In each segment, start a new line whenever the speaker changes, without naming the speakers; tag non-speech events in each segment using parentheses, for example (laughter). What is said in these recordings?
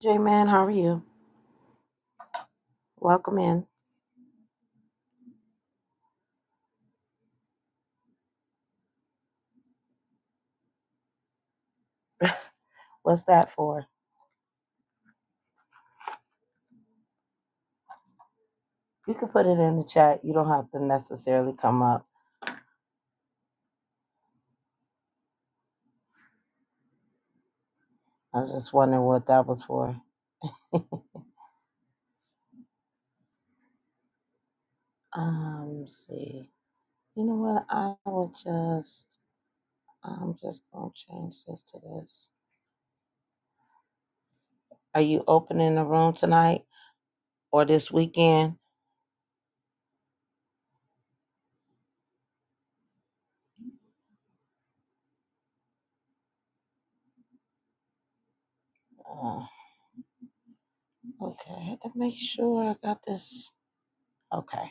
J Man, how are you? Welcome in. What's that for? You can put it in the chat. You don't have to necessarily come up. I was just wondering what that was for. (laughs) um, let's see. You know what? I will just. I'm just gonna change this to this. Are you opening the room tonight or this weekend? Uh, okay, I had to make sure I got this. Okay.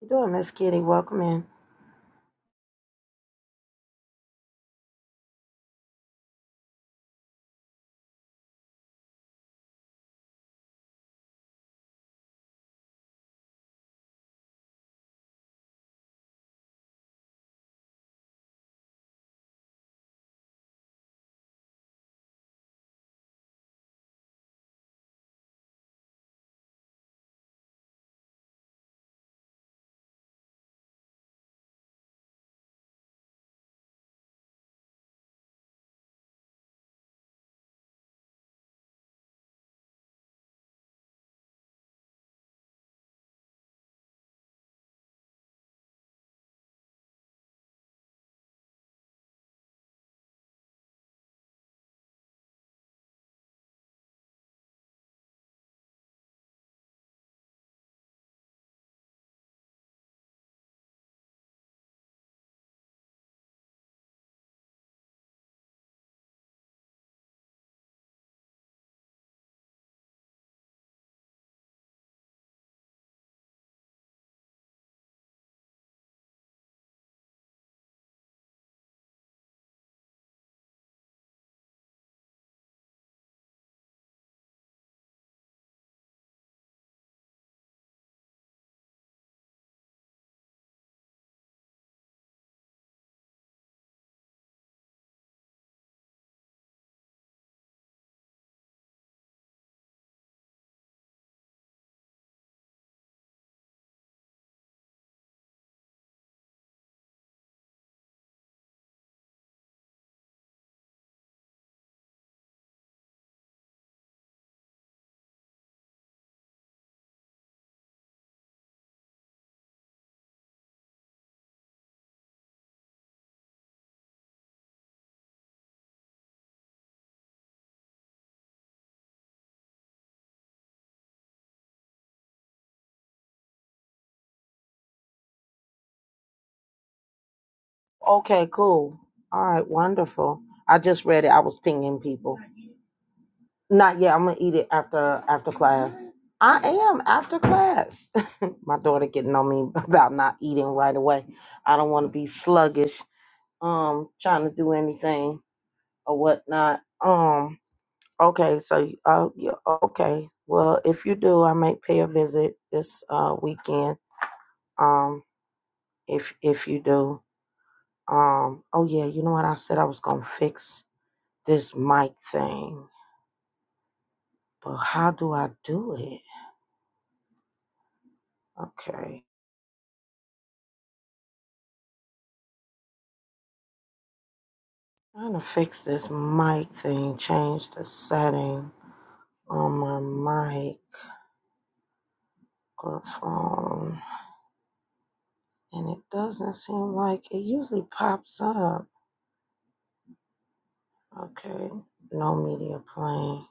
You doing, Miss Kitty? Welcome in. Okay, cool. All right, wonderful. I just read it. I was pinging people. Not yet. I'm gonna eat it after after class. I am after class. (laughs) My daughter getting on me (laughs) about not eating right away. I don't want to be sluggish. Um, trying to do anything or whatnot. Um, okay. So, uh, yeah, okay. Well, if you do, I may pay a visit this uh weekend. Um, if if you do. Um, oh yeah. You know what? I said I was gonna fix this mic thing, but how do I do it? Okay. Trying to fix this mic thing, change the setting on my mic microphone, and it doesn't seem like it usually pops up. Okay, no media playing.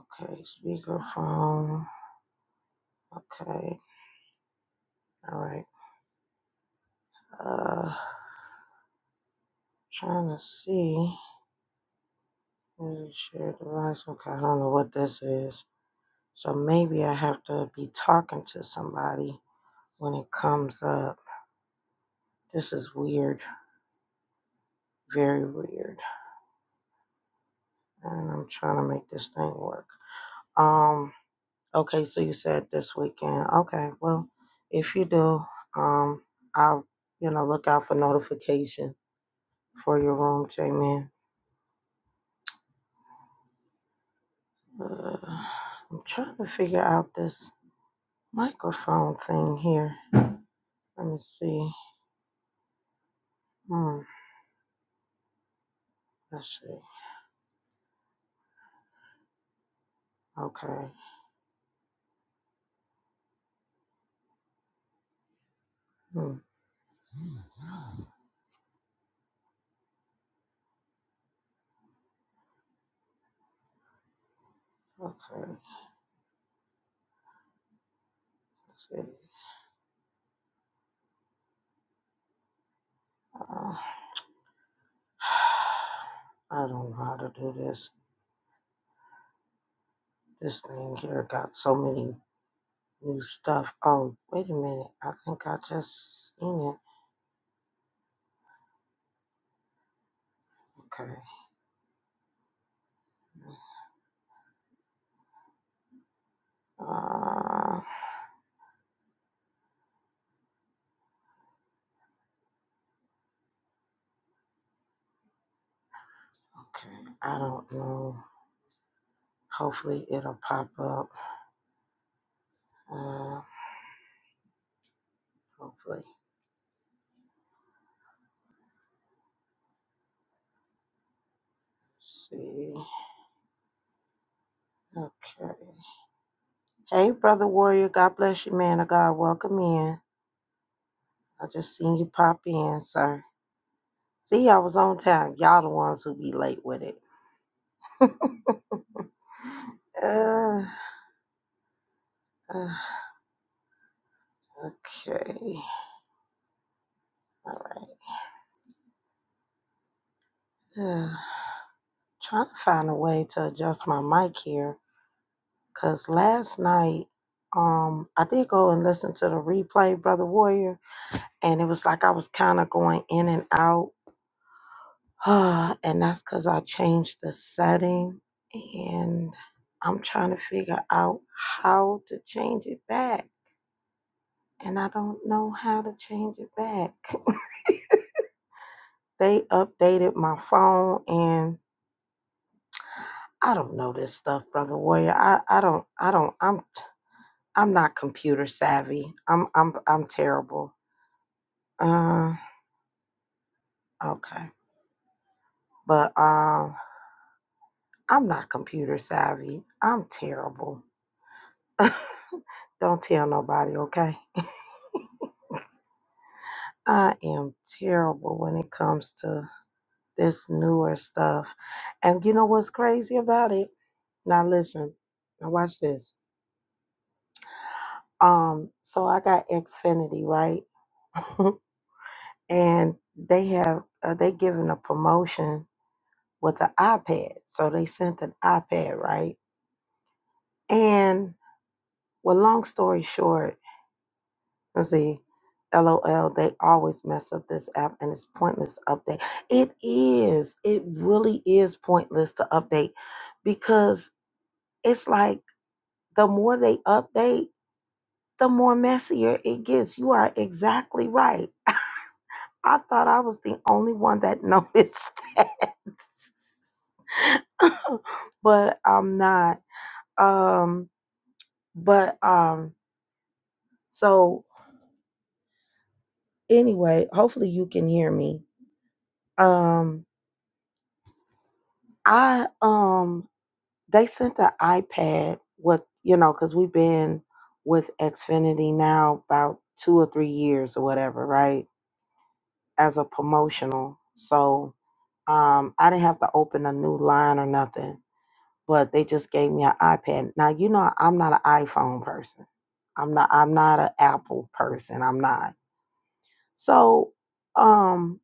Okay, speakerphone. Okay, all right. Uh, trying to see. Really share device. Okay, I don't know what this is. So maybe I have to be talking to somebody when it comes up. This is weird. Very weird. And I'm trying to make this thing work. Um, okay, so you said this weekend. Okay, well, if you do, um, I'll, you know, look out for notification for your room, J Man. Uh, I'm trying to figure out this microphone thing here. Let me see. Hmm, let's see. Okay. Hmm, okay. Let's see. Uh, (sighs) I don't know how to do this. This thing here got so many new stuff. Oh, wait a minute. I think I just seen it. Okay. Uh, okay. I don't know. Hopefully it'll pop up. Uh, hopefully. Let's See. Okay. Hey, brother warrior. God bless you, man of God. Welcome in. I just seen you pop in, sir. See, I was on time. Y'all the ones who be late with it. (laughs) uh, uh, okay. Right. Uh, trying to find a way to adjust my mic here. Cause last night, um, I did go and listen to the replay, Brother Warrior, and it was like I was kind of going in and out. (sighs) and that's because I changed the setting and I'm trying to figure out how to change it back. And I don't know how to change it back. (laughs) they updated my phone and I don't know this stuff, brother warrior. I, I don't I don't I'm I'm not computer savvy. I'm I'm I'm terrible. Uh, okay. But um, I'm not computer savvy. I'm terrible. (laughs) Don't tell nobody, okay? I am terrible when it comes to this newer stuff. And you know what's crazy about it? Now listen, now watch this. Um, so I got Xfinity, right? (laughs) and they have uh, they given a promotion with the iPad. So they sent an iPad, right? And well, long story short, Let's see. LOL, they always mess up this app and it's pointless to update. It is. It really is pointless to update because it's like the more they update, the more messier it gets. You are exactly right. I thought I was the only one that noticed (laughs) that, but I'm not. Um, but um, so anyway, hopefully you can hear me. Um, I um They sent an iPad with, you know, because we've been with Xfinity now about two or three years or whatever, right? As a promotional. So um, I didn't have to open a new line or nothing, but they just gave me an iPad. Now, you know, I'm not an iPhone person. I'm not, I'm not an Apple person. I'm not. So um,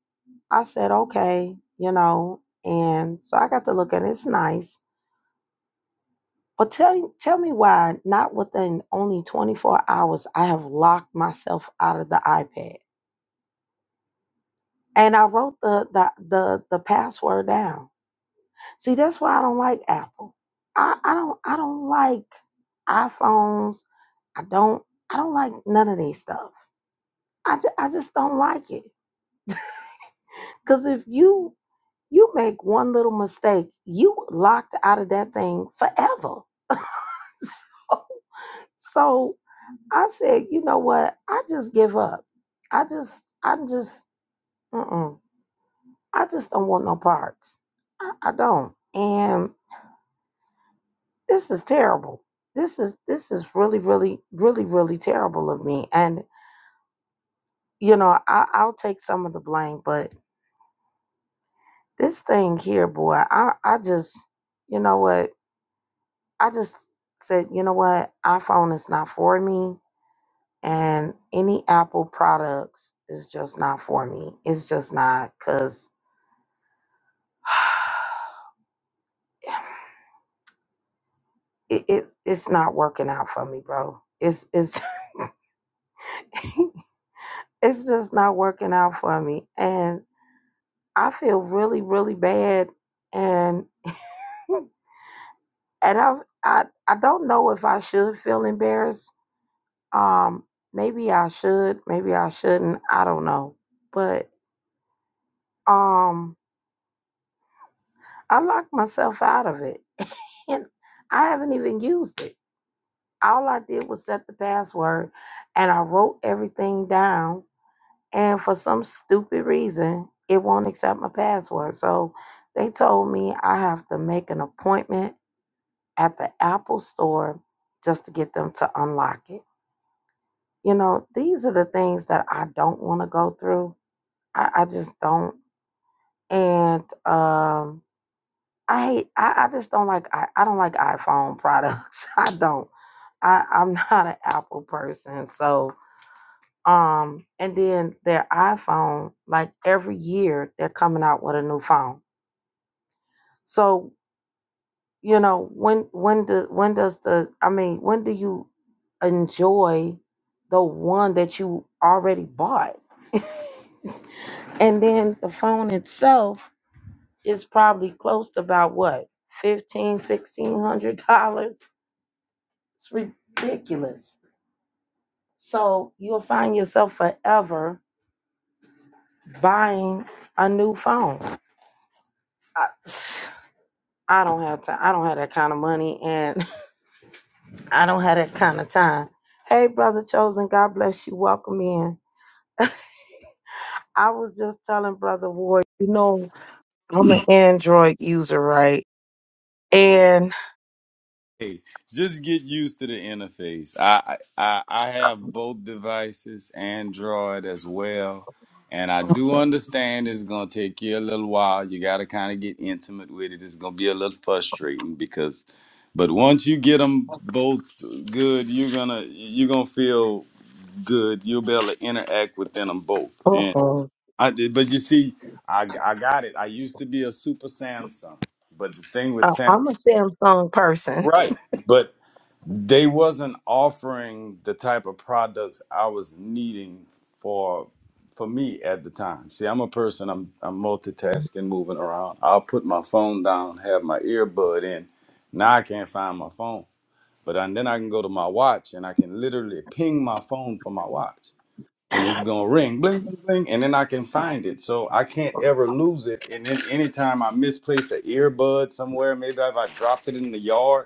I said, okay, you know, and so I got to look at it. It's nice But tell, tell me why, not within only 24 hours, I have locked myself out of the iPad. And I wrote the, the, the, the password down. See, that's why I don't like Apple. I, I don't I don't like iPhones. I don't I don't like none of these stuff. I, ju- I just don't like it. Cause if you you make one little mistake, you locked out of that thing forever. (laughs) So I said, you know what? I just give up. I just, I'm just, mm-mm. I just don't want no parts. I, I don't. And this is terrible. This is, this is really, really, really, really terrible of me. And, you know, I, I'll take some of the blame, but this thing here, boy, I, I just, you know what? I just said, you know what? iPhone is not for me. And any Apple products is just not for me. It's just not because (sighs) it, it's it's not working out for me, bro. It's it's (laughs) it's just not working out for me, and I feel really really bad, and (laughs) and I I I don't know if I should feel embarrassed. Um, maybe I should, maybe I shouldn't. I don't know, but um, I locked myself out of it, (laughs) and I haven't even used it. All I did was set the password, and I wrote everything down and for some stupid reason it won't accept my password so they told me i have to make an appointment at the apple store just to get them to unlock it you know these are the things that i don't want to go through I, I just don't and um i hate i, I just don't like I, I don't like iphone products (laughs) i don't i i'm not an apple person so Um, and then their iPhone, like every year, they're coming out with a new phone. So you know when when do when does the I mean when do you enjoy the one that you already bought? And then the phone itself is probably close to about what fifteen sixteen hundred dollars. It's ridiculous. So you'll find yourself forever buying a new phone. I, I don't have time. I don't have that kind of money and (laughs) I don't have that kind of time. Hey, Brother Chosen, God bless you. Welcome in. I was just telling Brother Ward, you know, I'm an Android user, right? And
Hey, just get used to the interface. I, I I have both devices, Android as well, and I do
uh-uh.
understand it's gonna take you a little while. You gotta kind of get intimate with it. It's gonna be a little frustrating because, but once you get them both good, you're gonna you're gonna feel good. You'll be able to interact within them both. And I did- but you see, I I got it. I used to be a super Samsung, but the thing with
uh,
Samsung,
I'm a Samsung person.
right? But they wasn't offering the type of products I was needing for for me at the time. See, I'm a person. I'm I'm multitasking, moving around. I'll put my phone down, have my earbud in. Now I can't find my phone, but and then I can go to my watch and I can literally ping my phone for my watch, and it's gonna ring, bling, bling, bling, and then I can find it. So I can't ever lose it. And then anytime I misplace an earbud somewhere, maybe if I dropped it in the yard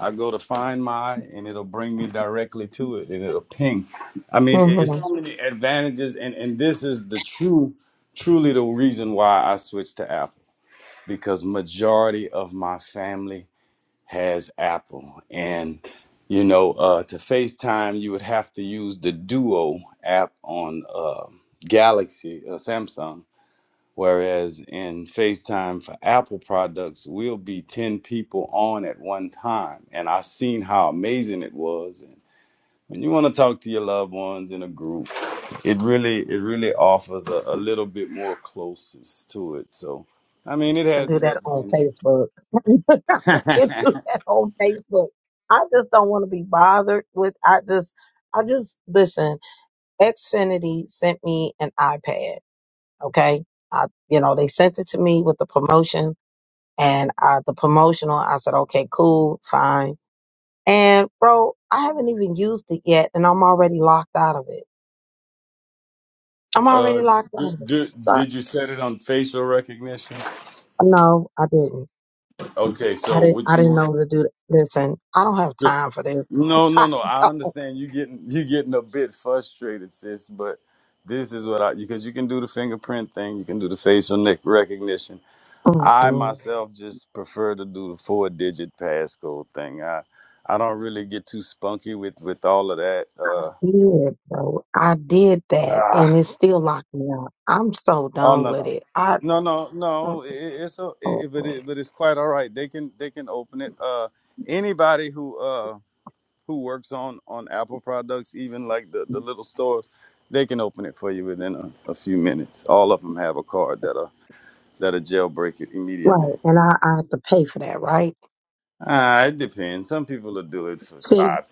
I go to find my, and it'll bring me directly to it, and it'll ping. I mean, it-
Mm-hmm.
it's so many advantages, and and this is the true, truly the reason why I switched to Apple because majority of my family has Apple, and you know, uh, to FaceTime you would have to use the Duo app on uh, Galaxy, uh, Samsung Whereas in FaceTime for Apple products, we'll be 10 people on at one time. And I seen how amazing it was. And when you want to talk to your loved ones in a group, it really it really offers a, a little bit more closeness to it. So I mean it
can
has
do
its
that on
advantages.
Facebook. (laughs) I can do that on Facebook. I just don't want to be bothered with. I just, I just listen. Xfinity sent me an iPad. Okay, I, you know, they sent it to me with the promotion and I, the promotional. I said, okay, cool, fine. And bro, I haven't even used it yet, and I'm already locked out of it. I'm
Uh,
already locked
d-
out of it.
d-
So
did you set it on facial recognition?
no, I didn't.
Okay,
I
so
didn't.
what
I didn't
you?
know to do. That. Listen, I don't have
Sure.
time for this.
No,
(laughs)
no,
I
no. I
don't.
understand you getting you getting a bit frustrated, sis. But this is what I because you can do the fingerprint thing, you can do the facial neck recognition. I
Mm-mm.
myself just prefer to do the four digit passcode thing. I I don't really get too spunky with with all of that.
I
Uh,
did, bro. I did that, and
ah.
it still locked me up. I'm so
oh
done
no
with
no.
it. I.
No, no,
mm,
no. It, it's a, it,
mm,
it- but
mm.
it, but it's quite all right. They can they can open it. Uh, anybody who uh. who works on on Apple products, even like the the little stores, they can open it for you within a, a few minutes. All of them have a card that will that will jailbreak it immediately.
Right, and I, I have to pay for that, right?
Ah, it depends. Some people will do it for
See,
five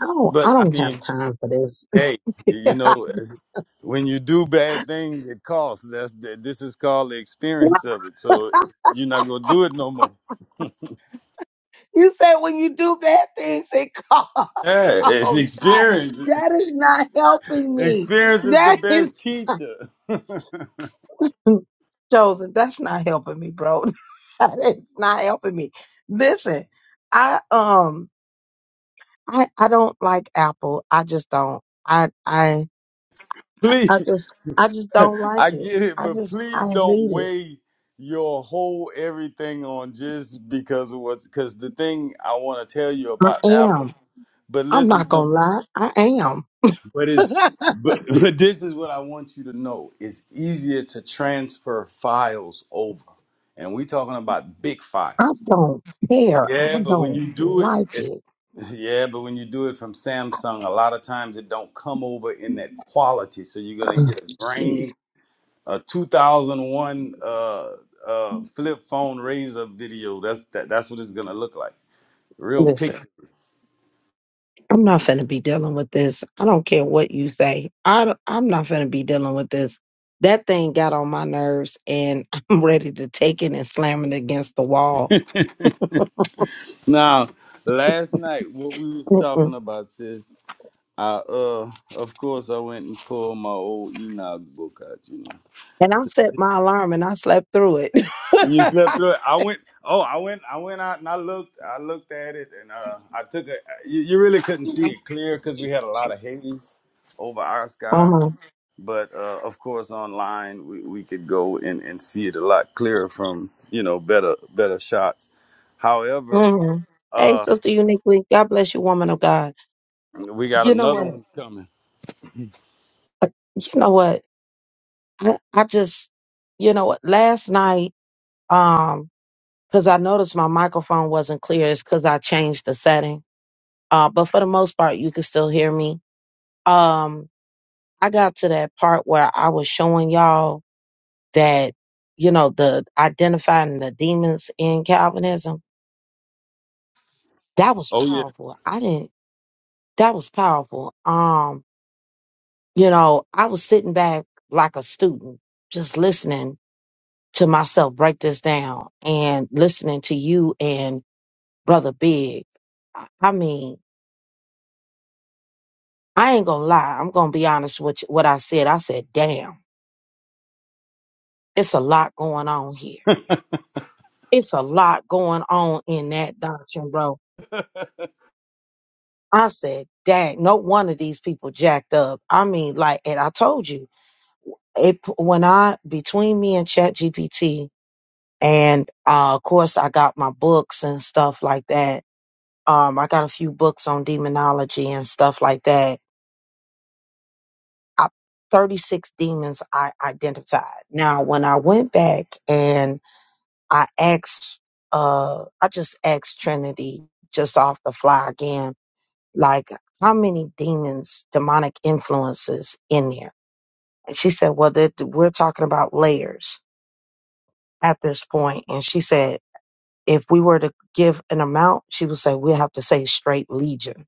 I don't.
but
I
I
don't have
mean,
time for this.
hey,
(laughs) you
you, you know, (laughs) when you do bad things, it costs. That's the, this is called the experience of it. So you're not gonna do it no more.
said when you do bad things, it costs.
Yeah,
(laughs)
it's
Oh God,
experience.
that is not helping me.
Experience is the
That is.
best
(laughs)
teacher.
Joseph, that's not helping me, bro. (laughs) that is not helping me. Listen, I um I I don't like Apple. I just don't. I I
(laughs) Please.
I just I just don't
(laughs)
like
I
it.
get it,
I
but
just
please
I
don't
hate it.
weigh your whole everything on just because of what's because the thing I want to tell you
I
about Apple.
am.
But
I'm
listen
not
to
gonna
me.
lie. I am.
But
(laughs)
it's
I
but, (laughs) but this is what I want you to know. It's easier to transfer files over. And we talking about big files.
don't care.
Yeah,
I
but when
don't
you do it,
like
it's
it.
(laughs) yeah, but when you do it from Samsung, a lot of times it don't come over in that quality. So you're gonna
Ugh,
get a grainy
Jeez.
a 2001 uh, uh, flip phone razor video. That's that, that's what it's gonna look like. Real
Listen.
pixel.
I'm not finna be dealing with this. I don't care what you say. I don't- I'm not finna be dealing with this. That thing got on my nerves, and (laughs) I'm ready to take it and slam it against the wall.
Now, last night what we was
Mm-mm.
talking about, sis. I uh, of course, I went and pulled my old Enoch book out. You know,
And I set my alarm, and I slept through it.
you
(laughs)
slept through it. I went. Oh, I went. I went out and I looked. I looked at it and uh, I took a. You, you really couldn't see it clear because we had a lot of haze over our sky
uh-huh.
but uh, of course online we, we could go and, and see it a lot clearer from you know better better shots however
hmm Hey,
uh
sister, uniquely, God bless you, woman of God.
we got
You know
another
what?
one coming
Uh, You know what? I, I just, you know what? Last night, um, because I noticed my microphone wasn't clear, it's because I changed the setting Uh, but for the most part, you can still hear me. Um, I got to that part where I was showing y'all that, you know, the identifying the demons in Calvinism. That was
oh yeah
powerful. I didn't, that was powerful. Um, you know, I was sitting back like a student, just listening to myself break this down and listening to you and Brother Big. I I mean, I ain't gonna lie. I'm gonna be honest with you, what I said. I said, damn It's a lot going on here. It's a lot going on in that doctrine, bro. I said, dang, no one of these people jacked up. I mean, like, and I told you, it when I between me and Chat GPT, and uh, of course I got my books and stuff like that. Um, I got a few books on demonology and stuff like that. I, 36 demons I identified. Now, when I went back and I asked, uh, I just asked Trinity just off the fly again, like, how many demons, demonic influences in there? And she said, well, that we're talking about layers at this point. And she said, if we were to give an amount, she would say, we have to say straight legion. I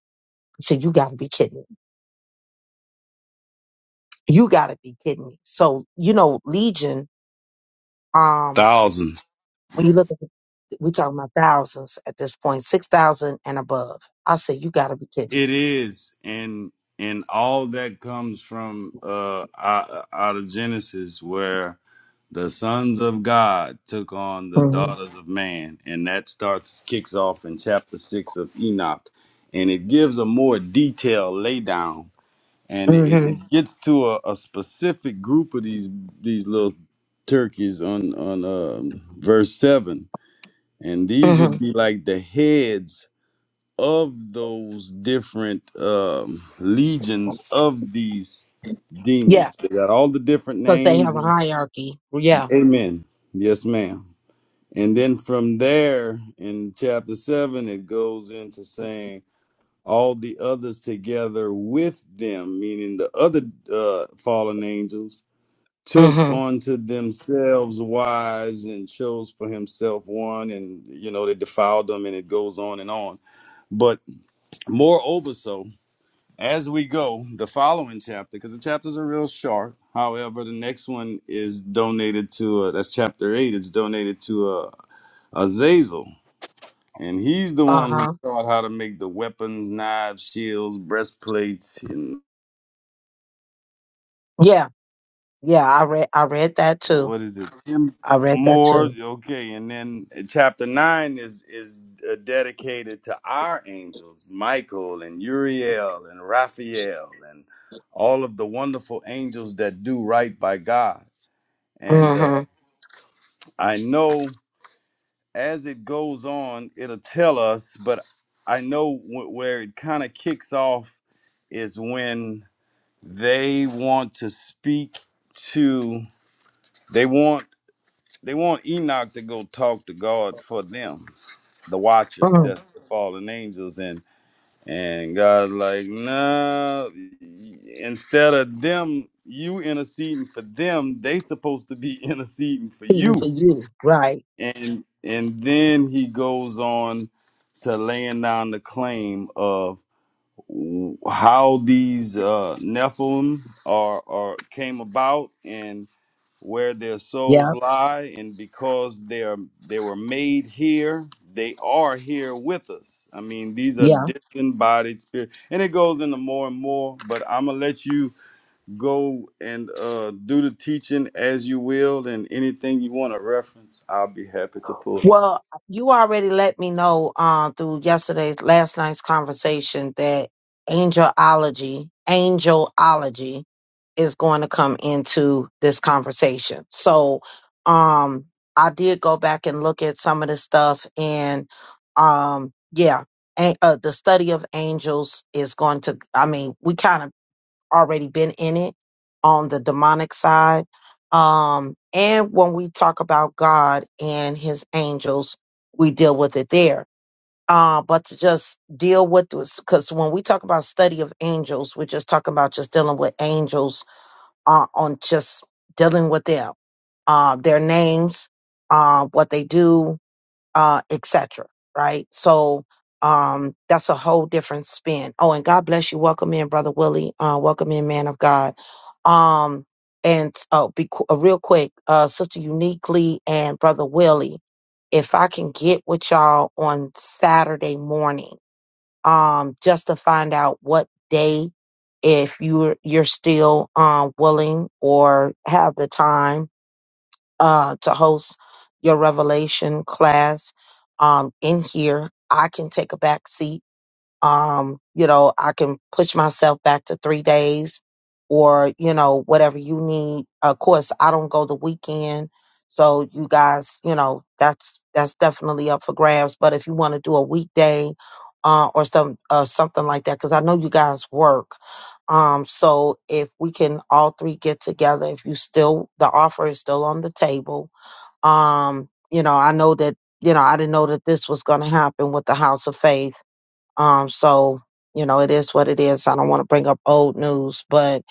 said, you gotta be kidding. me. You gotta be kidding me. So, you know, legion, um,
thousands
when you look at we're talking about thousands at this point, point, 6,000 and above. I said, you got to be kidding. me."
it is and and all that comes from uh out, out of genesis where the sons of god took on the
Mm-hmm.
daughters of man and that starts kicks off in chapter 6 of enoch and it gives a more detailed laydown and it,
Mm-hmm.
it gets to a, a specific group of these these little turkeys on on um verse seven, and these
Mm-hmm.
would be like the heads of those different um, legions of these
Yeah,
demons. They got all the different
because they
names.
have a
And,
hierarchy. Yeah.
amen. Yes, ma'am. And then from there in chapter seven, it goes into saying all the others together with them, meaning the other uh, fallen angels, took
Mm-hmm.
unto themselves wives and chose for himself one, and you know they defiled them, and it goes on and on. But moreover, so as we go, the following chapter, because the chapters are real short. However, the next one is donated to uh, that's chapter eight. It's donated to uh, Azazel and he's the
Uh
one who
huh.
taught how to make the weapons, knives, shields, breastplates, and
Yeah. Yeah. I read. I read that too.
what is it? Tim
I read that
Moore.
too.
Okay, and then uh, chapter nine is is uh, dedicated to our angels, Michael and Uriel and Raphael and all of the wonderful angels that do right by God. And uh,
Mm-hmm.
I know as it goes on, it'll tell us, but I know wh- where it kind of kicks off is when. They want to speak to they want they want Enoch to go talk to God for them, the watchers,
Mm-hmm.
that's the fallen angels, and and God's like, no, instead of them, you interceding for them, they supposed to be (laughs) interceding for
Feeding
you.
for you, right?
And and then he goes on to laying down the claim of. how these uh, Nephilim are, are came about and where their souls
Yeah.
lie, and because they are they were made here, they are here with us. I mean, these are
Yeah.
disembodied spirits, and it goes into more and more. But I'm gonna let you go and uh, do the teaching as you will, and anything you want to reference, I'll be happy to pull.
Well, you already let me know uh, through yesterday's last night's conversation that angelology, angelology is going to come into this conversation. So, um, I did go back and look at some of the stuff, and um, yeah, a- uh, the study of angels is going to. I mean, we kind of already been in it on the demonic side. Um, and when we talk about God and his angels, we deal with it there. Uh, but to just deal with this, because when we talk about study of angels, we're just talking about just dealing with angels uh, on just dealing with them, uh, their names, uh, what they do, uh, etc. Right? So um, that's a whole different spin. Oh, and God bless you. Welcome in, brother Willie. Uh, welcome in, man of God. Um, and oh, be qu- uh, real quick, uh, sister uniquely and brother Willie. If I can get with y'all on Saturday morning, um, just to find out what day, if you're you're still um willing or have the time uh, to host your revelation class um, in here. I can take a back seat um you know i can push myself back to three days or you know whatever you need of course i don't go the weekend so you guys you know that's that's definitely up for grabs but if you want to do a weekday uh, or some uh, something like that because i know you guys work um so if we can all three get together if you still the offer is still on the table um you know i know that you know i didn't know that this was going to happen with the house of faith um, so, you know, it is what it is. I don't want to bring up old news, but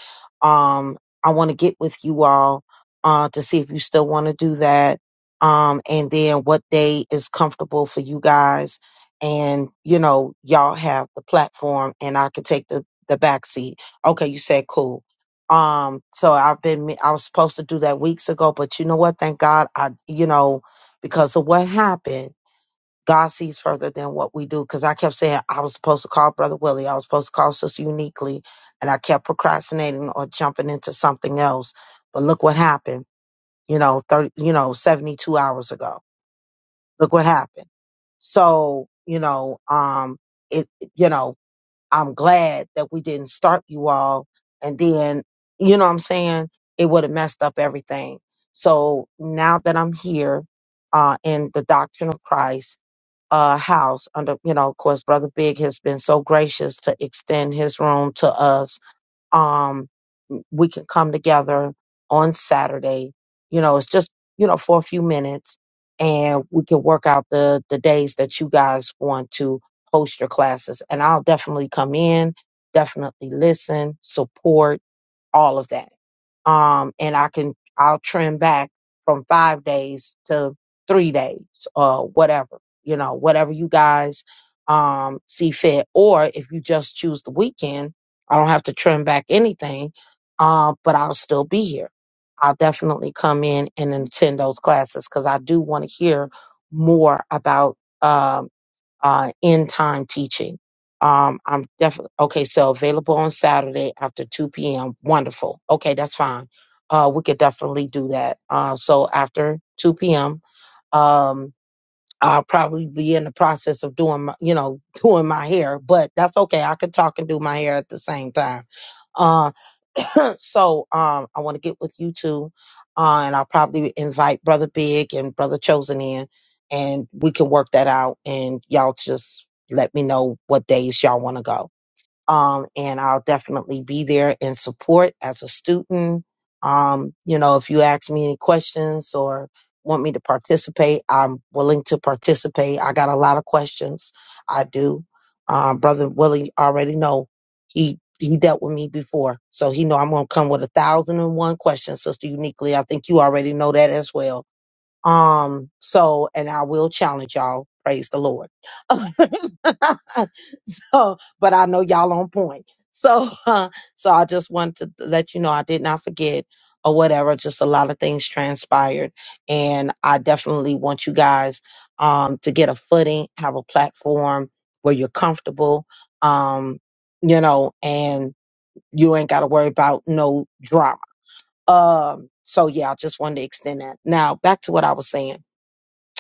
um, I want to get with you all uh, to see if you still want to do that. Um, and then what day is comfortable for you guys. And, you know, y'all have the platform and I could take the, the back seat. Okay, you said cool. Um, so I've been, me- I was supposed to do that weeks ago, but you know what? Thank God I, you know, because of what happened God sees further than what we do. Because I kept saying I was supposed to call Brother Willie, I was supposed to call Sister Uniquely, and I kept procrastinating or jumping into something else. But look what happened, you know, thirty, you know, seventy-two hours ago. Look what happened. So you know, um, it, you know, I'm glad that we didn't start you all, and then you know what I'm saying it would have messed up everything. So now that I'm here uh, in the doctrine of Christ uh, house under you know of course brother big has been so gracious to extend his room to us um we can come together on saturday you know it's just you know for a few minutes and we can work out the the days that you guys want to host your classes and i'll definitely come in definitely listen support all of that. Um, and I can, I'll trim back from five days to three days or whatever, you know, whatever you guys, um, see fit. Or if you just choose the weekend, I don't have to trim back anything. Uh, but I'll still be here. I'll definitely come in and attend those classes because I do want to hear more about, um, uh, end time teaching. Um, I'm definitely okay. So available on Saturday after 2 p.m. Wonderful. Okay, that's fine. Uh, we could definitely do that. Uh, so after 2 p.m., um, I'll probably be in the process of doing, my, you know, (laughs) doing my hair, but that's okay. I could talk and do my hair at the same time. Um, (laughs) (clears throat) so um, I want to get with you two, uh, and I'll probably invite Brother Big and Brother Chosen in, and we can work that out. And y'all just let me know what days y'all want to go um, and I'll definitely be there in support as a student. Um, you know, if you ask me any questions or want me to participate, I'm willing to participate. I got a lot of questions. I do. Uh, Brother Willie already know he he dealt with me before, so he know I'm gonna come with a thousand and one questions, Sister Uniquely. I think you already know that as well. Um, so and I will challenge y'all. Praise the Lord. (laughs) (laughs) Uh, but I know y'all on point. So, (laughs) uh, so I just wanted to let you know I did not forget or whatever. Just a lot of things transpired, and I definitely want you guys um, to get a footing, have a platform where you're comfortable, um, you know, and you ain't got to worry about no drama. Um, so yeah, I just wanted to extend that. Now back to what I was saying.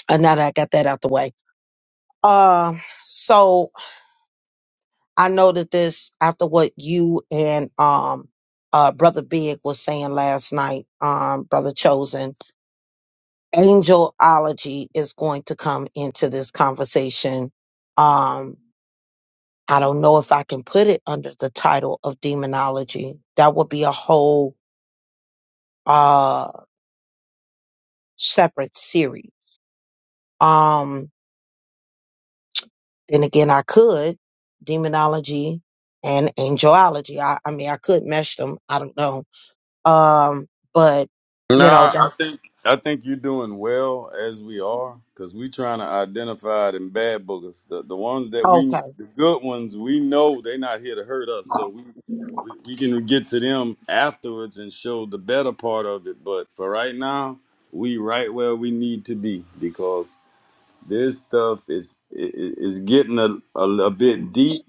And now that I got that out the way, um, so I know that this after what you and um uh brother Big was saying last night, um brother Chosen, angelology is going to come into this conversation. Um I don't know if I can put it under the title of demonology. That would be a whole uh separate series. Um then again I could demonology and angelology. I, I mean I could mesh them. I don't know Um, but you know
Nah, I
that
think I think you're doing well as we are, cause we trying to identify them bad boogers, the the ones that we
okay.
the good ones we know they not here to hurt us, so we, we we can get to them afterwards and show the better part of it. But for right now, we right where we need to be because this stuff is i- i- is getting a, a, a bit deep,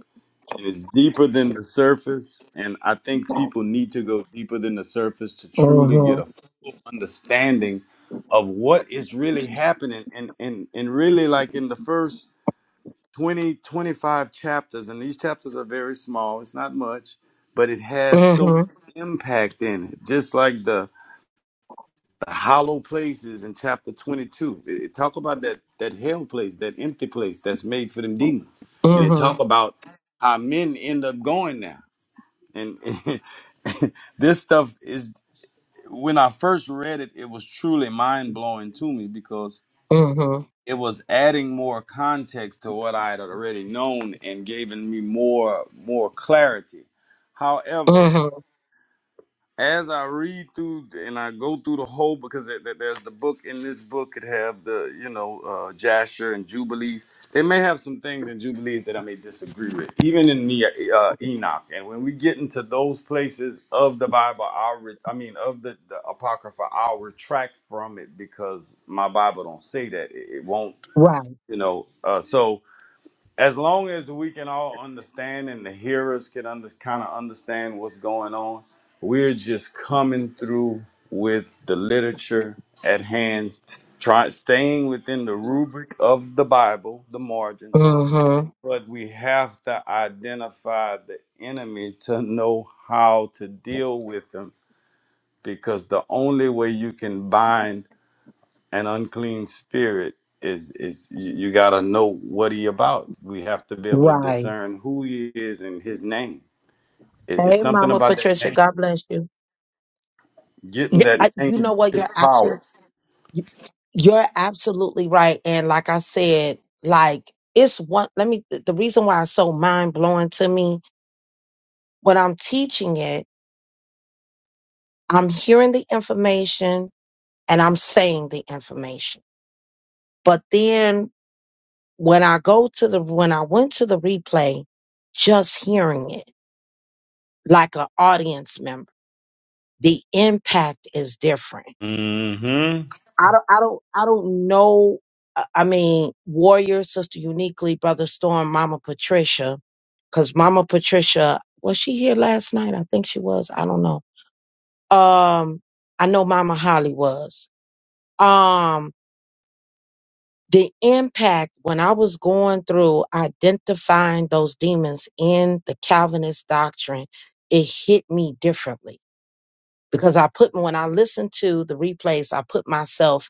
and it's deeper than the surface. And I think people need to go deeper than the surface to truly get a
Mm-hmm.
full understanding of what is really happening. And and and really like in the first 25 chapters, and these chapters are very small, it's not much, but it has so much
Mm-hmm.
impact in it. Just like the the hollow places in chapter 22 it, it talk about that that hell place that empty place that's made for them demons and it
Mm-hmm.
talk about how men end up going there and (laughs) this stuff is when I first read it, it was truly mind blowing to me because
Mm-hmm.
it was adding more context to what I had already known and giving me more more clarity. However,
Mm-hmm.
as I read through and I go through the whole because there, there- there's the book in this book it have the you know uh, Jasher and Jubilees. They may have some things in Jubilees that I may disagree with, even in the uh, Enoch. And when we get into those places of the Bible, I'll re- I mean of the, the Apocrypha, I'll retract from it because my Bible don't say that. It, it won't,
Right.
you know. Uh, so as long as we can all understand and the hearers can under, kind of understand what's going on, we're just coming through with the literature at hand, t- try, staying within the rubric of the Bible, the margins,
Mm-hmm.
but we have to identify the enemy to know how to deal with him because the only way you can bind an unclean spirit is is you, you got to know what he about we have to be able to
Right.
discern who he is and his name it, it's
Hey,
something
Mama
about that
Patricia,
name
God bless you.
getting
Yeah,
that
I, you
name
know what? You're
is power
absolutely you're absolutely right. And like I said, like it's one. Let me. The reason why it's so mind blowing to me when I'm teaching it, I'm hearing the information and I'm saying the information. But then when I go to the when I went to the replay, just hearing it like an audience member, the impact is different.
hmm
I don't I don't I don't know I I mean Warrior, Sister Uniquely, Brother Storm, Mama Patricia, because Mama Patricia was she here last night? I think she was. I don't know. Um I know Mama Holly was. Um the impact when I was going through identifying those demons in the Calvinist doctrine, it hit me differently because I put when I listened to the replays, I put myself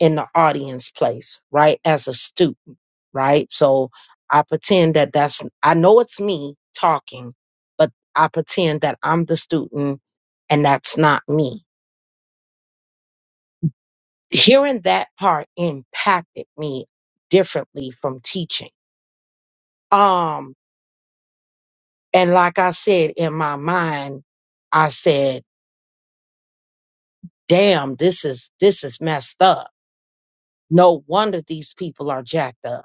in the audience place, right, as a student, right. So I pretend that that's I know it's me talking, but I pretend that I'm the student and that's not me. Hearing that part impacted me differently from teaching. Um, And like I said, in my mind, I said, damn, this is, this is messed up. No wonder these people are jacked up.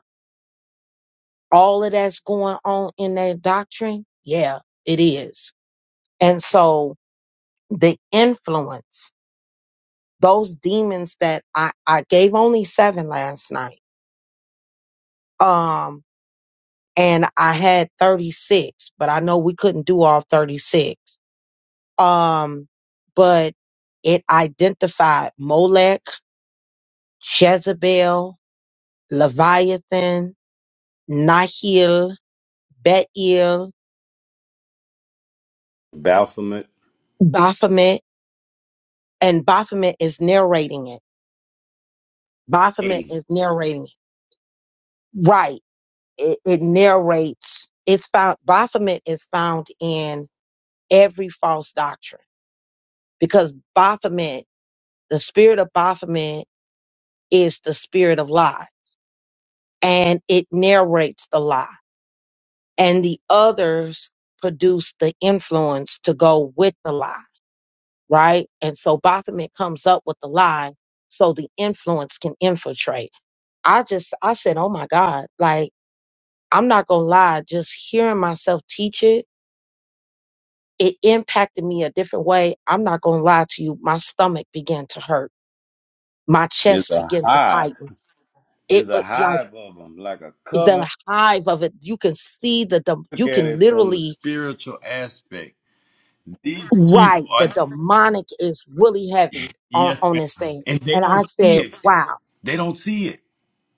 All of that's going on in their doctrine. Yeah, it is. And so the influence, those demons that I, I gave only seven last night. Um, and I had 36, but I know we couldn't do all 36. Um, but it identified Molech Jezebel, Leviathan, Nahil, Betiel,
baphomet
Baphomet, and Baphomet is narrating it. Baphomet
A
is narrating it. Right. It, it narrates. It's found. Baphomet is found in every false doctrine because Baphomet, the spirit of Baphomet, is the spirit of lie, and it narrates the lie, and the others produce the influence to go with the lie right? And so Baphomet comes up with the lie so the influence can infiltrate. I just, I said, oh my God, like, I'm not gonna lie, just hearing myself teach it, it impacted me a different way. I'm not gonna lie to you. My stomach began to hurt. My
is
chest
a
began to
hive
tighten. It
is a
was like
hive of them like a
the
coven
hive of it. You can see the, dem-
look
you
at
can
it from the
literally
spiritual aspect these people
Right.
are
The
just
demonic is really heavy on,
yes
on
man
this thing.
and they
And I
don't see
said,
it
wow.
they don't see it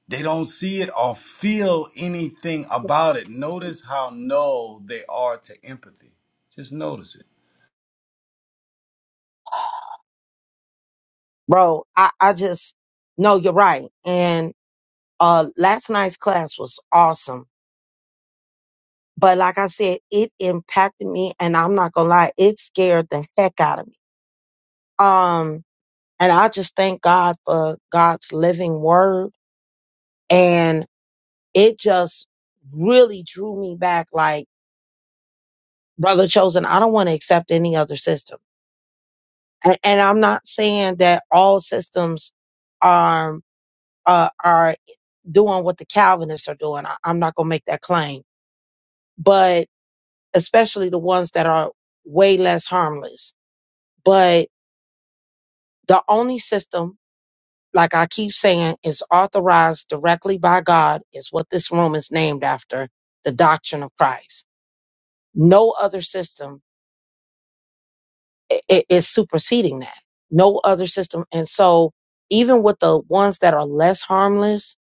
They don't see it or feel anything about it. Notice how no they are to empathy. Just notice it.
Bro, I, I just no, you're right. And uh last night's class was awesome. But like I said, it impacted me and I'm not gonna lie, it scared the heck out of me. Um and I just thank God for God's living word. it just really drew me back like brother chosen i don't want to accept any other system and, and i'm not saying that all systems are uh, are doing what the calvinists are doing I, i'm not going to make that claim but especially the ones that are way less harmless but the only system like i keep saying is authorized directly by god is what this room is named after the doctrine of christ no other system it is superseding that. No other system. And so even with the ones that are less harmless,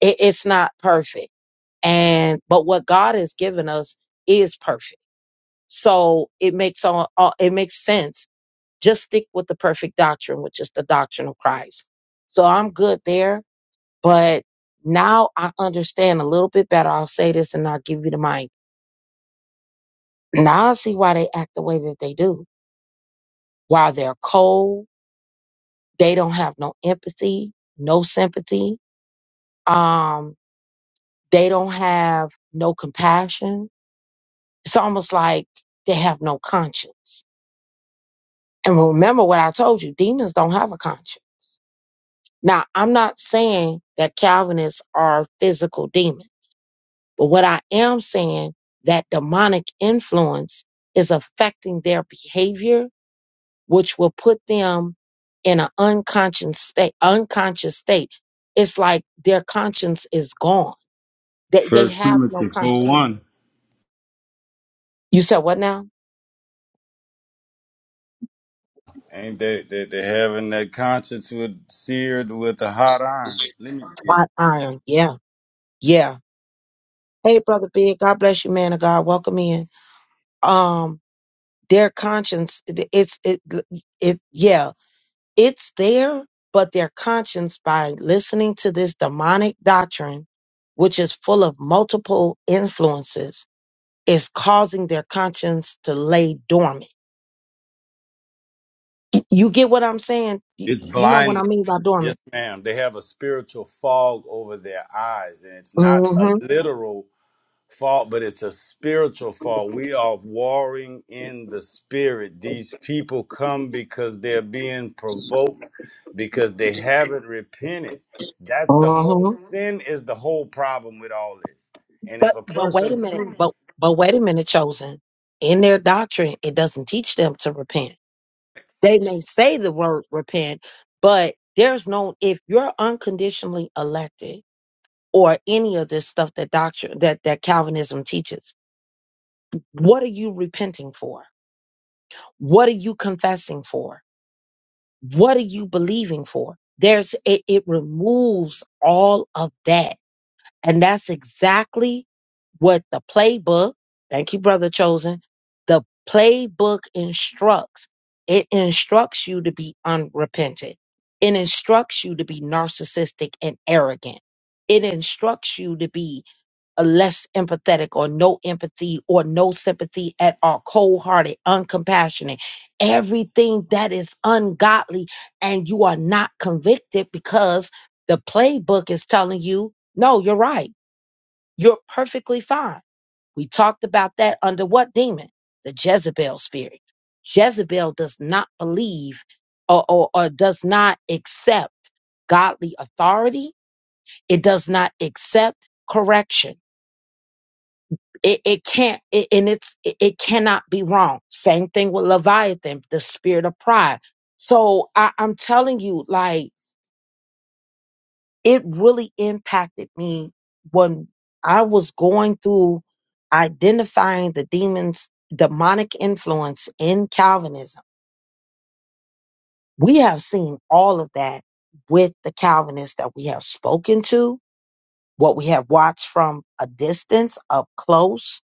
it, it's not perfect. And but what God has given us is perfect. So it makes all, all it makes sense. Just stick with the perfect doctrine, which is the doctrine of Christ. So I'm good there, but now I understand a little bit better. I'll say this and I'll give you the mic. Now I see why they act the way that they do. Why they're cold, They don't have no empathy, no sympathy. Um, they don't have no compassion. It's almost like they have no conscience. And remember what I told you, demons don't have a conscience. Now, I'm not saying that Calvinists are physical demons, but what I am saying that demonic influence is affecting their behavior, which will put them in an unconscious state, unconscious state. It's like their conscience is gone They they
First
have no
Timothy four
conscience.
one.
You said what now?
Ain't they, they they having that conscience with seared with a hot iron? Let me get it.
Hot iron. Yeah. Yeah. Hey, brother Big. God bless you, man of God. Welcome in. Um, their conscience. it- It's it it. Yeah, it's there, but their conscience by listening to this demonic doctrine, which is full of multiple influences, is causing their conscience to lay dormant. Y- You get what I'm saying? You,
It's
you know what I
blinded.
mean by
Yes,
dormant.
ma'am. They have a spiritual fog over their eyes, and it's not a literal fault, but it's a spiritual fault. We are warring in the spirit. These people come because they're being provoked because they haven't repented. That's the whole
Mm-hmm.
sin is the whole problem with all this. And if
But
a
but wait
person
a minute.
true
But but wait a minute, chosen. In their doctrine, it doesn't teach them to repent. They may say the word repent, but there's no if you're unconditionally elected or any of this stuff that doctrine that, that Calvinism teaches, what are you repenting for? What are you confessing for? What are you believing for? There's it, it removes all of that And that's exactly what the playbook, thank you, Brother Chosen, the playbook instructs. It instructs you to be unrepentant. It instructs you to be narcissistic and arrogant. It instructs you to be a less empathetic or no empathy or no sympathy at all, cold hearted, uncompassionate, everything that is ungodly. And you are not convicted because the playbook is telling you, no, you're right you're perfectly fine. We talked about that under what demon? The Jezebel spirit. Jezebel does not believe or, or, or does not accept godly authority. It does not accept correction. It, it can't, it, and it's, it, it cannot be wrong. Same thing with Leviathan, the spirit of pride. So I, I'm telling you, like, it really impacted me when I was going through identifying the demons, demonic influence in Calvinism. We have seen all of that with the Calvinists that we have spoken to, what we have watched from a distance, up close,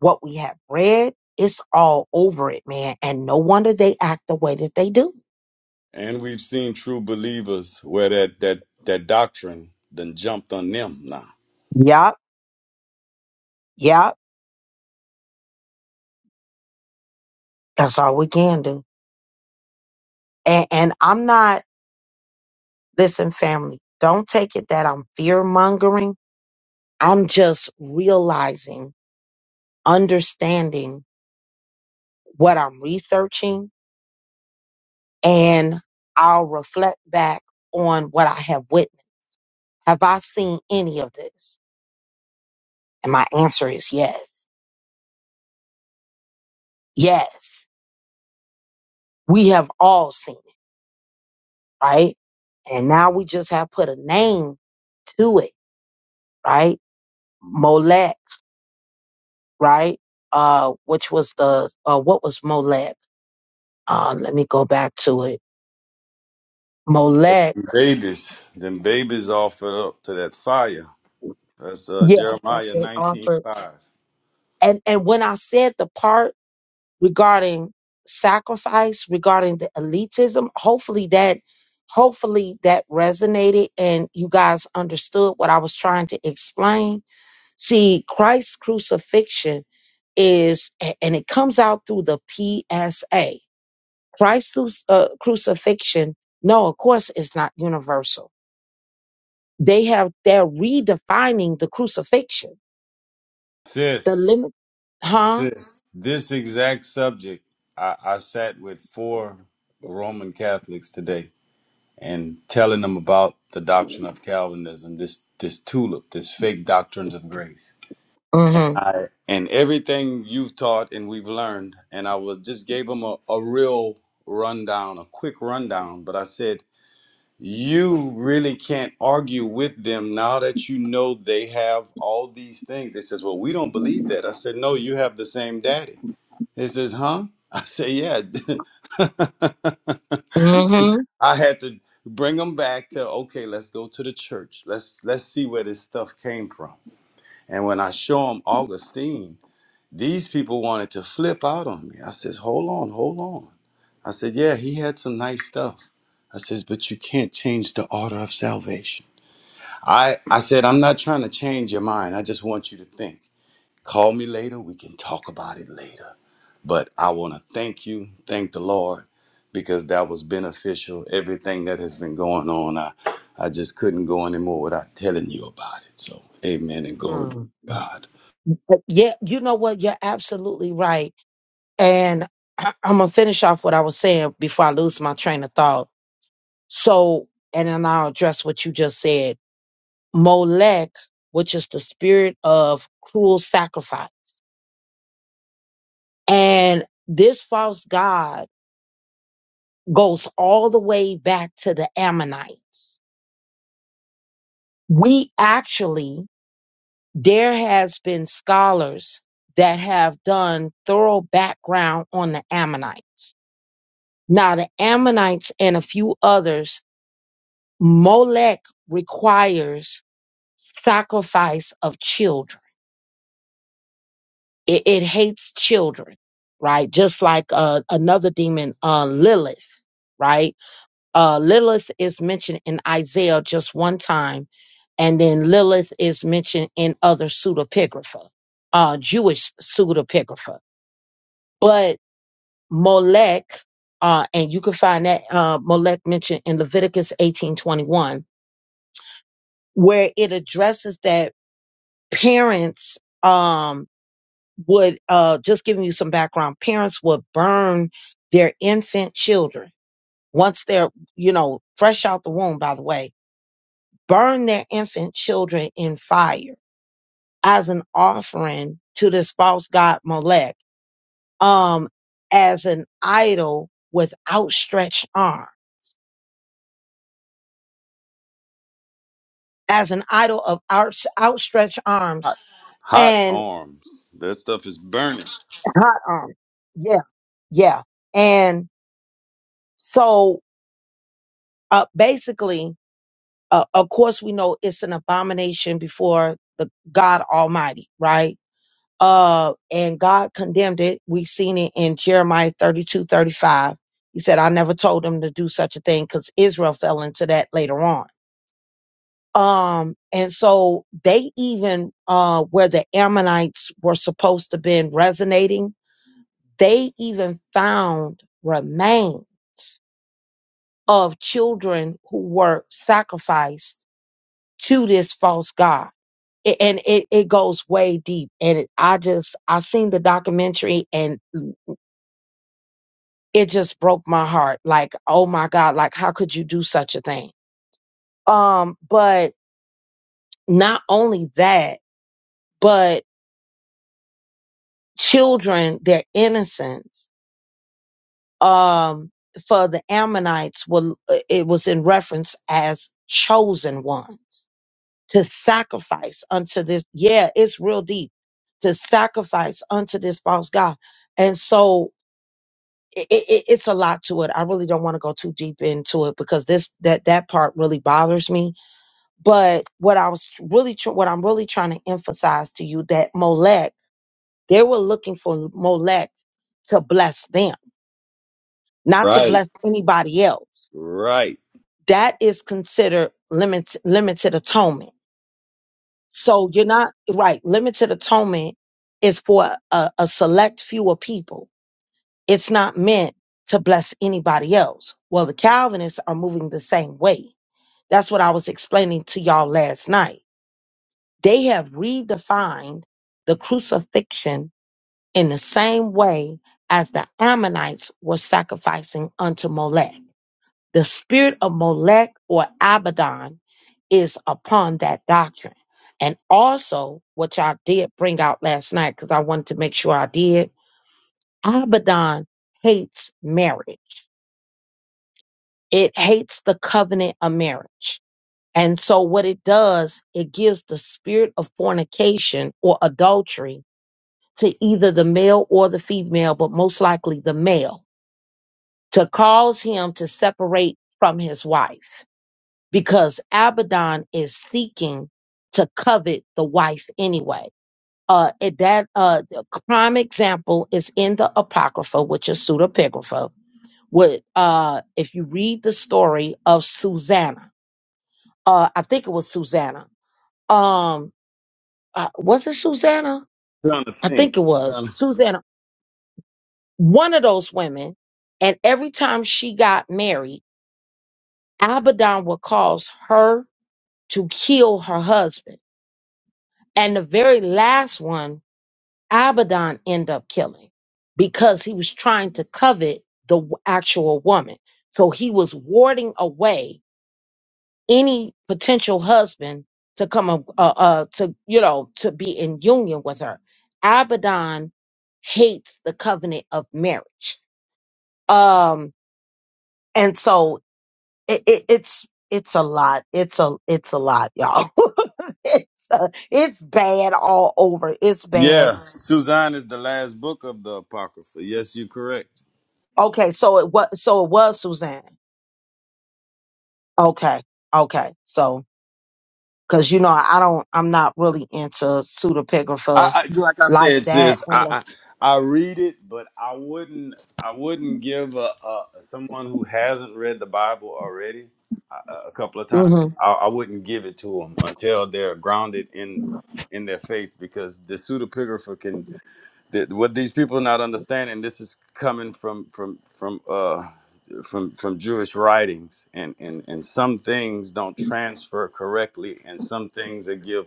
what we have read. It's all over it, man. And no wonder they act the way that they do.
and we've seen true believers where that that that doctrine then jumped on them now.
Yup, yup. That's all we can do. And, and I'm not Listen, family, don't take it that I'm fear mongering. I'm just realizing, understanding what I'm researching, and I'll reflect back on what I have witnessed. Have I seen any of this? And my answer is yes. Yes. We have all seen it, right? And now we just have put a name to it, right? Molech, right? Uh, which was the uh, what was Molech? Uh, let me go back to it Molech.
Babies, then babies offered up to that fire. That's uh,
Yeah, that
Jeremiah
they
nineteen
offered.
five.
And and when I said the part regarding sacrifice, regarding the elitism, hopefully that hopefully that resonated and you guys understood what I was trying to explain. See, Christ's crucifixion is a- and it comes out through the PSA. Christ's cru- uh, crucifixion, no, of course it's not universal. They have they're redefining the crucifixion The
Sis.
limit, huh?
Sis, this exact subject, I, I sat with four Roman Catholics today and telling them about the doctrine of Calvinism, this this tulip, this fake doctrines of grace.
Mm-hmm.
I, and everything you've taught and we've learned, and I was just gave them a, a real rundown, a quick rundown, but I said, you really can't argue with them now that you know they have all these things. They says, Well, we don't believe that. I said, No, you have the same daddy. He says, huh? (laughs) I say, yeah. (laughs)
Mm-hmm.
I had to bring them back to okay, let's go to the church. Let's let's see where this stuff came from. And when I show them Augustine, these people wanted to flip out on me. I says, hold on, hold on. I said, yeah, he had some nice stuff. I says, but you can't change the order of salvation. I, I said, I'm not trying to change your mind. I just want you to think. Call me later. We can talk about it later. But I want to thank you, thank the Lord, because that was beneficial. Everything that has been going on, I, I just couldn't go anymore without telling you about it. So, amen and glory be to
Mm.
God.
But Yeah, you know what? You're absolutely right. And I, I'm gonna finish off what I was saying before I lose my train of thought. So, and then I'll address what you just said. Molech, which is the spirit of cruel sacrifice. And this false god goes all the way back to the Ammonite. We actually there has been scholars that have done thorough background on the ammonite now the ammonites and a few others molech requires sacrifice of children it, it hates children right just like uh, another demon uh, lilith right uh, lilith is mentioned in isaiah just one time and then lilith is mentioned in other pseudepigrapha uh, jewish pseudepigrapha But Molech, uh, and you can find that uh, Molech mentioned in Leviticus eighteen twenty one, where it addresses that parents um, would, uh, just giving you some background, parents would burn their infant children once they're, you know, fresh out the womb, by the way, burn their infant children in fire as an offering to this false god Molech, um, as an idol with outstretched arm as an idol of out, outstretched arms
Hot, hot
and
arms. That stuff is burning.
hot arms, Yeah, yeah. And so, uh, basically, uh, of course, we know it's an abomination before the God Almighty, right? Uh, and God condemned it. We've seen it in Jeremiah 32, 35. He said, I never told them to do such a thing because Israel fell into that later on Um, and so they even, uh, where the Ammonites were supposed to been resonating, they even found remains of children who were sacrificed to this false god. A- And it, it goes way deep. And it, I just, I seen the documentary and it just broke my heart. Like, oh my God, like, how could you do such a thing? Um, but not only that, but children their innocence um for the ammonites were it was in reference as chosen ones to sacrifice unto this yeah it's real deep to sacrifice unto this false god and so it, it, it's a lot to it i really don't want to go too deep into it because this that that part really bothers me but what i was really tr- what i'm really trying to emphasize to you that molech they were looking for molech to bless them not to
Right,
bless anybody else.
right.
That is considered limit, limited atonement. So you're not right. Limited atonement is for a, a select few of people. It's not meant to bless anybody else. Well, the Calvinists are moving the same way. That's what I was explaining to y'all last night. They have redefined the crucifixion in the same way as the Ammonites were sacrificing unto Molech. The spirit of Molech or Abaddon is upon that doctrine. And also, which I did bring out last night because I wanted to make sure I did, Abaddon hates marriage. It hates the covenant of marriage. And so, what it does, it gives the spirit of fornication or adultery to either the male or the female, but most likely the male, to cause him to separate from his wife because Abaddon is seeking to covet the wife anyway. Uh, it- that uh, the prime example is in the Apocrypha, which is pseudepigrapha. With uh, if you read the story of Susanna, uh, I think it was Susanna. Um, uh, was it Susanna?
Trying to
I
think.
think it was
Trying to-
Susanna. One of those women, and every time she got married, Abaddon would cause her to kill her husband. And the very last one Abaddon end up killing because he was trying to covet the w- actual woman. So he was warding away any potential husband to come up, uh, uh, to you know to be in union with her. Abaddon hates the covenant of marriage, um, and so it, it, it's it's a lot. It's a it's a lot, y'all. (laughs) it's a, it's bad all over. It's bad.
yeah, Suzanne is the last book of the Apocrypha. Yes, you're correct.
Okay, so it was so it was Suzanne. Okay. Okay. So, cause you know, I don't, I'm not really into pseudepigrapha
I, I like I
like
said,
that
sis. I,
unless,
I I read it, but I wouldn't. I wouldn't give a, a someone who hasn't read the Bible already a, a couple of times.
mm-hmm,
I, I wouldn't give it to them until they're grounded in in their faith, because the pseudepigrapha can. The, what these people are not understanding. This is coming from from from uh from from Jewish writings, and and and some things don't transfer correctly, and some things that give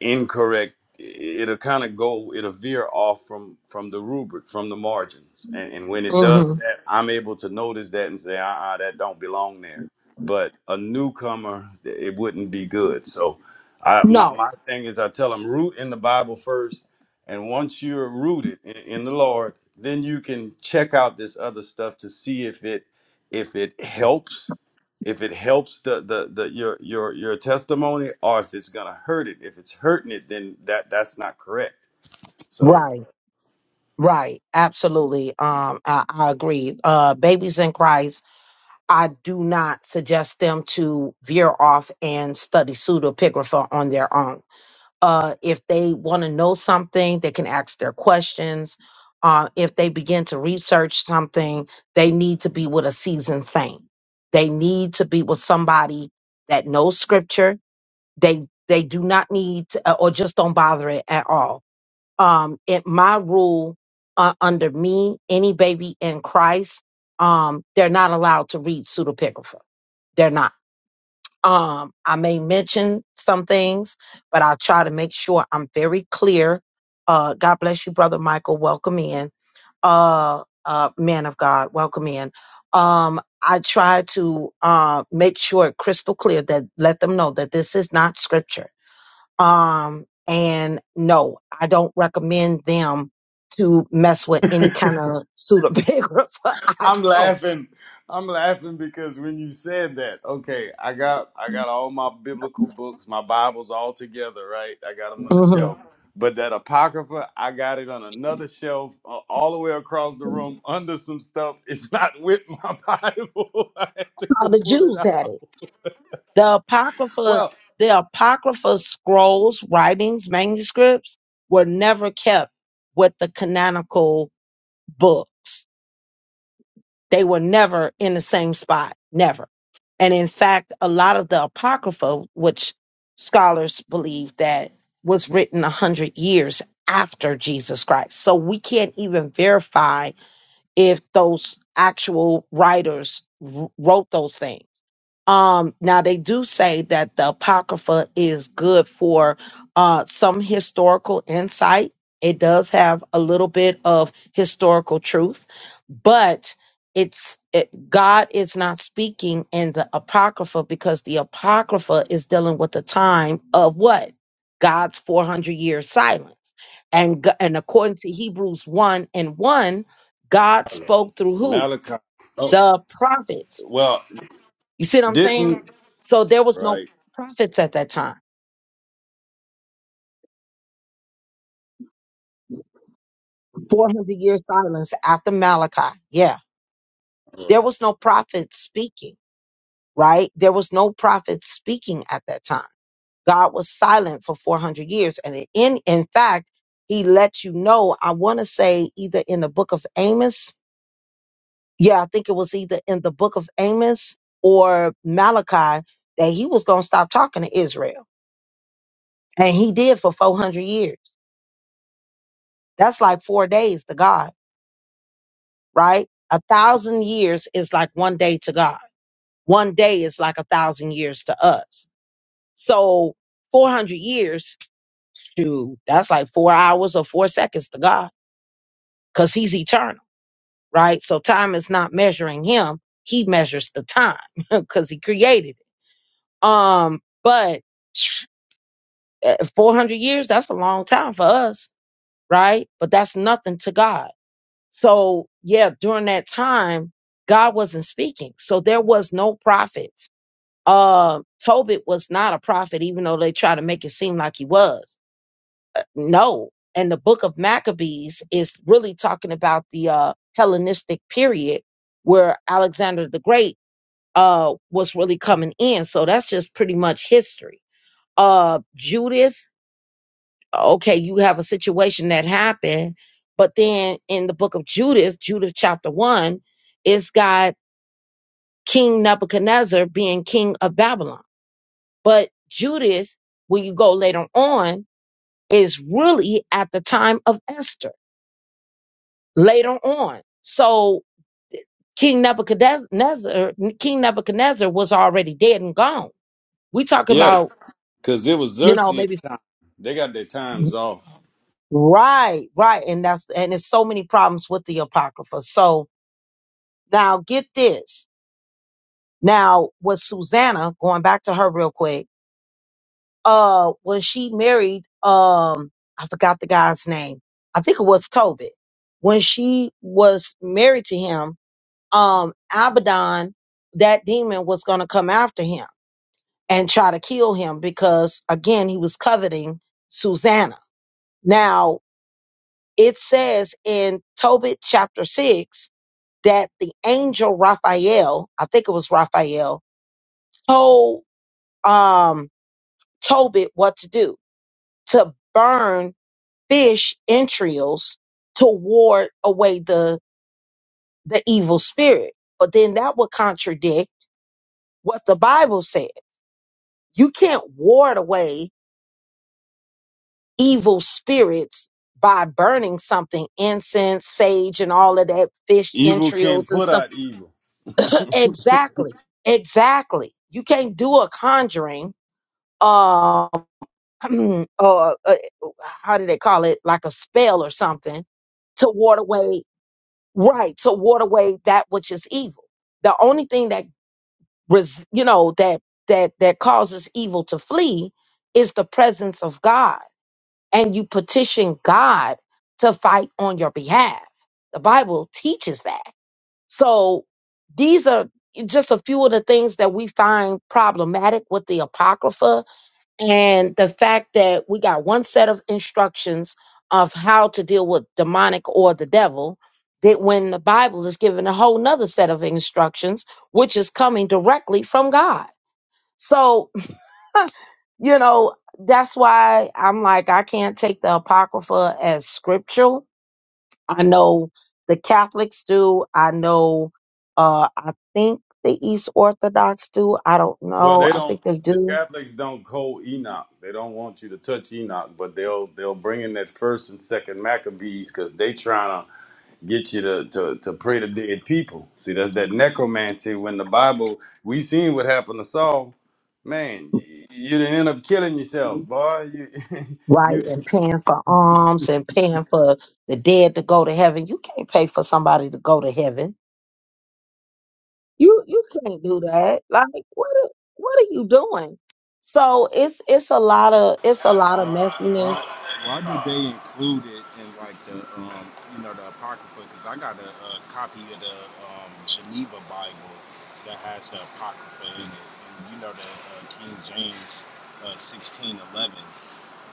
incorrect it'll kind of go it'll veer off from from the rubric from the margins and and when it does
mm-hmm.
that i'm able to notice that and say uh-uh that don't belong there but a newcomer th- it wouldn't be good so i my,
No.
my thing is i tell them root in the bible first and once you're rooted in, in the lord then you can check out this other stuff to see if it if it helps if it helps the, the the your your your testimony or if it's gonna hurt it if it's hurting it then that that's not correct so
Right. Right. Absolutely. Um, I, I agree. Uh, babies in Christ, I do not suggest them to veer off and study pseudepigrapha on their own uh, if they want to know something, they can ask their questions. Uh, if they begin to research something, they need to be with a seasoned saint. They need to be with somebody that knows scripture. They they do not need to, uh, or just don't bother it at all. Um, it my rule uh, under me, any baby in Christ, um, they're not allowed to read pseudepigrapha. They're not um, I may mention some things, but I'll try to make sure I'm very clear. Uh, God bless you, Brother Michael. Welcome in. Uh, uh, man of God, welcome in. Um, I try to uh, make sure it crystal clear that let them know that this is not scripture. Um, and no, I don't recommend them to mess with any kind of pseudepigrapha. (laughs) I
I'm
don't.
laughing. I'm laughing because when you said that, okay, I got I got all my biblical books, my Bibles all together, right? I got them on the
Mhm.
shelf. But that apocrypha, I got it on another shelf, uh, all the way across the room, under some stuff. (laughs) It's not with my (laughs) Bible. I had to
How
go
the
pull it
Jews
out.
had it. The Apocrypha,
Well,
the Apocrypha scrolls, writings, manuscripts were never kept with the canonical books. They were never in the same spot, never. And in fact, a lot of the Apocrypha, which scholars believe that was written 100 years after Jesus Christ. So we can't even verify if those actual writers wr- wrote those things um, now they do say that the Apocrypha is good for uh, some historical insight. It does have a little bit of historical truth, but it's it, God is not speaking in the Apocrypha because the Apocrypha is dealing with the time of what God's 400 year silence. And, g- and according to Hebrews 1 and 1, God spoke through who?
malachi oh
The prophets
well
you see what I'm saying?
Didn't
So there was no
Right.
prophets at that time. 400 years silence after Malachi. Yeah. There
Right.
was no prophet speaking, right? There was no prophet speaking at that time. God was silent for 400 years. And in, in fact, he let you know, I want to say either in the book of Amos. Yeah, I think it was either in the book of Amos or Malachi that he was going to stop talking to Israel. And he did for 400 years. That's like four days to God right? A thousand years is like one day to God. One day is like a thousand years to us. So 400 years, shoot, that's like four hours or four seconds to God because he's eternal, right? So time is not measuring him. He measures the time (laughs) because he created it. Um, but eh, 400 years, that's a long time for us, right? But that's nothing to God. So, yeah, during that time, God wasn't speaking. So there was no prophets. Uh, Tobit was not a prophet, even though they try to make it seem like he was. No. And the book of Maccabees is really talking about the uh, Hellenistic period where Alexander the Great uh, was really coming in. So that's just pretty much history. Uh, Judith okay, you have a situation that happened, but then in the book of Judith, Judith chapter one, it's got King Nebuchadnezzar being king of Babylon. But Judith, when you go later on, is really at the time of Esther later on. So King Nebuchadnezzar, King Nebuchadnezzar was already dead and gone. We talking
yeah,
about,
because it was
you know,
Xerxes'
maybe
time. They got their times off.
right, right, and that's and there's so many problems with the apocrypha. So Now get this. Now with Susanna, going back to her real quick, uh, when she married, um, I forgot the guy's name. I think it was Tobit. When she was married to him, um, Abaddon, that demon was gonna come after him and try to kill him because again he was coveting Susanna. Now it says in Tobit chapter six that the angel Raphael, I think it was Raphael, told um, Tobit what to do to burn fish entrails to ward away the the evil spirit. But then that would contradict what the Bible said. You can't ward away evil spirits by burning something, incense, sage, and all of that fish
Evil can't
entrails and
put
stuff.
out evil. (laughs)
Exactly. Exactly. You can't do a conjuring um, (clears throat) or uh, how do they call it like a spell or something to ward away right to ward away that which is evil the only thing that res- you know that that that causes evil to flee is the presence of god and you petition god to fight on your behalf the bible teaches that so these are just a few of the things that we find problematic with the apocrypha and the fact that we got one set of instructions of how to deal with demonic or the devil that when the bible is given a whole nother set of instructions which is coming directly from god so (laughs) you know that's why i'm like i can't take the apocrypha as scriptural i know the catholics do i know uh i think the east orthodox do i don't
Well,
know
they
i
don't.
think they
The
do
Catholics don't call Enoch. They don't want you to touch Enoch, but they'll they'll bring in that first and second Maccabees because they trying to get you to, to to pray to dead people. See, that's that necromancy. When the Bible, we seen what happened to Saul. Man, you, you didn't end up killing yourself, boy. You
Right,
(laughs) you.
and paying for alms and paying for the dead to go to heaven. You can't pay for somebody to go to heaven. You you can't do that. Like what are- what are you doing? So it's it's a lot of it's a lot of
Why, why,
messiness.
why do they include it in like the, um, you know, the apocrypha? Because I got a, a copy of the um, Geneva Bible that has the apocrypha in it, and you know the uh, King James uh, sixteen eleven.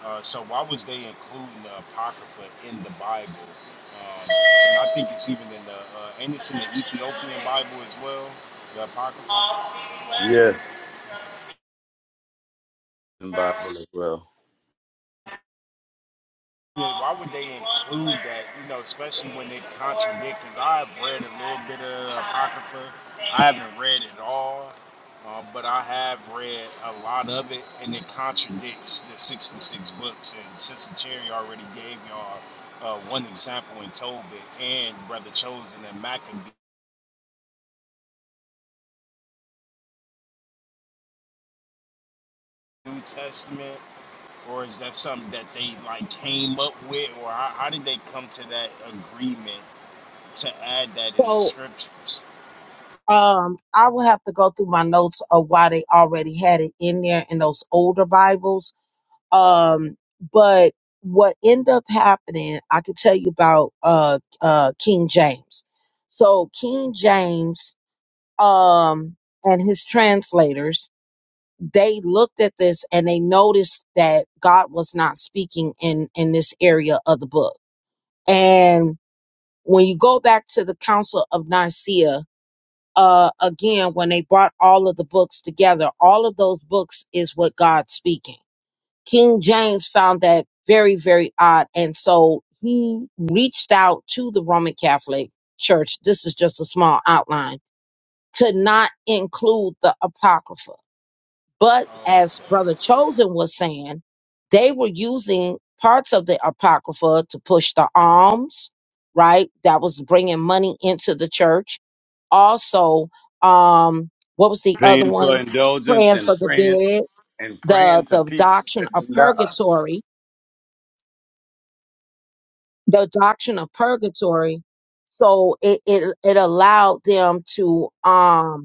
Uh, so why was they including the apocrypha in the Bible? Um, and I think it's even in the uh, ain't it's in the Ethiopian Bible as well, the apocrypha.
Yes. and Bible as well.
Yeah, why would they include that? You know, especially when it contradicts. Because I've read a little bit of apocrypha. I haven't read it all, uh, but I have read a lot of it, and it contradicts the 66 books. And Sister Cherry already gave y'all uh, one example in Tobit and Brother Chosen and Maccabee New Testament. Or is that something that they like came up with, or how, how did they come to that agreement to add that in the
So
scriptures?
um I will have to go through my notes of why they already had it in there in those older Bibles. Um but what ended up happening, I could tell you about uh uh King James. So King James um and his translators they looked at this and they noticed that God was not speaking in in this area of the book. And when you go back to the Council of Nicaea, uh, again, when they brought all of the books together, all of those books is what God's speaking. King James found that very, very odd, and so he reached out to the Roman Catholic Church. This is just a small outline to not include the Apocrypha but
Oh,
as
okay.
Brother Chosen was saying, they were using parts of the Apocrypha to push the alms, right? That was bringing money into the church. Also, um, what was the other
Paying for
one?
indulgence
Praying
and
for the
praying
dead.
and praying
The
to
the
people
doctrine
that
of
done died.
purgatory. The doctrine of purgatory. So it it, it allowed them to um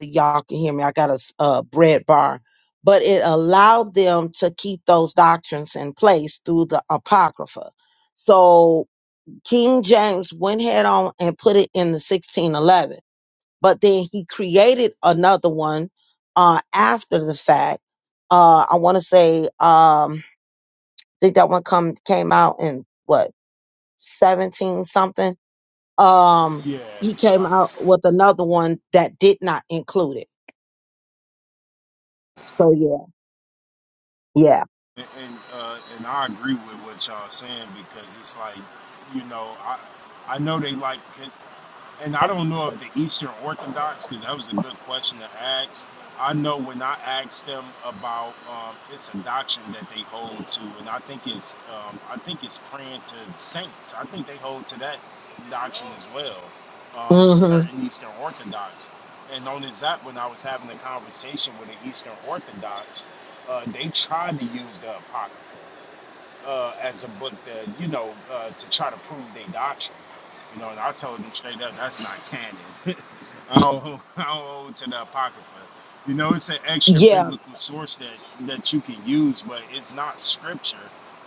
y'all can hear me. I got a s- a bread bar, but it allowed them to keep those doctrines in place through the Apocrypha. So King James went head on and put it in the 1611, but then he created another one uh, after the fact. Uh, I want to say, um, I think that one come came out in what 17 something. Um,
Yeah,
he came
yeah,
out with another one that did not include it. So yeah, yeah.
and and, uh, and I agree with what y'all saying because it's like, you know, I I know they like. and I don't know if the Eastern Orthodox, because that was a good question to ask. I know when I asked them about um, it's a doctrine that they hold to, and I think it's um, I think it's praying to saints. I think they hold to that doctrine as well. Um,
hmm
certain Eastern Orthodox, and on as that when I was having a conversation with an Eastern Orthodox, uh, they tried to use the apocrypha uh, as a book that you know uh, to try to prove their doctrine. You know, and I told them straight up that's not canon. (laughs) I don't hold- I don't hold to the apocrypha. You know, it's an extra
Yeah,
biblical source that that you can use, but it's not scripture.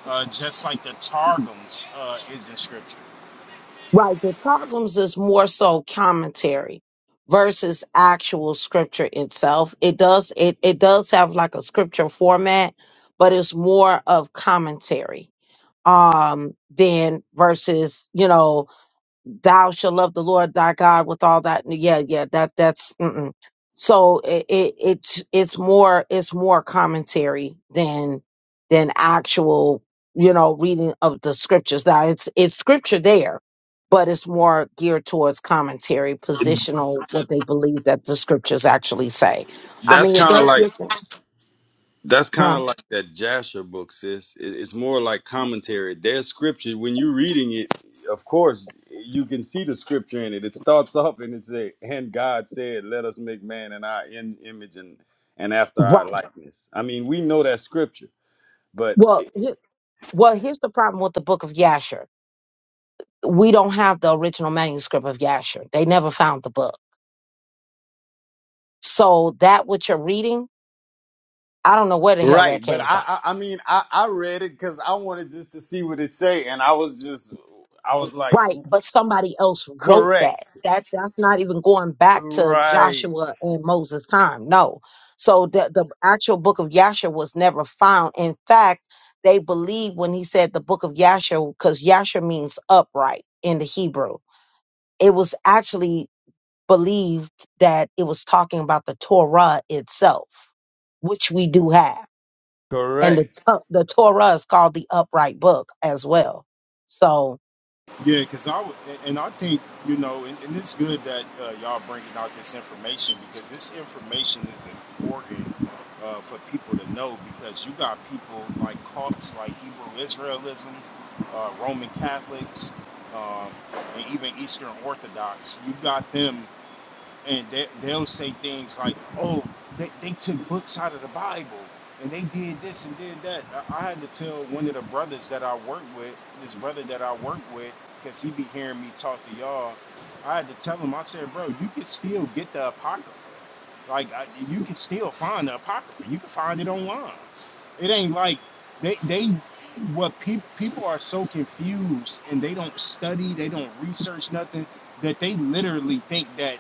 Uh, just like the Targums uh, isn't scripture.
right. The Targums is more so commentary versus actual scripture itself. It does it it does have like a scripture format, but it's more of commentary um than versus, you know, thou shall love the Lord thy God with all that. Yeah, yeah, that that's mm-mm. so it, it it's it's more it's more commentary than than actual you know reading of the scriptures. Now it's it's scripture there, but it's more geared towards commentary, positional, what they believe that the scriptures actually say. I
That's
mean, it
kind of
does
like
listen,
that's kind
huh?
of like that Jasher book, sis. It- It's more like commentary. There's scripture when you're reading it. Of course, you can see the scripture in it. It starts off and it's a and God said, "Let us make man in our in, image and and after
Right.
our likeness." I mean, we know that scripture, but
Well, he- well, here's the problem with the book of Yasher. We don't have the original manuscript of Yasher. They never found the book So that what you're reading, I don't know where the hell that
Right, but
came
I,
from.
I, I mean, I, I read it because I wanted just to see what it say, and I was just, I was like,
Right, but somebody else wrote that.
correct,
That that's not even going back to
right,
Joshua and Moses' time. No. So the the actual book of Yasher was never found. In fact, they believe when he said the book of Yasher, because Yasher means upright in the Hebrew. It was actually believed that it was talking about the Torah itself, which we do have. and the
correct,
to- the Torah is called the upright book as well. So
Yeah, because I would, and I think you know, and, and it's good that uh, y'all bringing out this information because this information is important uh, for people to know because you got people like cults like Hebrew Israelism, uh, Roman Catholics, um, and even Eastern Orthodox. You got them and they, they'll say things like, "Oh, they, they took books out of the Bible, and they did this and did that." I, I had to tell one of the brothers that I work with, this brother that I work with, because he be hearing me talk to y'all. I had to tell him, I said, "Bro, you can still get the apocrypha. Like I, you can still find the apocrypha. You can find it online. It ain't like they they what people people are so confused and they don't study, they don't research nothing that they literally think that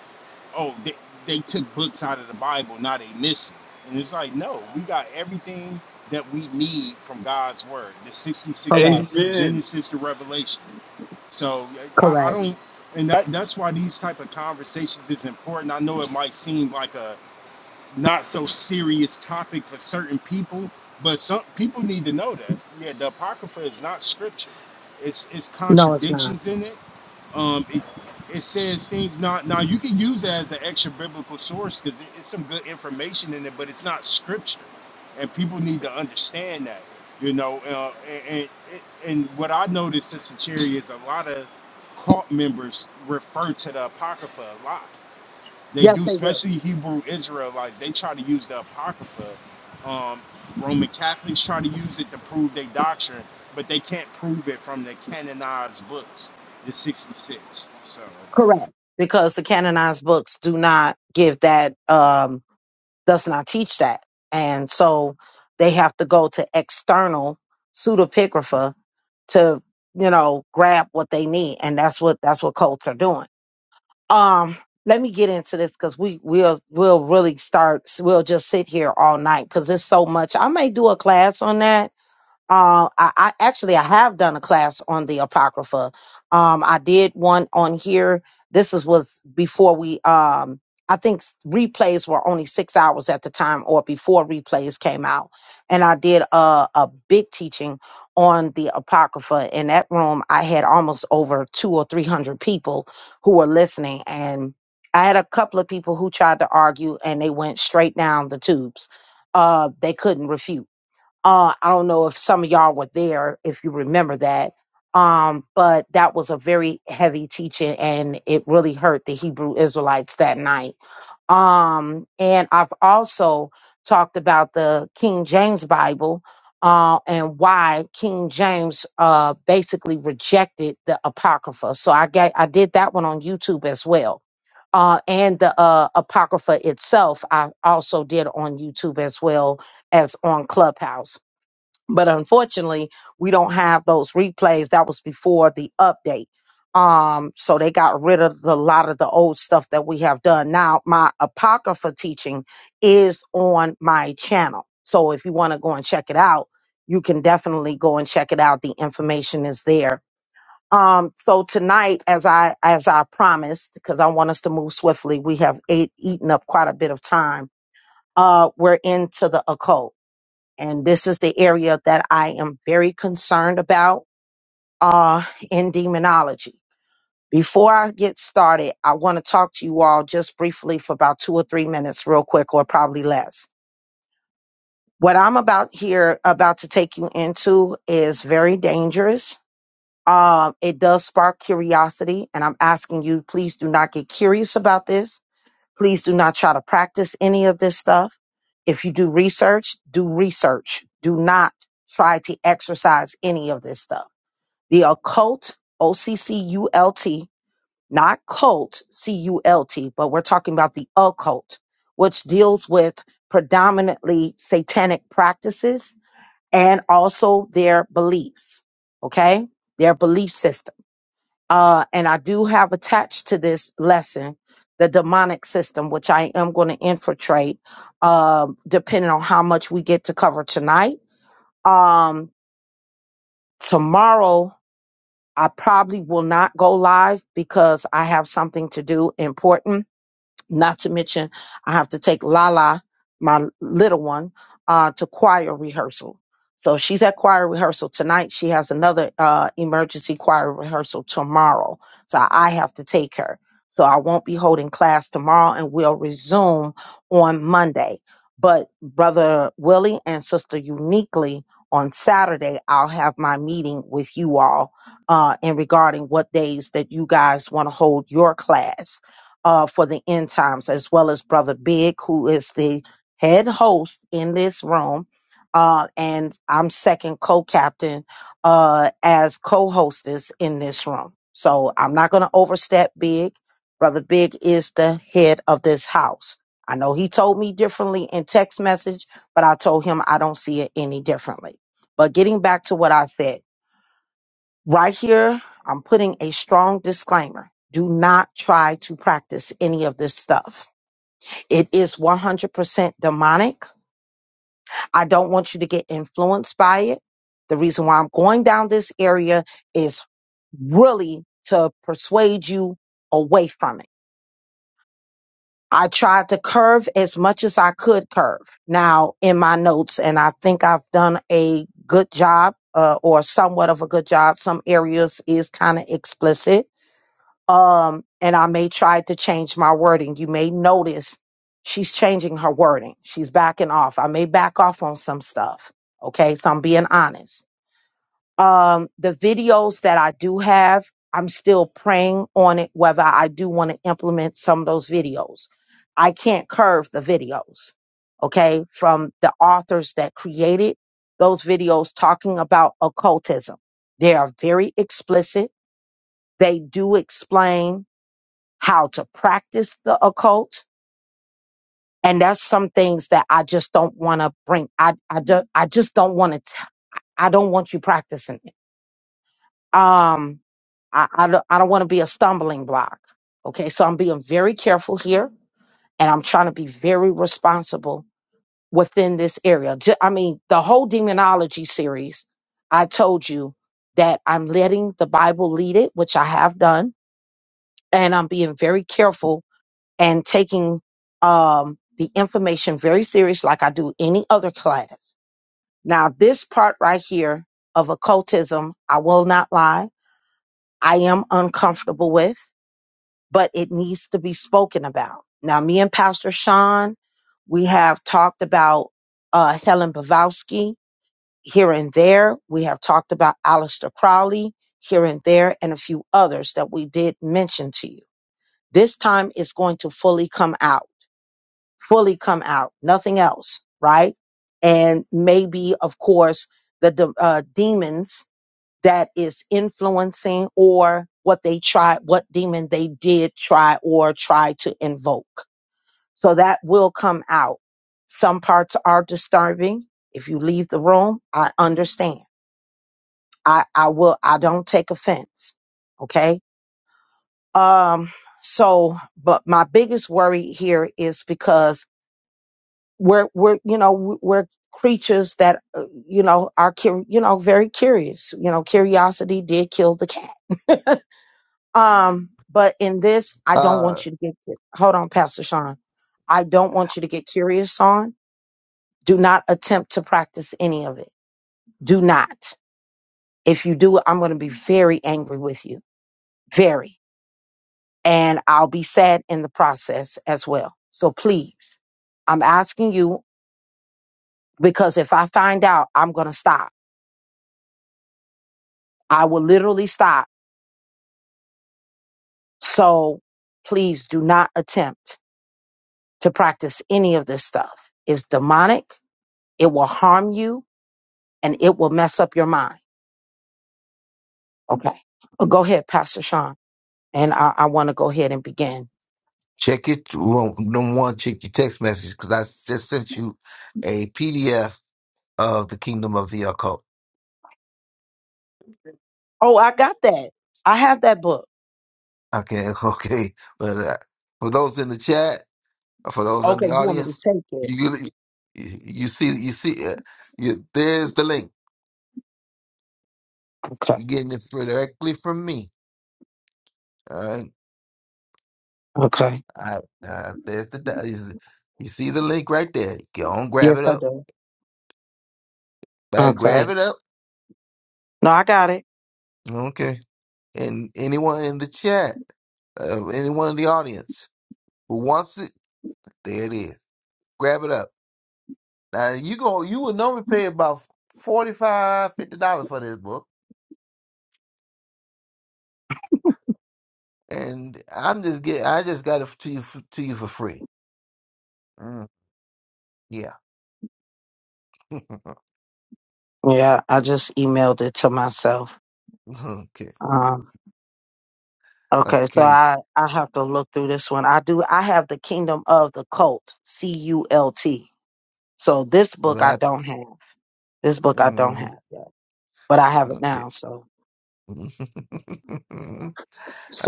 oh they, they took books out of the Bible, now they missing. And it's like no, we got everything that we need from God's word. The 66
correct,
books,
amen.
Genesis to Revelation. So I, I
correct.
don't and that that's why these type of conversations is important. I know it might seem like a not so serious topic for certain people, but some people need to know that. Yeah, the Apocrypha is not scripture. It's it's
No, it's not.
contradictions in it. Um, it, it says things not now you can use it as an extra biblical source because it, it's some good information in it, but it's not scripture, and people need to understand that. You know, uh, and, and and what I noticed, Sister Cherry, is a lot of cult members refer to the Apocrypha a lot they
Yes,
do,
they do.
especially Hebrew Israelites. They try to use the Apocrypha. Um, Roman Catholics try to use it to prove their doctrine, but they can't prove it from the canonized books, the 66. So,
Correct, because the canonized books do not give that. Um, does not teach that, and so they have to go to external pseudepigrapha to you know grab what they need, and that's what that's what cults are doing um let me get into this because we we'll we'll really start we'll just sit here all night because there's so much i may do a class on that uh, I, I actually I have done a class on the Apocrypha. Um, I did one on here. This is was before we um I think s- replays were only six hours at the time or before replays came out. And I did a, a big teaching on the Apocrypha. In that room, I had almost over two or three hundred people who were listening. And I had a couple of people who tried to argue and they went straight down the tubes. Uh, they couldn't refute uh, I don't know if some of y'all were there, if you remember that. Um, but that was a very heavy teaching and it really hurt the Hebrew Israelites that night. Um, and I've also talked about the King James Bible, uh, and why King James, uh, basically rejected the Apocrypha. So I got, I did that one on YouTube as well. Uh, and the uh, Apocrypha itself, I also did on YouTube as well as on Clubhouse but unfortunately we don't have those replays that was before the update um so they got rid of the, a lot of the old stuff that we have done now my apocrypha teaching is on my channel so if you want to go and check it out you can definitely go and check it out the information is there um so tonight as i as i promised because i want us to move swiftly we have ate, eaten up quite a bit of time uh we're into the occult and this is the area that I am very concerned about uh, in demonology. Before I get started, I want to talk to you all just briefly for about two or three minutes, real quick, or probably less. What I'm about here, about to take you into, is very dangerous. Um, it does spark curiosity, and I'm asking you, please do not get curious about this Please do not try to practice any of this stuff. If you do research, do research. Do not try to exercise any of this stuff. The occult, O C C U L T, not cult, C U L T, but we're talking about the occult, which deals with predominantly satanic practices and also their beliefs, okay? Their belief system. Uh, and I do have attached to this lesson the demonic system, which I am going to infiltrate, uh, depending on how much we get to cover tonight. Um, tomorrow, I probably will not go live because I have something to do important not to mention, I have to take Lala, my little one, uh, to choir rehearsal. So she's at choir rehearsal tonight. She has another uh, emergency choir rehearsal tomorrow. So I have to take her. So I won't be holding class tomorrow and we'll resume on Monday. But Brother Willie and Sister Uniquely on Saturday, I'll have my meeting with you all uh, in regarding what days that you guys want to hold your class uh, for the end times, as well as Brother Big, who is the head host in this room. Uh, and I'm second co captain uh, as co hostess in this room. So I'm not going to overstep Big. Brother Big is the head of this house. I know he told me differently in text message, but I told him I don't see it any differently. But getting back to what I said, Right here, I'm putting a strong disclaimer. Do not try to practice any of this stuff. It is 100% demonic. I don't want you to get influenced by it. The reason why I'm going down this area is really to persuade you away from it. I tried to curve as much as I could curve now in my notes, and I think I've done a good job uh, or somewhat of a good job. Some areas is kind of explicit Um, and I may try to change my wording. You may notice she's changing her wording. She's backing off. I may back off on some stuff. Okay. So I'm being honest. Um, the videos that I do have, I'm still praying on it, whether I do want to implement some of those videos. I can't curve the videos. Okay. From the authors that created those videos talking about occultism. They are very explicit. They do explain how to practice the occult. And there's some things that I just don't want to bring. I, I, do, I just don't want to, I don't want you practicing it. Um, I, I don't, I don't want to be a stumbling block. Okay. So I'm being very careful here and I'm trying to be very responsible within this area. Ju- I mean, the whole demonology series, I told you that I'm letting the Bible lead it, which I have done. And I'm being very careful and taking um, the information very serious like I do any other class. Now, this part right here of occultism, I will not lie, I am uncomfortable with, but it needs to be spoken about. Now, me and Pastor Sean, we have talked about uh, Helen Bavowski here and there. We have talked about Aleister Crowley here and there and a few others that we did mention to you. This time it's going to fully come out fully come out, nothing else, right? And maybe, of course, the de- uh, demons that is influencing or what they try, what demon they did try or try to invoke. So that will come out. Some parts are disturbing. If you leave the room, I understand. I, I will, I don't take offense. Okay. Um, so, but my biggest worry here is because we're we're you know we're creatures that uh, you know are cur- you know very curious you know curiosity did kill the cat um but in this i don't
Uh,
want you to get cu- hold on pastor sean i don't want you to get curious on do not attempt to practice any of it do not if you do i'm going to be very angry with you very and i'll be sad in the process as well so please i'm asking you because if i find out i'm going to stop I will literally stop. So please do not attempt to practice any of this stuff. It's demonic, it will harm you, and it will mess up your mind. Okay. Uh, Go ahead, Pastor Sean. And I, I want to go ahead and begin.
check it. Well, number one, check your text message because I just sent you a PDF of the Kingdom of the Occult.
Oh, I got that. I have that book.
Okay, (laughs) okay. But uh, for those in the chat, for those in
Okay.
the
You want me to
audience,
take it?
you you see you see uh, you, there's the link.
Okay.
You're getting it directly from me. All right,
Okay.
I, uh, there's the di- is- you see the link right there. Go on, grab
Yes,
it
I
up.
do.
Bye,
Okay.
grab it up.
No, I got it.
Okay. And anyone in the chat, uh, anyone in the audience who wants it, there it is. Grab it up. Now you go. You would normally pay about forty-five, fifty dollars dollars for this book, and I'm just get. I just got it to you f- to you for free. Mm, yeah. (laughs)
Yeah, I just emailed it to myself.
okay.
Um, okay, so
Okay.
I I have to look through this one. I do. I have the Kingdom of the Cult, C U L T. So this book I
That.
don't have. This book I don't
mm,
have yet, but I have it
okay.
now. So
(laughs) all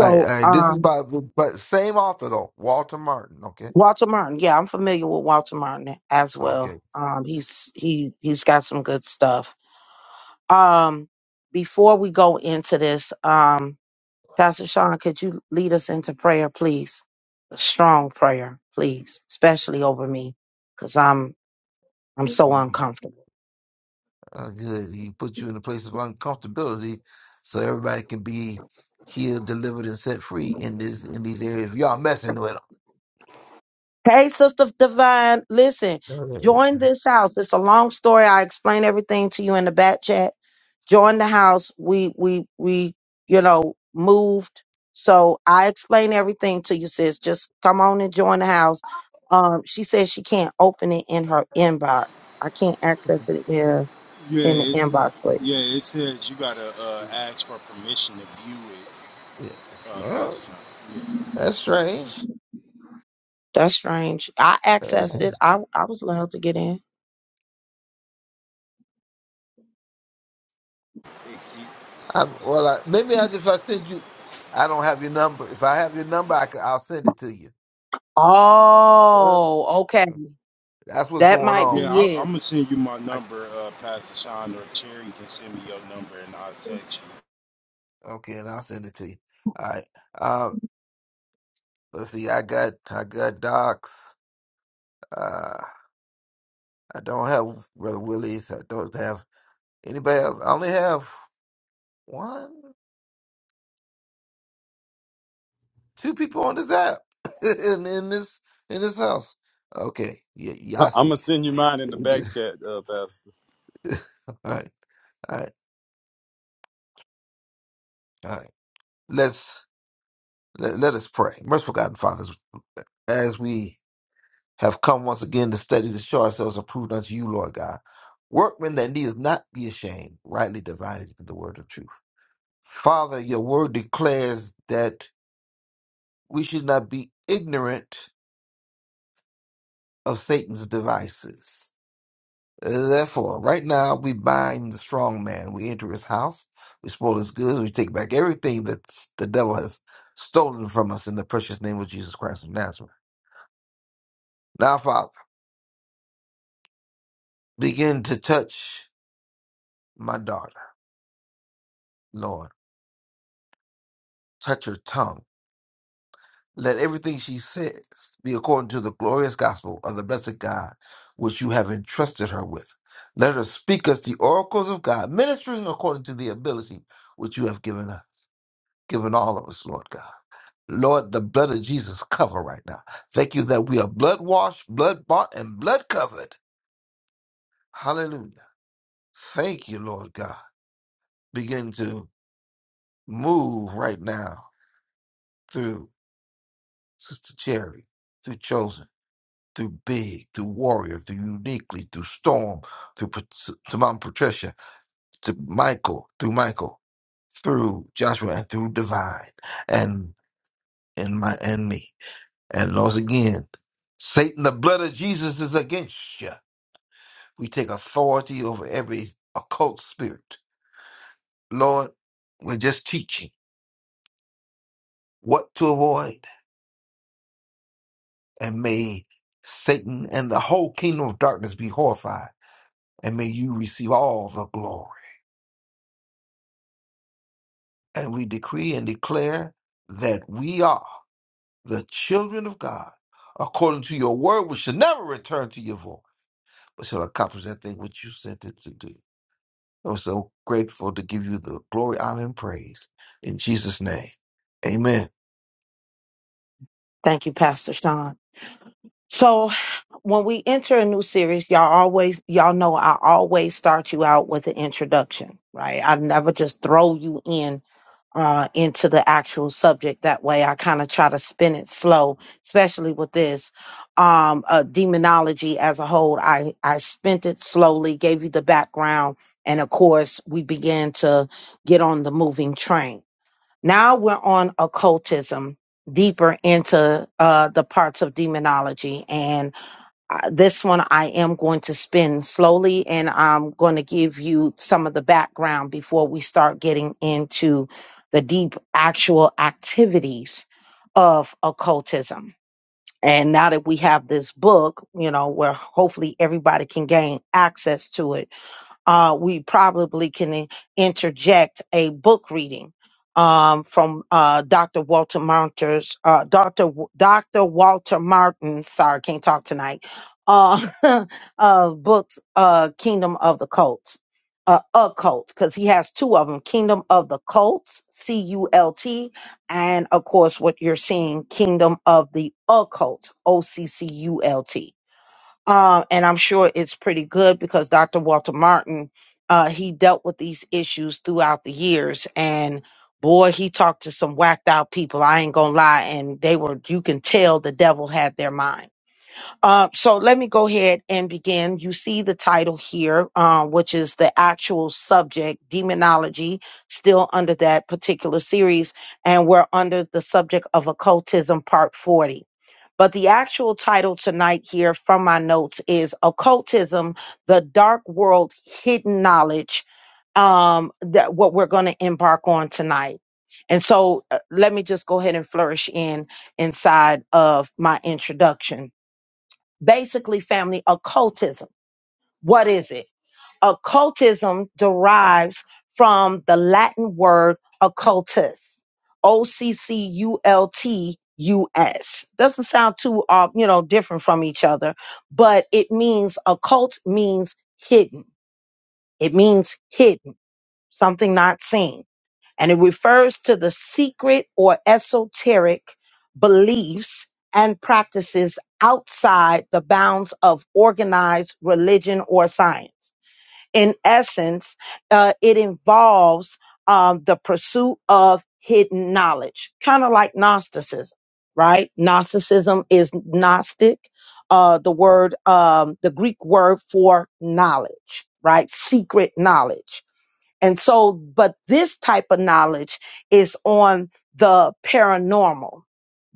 right, all right. This is
um,
by, by same author though, Walter Martin. Okay.
Walter Martin. Yeah, I'm familiar with Walter Martin as
Okay.
well. Um, he's he he's got some good stuff. Um, before we go into this, um, Pastor Sean, could you lead us into prayer, please? A strong prayer, please, especially over me, because I'm I'm so
hmm
uncomfortable.
Uh, good. He put you in a place of uncomfortability, so everybody can be healed, delivered, and set free in this in these areas. Y'all messing with
Hey, Sister Divine, listen,
them. (laughs)
join this house. It's a long story. I explain everything to you in the back chat. Join the house. We we we, you know, moved. So I explain everything to you, sis. Just come on and join the house. Um, she says she can't open it in her inbox. I can't access it in
yeah,
in the
it's, it,
inbox,
yeah,
please.
it says you got to uh, ask for permission to view it,
Yeah.
uh, Pastor
Well,
Sean. Yeah,
that's strange.
That's strange. I accessed it.
I,
I I was allowed to get in.
it keep,
well, I, maybe I if I send you, I don't have your number. If I have your number, I can, I'll send it to you. Uh,
Oh, okay.
That's what's
That
going
might be
on.
yeah I, I'm
it.
going to send you my
I
number, uh, Pastor Sean, or Cherry can send me your number and I'll text you.
okay, and I'll send it to you. All right. Um, let's see. I got I got Docs. Uh, I don't have Brother Willie's. I don't have anybody else. I only have one, two people on this app (laughs) in in this in this house. Okay. Yeah, yeah,
I,
I
am
see.
gonna send you mine in the back chat, uh, Pastor.
(laughs) All right. All right. All right. Let's let, let us pray. Merciful God and Father, as we have come once again to study to show ourselves approved unto you, Lord God. Workmen that needeth not be ashamed, rightly divided the word of truth. Father, your word declares that we should not be ignorant of Satan's devices. Therefore, right now we bind the strong man. We enter his house, we spoil his goods, we take back everything that the devil has stolen from us in the precious name of Jesus Christ of Nazareth. Now, Father, begin to touch my daughter, Lord. Touch her tongue Let everything she says be according to the glorious gospel of the blessed God, which you have entrusted her with. Let her speak us the oracles of God, ministering according to the ability which you have given us, given all of us, Lord God. Lord, the blood of Jesus cover right now. Thank you that we are blood washed, blood bought, and blood covered. Hallelujah. Thank you, Lord God. Begin to move right now through Sister Cherry, through Chosen through Big, through Warrior, through Uniquely, through Storm, through Pat- to Mom Patricia, to Michael, through Michael, through Joshua, and through Divine, and and my and me, and once again, Satan, the blood of Jesus is against you. We take authority over every occult spirit. Lord, we're just teaching what to avoid, and may Satan and the whole kingdom of darkness be horrified, and may you receive all the glory. and we decree and declare that we are the children of God, according to your word, which shall never return to your void, but shall accomplish that thing which you sent it to do. I'm so grateful to give you the glory, honor, and praise in Jesus' name. Amen.
Thank you, Pastor Sean. So when we enter a new series, y'all always y'all know I always start you out with an introduction, right? I never just throw you in uh into the actual subject. That way I kind of try to spin it slow, especially with this um uh demonology as a whole. I I spent it slowly, gave you the background, and of course we began to get on the moving train. Now we're on occultism deeper into uh, the parts of demonology. And uh, this one I am going to spin slowly and I'm going to give you some of the background before we start getting into the deep actual activities of occultism. And now that we have this book, you know, where hopefully everybody can gain access to it, uh, we probably can in- interject a book reading um, from uh, Dr. Walter Martin's, uh, Dr. W- Dr. Walter Martin. Sorry, can't talk tonight. Uh, (laughs) uh, books, uh, Kingdom of the Cults, uh, occult, because he has two of them: Kingdom of the Cults, C U L T, and of course, what you're seeing, Kingdom of the Occult, O C C U L T um, and I'm sure it's pretty good because Dr. Walter Martin, uh, he dealt with these issues throughout the years, and boy, he talked to some whacked out people. I ain't gonna lie, and they were you can tell the devil had their mind. Uh, so let me go ahead and begin. You see the title here, uh, which is the actual subject, demonology, still under that particular series, and we're under the subject of occultism, part forty. But the actual title tonight here from my notes is Occultism, the Dark World Hidden Knowledge. Um, that what we're going to embark on tonight. And so uh, let me just go ahead and flourish in inside of my introduction. Basically, family occultism. What is it? occultism derives from the Latin word occultus, O C C U L T U S. Doesn't sound too, uh, you know, different from each other, but it means occult means hidden. It means hidden, something not seen. And it refers to the secret or esoteric beliefs and practices outside the bounds of organized religion or science in essence, uh, it involves um, the pursuit of hidden knowledge, kind of like Gnosticism, right? Gnosticism is Gnostic, uh, the word, um, the Greek word for knowledge, right? Secret knowledge. And so, but this type of knowledge is on the paranormal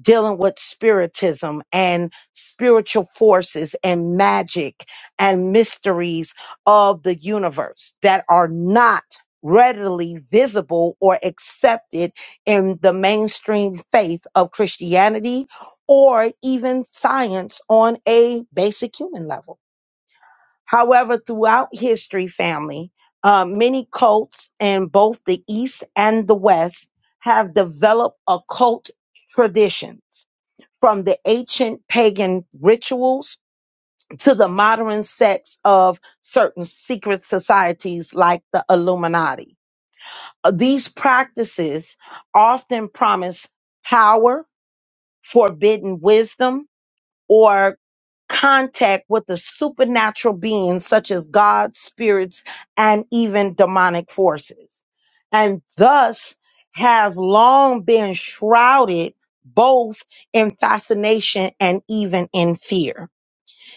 dealing with spiritism and spiritual forces and magic and mysteries of the universe that are not readily visible or accepted in the mainstream faith of Christianity or even science on a basic human level. However, throughout history, family, uh, many cults in both the East and the West have developed occult traditions from the ancient pagan rituals to the modern sects of certain secret societies like the Illuminati. Uh, These practices often promise power, forbidden wisdom, or contact with the supernatural beings such as gods, spirits, and even demonic forces, and thus has long been shrouded both in fascination and even in fear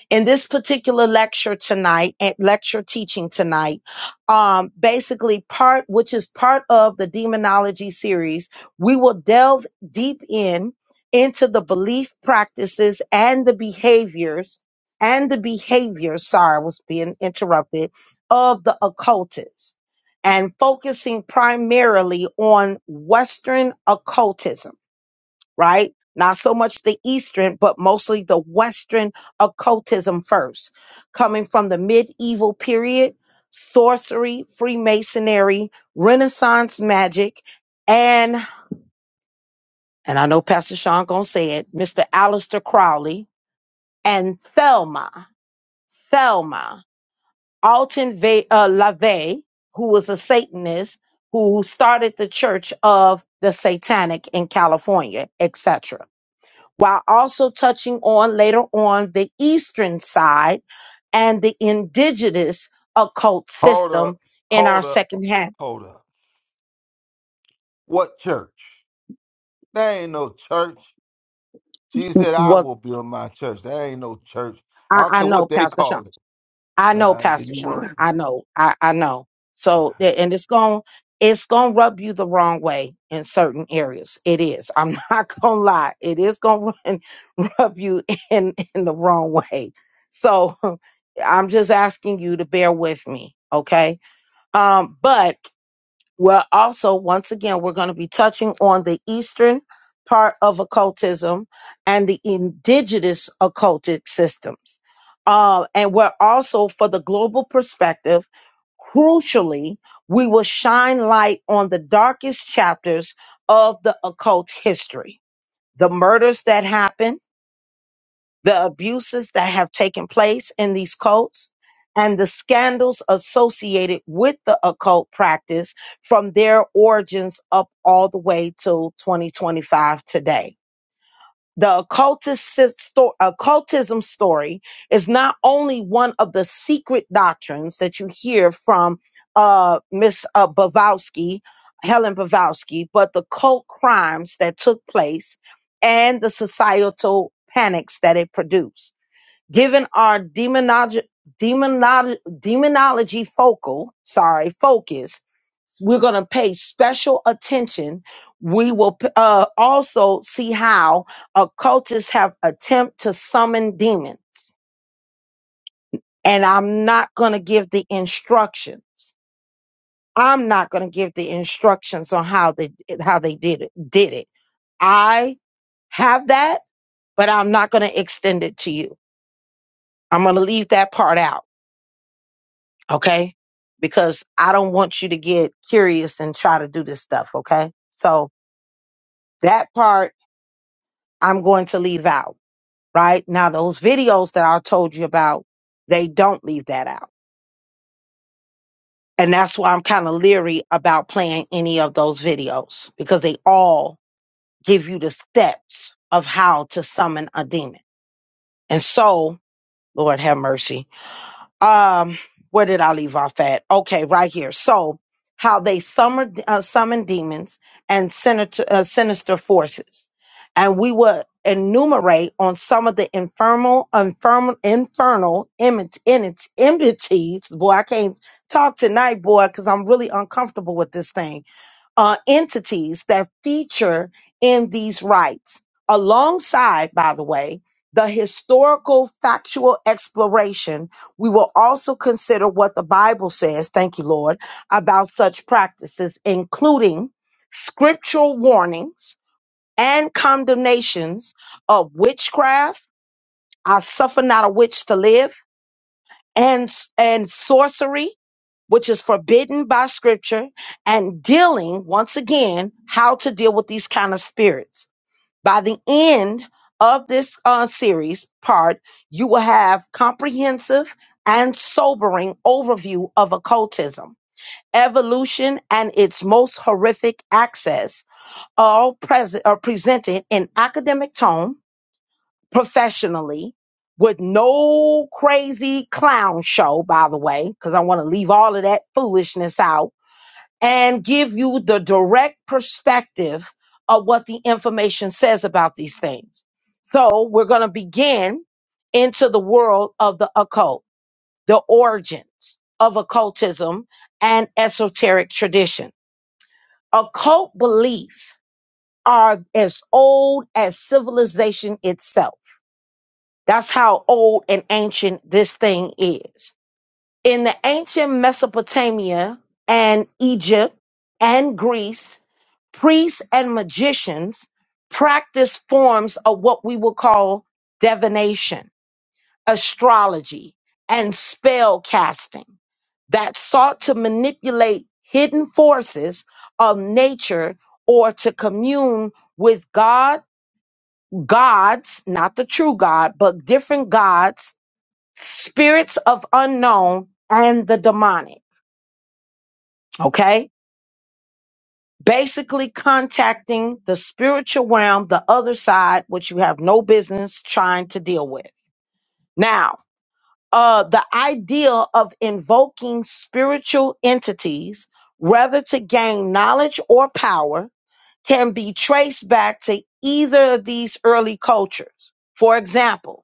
in this particular lecture tonight, eh, lecture teaching tonight, um, basically part, which is part of the demonology series, we will delve deep in into the belief practices and the behaviors and the behavior. Sorry, I was being interrupted of the occultists and focusing primarily on Western occultism right? Not so much the Eastern, but mostly the Western occultism first, coming from the medieval period, sorcery, Freemasonry, Renaissance magic, and and I know Pastor Sean gonna say it, Mr. Aleister Crowley and Thelma, Thelma Alton Ve- uh, LaVey, who was a Satanist who started the Church of the Satanic in California, etc while also touching on later on the Eastern side and the indigenous occult
Hold up,
system in our
hold up,
second half.
hold up. What church? There ain't no church. Jesus said, I
Well,
will build my church. There ain't no church. I
I,
don't
I
care
know,
what they
Pastor Sean.
call it.
I know,
Uh, I give
Pastor
you
Sean.
one.
I know. I, I know. So, a- and it's going, it's going to rub you the wrong way in certain areas. It is. I'm (laughs) not going to lie. It is going to (laughs) rub you in, in the wrong way. So (laughs) I'm just asking you to bear with me. Okay. Um, but Well, also, once again, we're going to be touching on the Eastern part of occultism and the indigenous occultic systems. Uh, and we're also, for the global perspective, crucially, we will shine light on the darkest chapters of the occult history, the murders that happened the abuses that have taken place in these cults and the scandals associated with the occult practice from their origins up all the way till 2025 today. The occultist sto- occultism story is not only one of the secret doctrines that you hear from uh, Miss uh, Bavowski, Helen Bavowski, but the cult crimes that took place and the societal panics that it produced. Given our demonology, demonology, demonology focal, sorry, focus, we're going to pay special attention. We will uh, also see how occultists have attempt to summon demon. And I'm not going to give the instructions. I'm not going to give the instructions on how they how they did it. Did it? I have that, but I'm not going to extend it to you. I'm going to leave that part out. okay? Because I don't want you to get curious and try to do this stuff, okay? So that part I'm going to leave out, right? Now, those videos that I told you about, they don't leave that out. And that's why I'm kind of leery about playing any of those videos because they all give you the steps of how to summon a demon. And so, Lord have mercy um where did i leave off at okay right here so how they summer, uh, summon demons and sinister, uh, sinister forces and we will enumerate on some of the infernal infernal infernal image entities boy i can't talk tonight boy because i'm really uncomfortable with this thing uh, entities that feature in these rites, alongside, by the way, the historical factual exploration, we will also consider what the Bible says, thank you, Lord, about such practices, including scriptural warnings and condemnations of witchcraft. I suffer not a witch to live and and sorcery which is forbidden by scripture and dealing once again how to deal with these kind of spirits by the end of this uh, series part you will have comprehensive and sobering overview of occultism evolution and its most horrific access all present are presented in academic tone professionally with no crazy clown show, by the way, because I want to leave all of that foolishness out and give you the direct perspective of what the information says about these things. So we're going to begin into the world of the occult, the origins of occultism and esoteric tradition. Occult belief are as old as civilization itself that's how old and ancient this thing is. In the ancient Mesopotamia and Egypt and Greece, priests and magicians practiced forms of what we would call divination, astrology, and spell casting that sought to manipulate hidden forces of nature or to commune with God, gods, not the true God, but different gods spirits of unknown and the demonic. Okay. Basically contacting the spiritual realm, the other side, which you have no business trying to deal with. Now, uh, the idea of invoking spiritual entities, whether to gain knowledge or power, can be traced back to either of these early cultures. For example,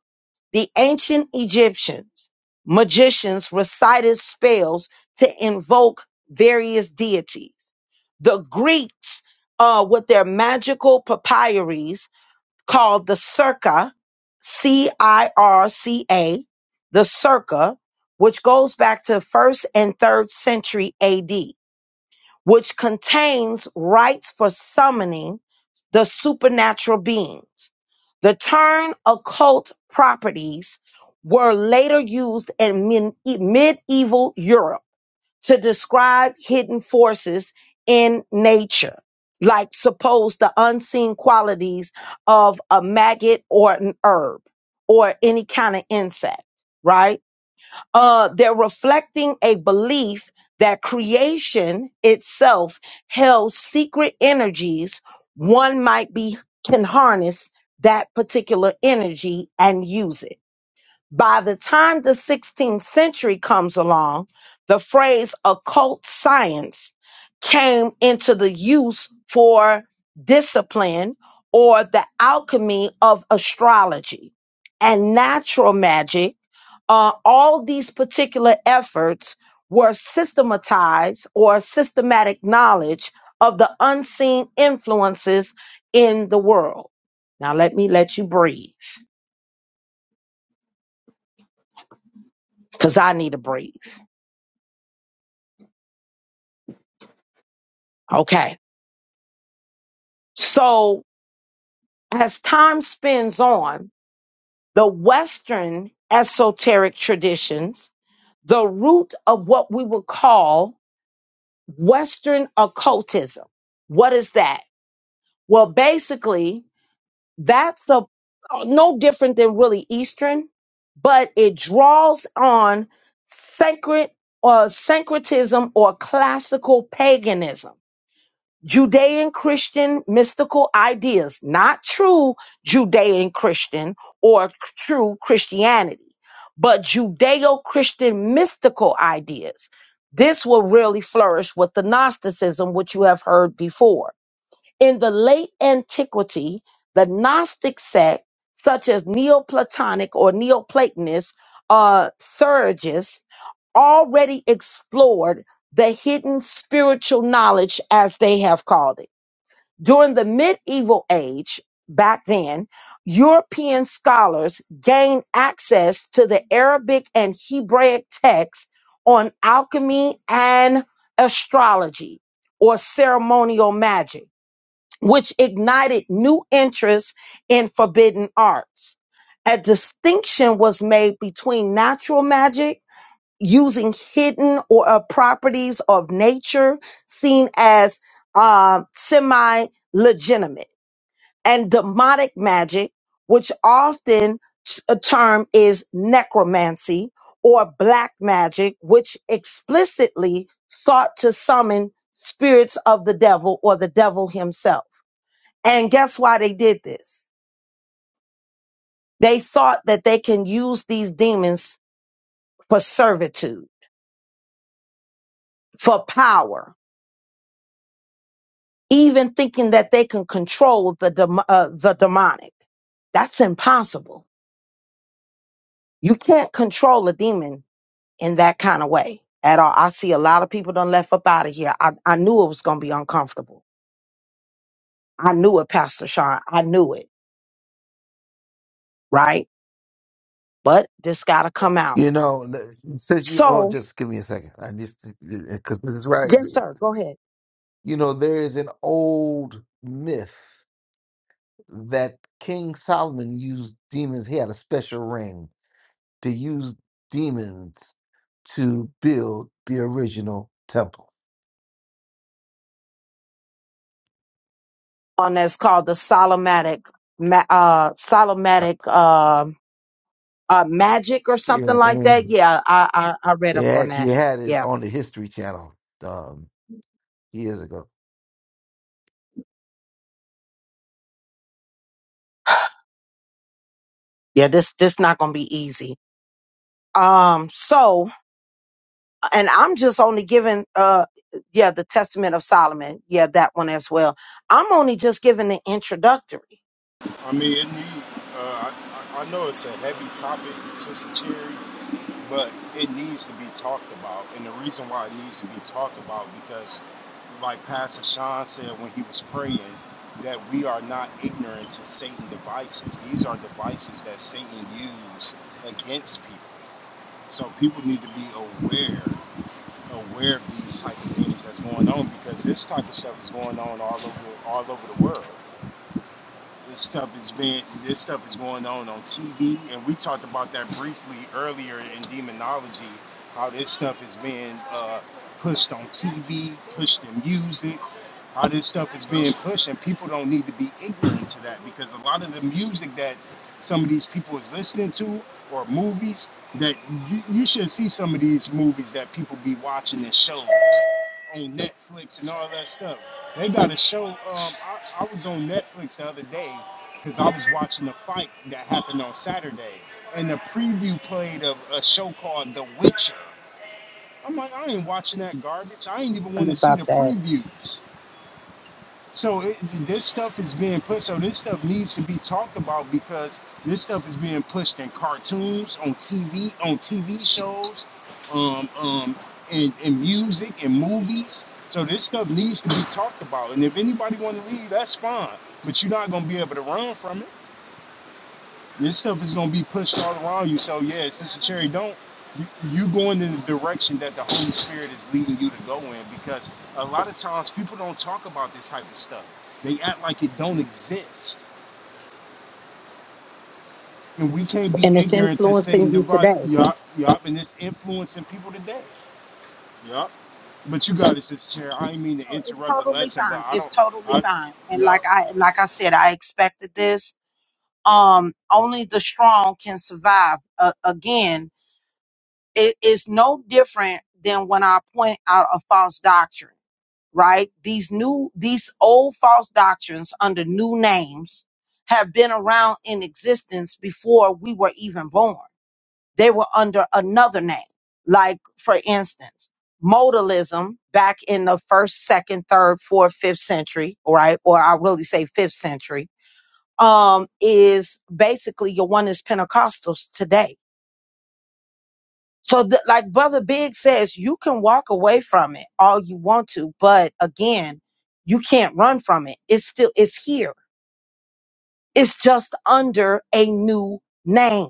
the ancient Egyptians, magicians recited spells to invoke various deities. The Greeks, uh, with their magical papyries called the circa, C I R C A, the circa, which goes back to first and third century AD which contains rites for summoning the supernatural beings. The term occult properties were later used in men- medieval Europe to describe hidden forces in nature, like suppose the unseen qualities of a maggot or an herb or any kind of insect, right? Uh, they're reflecting a belief that creation itself held secret energies one might be can harness that particular energy and use it by the time the 16th century comes along, the phrase occult science came into the use for discipline or the alchemy of astrology and natural magic. Uh, all these particular efforts were systematized or systematic knowledge of the unseen influences in the world. Now, let me let you breathe because I need to breathe. Okay. So, as time spins on, the Western esoteric traditions, the root of what we would call Western occultism. What is that? Well, basically, that's a no different than really Eastern, but it draws on sacred or syncretism or classical paganism. Judean Christian mystical ideas, not true Judean Christian or true Christianity, but Judeo Christian mystical ideas. This will really flourish with the Gnosticism, which you have heard before in the late antiquity, the Gnostic sect, such as Neoplatonic or Neoplatonist uh, Sergius, already explored the hidden spiritual knowledge, as they have called it. During the medieval age, back then, European scholars gained access to the Arabic and Hebraic texts on alchemy and astrology or ceremonial magic which ignited new interest in forbidden arts. A distinction was made between natural magic, using hidden or uh, properties of nature seen as uh, semi legitimate, and demonic magic, which often a term is necromancy or black magic, which explicitly sought to summon spirits of the devil or the devil himself and guess why they did this? They thought that they can use these demons for servitude, for power, even thinking that they can control the dem- uh, the demonic. That's impossible. You can't control a demon in that kind of way at all. I see a lot of people done left up out of here. I, I knew it was going to be uncomfortable. I knew it, Pastor Sean. I knew it, right? But this got to come out.
You know, l- since you oh,
So,
just give me a second. I just because this is right.
yes, sir. Go ahead.
You know, there is an old myth that King Solomon used demons. He had a special ring to use demons to build the original temple.
on that's called the Solomatic, ma- uh,
Uh,
Solomatic uh, uh, Magic or something
Yeah,
like that.
and
Yeah, I, I I read
it
up on
actually
that.
had it
Yeah,
on the History Channel um, years ago.
yeah. This this not gonna be easy. Um. So, and I'm just only giving uh, yeah, the Testament of Solomon. Yeah, that one as well. I'm only just giving the introductory.
I mean, it need, uh, I, I know it's a heavy topic, Sister Cherry, but it needs to be talked about. And the reason why it needs to be talked about because, like Pastor Sean said when he was praying, that we are not ignorant to Satan devices. These are devices that Satan used against people. So people need to be aware, aware of these type of things that's going on because this type of stuff is going on all over, all over the world this stuff is being this stuff is going on on TV, and we talked about that briefly earlier in demonology, how this stuff is being uh, pushed on TV, pushed in music, how this stuff is being pushed, and people don't need to be ignorant to that because a lot of the music that some of these people is listening to or movies that you, you should see some of these movies that people be watching and shows on Netflix and all that stuff. They got a show. Um, I, I was on Netflix the other day because I was watching a fight that happened on Saturday, and the preview played of a show called The Witcher. I'm like, I ain't watching that garbage. I ain't even want
Heard
to see
about
the
that,
previews so it, this stuff is being pushed. So this stuff needs to be talked about because this stuff is being pushed in cartoons, on TV, on TV shows, um, um, and, and music and movies. So this stuff needs to be talked about. And if anybody want to leave, that's fine. But you're not gonna be able to run from it. This stuff is gonna be pushed all around you. So yeah, Sister Cherry, don't you, you going in the direction that the Holy Spirit is leading you to go in because a lot of times people don't talk about this type of stuff. They act like it don't exist. And we can't be
and it's
ignorant to
influencing
Satan
you
divide
today.
yup, yup, and it's influencing people today. Yup. But you got it, Sister Cherry. I didn't mean to
Oh, it's
interrupt the
totally
lesson, but
fine.
I
It's
don't
totally
I
fine. And like
yup.
I like I said, I expected this um, only the strong can survive. Uh, again, it is no different than when I point out a false doctrine, right? These new, these old false doctrines under new names have been around in existence before we were even born. They were under another name. Like, for instance, modalism back in the first, second, third, fourth, fifth century, right? Or I really say fifth century um, is basically your one is Pentecostals today. So, th- like Brother Big says, you can walk away from it all you want to, but again, you can't run from it. It's still it's here. It's just under a new name.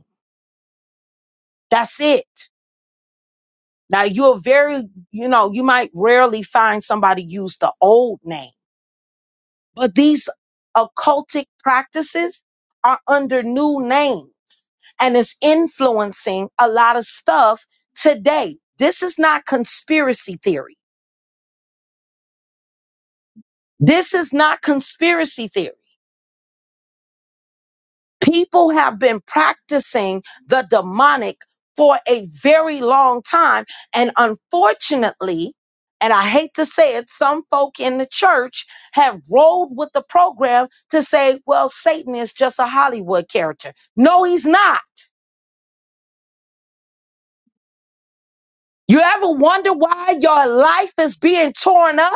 That's it. Now you're very, you know, you might rarely find somebody use the old name, but these occultic practices are under new names. and is influencing a lot of stuff today. This is not conspiracy theory. This is not conspiracy theory. People have been practicing the demonic for a very long time. And unfortunately, and I hate to say it, some folk in the church have rolled with the program to say, well, Satan is just a Hollywood character. No, he's not. You ever wonder why your life is being torn up?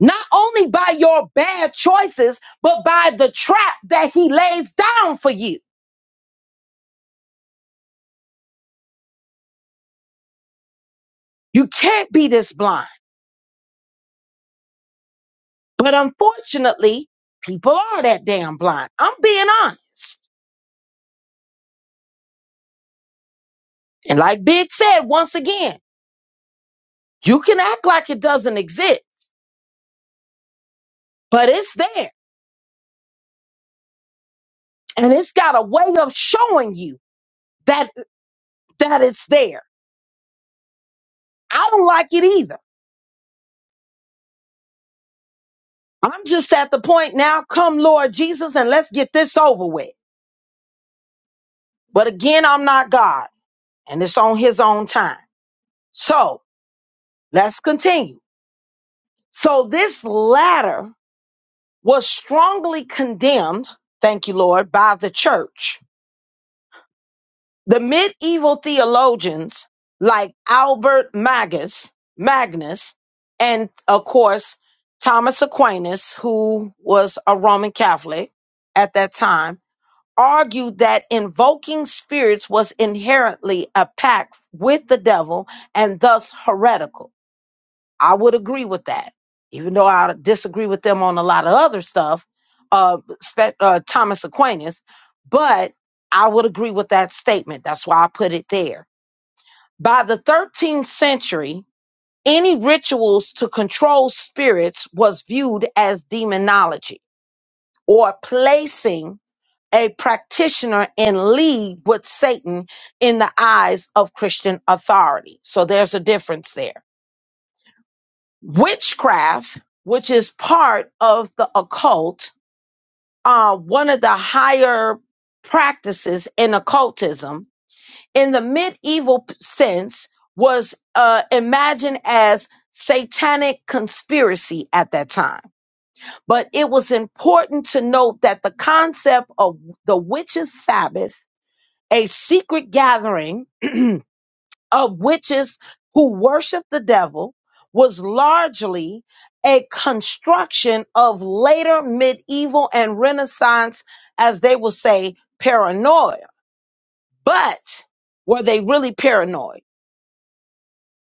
not only by your bad choices, but by the trap that he lays down for you. You can't be this blind. But unfortunately, people are that damn blind. I'm being honest. And like Big said once again, you can act like it doesn't exist, but it's there. And it's got a way of showing you that that it's there. I don't like it either. I'm just at the point now, come Lord Jesus, and let's get this over with. But again, I'm not God. and it's on his own time. So let's continue. So this latter was strongly condemned, thank you, Lord, by the church. The medieval theologians like Albert Magus, Magnus, and of course, Thomas Aquinas, who was a Roman Catholic at that time, argued that invoking spirits was inherently a pact with the devil and thus heretical I would agree with that, even though I disagree with them on a lot of other stuff, uh, spe- uh, Thomas Aquinas, but I would agree with that statement. That's why I put it there. By the 13th century, any rituals to control spirits was viewed as demonology or placing a practitioner in league with Satan in the eyes of Christian authority. So there's a difference there. witchcraft, which is part of the occult, uh, one of the higher practices in occultism, in the medieval p- sense, was uh, imagined as satanic conspiracy at that time. But it was important to note that the concept of the witches' Sabbath, a secret gathering, (clears throat) of witches who worship the devil was largely a construction of later medieval and renaissance, as they will say, paranoia. But were they really paranoid?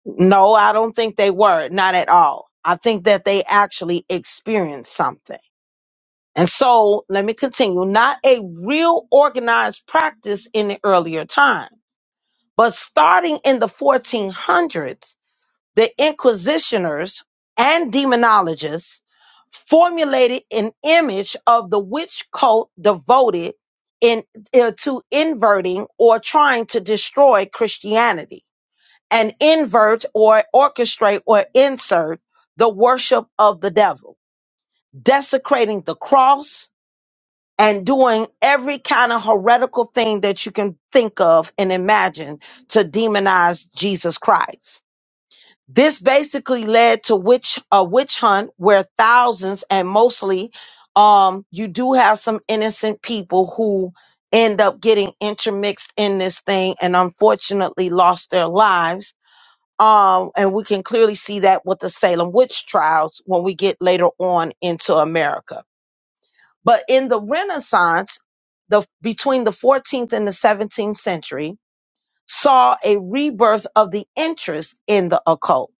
No, I don't think they were, not at all. I think that they actually experienced something. And so let me continue. Not a real organized practice in the earlier time, but starting in the 1400s, the inquisitioners and demonologists formulated an image of the witch cult devoted in, uh, to inverting or trying to destroy Christianity and invert or orchestrate or insert the worship of the devil, desecrating the cross and doing every kind of heretical thing that you can think of and imagine to demonize Jesus Christ this basically led to witch a witch hunt where thousands and mostly um you do have some innocent people who end up getting intermixed in this thing and unfortunately lost their lives. Um, and we can clearly see that with the Salem witch trials when we get later on into America. But in the Renaissance, the between the 14th and the 17th century, saw a rebirth of the interest in the occult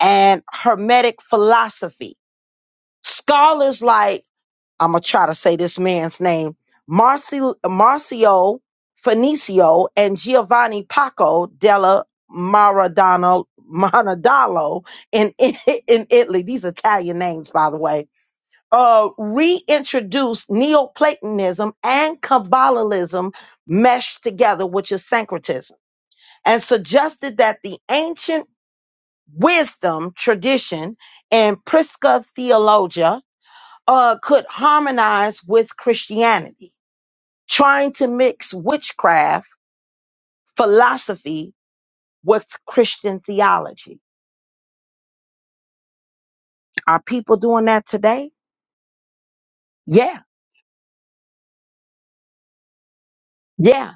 and Hermetic philosophy. Scholars like, I'm going to try to say this man's name, Marci Marcio Fenicio and Giovanni Paco della Maradona, Maradallo in, (laughs) in, in Italy. These Italian names, by the way. Uh, reintroduced Neoplatonism and Kabbalism meshed together, which is syncretism, and suggested that the ancient wisdom, tradition, and Prisca theologia uh, could harmonize with Christianity, trying to mix witchcraft philosophy with Christian theology. Are people doing that today? Yeah, yeah.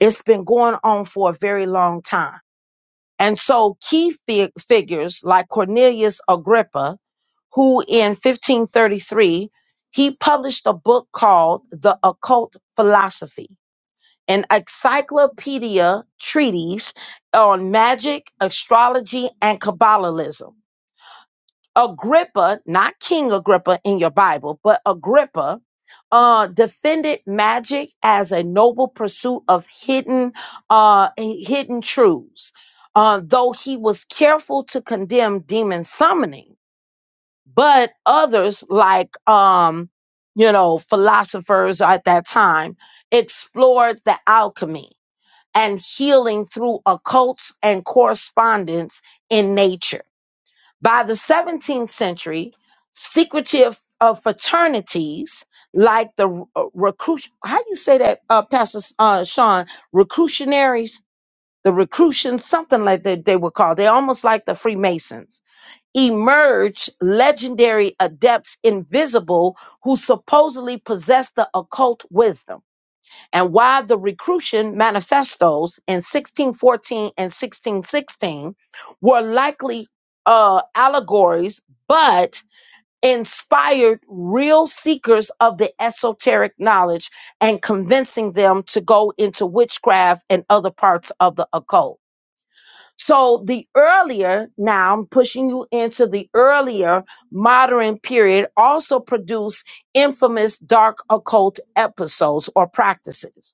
It's been going on for a very long time. And so key fi- figures like Cornelius Agrippa, who in 1533, he published a book called The Occult Philosophy an encyclopedia treatise on magic, astrology, and Kabbalism. Agrippa, not King Agrippa in your Bible, but Agrippa, uh, defended magic as a noble pursuit of hidden, uh, hidden truths. Uh, though he was careful to condemn demon summoning, but others like, um, you know, philosophers at that time explored the alchemy and healing through occults and correspondence in nature. By the 17th century, secretive uh, fraternities like the uh, recruit, how you say that, uh, Pastor uh, Sean, recrutionaries, the recrutions, something like that they were called. They're almost like the Freemasons. Emerge legendary adepts invisible who supposedly possess the occult wisdom and why the Recrucian manifestos in 1614 and 1616 were likely uh, allegories, but inspired real seekers of the esoteric knowledge and convincing them to go into witchcraft and other parts of the occult. So the earlier, now I'm pushing you into the earlier modern period, also produced infamous dark occult episodes or practices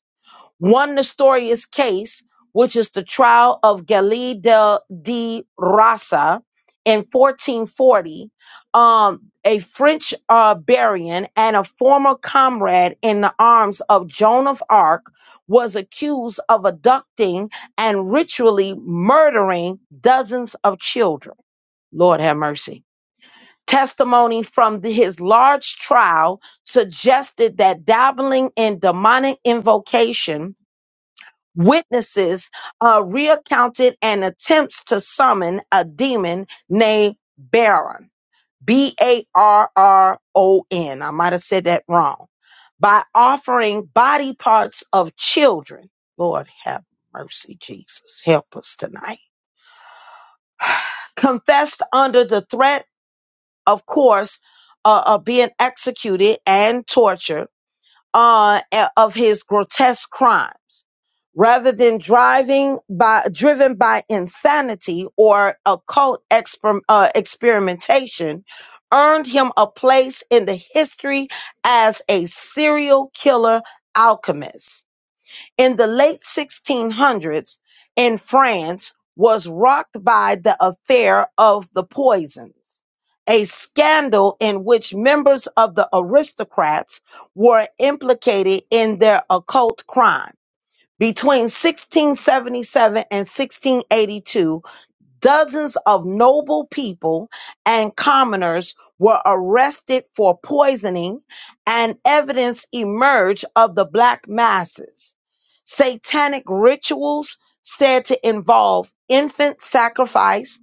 one Nestorius case, which is the trial of Galilei de, de Rasa in 1440, um, a French uh, Barian and a former comrade in the arms of Joan of Arc, was accused of abducting and ritually murdering dozens of children. Lord have mercy. Testimony from the- his large trial suggested that dabbling in demonic invocation witnesses uh, recounted an attempts to summon a demon named Baron, B A R R O N. I might have said that wrong. By offering body parts of children. Lord have mercy, Jesus. Help us tonight. Confessed under the threat, of course, uh, of being executed and tortured uh, of his grotesque crime rather than driving by driven by insanity or occult exper, uh, experimentation earned him a place in the history as a serial killer alchemist in the late 1600s in france was rocked by the affair of the poisons a scandal in which members of the aristocrats were implicated in their occult crimes between 1677 and 1682, dozens of noble people and commoners were arrested for poisoning, and evidence emerged of the black masses. Satanic rituals said to involve infant sacrifice,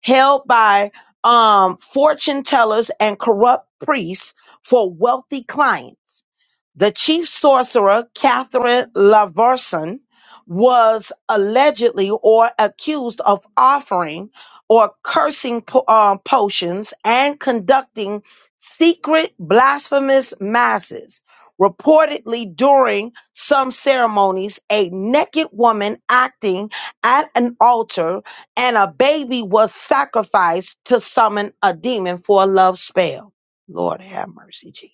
held by um, fortune tellers and corrupt priests for wealthy clients the chief sorcerer, Catherine Laverson, was allegedly or accused of offering or cursing po- uh, potions and conducting secret blasphemous masses. Reportedly, during some ceremonies, a naked woman acting at an altar and a baby was sacrificed to summon a demon for a love spell. Lord have mercy, Jesus.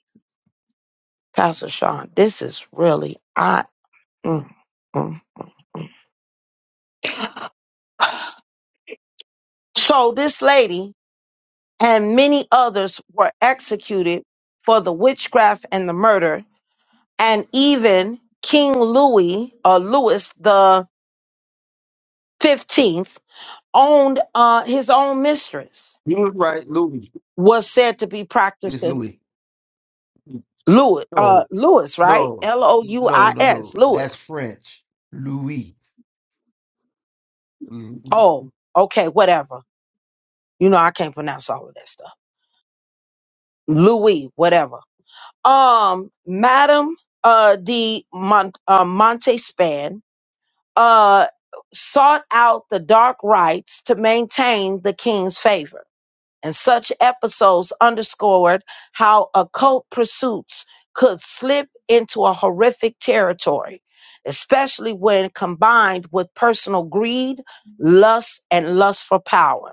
Pastor Sean, this is really I. mm, mm, mm. So this lady and many others were executed for the witchcraft and the murder, and even King Louis or Louis the Fifteenth owned uh, his own mistress.
You was right, Louis.
Was said to be
It's
practicing
Louis.
Louis, uh,
No,
Louis, right?
no,
L O U
no,
I
no,
S,
no. That's
Louis.
French, Louis. Lavesky,
Oh, okay, whatever. You know I can't pronounce all of that stuff. Louis, whatever um madam uh de Mont- uh, montespan uh sought out the dark rites to maintain the king's favor and such episodes underscored how occult pursuits could slip into a horrific territory especially when combined with personal greed lust and lust for power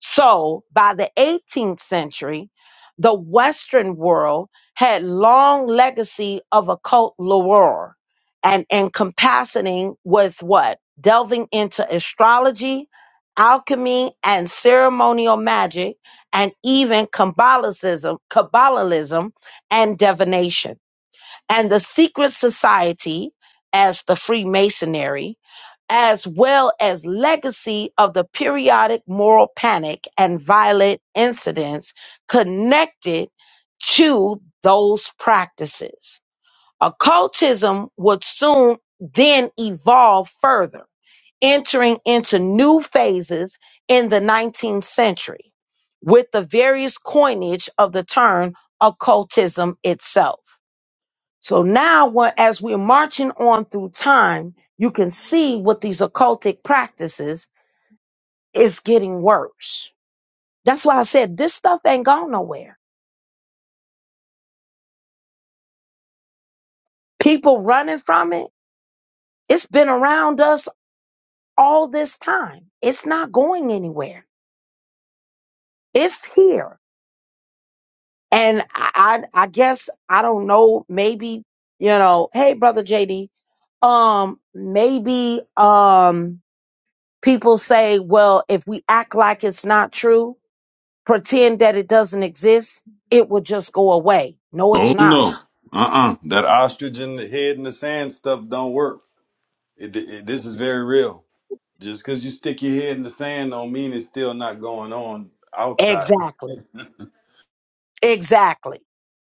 so by the 18th century, the Western world had long legacy of occult lore and encompassing with what? Delving into astrology, alchemy, and ceremonial magic, and even Kabbalism, Kabbalism and divination and the secret society as the Freemasonry, as well as legacy of the periodic moral panic and violent incidents connected to those practices. Occultism would soon then evolve further, entering into new phases in the 19th century with the various coinage of the term occultism itself. So now, we're- as we're marching on through time, you can see what these occultic practices is getting worse. That's why I said this stuff ain't gone nowhere. People running from it. It's been around us all this time. It's not going anywhere. It's here. And I, I I guess I don't know. Maybe you know. Hey, brother JD. Um, maybe um, people say, well, if we act like it's not true, pretend that it doesn't exist, it will just go away. No, it's
Oh no.
not.
Uh-uh, that ostrich in the head in the sand stuff don't work. It, it, this is very real. Just because you stick your head in the sand don't mean it's still not going on outside.
Exactly.
(laughs)
Exactly.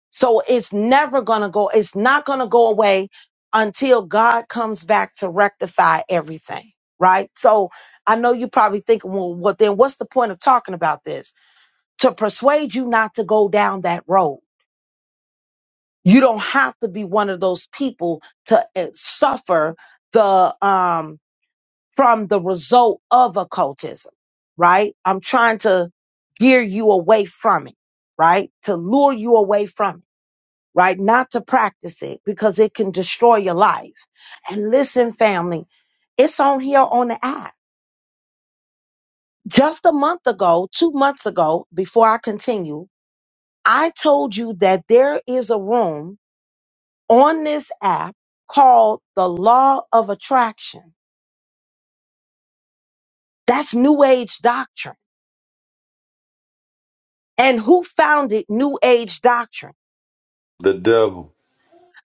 So it's never going to go, it's not going to go away until God comes back to rectify everything. Right. So I know you probably think, well, well, then what's the point of talking about this? To persuade you not to go down that road. You don't have to be one of those people to uh, suffer the, um, from the result of occultism, right? I'm trying to gear you away from it, right? To lure you away from it, right? Not to practice it because it can destroy your life. And listen, family, it's on here on the app. Just a month ago, two months ago, before I continue, I told you that there is a room on this app called the law of attraction. That's new age doctrine And who founded New Age doctrine?
The devil.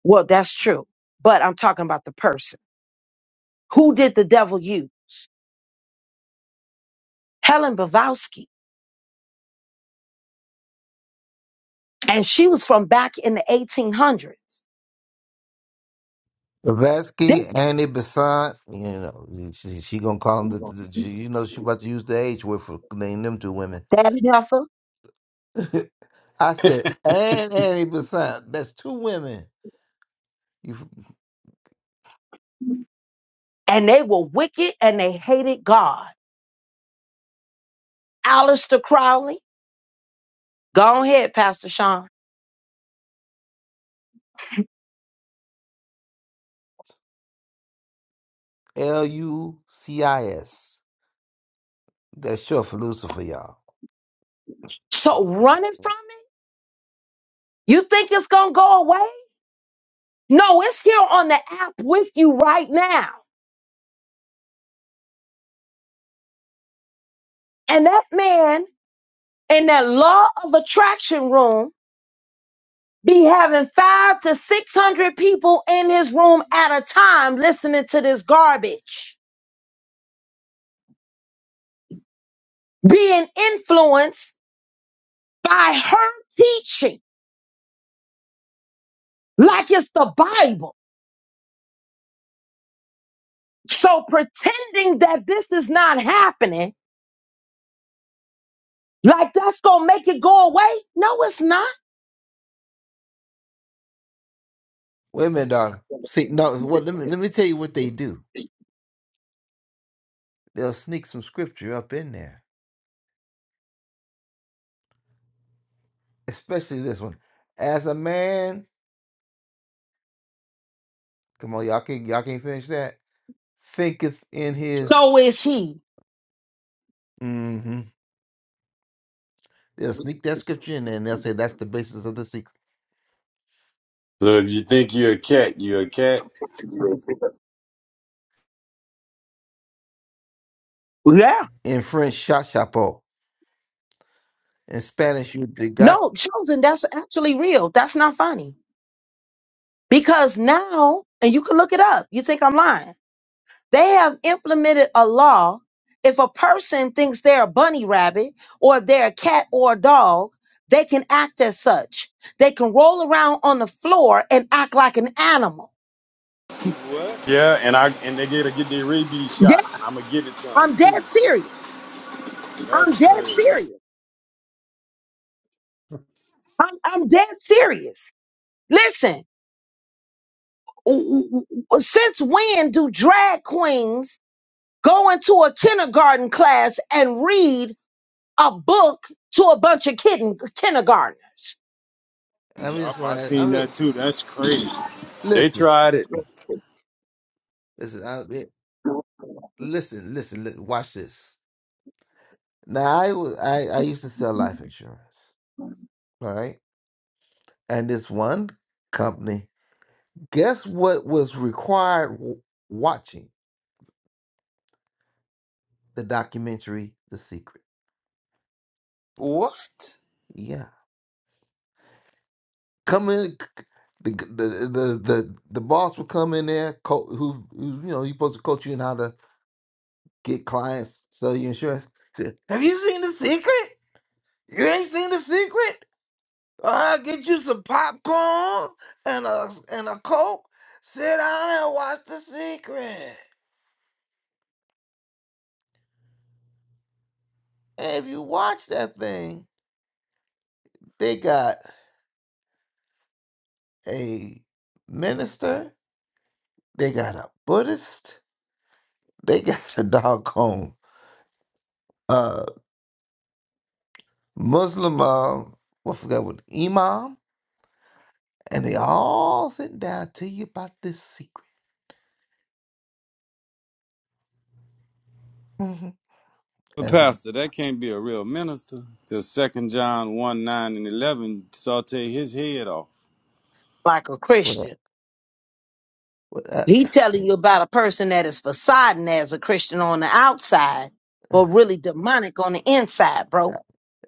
Well, that's true, but I'm talking about the person. Who did the devil use? Helen Bavowski. And she was from back in the 1800s. This
Annie Besant, you know, she, she gonna call him the, the she, you know, she about to use the H word for name them two women.
daddy heifer.
(laughs) I
So
said, and Annie Besant, that's two women. You
And they were wicked and they hated God. Aleister Crowley. Go ahead, Pastor Sean.
L U C I S. That's short for Lucifer, y'all.
So running from it? You think it's going to go away? No, it's here on the app with you right now. And that man in that law of attraction room be having five to 600 people in his room at a time listening to this garbage, being influenced by her teaching like it's the Bible. So pretending that this is not happening, like that's going to make it go away. No, it's not.
Wait a minute, darling. See, no, well, let me let me tell you what they do. They'll sneak some scripture up in there, especially this one. As a man, come on, y'all can not y'all can't finish that. Thinketh in his.
So is he.
mm-hmm, They'll sneak that scripture in there and they'll say that's the basis of the secret.
if you think you're a cat, you're a cat.
In French, cha chapeau. In Spanish, you de got.
No, chosen, that's actually real. That's not funny because now, and you can look it up. You think I'm lying They have implemented a law. If a person thinks they're a bunny rabbit or they're a cat or a dog, they can act as such. They can roll around on the floor and act like an animal.
What?
Yeah, and I and they gotta get their rabies
Yeah,
shot, and I'm gonna give it to them
I'm
too.
dead serious. I'm
That's
dead
crazy.
serious. I'm, I'm dead serious. Listen, w- w- w- since when do drag queens go into a kindergarten class and read a book to a bunch of kitten, kindergartners?
I'm just
Yup,
going
I
to,
seen
I'm just,
that too. That's
li-
crazy.
They
listen,
tried it.
listen, I, it- listen, listen, li- watch this. Now, I, was, I, I used to sell life insurance, all right? And this one company, guess what was required w- watching the documentary, The Secret?
What?
Yeah. Come in, the the the the, the boss will come in there, co- who, who you know he's supposed to coach you in how to get clients, sell you insurance. Said, Have you seen the secret? You ain't seen the secret? I'll get you some popcorn and a and a coke. Sit down and watch the secret. And if you watch that thing, they got a minister, they got a Buddhist, they (laughs) got a doggone uh Muslim, um, I forgot what imam, and they all sit down tell you about this secret. hmm
But
As,
Pastor, that can't be a real minister. Cause Second John one nine and eleven saute his head off.
Like a
well,
Christian.
uh,
He telling you about a person that is fasading as a Christian on the outside, but really demonic on the inside, bro.
uh,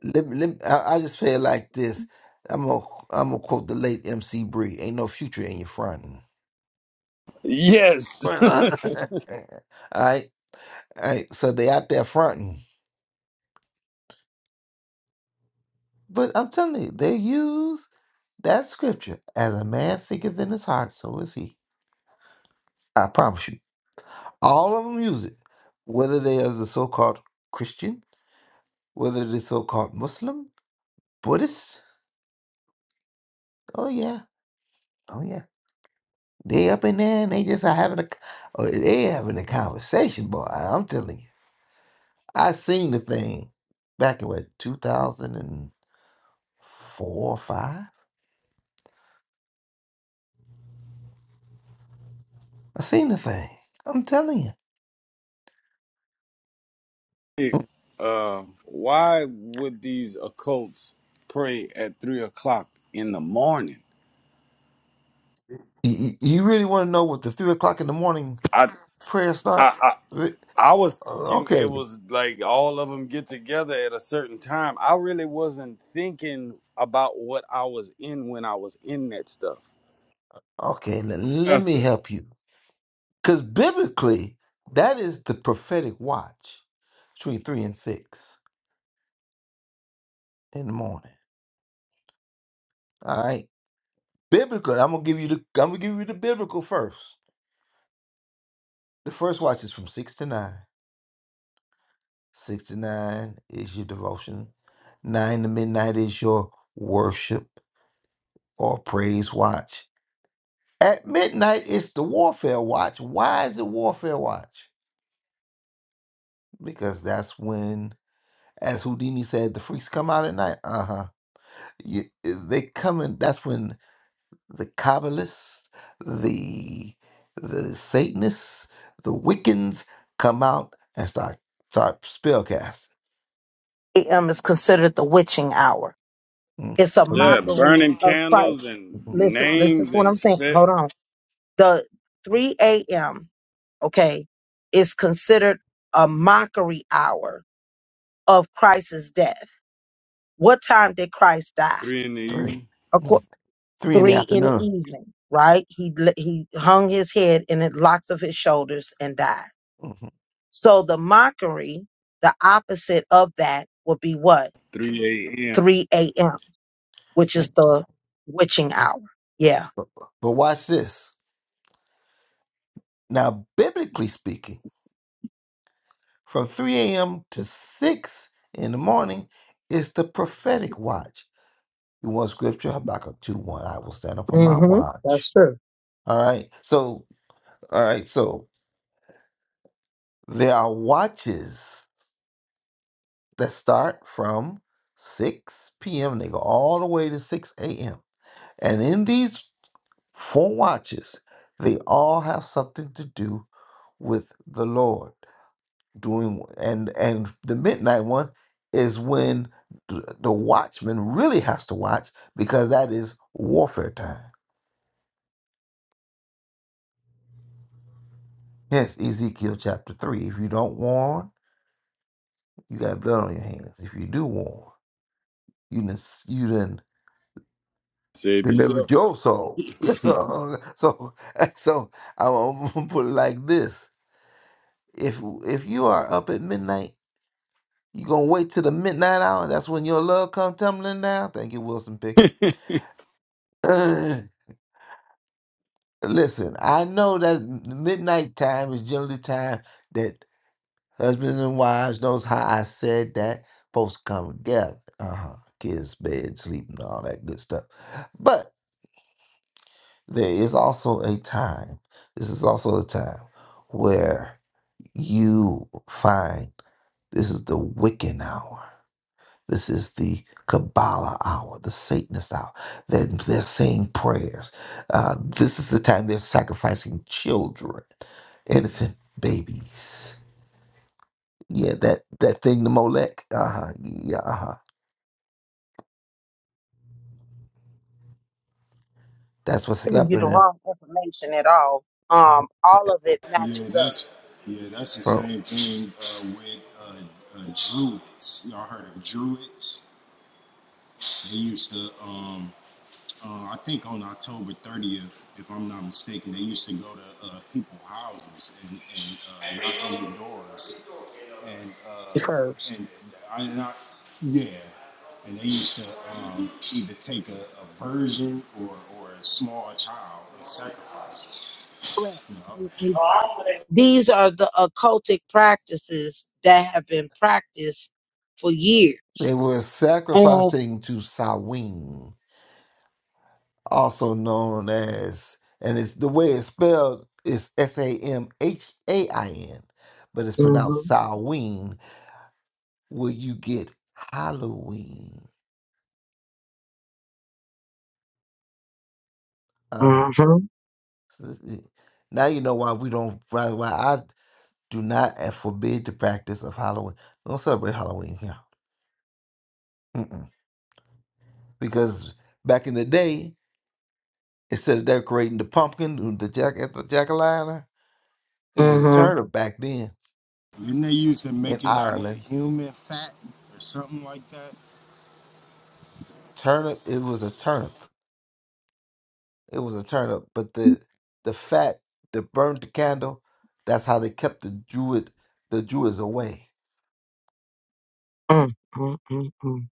let, me- let, me- I, I just say it like this. I'm gonna I'm gonna quote the late MC Bree. Ain't no future in your fronting. (laughs)
Yes.
All right, all right. So they out there fronting, but I'm telling you, they use that scripture as a man thinketh in his heart, so is he. I promise you. All of them use it, whether they are the so-called Christian whether it is so called Muslim, Buddhist. Oh yeah, oh yeah. They up in there and they just are having a, oh, they having a conversation, boy. I'm telling you, I seen the thing back in what 2004 or five. I seen the thing. I'm telling you,
(laughs) uh, why would these occults pray at three o'clock in the morning?
you, you really want to know what the three o'clock in the morning
I
prayer start?
I.
Re-
I was thinking it
Okay,
was like all of them get together at a certain time. I really wasn't thinking about what I was in when I was in that stuff.
okay. let let me
Pastor.
help you, because biblically, that is the prophetic watch between three and six. in the morning. All right. Biblical. I'm gonna give you the I'm gonna give you the biblical first. The first watch is from six to nine. Six to nine is your devotion. Nine to midnight is your worship or praise watch. At midnight it's the warfare watch. Why is it warfare watch? Because that's when, as Houdini said, the freaks come out at night. Uh huh. They coming. That's when the Kabbalists, the the Satanists, the Wiccans come out and start start spell casting.
AM is considered the witching hour.
Mm.
It's a
From
Yeah,
mockery
burning
of Christ.
candles and
Listen, listen to
names
what
and
I'm saying.
set
Hold on. The 3 a.m., okay, is considered a mockery hour of Christ's death. What time did Christ die?
three in the
Three,
evening,
you know, three in the
three in the
afternoon.
evening, right? He l- he hung his head and it locked of his shoulders and died.
Mhm.
So the mockery, the opposite of that would be what?
three a.m.
3 a.m., which
Yeah.
is the witching hour. Yeah.
But watch this. Now, biblically speaking, from 3 a.m. to 6 in the morning is the prophetic watch. You want scripture? Habakkuk 2 1. I will stand up on my
hmm That's
watch.
true.
All right. So, all right. So, there are watches that start from 6 p.m. They go all the way to 6 a.m. And in these four watches, they all have something to do with the Lord. Doing and and the midnight one is when th- the watchman really has to watch because that is warfare time. Hence Ezekiel chapter three. If you don't warn, you got blood on your hands. If you do warn, you done, you done
Save yourself.
delivered your soul. (laughs)
(laughs)
so, so, so (laughs) I'm gonna put it like this: if if you are up at midnight, you gonna wait till the midnight hour. That's when your love come tumbling down. Thank you, Wilson Pickett.
that
(clears throat) Uh, Listen, I know that midnight time is generally time that husbands and wives knows how I said that folks come together. Uh huh. Kids, bed, sleep, and all that good stuff. but. there is also a time. This is also a time where you find this is the Wiccan hour. This is the Kabbalah hour, the Satanist hour. They're, they're saying prayers. Uh, this is the time they're sacrificing children, innocent babies. Yeah, that, that thing, the Molech. Uh huh. Yeah, uh huh. That's what's
Giving you the
happening,
wrong information at all. Um, all of it
Yeah,
matches up.
that's yeah, that's the
bro.
same thing uh, with uh, uh, Druids. Y'all heard of Druids? They used to, um, uh, I think on October 30th, if I'm not mistaken, they used to go to uh, people's houses and, and uh, knock on the doors. And uh,
First.
and I, not yeah, and they used to um, either take a, a virgin or, or a small child and sacrifice
Correct.
it. You
Mm, mm.
know?
These are the occultic practices that have been practiced for years.
They were
And
sacrificing to Samhain. also known as, and it's the way it's spelled is S A M H A I N, but it's pronounced Samhain, where you get Halloween. Uh
Mhm.
huh. Now you know why we don't, why why I do not and forbid the practice of Halloween. Don't celebrate Halloween here. Mm-mm. Because back in the day, instead of decorating the pumpkin, and the jack at the jack o' lantern, it was a
hmm
turnip back then
Didn't they used to
in
make it out of
Ireland.
human fat or something like that?
Turnip, it was a turnip. it was a turnip, But the the fat that burned the candle, that's how they kept the Jewid the jews away.
Mm, mm, mm, mm.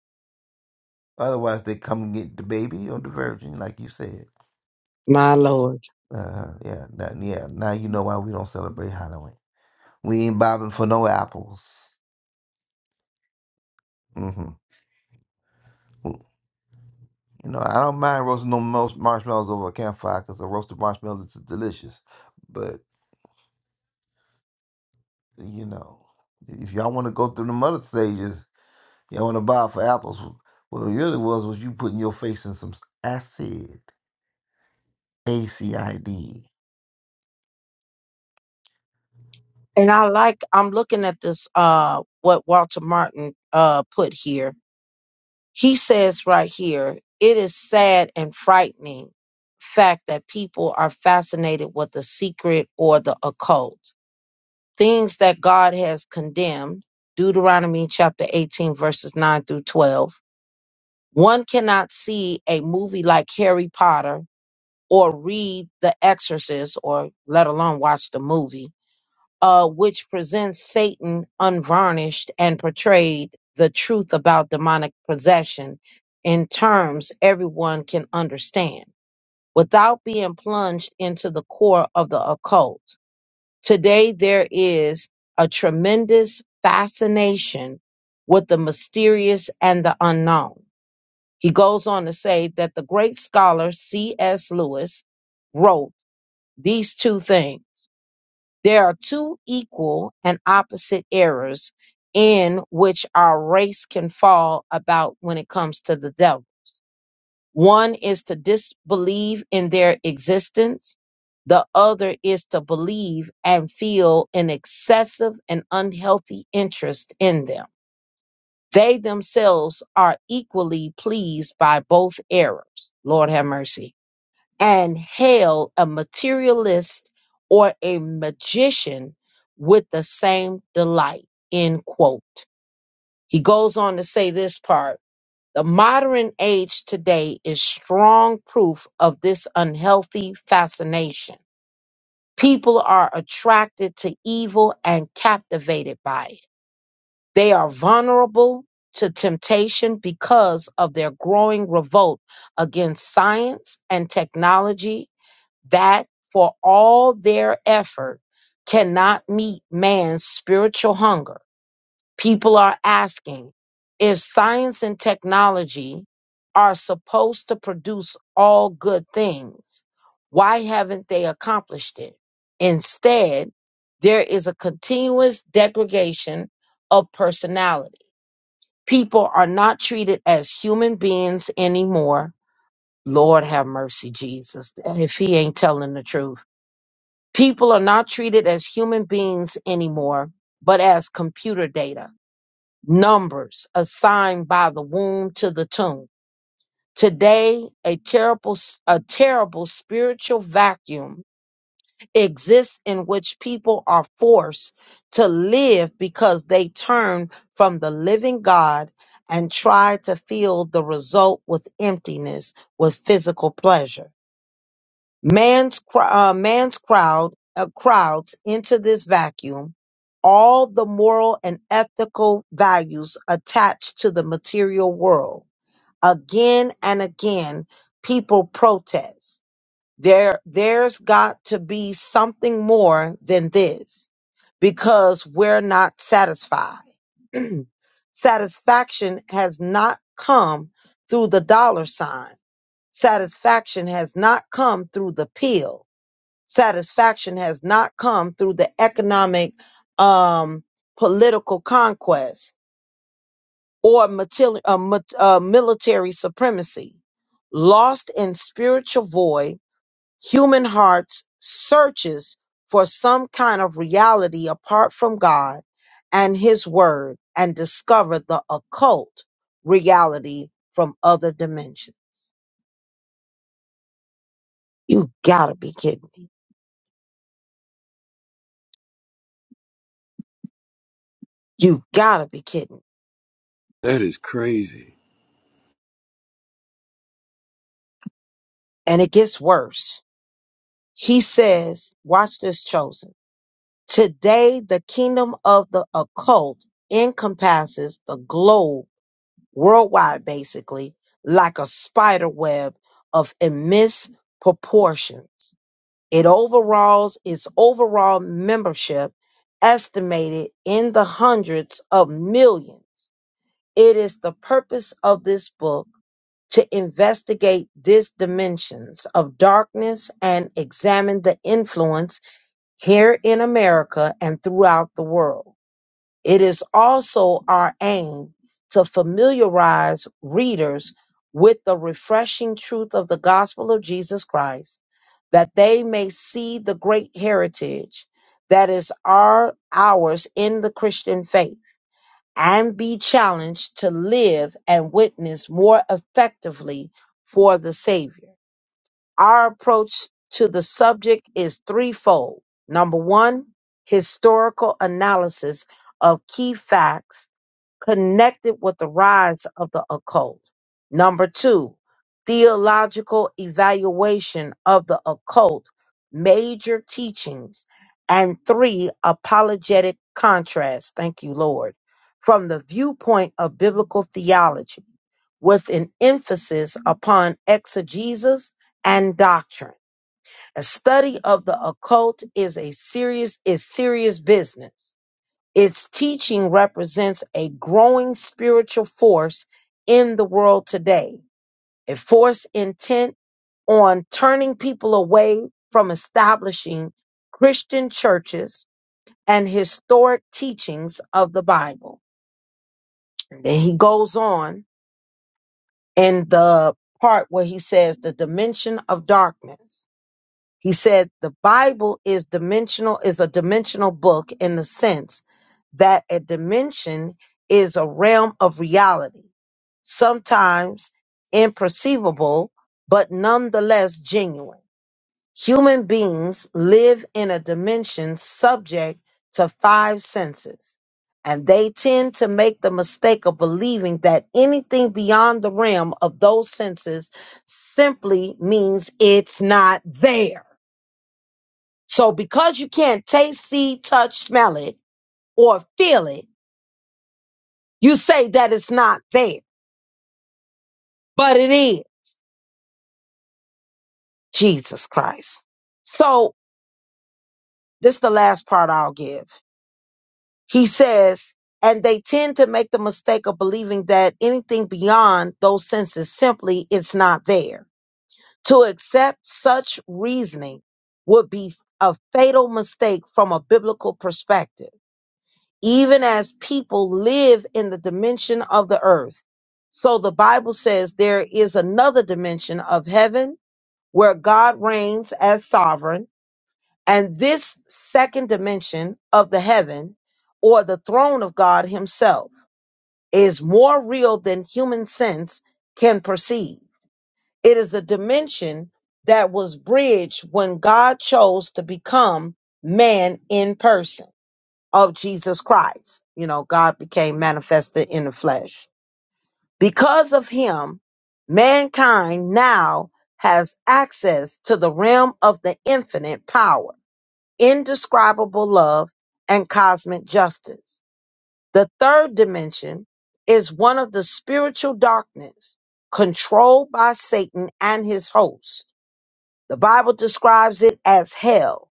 Otherwise, they come and get the baby or the virgin, like you said.
My Lord.
Uh, yeah, that, yeah. Now you know why we don't celebrate Halloween. We ain't bobbing for no apples. hmm You know, I don't mind roasting no most marshmallows over a campfire because a roasted marshmallow is delicious. But you know, if y'all want to go through the other stages, Y'all want to buy for apples. What it really was was you putting your face in some acid. ACID.
And I like, I'm looking at this, uh, what Walter Martin, uh, put here. He says right here, it is sad and frightening fact that people are fascinated with the secret or the occult. Things that God has condemned, Deuteronomy chapter 18, verses 9 through 12. One cannot see a movie like Harry Potter or read The Exorcist or let alone watch the movie, uh, which presents Satan unvarnished and portrayed the truth about demonic possession in terms everyone can understand without being plunged into the core of the occult. Today, there is a tremendous fascination with the mysterious and the unknown. He goes on to say that the great scholar C.S. Lewis wrote, these two things. There are two equal and opposite errors in which our race can fall about when it comes to the devil. One is to disbelieve in their existence. The other is to believe and feel an excessive and unhealthy interest in them. They themselves are equally pleased by both errors. Lord have mercy and hail a materialist or a magician with the same delight. End quote. He goes on to say this part. The modern age today is strong proof of this unhealthy fascination. People are attracted to evil and captivated by it. They are vulnerable to temptation because of their growing revolt against science and technology that for all their effort cannot meet man's spiritual hunger. People are asking if science and technology are supposed to produce all good things, why haven't they accomplished it? Instead, there is a continuous degradation of personality. People are not treated as human beings anymore. Lord have mercy, Jesus, if he ain't telling the truth People are not treated as human beings anymore, but as computer data, numbers assigned by the womb to the tomb. Today, a terrible, a terrible spiritual vacuum exists in which people are forced to live because they turn from the living God and try to fill the result with emptiness, with physical pleasure. Man's cr- uh, man's crowd uh, crowds into this vacuum all the moral and ethical values attached to the material world. Again and again, people protest. There, there's got to be something more than this because we're not satisfied. (clears throat) Satisfaction has not come through the dollar sign. Satisfaction has not come through the pill Satisfaction has not come through the economic, um, political conquest or material, uh, mat- uh, military supremacy. Lost in spiritual void, human hearts searches for some kind of reality apart from God and His Word, and discover the occult reality from other dimensions. You gotta be kidding me. You gotta be kidding.
is crazy.
And it gets worse He says, watch this chosen. Today, the kingdom of the occult encompasses the globe worldwide, basically, like a spider web of immense proportions. It overalls its overall membership, estimated in the hundreds of millions. It is the purpose of this book to investigate these dimensions of darkness and examine the influence here in America and throughout the world. It is also our aim to familiarize readers with the refreshing truth of the gospel of Jesus Christ, that they may see the great heritage that is our ours in the Christian faith and be challenged to live and witness more effectively for the Savior. Our approach to the subject is threefold. Number one, historical analysis of key facts connected with the rise of the occult. Number two, theological evaluation of the occult, major teachings. And three, apologetic contrast. Thank you, Lord. From the viewpoint of biblical theology, with an emphasis upon exegesis and doctrine. A study of the occult is a serious is serious business its teaching represents a growing spiritual force in the world today, a force intent on turning people away from establishing Christian churches and historic teachings of the Bible. And then he goes on in the part where he says the dimension of darkness. He said the Bible is dimensional, is a dimensional book in the sense that a dimension is a realm of reality, sometimes imperceivable, but nonetheless genuine. Human beings live in a dimension subject to five senses, and they tend to make the mistake of believing that anything beyond the realm of those senses simply means it's not there. So because you can't taste, see, touch, smell it, or feel it, you say that it's not there, but it is Jesus Christ. So this is the last part I'll give. He says, and they tend to make the mistake of believing that anything beyond those senses simply it's not there. To accept such reasoning would be a fatal mistake from a biblical perspective even as people live in the dimension of the earth. So the Bible says there is another dimension of heaven where God reigns as sovereign. And this second dimension of the heaven or the throne of God himself is more real than human sense can perceive. It is a dimension that was bridged when God chose to become man in person of Jesus Christ. You know, God became manifested in the flesh. Because of him, mankind now has access to the realm of the infinite power, indescribable love, and cosmic justice. The third dimension is one of the spiritual darkness controlled by Satan and his host. The Bible describes it as hell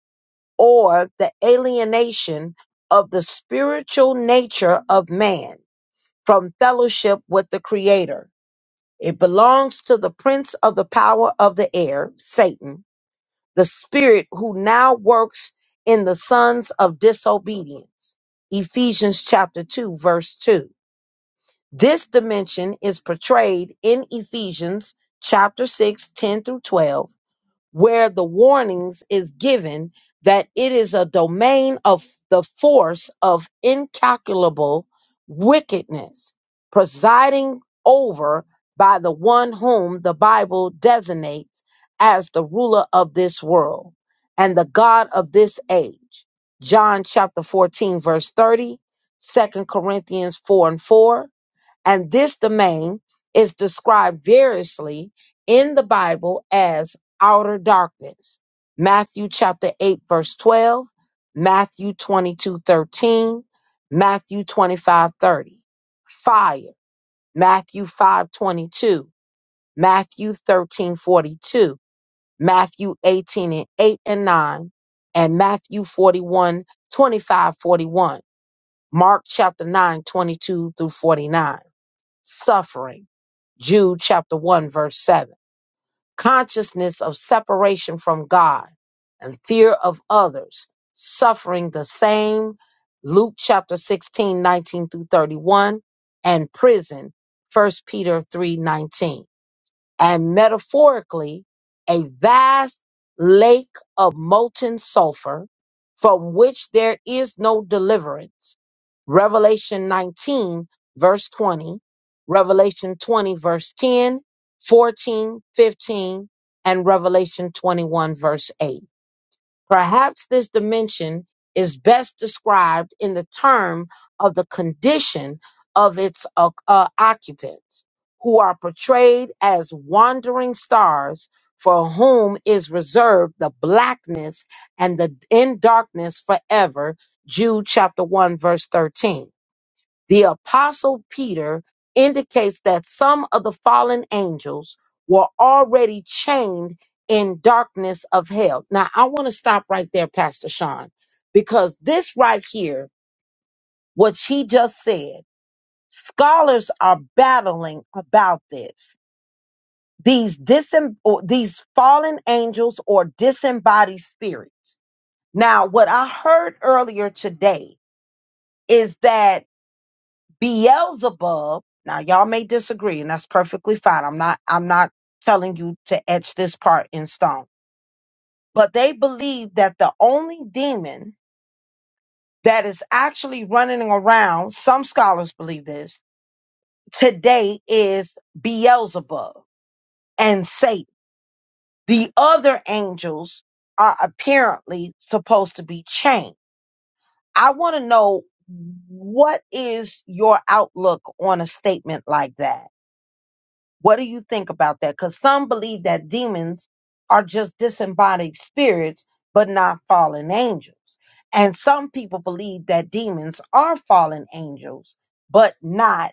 or the alienation of the spiritual nature of man from fellowship with the Creator. It belongs to the prince of the power of the air, Satan, the spirit who now works in the sons of disobedience. Ephesians chapter 2, verse 2. This dimension is portrayed in Ephesians chapter 6, 10 through 12 where the warnings is given that it is a domain of the force of incalculable wickedness presiding over by the one whom the Bible designates as the ruler of this world and the God of this age. John chapter 14 verse 30, 2 Corinthians 4 and 4, and this domain is described variously in the Bible as outer darkness. Matthew chapter 8, verse 12, Matthew 22:13, Matthew 25:30, Fire, Matthew 5:22, Matthew 13:42, Matthew 18 and 8 and 9, and Matthew 41, twenty-five, 41. Mark chapter 9:22 through 49 suffering. Jude chapter 1, verse 7. Consciousness of separation from God and fear of others, suffering the same. Luke chapter 16 19 through 31, and prison, First Peter 3 19 and metaphorically a vast lake of molten sulfur from which there is no deliverance. Revelation 19, verse 20, Revelation 20, verse 10, 14, 15, and Revelation 21, verse 8. Perhaps this dimension is best described in the term of the condition of its o- uh, occupants, who are portrayed as wandering stars for whom is reserved the blackness and the in darkness forever. Jude chapter 1, verse 13 the apostle Peter indicates that some of the fallen angels were already chained in darkness of hell. Now, I want to stop right there, Pastor Sean, because this right here, what he just said, scholars are battling about this. These disem- or these fallen angels or disembodied spirits. Now, what I heard earlier today is that Beelzebub, now y'all may disagree, and that's perfectly fine. I'm not I'm not telling you to etch this part in stone. But they believe that the only demon that is actually running around, some scholars believe this, today is Beelzebub and Satan. The other angels are apparently supposed to be chained. I want to know what is your outlook on a statement like that? What do you think about that? Because some believe that demons are just disembodied spirits, but not fallen angels. And some people believe that demons are fallen angels, but not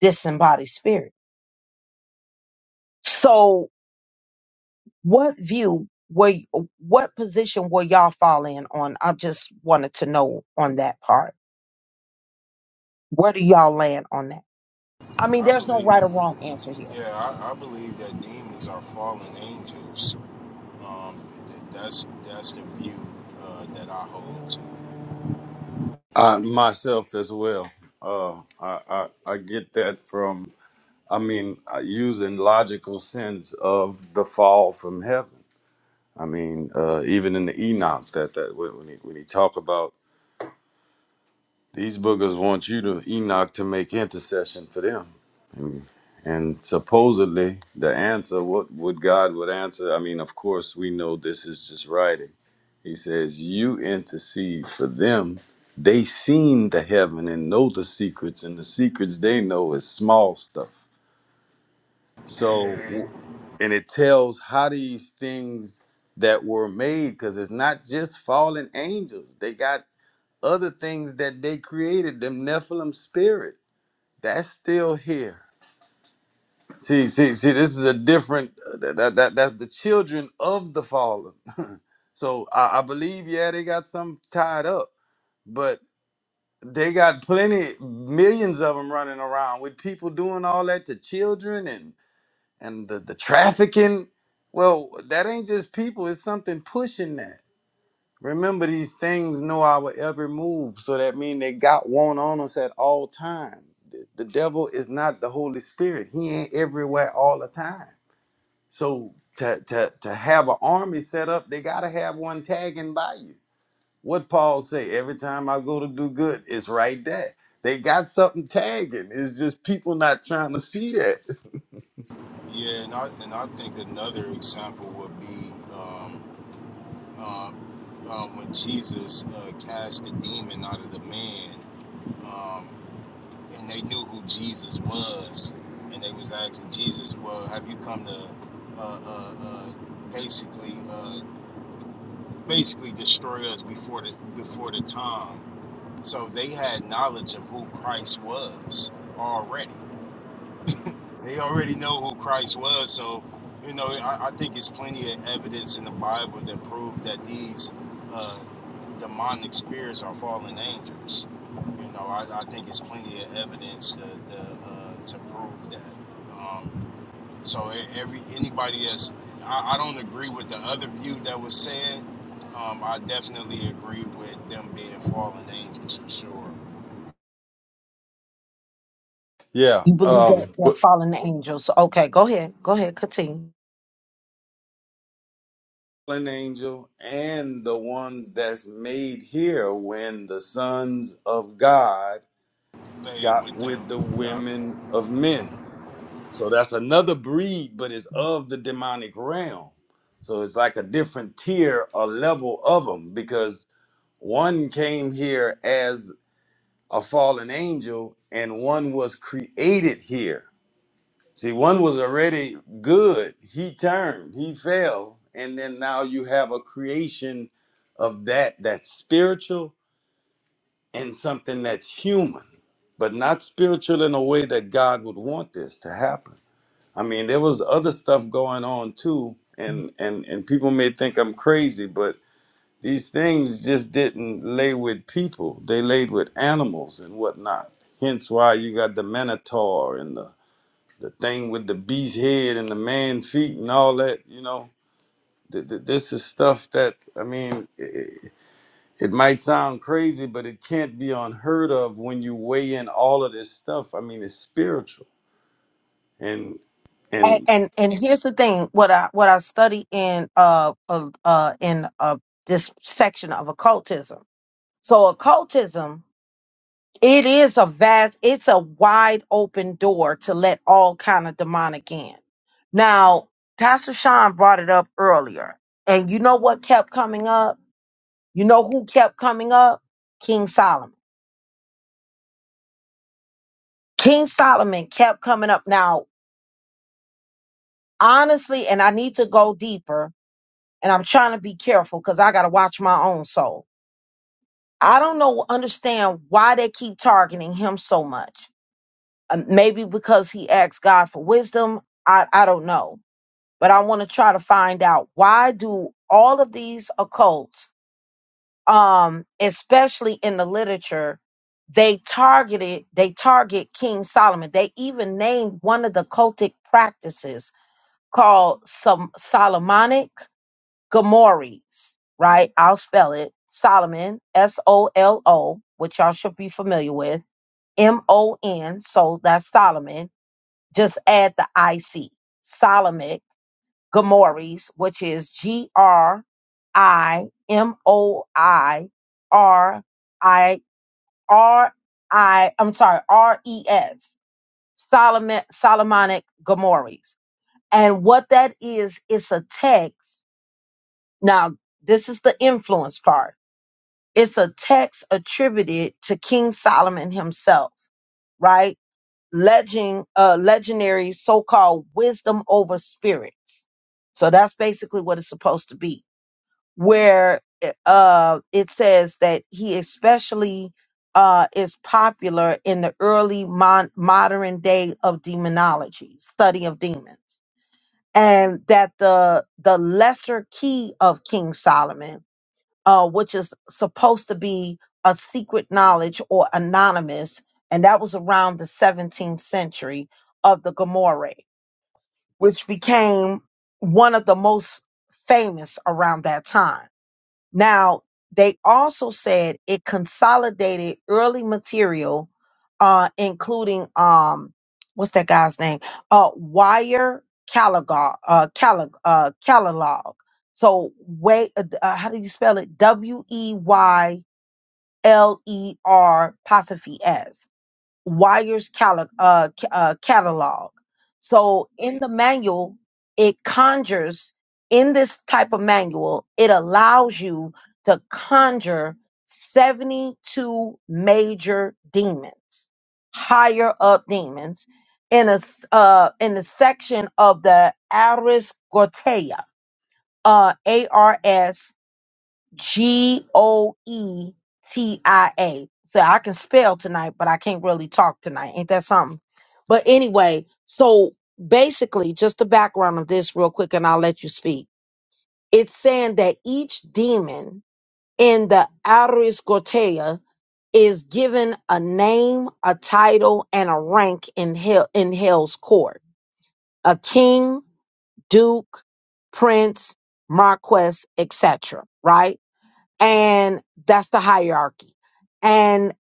disembodied spirits. So, what view were, y- what position will y'all fall in on? I just wanted to know on that part. Where do y'all land on that? I mean,
I
there's no
believe,
right or wrong answer here.
yeah, I, I believe that demons are fallen angels. Um, that's that's the view uh, that I hold to.
I myself as well. Uh, I, I I get that from. I mean, uh, using logical sense of the fall from heaven. I mean, uh, even in the Enoch, that that when when he, when he talk about these boogers want you to Enoch to make intercession for them, and, and supposedly the answer, what would God would answer? I mean, of course, we know this is just writing. He says, "You intercede for them. They seen the heaven and know the secrets, and the secrets they know is small stuff." So,
Yeah,
and it tells how these things that were made, because it's not just fallen angels. They got other things that they created, them Nephilim spirit. That's still here. See, see, see, this is a different, uh, that, that, that- that's the children of the fallen. (laughs) so I, I believe, yeah, they got some tied up, but they got plenty, millions of them running around with people doing all that to children and the, the trafficking well that ain't just people it's something pushing that remember these things know our every move so that mean they got one on us at all time the, the devil is not the holy spirit he ain't everywhere all the time so to, to, to have an army set up they gotta have one tagging by you what paul say every time i go to do good it's right there they got something tagging it's just people not trying to see that
yeah, and I and I think another example would be um, um, um, when Jesus uh, cast the demon out of the man. Um, and they knew who Jesus was, and they was asking Jesus, "Well, have you come to uh, uh, uh, basically uh, basically destroy us before the before the time?" So they had knowledge of who Christ was already. They already know who Christ was. So, you know, I, I think it's plenty of evidence in the Bible that prove that these. uh, demonic spirits are fallen angels. You know, I, I think it's plenty of evidence to to, uh, to prove that. Um, so e- every anybody that's I, I don't agree with the other view that was said. Um, I definitely agree with them being fallen angels for sure.
yeah
You believe that
um (laughs)
they're
wh-
fallen angels. Okay, go ahead. Go ahead. Continue.
fallen angel and the ones that's made here when the sons of God
They
got
with
with the
the, uh,
women of men. So that's another breed, but it's of the demonic realm. So it's like a different tier or level of them because one came here as a fallen angel and one was created here See, one was already good. He turned, he fell. And then now you have a creation of that that's spiritual and something that's human, but not spiritual in a way that God would want this to happen. I mean, there was other stuff going on too, and and and people may think I'm crazy, but these things just didn't lay with people. They laid with animals and whatnot. Hence why you got the Minotaur and the the thing with the beast head and the man feet and all that, you know, th- th- this is stuff that, I mean, it, it might sound crazy, but it can't be unheard of when you weigh in all of this stuff. I mean, it's spiritual and,
And
and
and, and here's the thing. What I what I study in uh uh, uh in uh this section of occultism. So occultism, it is a vast, it's a wide open door to let all kind of demonic in. Now, Pastor Sean brought it up earlier, and you know what kept coming up? You know who kept coming up? King Solomon. King Solomon kept coming up. Now, honestly, and I need to go deeper, and I'm trying to be careful because I got to watch my own soul. I don't know, understand why they keep targeting him so much. Uh, maybe because he asked God for wisdom. I, I don't know. But I want to try to find out why do all of these occults um, especially in the literature, they targeted they target King Solomon. They even named one of the cultic practices called some Solomonic Gomorrhes, right? I'll spell it Solomon, S O L O, which y'all should be familiar with, M O N. So that's Solomon. Just add the I C, Solomon Grimoires, which is G R I M O I R I R I, I'm sorry, R E S, Solomon, Solomonic Grimoires. And what that is, it's a text. Now, this is the influence part. It's a text attributed to King Solomon himself, right? Legend, uh, legendary so called wisdom over spirits. So that's basically what it's supposed to be where eh, uh, it says that he especially uh, is popular in the early mon- modern day of demonology, study of demons, and that the the lesser key of King Solomon, uh, which is supposed to be a secret knowledge or anonymous, and that was around the 17th century of the Gomorrah, which became one of the most famous around that time now, they also said it consolidated early material, uh, including um, what's that guy's name? Uh, Wire Caligog, uh, Calig, uh, Calilog. So, wait, uh, uh, how do you spell it? W E Y L E R apostrophe S. Wire's cali- uh, ca- uh, catalog. So in the manual, it conjures, in this type of manual, it allows you to conjure 72 major demons, higher up demons, in a s- uh, in the section of the Aris Gortea, uh, A R S G O E T I A. So I can spell tonight, but I can't really talk tonight. Ain't that something? But anyway, so basically, just the background of this, real quick, and I'll let you speak. It's saying that each demon in the Aris Gortea is given a name, a title, and a rank in hell in hell's court. A king, duke, prince, marquess, etc. Right? and that's the hierarchy and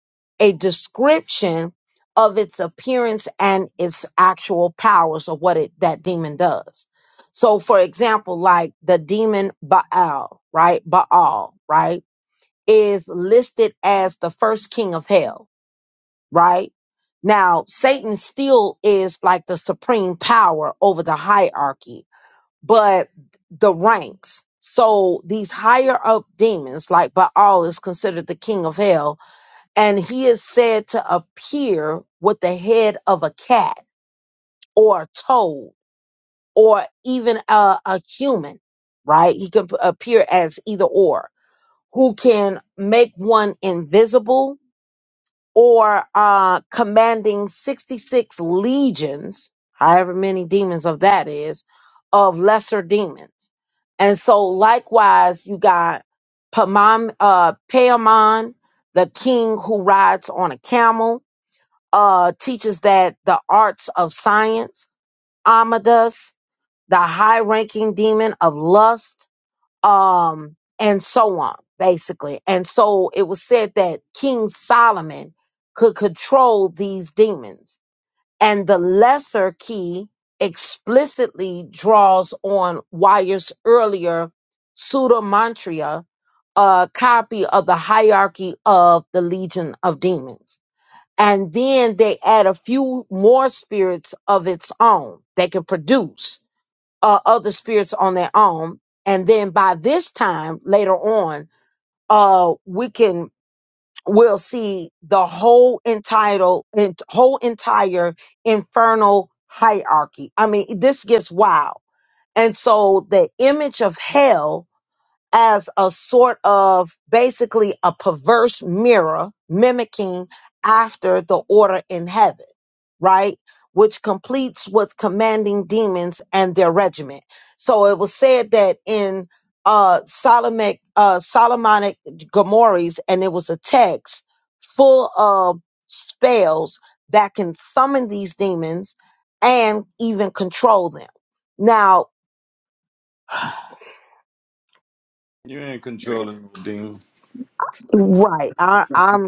a description of its appearance and its actual powers of what it that demon does so for example like the demon baal right baal right is listed as the first king of hell right now satan still is like the supreme power over the hierarchy but the ranks. So these higher up demons, like Baal, is considered the king of hell, and he is said to appear with the head of a cat or a toad or even a, a human, right? He can p- appear as either or, who can make one invisible or uh, commanding 66 legions, however many demons of that is, of lesser demons. And so, likewise, you got Pamam, uh, Paimon, the king who rides on a camel, uh, teaches that the arts of science, Amadas, the high ranking demon of lust, um, and so on, basically. And so it was said that King Solomon could control these demons. And the lesser key explicitly draws on Wyer's earlier pseudomantria, a copy of the hierarchy of the Legion of Demons. And then they add a few more spirits of its own they can produce uh, other spirits on their own. And then by this time later on, uh, we can we'll see the whole entitled and whole entire infernal hierarchy. I mean, this gets wild. And so the image of hell as a sort of basically a perverse mirror mimicking after the order in heaven, right? Which completes with commanding demons and their regiment. So it was said that in uh, Solomonic, uh, Solomonic Gomorrahs, and it was a text full of spells that can summon these demons and even control them. Now,
you ain't controlling no demon.
right, I, I'm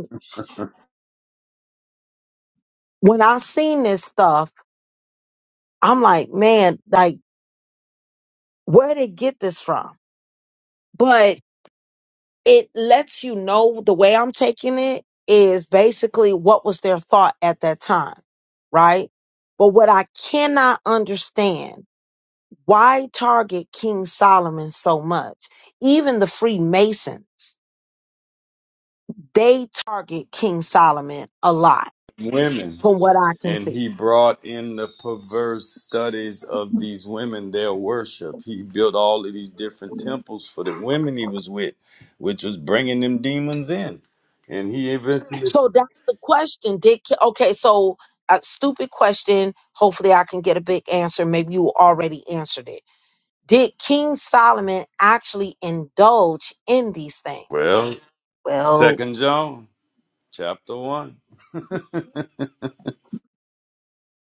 when I seen this stuff, I'm like, man, like where did get this from? But it lets you know the way I'm taking it is basically what was their thought at that time, right? But what I cannot understand, why target King Solomon so much? Even the Freemasons, they target King Solomon a lot,
women
from what I can
and
see.
he brought in the perverse studies of these women their worship he built all of these different temples for the women he was with which was bringing them demons in and he eventually
So that's the question. Did Ke- okay? So a stupid question. Hopefully, I can get a big answer. Maybe you already answered it. Did King Solomon actually indulge in these things?
well
Well,
second john chapter 1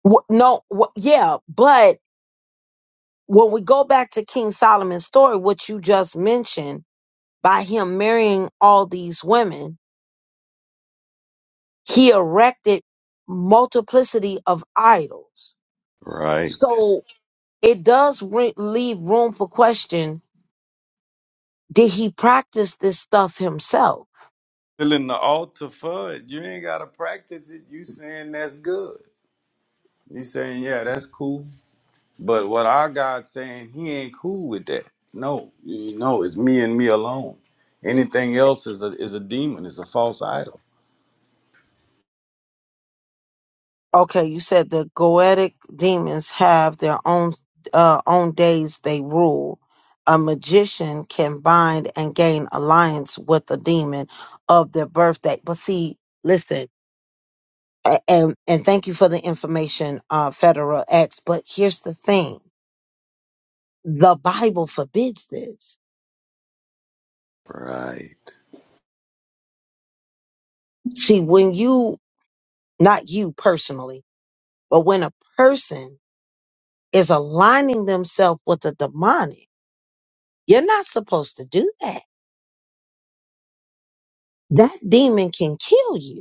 wh- no. wh- yeah, but when we go back to King Solomon's story, what you just mentioned, by him marrying all these women, he erected multiplicity of idols.
right
So it does re- leave room for question Did he practice this stuff himself?
filling the altar for it you ain't gotta practice it you saying that's good you saying yeah that's cool But what our God saying, He ain't cool with that. No, you know, it's me and me alone. Anything else is a is a demon. It's a false idol.
Okay, you said the goetic demons have their own uh, own days they rule. A magician can bind and gain alliance with a demon of their birthday. But see, listen. A- and and thank you for the information, uh, Federal X. But here's the thing: the Bible forbids this.
Right.
See, when you, not you personally, but when a person is aligning themselves with the demonic, you're not supposed to do that. That demon can kill you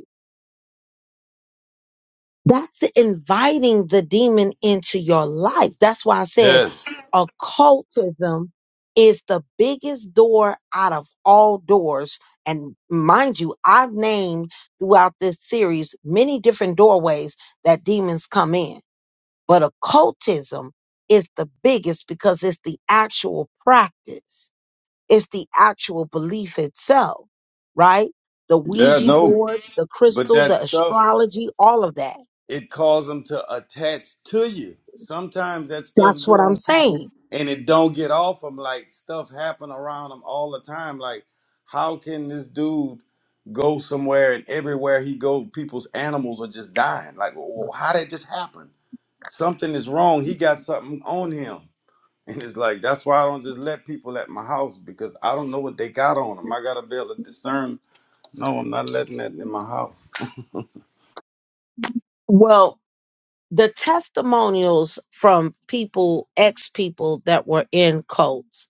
That's inviting the demon into your life. That's why I said
Yes.
occultism is the biggest door out of all doors. And mind you, I've named throughout this series many different doorways that demons come in, but occultism is the biggest because it's the actual practice, it's the actual belief itself, right? The
Yeah.
Ouija
No.
boards, the
But
crystal,
that
the
stuff
astrology, all of that
it causes them to attach to you. Sometimes that stuff
That's
get
what I'm
on people
saying.
and it don't get off them. Like stuff happen around them all the time. Like how can this dude go somewhere and everywhere he go, people's animals are just dying? Like wh- wh- how did it just happen? something is wrong. He got something on him. And it's like, that's why I don't just let people at my house because I don't know what they got on them. I got to be able to discern. No, I'm not letting that in my house.
Well, the testimonials from people, ex people that were in cults,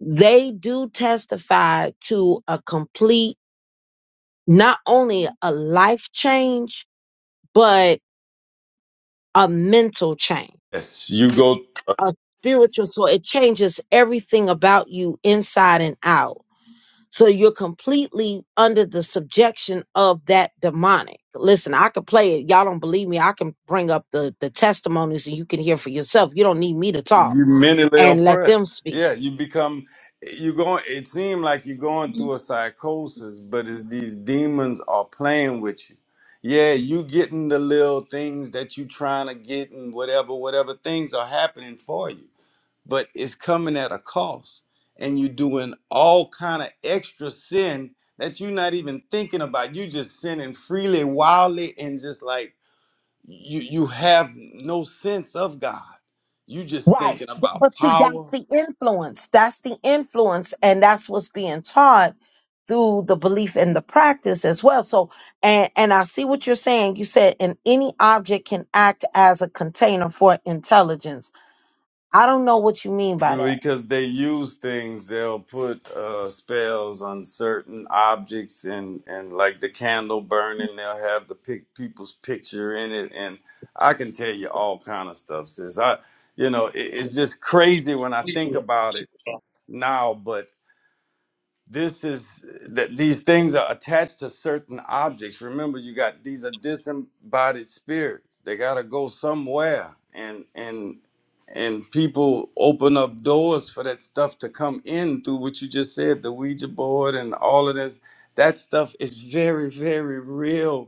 they do testify to a complete, not only a life change, but a mental change,
Yes, you go,
a spiritual. So it changes everything about you inside and out. So you're completely under the subjection of that demonic. Listen, I could play it. Y'all don't believe me. I can bring up the, the testimonies and you can hear for yourself. You don't need me to talk
you mentally
and let them
oppressed.
speak.
Yeah, you become, you going, it seems like you're going through a psychosis, but it's these demons are playing with you. Yeah, you getting the little things that you trying to get and whatever, whatever things are happening for you but it's coming at a cost and you're doing all kind of extra sin that you're not even thinking about you just sinning freely wildly and just like you you have no sense of god you just
Right.
thinking
Th-
about
But see, that's
power
the influence. That's the influence. And that's what's being taught through the belief and the practice as well. So, and, and I see what you're saying. You said, and any object can act as a container for intelligence. I don't know what you mean by
because they use things they'll put uh spells on certain objects and and like the candle burning they'll have the pic- people's picture in it and i can tell you all kind of stuff sis i you know it, it's just crazy when i
that.
think about it now but this is that these things are attached to certain objects remember you got these are disembodied spirits they got to go somewhere and and and people open up doors for that stuff to come in through what you just said the ouija board and all of this that stuff is very very real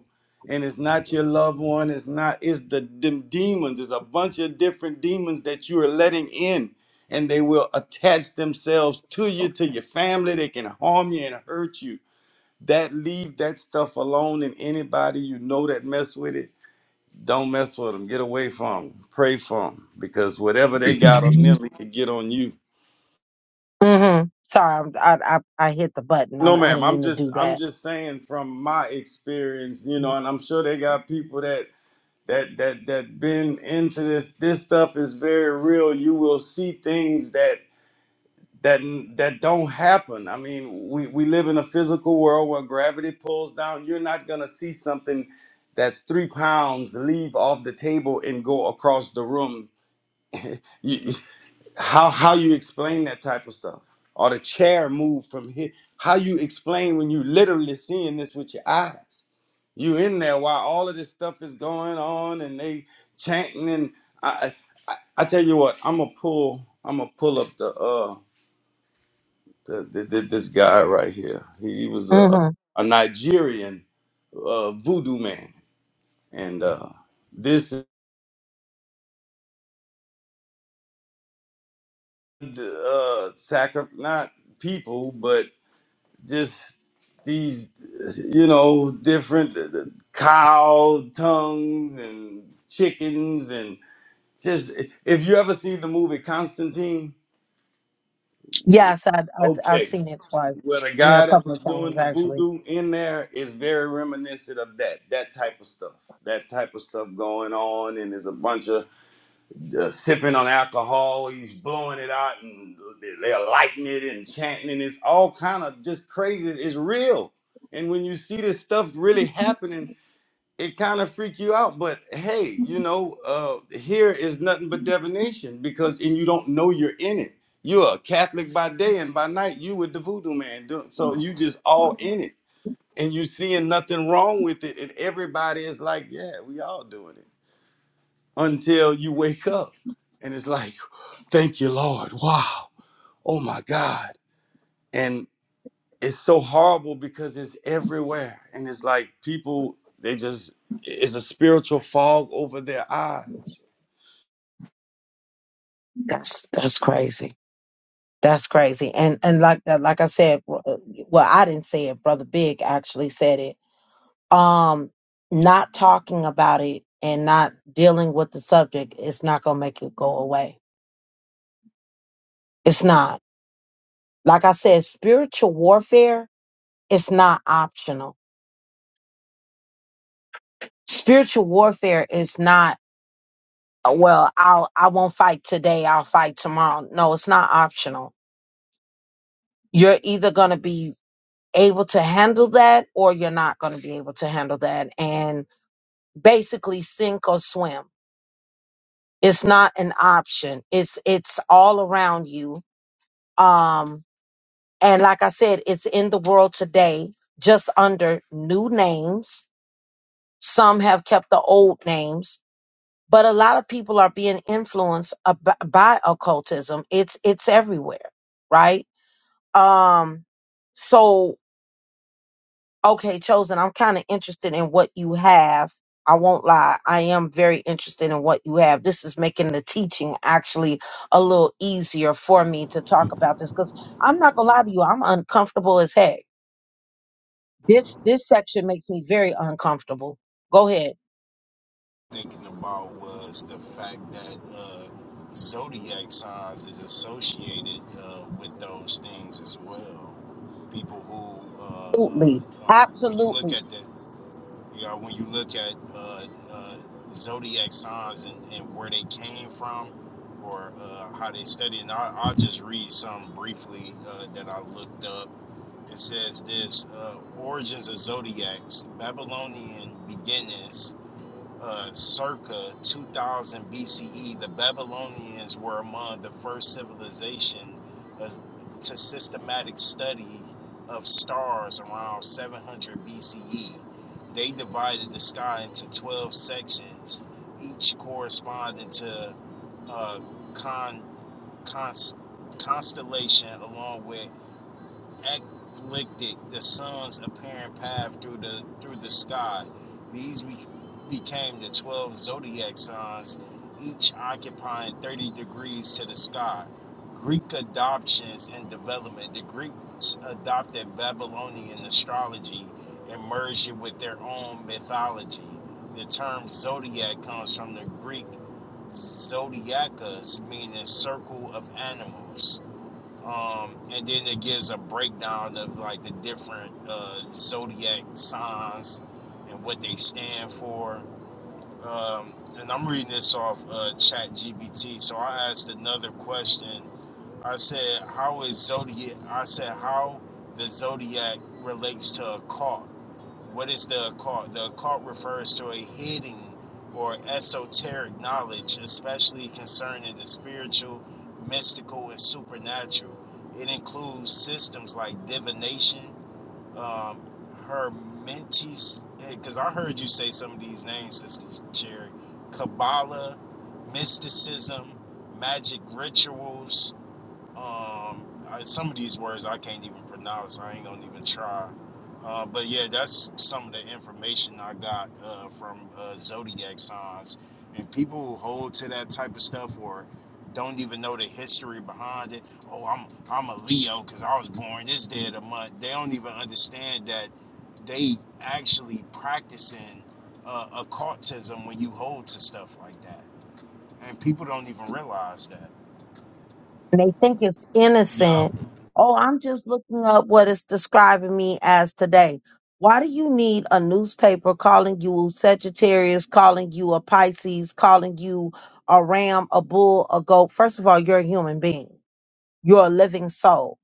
and it's not your loved one it's not it's the dem- demons it's a bunch of different demons that you are letting in and they will attach themselves to you, to your family. They can harm you and hurt you. That leave that stuff alone. And anybody you know that mess with it, don't mess with them. Get away from them. Pray for them because whatever they got on them, it could get on you.
Mm-hmm. Sorry, I, I I hit the button.
No,
I'm, I
ma'am.
didn't
I'm
mean to
just
do
I'm
that.
just saying from my experience, you know, and I'm sure they got people that that that that been into this. This stuff is very real. You will see things that that that don't happen. I mean, we, we live in a physical world where gravity pulls down. You're not gonna see something that's three pounds leave off the table and go across the room. You, how how you explain that type of stuff? Or the chair move from here? How you explain when you literally seeing this with your eyes? You in there while all of this stuff is going on and they chanting and I I, I I tell you what, I'm gonna pull I'm gonna pull up the uh th- th- th- this guy right here. He was a
Mm-hmm.
a Nigerian uh, voodoo man, and uh, this uh, sacri- not people, but just these you know different uh, uh, cow tongues and chickens and just if you ever seen the movie Constantine,
Yes, I, I I've
okay,
seen it twice.
Well, the
I mean, a
guy that
couple
was
of
doing
times
the
actually.
voodoo in there is very reminiscent of that, that type of stuff. That type of stuff going on, and there's a bunch of uh, sipping on alcohol. He's blowing it out, and they're lighting it and chanting, and it's all kind of just crazy. It's real. And when you see this stuff really happening, it kind of freak you out but hey you know uh here is nothing but divination because and you don't know you're in it you're a catholic by day and by night you with the voodoo man do- so you just all in it and you seeing nothing wrong with it and everybody is like yeah we all doing it until you wake up and it's like thank you lord wow oh my god it's so horrible because it's everywhere and it's like people they just it's a spiritual fog over their eyes
That's that's crazy. That's crazy. And and like that, like I said, well, I didn't say it. Brother Big actually said it. um not talking about it and not dealing with the subject is not going to make it go away it's not like i said spiritual warfare is not optional spiritual warfare is not uh, well i'll i won't fight today i'll fight tomorrow no it's not optional you're either going to be able to handle that or you're not going to be able to handle that and basically sink or swim it's not an option it's it's all around you Um, and like I said, it's in the world today, just under new names. Some have kept the old names, but a lot of people are being influenced ab- by occultism. It's it's everywhere, right? Um, so okay, chosen. I'm kind of interested in what you have. I won't lie. I am very interested in what you have. This is making the teaching actually a little easier for me to talk about this because I'm not gonna lie to you. I'm uncomfortable as heck This this section makes me very uncomfortable. Go ahead.
thinking about was the fact that uh, zodiac signs is associated uh, with those things as well. People who, uh,
Absolutely.
uh, um, when you look
Absolutely.
at the, you know, when you look at uh, uh, zodiac signs and, and where they came from, or uh, how they studied, and I, I'll just read some briefly uh, that I looked up. It says this: uh, origins of zodiacs, Babylonian beginnings uh, circa 2000 BCE, the Babylonians were among the first civilization as- to systematic study of stars around 700 BCE. They divided the sky into 12 sections, each corresponding to a uh, con- cons- constellation along with Ecliptic, the sun's apparent path through the through the sky. These be, became the twelve zodiac signs, each occupying thirty degrees to the sky. Greek adoptions and development. The Greeks adopted Babylonian astrology and merged it with their own mythology. The term zodiac comes from the Greek zodiacus, meaning circle of animals um, and then it gives a breakdown of like the different uh, zodiac signs and what they stand for. Um, and I'm reading this off uh, Chat GBT. So I asked another question. I said, "How is zodiac?" I said, "How the zodiac relates to a cult?" What is the occult? The occult refers to a hidden or esoteric knowledge, especially concerning the spiritual, mystical, and supernatural. It includes systems like divination, um, hermetis, because I heard you say some of these names, Sister Cherry, Kabbalah, mysticism, magic rituals, um, I, some of these words I can't even pronounce. I ain't gonna even try. Uh, but yeah, that's some of the information I got uh, from uh, zodiac signs, and people who hold to that type of stuff or don't even know the history behind it. Oh, I'm I'm a Leo because I was born this day of the month. They don't even understand that they actually practicing uh, occultism when you hold to stuff like that, and people don't even realize that.
And they think it's
Yeah.
innocent. Oh, I'm just looking up what it's describing me as today. Why do you need a newspaper calling you Sagittarius, calling you a Pisces, calling you a ram, a bull, a goat? First of all, you're a human being. You're a living soul.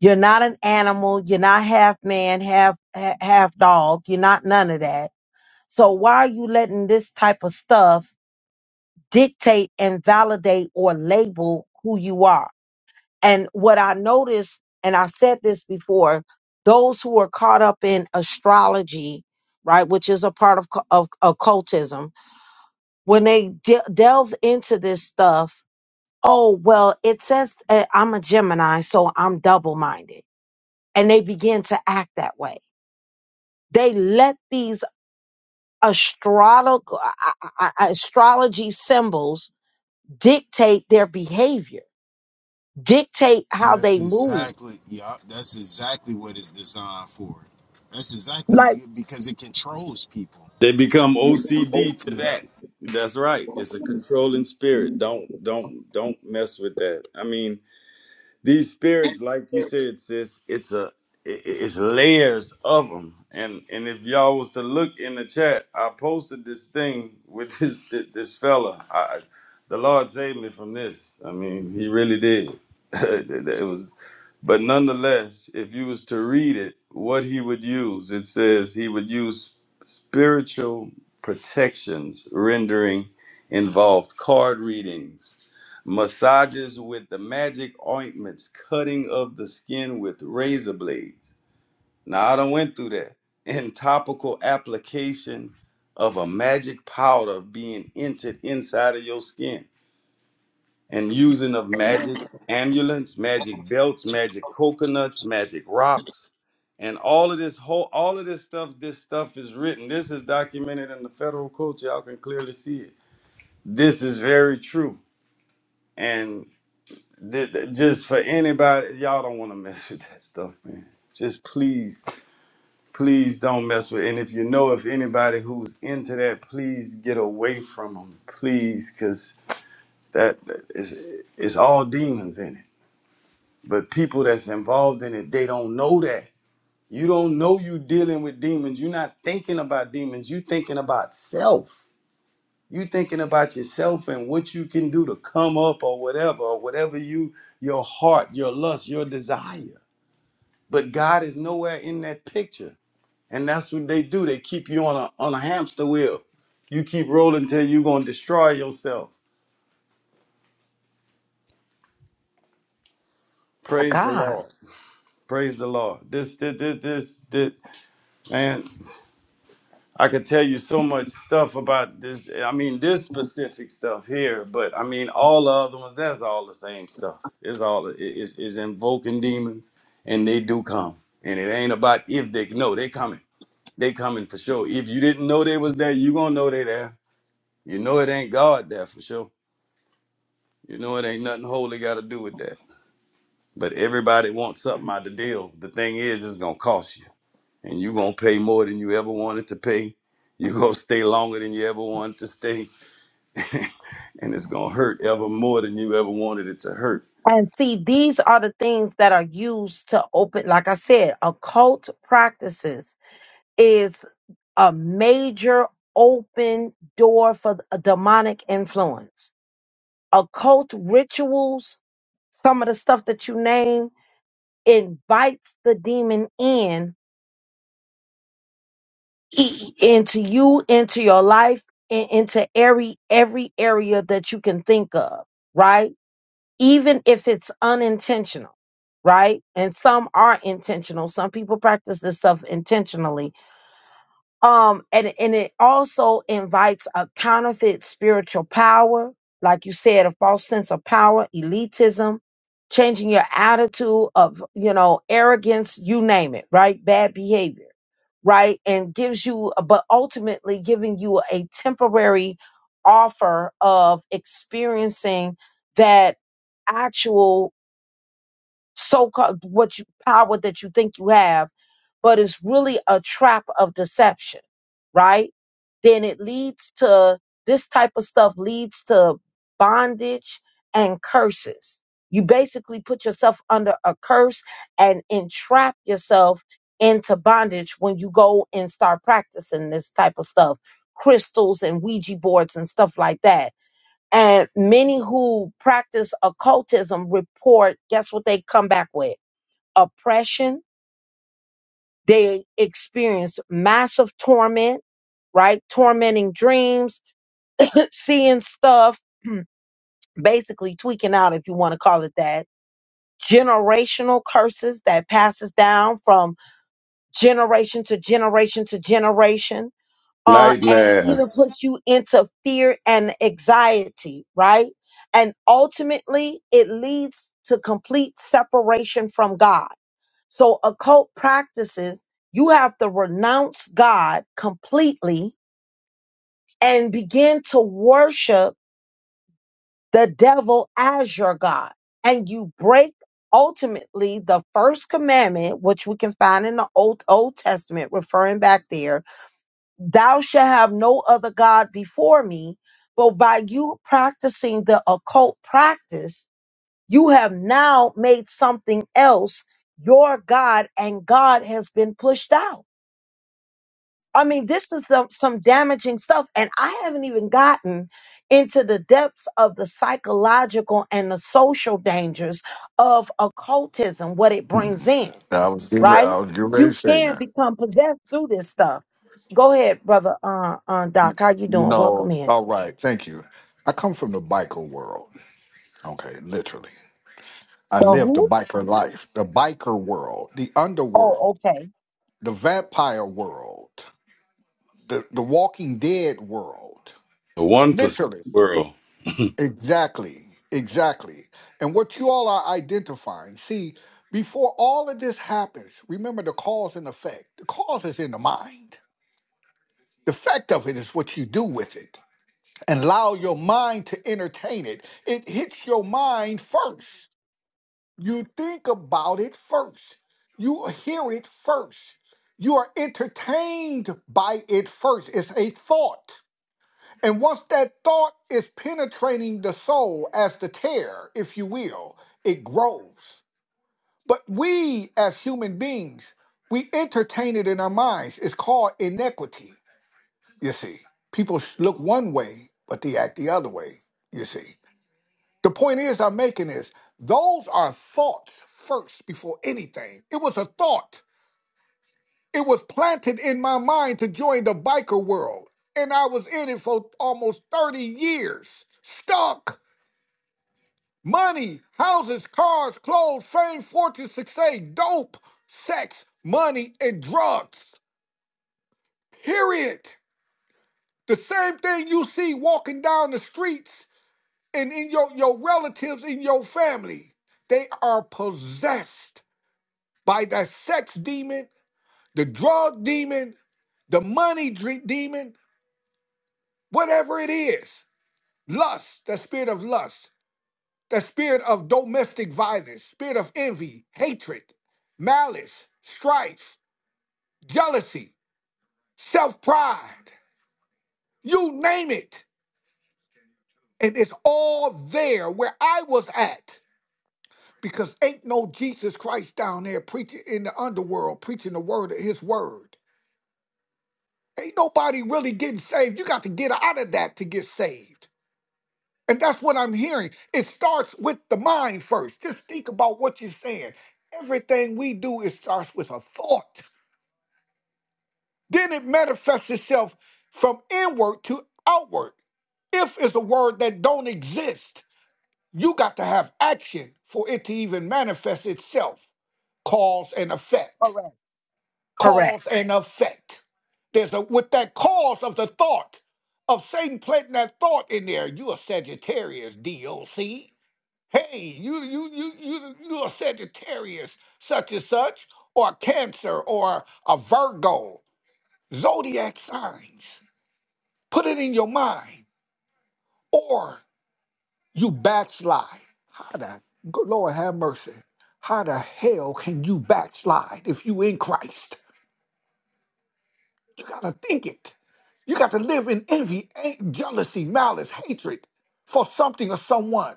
You're not an animal. You're not half man, half ha- half dog. You're not none of that So why are you letting this type of stuff dictate and validate or label who you are? And what I noticed, and I said this before, those who are caught up in astrology, right, which is a part of, cu- of occultism, when they de- delve into this stuff, oh, well, it says uh, I'm a Gemini, so I'm double minded. And they begin to act that way. They let these astrolog- I- I- I- astrology symbols dictate their behavior, dictate how
That's
they move.
exactly, yeah, that's exactly what it's designed for. That's exactly because it controls people.
they become ocd to
Yeah.
that that's right it's a controlling spirit don't don't don't mess with that i mean these spirits, like you said, sis, it's a i- i- it's layers of them. And and if y'all was to look in the chat, I posted this thing with (laughs) this this, this fella. I, I- the Lord saved me from this. I mean, He really did. (laughs) it it was, but nonetheless, if you was to read it, what He would use, it says He would use spiritual protections, rendering involved card readings massages with the magic ointments, cutting of the skin with razor blades. Now, I done went through that. And topical application of a magic powder being entered inside of your skin. And using of magic amulets, magic belts, magic coconuts, magic rocks, and all of this whole all of this stuff, this stuff is written. This is documented in the federal code. Y'all can clearly see it. This is very true. and. th- th- just for anybody, y'all don't want to mess with that stuff, man. Just please, please don't mess with. And if you know if anybody who's into that, please get away from them, please, because that is it's all demons in it. But people that's involved in it, they don't know that. You don't know you dealing with demons. You're not thinking about demons. You thinking about self. You thinking about yourself and what you can do to come up or whatever, or whatever you your heart, your lust, your desire. but God is nowhere in that picture. And that's what they do. They keep you on a on a hamster wheel. You keep rolling till you're gonna destroy yourself.
My
Praise the
God.
Lord. Praise the Lord. This this this this, this man, I could tell you so much stuff about this. I mean, this specific stuff here, but I mean all the other ones, that's all the same stuff. It's all it is it's invoking demons and they do come. And it ain't about if they no, they coming. They coming for sure. If you didn't know they was there, you gonna know they there You know it ain't God there for sure. You know it ain't nothing holy got to do with that. But everybody wants something out the deal. The thing is, it's gonna cost you, and you gonna pay more than you ever wanted to pay. (laughs) You gonna stay longer than you ever wanted to stay, and it's gonna hurt ever more than you ever wanted it to hurt.
And see, these are the things that are used to open, like I said, occult practices is a major open door for a demonic influence. Occult rituals, some of the stuff that you name, invites the demon in e- into you, into your life, and into every every area that you can think of, right? Even if it's unintentional, right? And some are intentional. Some people practice this stuff intentionally um and and it also invites a counterfeit spiritual power like you said a false sense of power elitism changing your attitude of you know arrogance you name it right bad behavior right and gives you but ultimately giving you a temporary offer of experiencing that actual so called what you power that you think you have, but it's really a trap of deception, right? Then it leads to this type of stuff leads to bondage and curses. You basically put yourself under a curse and entrap yourself into bondage when you go and start practicing this type of stuff, crystals and Ouija boards and stuff like that and many who practice occultism report, guess what they come back with? Oppression. They experience massive torment, right? Tormenting dreams, (clears throat) seeing stuff, (clears throat) basically tweaking out, if you want to call it that. Generational curses that passes down from generation to generation to generation uh, and even
Nightmares,
puts you into fear and anxiety, right? And ultimately, it leads to complete separation from God. So, occult practices, you have to renounce God completely and begin to worship the devil as your God. And you break ultimately the first commandment, which we can find in the Old, Old Testament, referring back there thou shalt have no other God before me. But by you practicing the occult practice, you have now made something else your God, and God has been pushed out. I mean, this is some, some damaging stuff. And I haven't even gotten into the depths of the psychological and the social dangers of occultism, what it brings in
I was getting re- I
right?
was getting ready to
You
say
can
that.
become possessed through this stuff. Go ahead, brother. Uh, uh, Doc, how you
You
doing? Welcome
know,
in.
all right, thank you. I come from the biker world. Okay, literally. I
The
live the
who?
biker life, the biker world, the
Oh,
underworld,
okay.
the vampire world, the, the walking dead world.
the one percent
Literally.
world. (laughs)
Exactly. Exactly. And what you all are identifying, see, before all of this happens, remember the cause and effect. The cause is in the mind. The effect of it is what you do with it. and allow your mind to entertain it. It hits your mind first. You think about it first. You hear it first. You are entertained by it first. It's a thought. And once that thought is penetrating the soul as the tear, if you will, it grows. But we as human beings, we entertain it in our minds. It's called inequity, you see. People look one way, but they act the other way, you see The point is, I'm making is those are thoughts first before anything. It was a thought. It was planted in my mind to join the biker world. And I was in it for almost 30 years. Stuck. Money, houses, cars, clothes, fame, fortune, success, dope, sex, money, and drugs. Period. The same thing you see walking down the streets and in your, your relatives in your family. They are possessed by the sex demon, the drug demon, the money demon, whatever it is. Lust, the spirit of lust, the spirit of domestic violence, spirit of envy, hatred, malice, strife, jealousy, self pride. You name it. And it's all there where I was at. Because ain't no Jesus Christ down there preaching in the underworld, preaching the word of his word. Ain't nobody really getting saved. You got to get out of that to get saved. And that's what I'm hearing. It starts with the mind first. Just think about what you're saying. Everything we do, it starts with a thought. Then it manifests itself from inward to outward. If is a word that don't exist, you got to have action for it to even manifest itself, cause and effect.
Correct. Correct.
cause and effect. There's a with that cause of the thought of Satan planting that thought in there. You a Sagittarius, DOC. Hey, you you you you you a Sagittarius, such and such, or a Cancer, or a Virgo. Zodiac signs. Put it in your mind, or you backslide. How the good Lord have mercy? How the hell can you backslide if you in Christ? You got to think it. You got to live in envy, a- jealousy, malice, hatred for something or someone.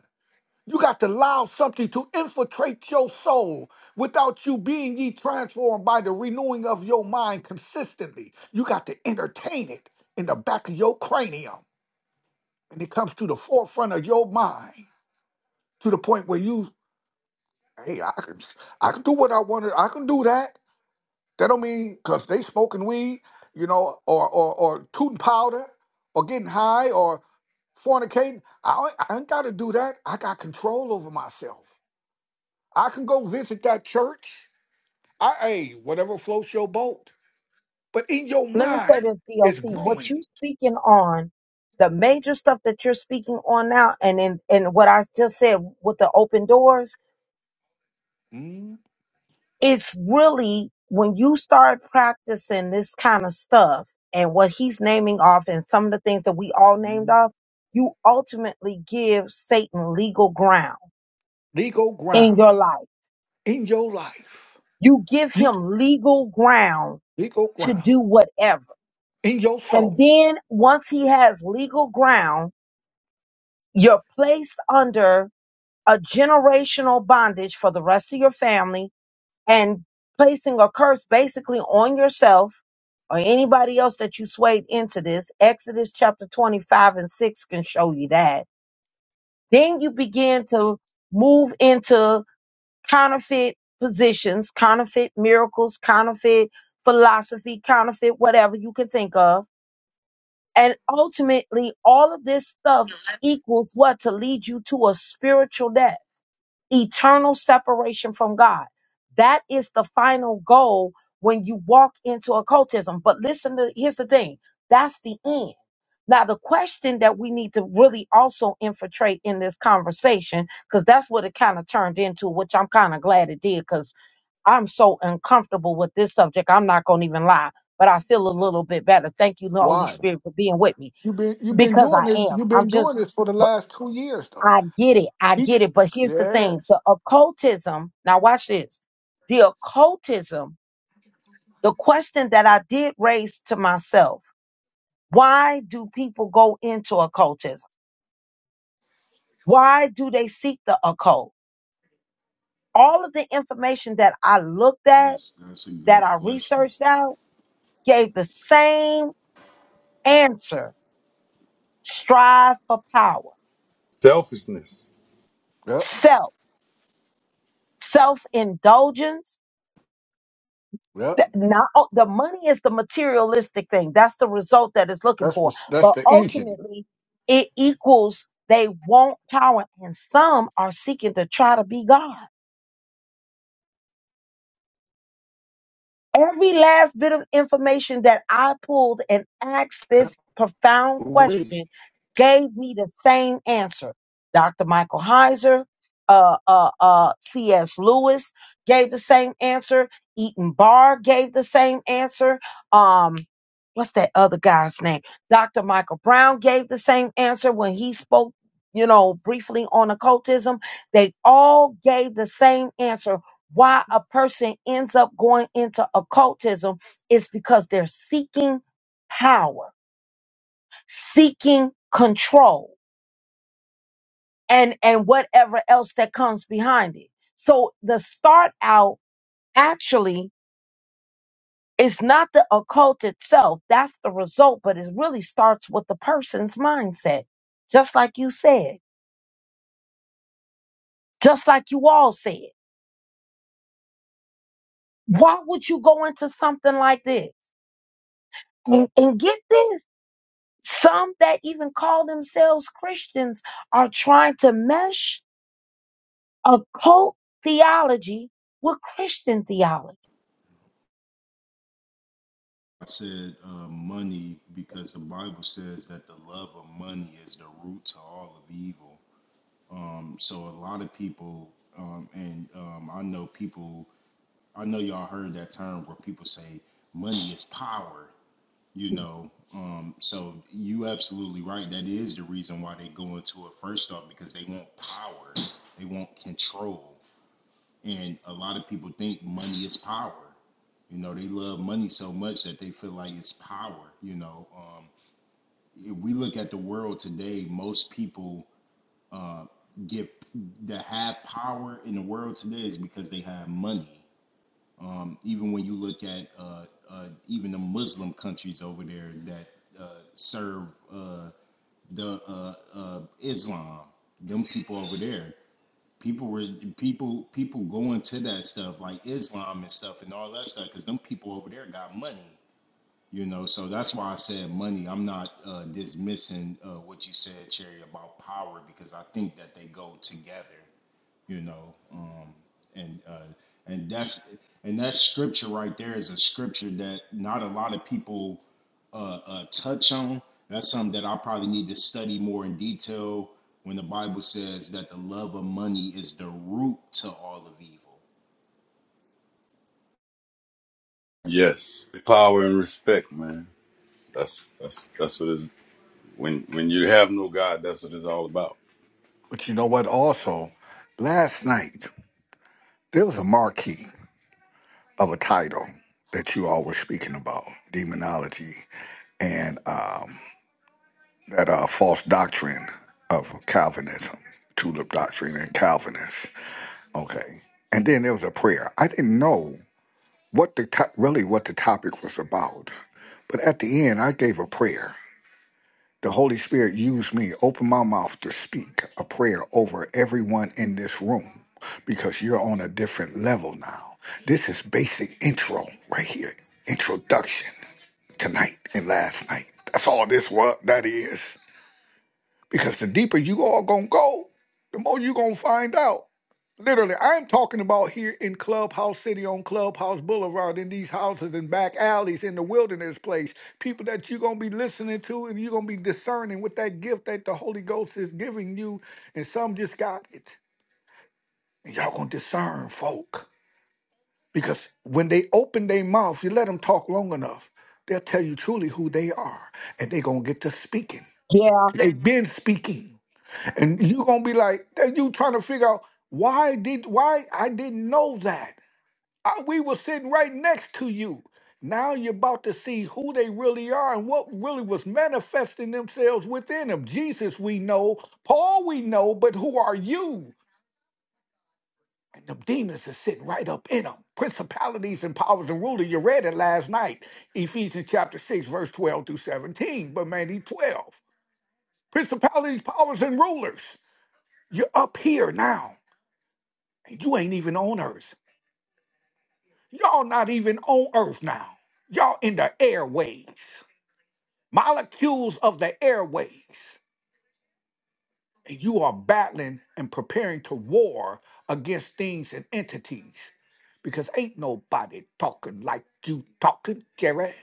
You got to allow something to infiltrate your soul without you being ye transformed by the renewing of your mind consistently. You got to entertain it in the back of your cranium. And it comes to the forefront of your mind to the point where you, hey, I can, I can do what I want to, I can do that. That don't mean because they smoking weed, you know, or or or tooting powder, or getting high, or fornicating. I I ain't got to do that. I got control over myself. I can go visit that church. I hey, whatever floats your boat. But in your
Let me say
mind,
this,
it's
DOC. What you
growing
speaking on, the major stuff that you're speaking on now, and in and what I just said with the open doors,
Mm,
it's really when you start practicing this kind of stuff and what he's naming off and some of the things that we all named
mm.
off, you ultimately give Satan legal ground
legal
in
ground
your life.
in your life.
You give
You
him legal ground
legal
to
ground
do whatever.
in your
And
soul.
then once he has legal ground, you're placed under a generational bondage for the rest of your family and placing a curse basically on yourself or anybody else that you swayed into this. Exodus chapter 25 and 6 can show you that. Then you begin to move into counterfeit positions, counterfeit miracles, counterfeit philosophy, counterfeit whatever you can think of. And ultimately, all of this stuff equals what? To lead you to a spiritual death eternal separation from God. That is the final goal when you walk into occultism. But listen to here's the thing that's the end. Now, the question that we need to really also infiltrate in this conversation, because that's what it kind of turned into, which I'm kind of glad it did, because I'm so uncomfortable with this subject. I'm not going to even lie, but I feel a little bit better. Thank you, Holy
Why?
Spirit, for being with me,
You've been you've been
because
doing
I
this.
am.
You've
I'm
been doing
just.
this for the last two years, though.
I get it. I
He
get
just
it. But here's the thing
yes.
the occultism, now watch this. The occultism, the question that I did raise to myself why do people go into occultism? Why do they seek the occult? All of the information that I looked at,
That's that's a
that
good
I
question.
researched out, gave the same answer strive for power,
Selfishness.
Yep.
self, self indulgence
Yep.
Th- Not o- the money is the materialistic thing. That's the result that it's looking
That's
for.
the that's
But
the engine.
ultimately, it equals they want power, and some are seeking to try to be God. Every last bit of information that I pulled and asked
Yep.
this profound
Ooh-wee.
question gave me the same answer. Dr. Michael Heiser, uh, uh, uh, C.S. Lewis gave the same answer. Eaton Barr gave the same answer. Um, what's that other guy's name? Dr. Michael Brown gave the same answer when he spoke, you know, briefly on occultism. They all gave the same answer. Why a person ends up going into occultism is because they're seeking power, seeking control, and and whatever else that comes behind it. So the start out actually It's not the occult itself, that's the result, but it really starts with the person's mindset. Just like you said, just like you all said. Why would you go into something like this? And, and get this some that even call themselves Christians are trying to mesh occult theology with Christian theology.
I said uh, money because the Bible says that the love of money is the root to all of evil. Um, so a lot of people, um, and um, I know people, I know y'all heard that term where people say money is power. you know um so you absolutely right that is the reason why they go into it first off because they want power they want control and a lot of people think money is power you know they love money so much that they feel like it's power you know um if we look at the world today most people uh get that have power in the world today is because they have money um, even when you look at uh, uh, even the Muslim countries over there that uh, serve uh, the uh, uh, Islam, them people over there, people were people people going to that stuff like Islam and stuff and all that stuff because them people over there got money, you know. So that's why I said money. I'm not uh, dismissing uh, what you said, Cherry, about power because I think that they go together you know um and uh and that's and that scripture right there is a scripture that not a lot of people uh, uh touch on that's something that i probably need to study more in detail when the bible says that the love of money is the root to all of evil
Yes, power and respect, man. That's that's that's what is when when you have no God. That's what it's all about.
But you know what? Also, last night there was a marquee of a title that you all were speaking about demonology and um, that uh, false doctrine of Calvinism, tulip doctrine, and Calvinists. Okay, and then there was a prayer. I didn't know what the to- really what the topic was about, but at the end I gave a prayer The Holy Spirit used me, open my mouth to speak a prayer over everyone in this room because you're on a different level now. This is basic intro right here, introduction tonight and last night. That's all this what that is. Because the deeper you all gonna go, the more you gonna find out. Literally, I'm talking about here in Clubhouse City on Clubhouse Boulevard, in these houses and back alleys, in the wilderness place. People that you're going to be listening to and you're going to be discerning with that gift that the Holy Ghost is giving you. And some just got it. And y'all going to discern folk. Because when they open their mouth, you let them talk long enough, they'll tell you truly who they are. And they are going to get to speaking.
Yeah,
They've been speaking. And you're going to be like, you trying to figure out why did why I didn't know that. I- we were sitting right next to you. Now you're about to see who they really are and what really was manifesting themselves within them. Jesus, we know. Paul, we know. But who are you? And the demons are sitting right up in them. Principalities and powers and ruler. You read it last night, Ephesians chapter 6, verse 12 through 17, but mainly 12. Principalities, powers, and rulers. You're up here now, and you ain't even on earth. Y'all not even on earth now. Y'all in the airways. molecules of the airways, and you are battling and preparing to war against things and entities. Because ain't nobody talking like you talking, Jerry.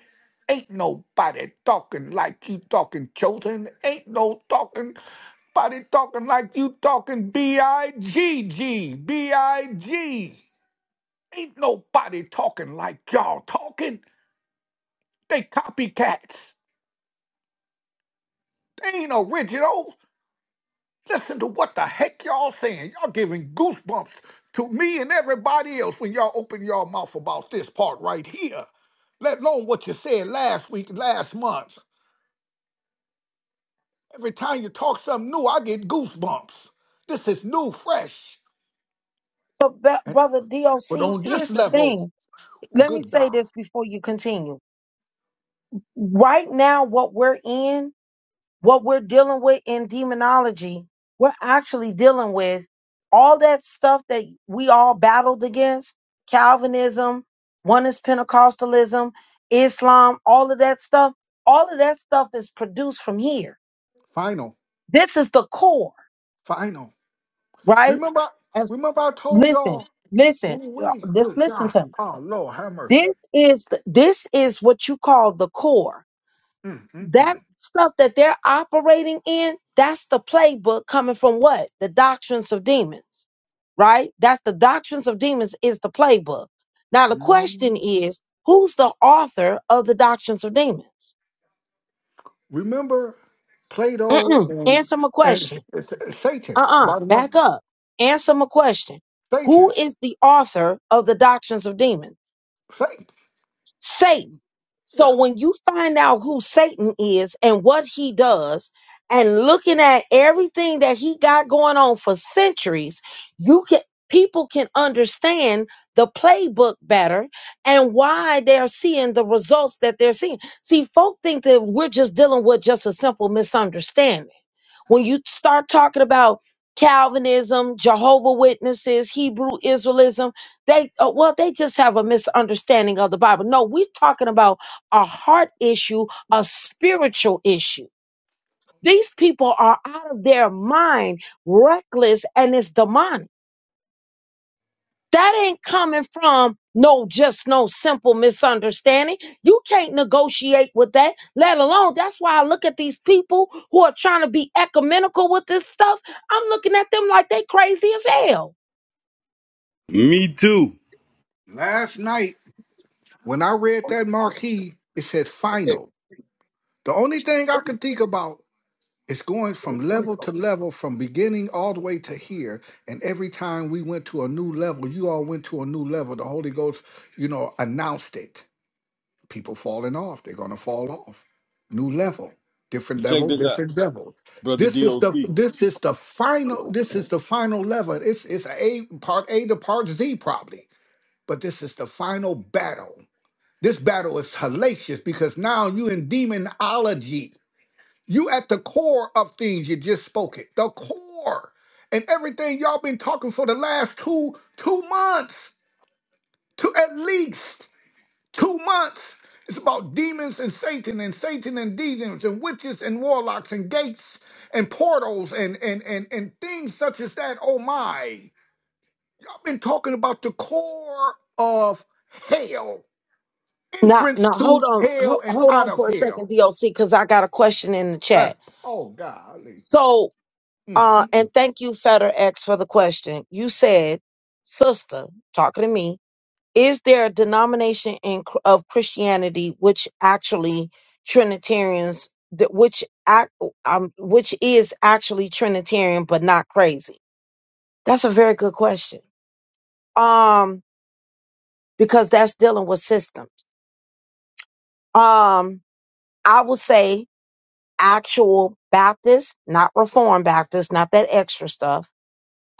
Ain't nobody talking like you talking, Chosen. Ain't no talking, nobody talking like you talking, B-I-G-G, B-I-G. Ain't nobody talking like y'all talking. They copycats. They ain't original. Listen to what the heck y'all saying. Y'all giving goosebumps to me and everybody else when y'all open y'all mouth about this part right here. Let alone what you said last week, last month. Every time you talk something new, I get goosebumps. This is new, fresh.
But be-
And
brother
but
DOC,
on this
here's the
level,
thing. Let me
good
say
God.
this before you continue. Right now, what we're in, what we're dealing with in demonology, we're actually dealing with all that stuff that we all battled against: Calvinism, one is Pentecostalism, Islam, all of that stuff. All of that stuff is produced from here.
Final,
This is the core,
final.
right?
Remember,
As
remember I told
listen,
y'all,
listen,
ooh,
uh,
we,
just
good
listen
God.
to me
Oh Lord, have mercy.
This is th- this is what you call the core.
Mm, mm,
That
mm.
stuff that they're operating in, that's the playbook coming from what? The doctrines of demons. Right? That's the doctrines of demons is the playbook. Now the
Mm.
question is, who's the author of the doctrines of demons?
Remember Plato
Mm-mm.
and
Answer my
and S-
question.
S- Satan.
Uh-uh.
Bottom line,
Back up. Answer my question. Who
Satan,
is the author of the doctrines of demons?
Satan.
Satan.
Yeah.
So when you find out who Satan is and what he does, and looking at everything that he got going on for centuries, you can people can understand the playbook better and why they're seeing the results that they're seeing. See, folk think that we're just dealing with just a simple misunderstanding. When you start talking about Calvinism, Jehovah Witnesses, Hebrew Israelism, they uh, well, they just have a misunderstanding of the Bible. No, we're talking about a heart issue, a spiritual issue. These people are out of their mind, reckless, and it's demonic. That ain't coming from no just no simple misunderstanding. You can't negotiate with that, let alone that's why I look at these people who are trying to be ecumenical with this stuff. I'm looking at them like they crazy as hell.
Me too.
Last night when I read that marquee, it said final. The only thing I can think about is going from level to level, from beginning all the way to here. And every time we went to a new level, you all went to a new level. The Holy Ghost, you know, announced it. people falling off. They're going to fall off. New level, different
Check
level,
this out,
different level.
brother
This is the
DOC.
this is the final. This is the final level. It's it's a part A to part Z probably, but this is the final battle. This battle is hellacious because now you in demonology. You at the core of things. You just spoke it. The core and everything y'all been talking for the last two two months, to at least. Two months. It's about demons and Satan and Satan and demons and witches and warlocks and gates and portals and and and and things such as that. Oh my. I've been talking about the core of hell.
Now,
Entrance
now
to
hold on,
hell
ho-
and
hold
out
on
of
for a second,
hell.
DOC, because I got a question in the
That's
chat.
oh golly.
So,
Mm-hmm.
uh, and thank you, FedEx, for the question. You said, sister, talking to me, is there a denomination in Chr- of Christianity which actually Trinitarians, that which act, um, which is actually Trinitarian but not crazy? That's a very good question. Um, because that's dealing with systems. Um, I will say actual Baptist, not Reformed Baptist, not that extra stuff.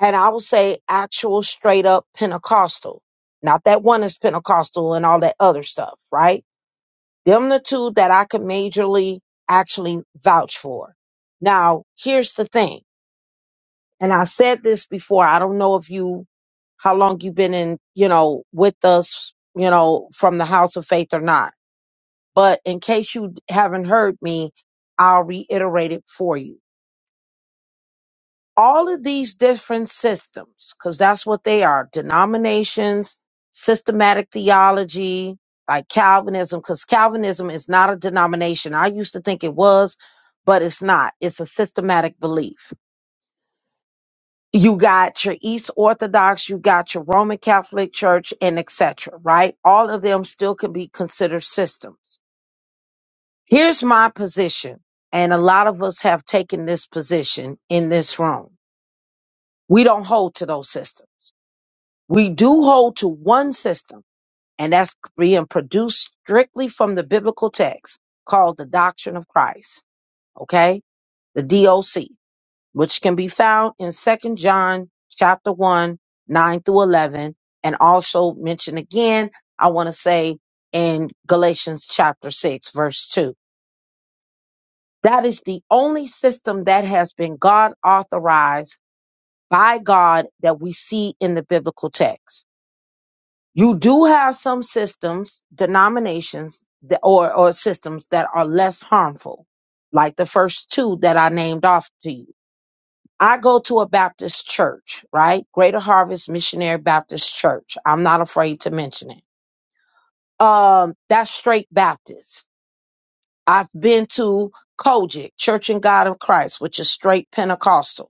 And I will say actual straight up Pentecostal, not that one is Pentecostal and all that other stuff, right? Them the two that I could majorly actually vouch for. Now, here's the thing, and I said this before. I don't know if you, how long you've been in, you know, with us, you know, from the house of faith or not. But in case you haven't heard me, I'll reiterate it for you all of these different systems, because that's what they are denominations, systematic theology, like Calvinism, because Calvinism is not a denomination. I used to think it was, but it's not. It's a systematic belief. You got your East Orthodox, you got your Roman Catholic Church, and etc. Right? All of them still can be considered systems. Here's my position, and a lot of us have taken this position in this room. We don't hold to those systems We do hold to one system, and that's being produced strictly from the biblical text called the doctrine of Christ, okay? The DOC, which can be found in Second John chapter 1, 9 through 11, and also mentioned again, I want to say in Galatians chapter 6, verse 2. That is the only system that has been God authorized by God that we see in the biblical text. You do have some systems, denominations, that, or, or systems that are less harmful, like the first two that I named off to you. I go to a Baptist church, right? Greater Harvest Missionary Baptist Church. I'm not afraid to mention it. Um, that's straight Baptist. I've been to Kojic, Church in God of Christ, which is straight Pentecostal.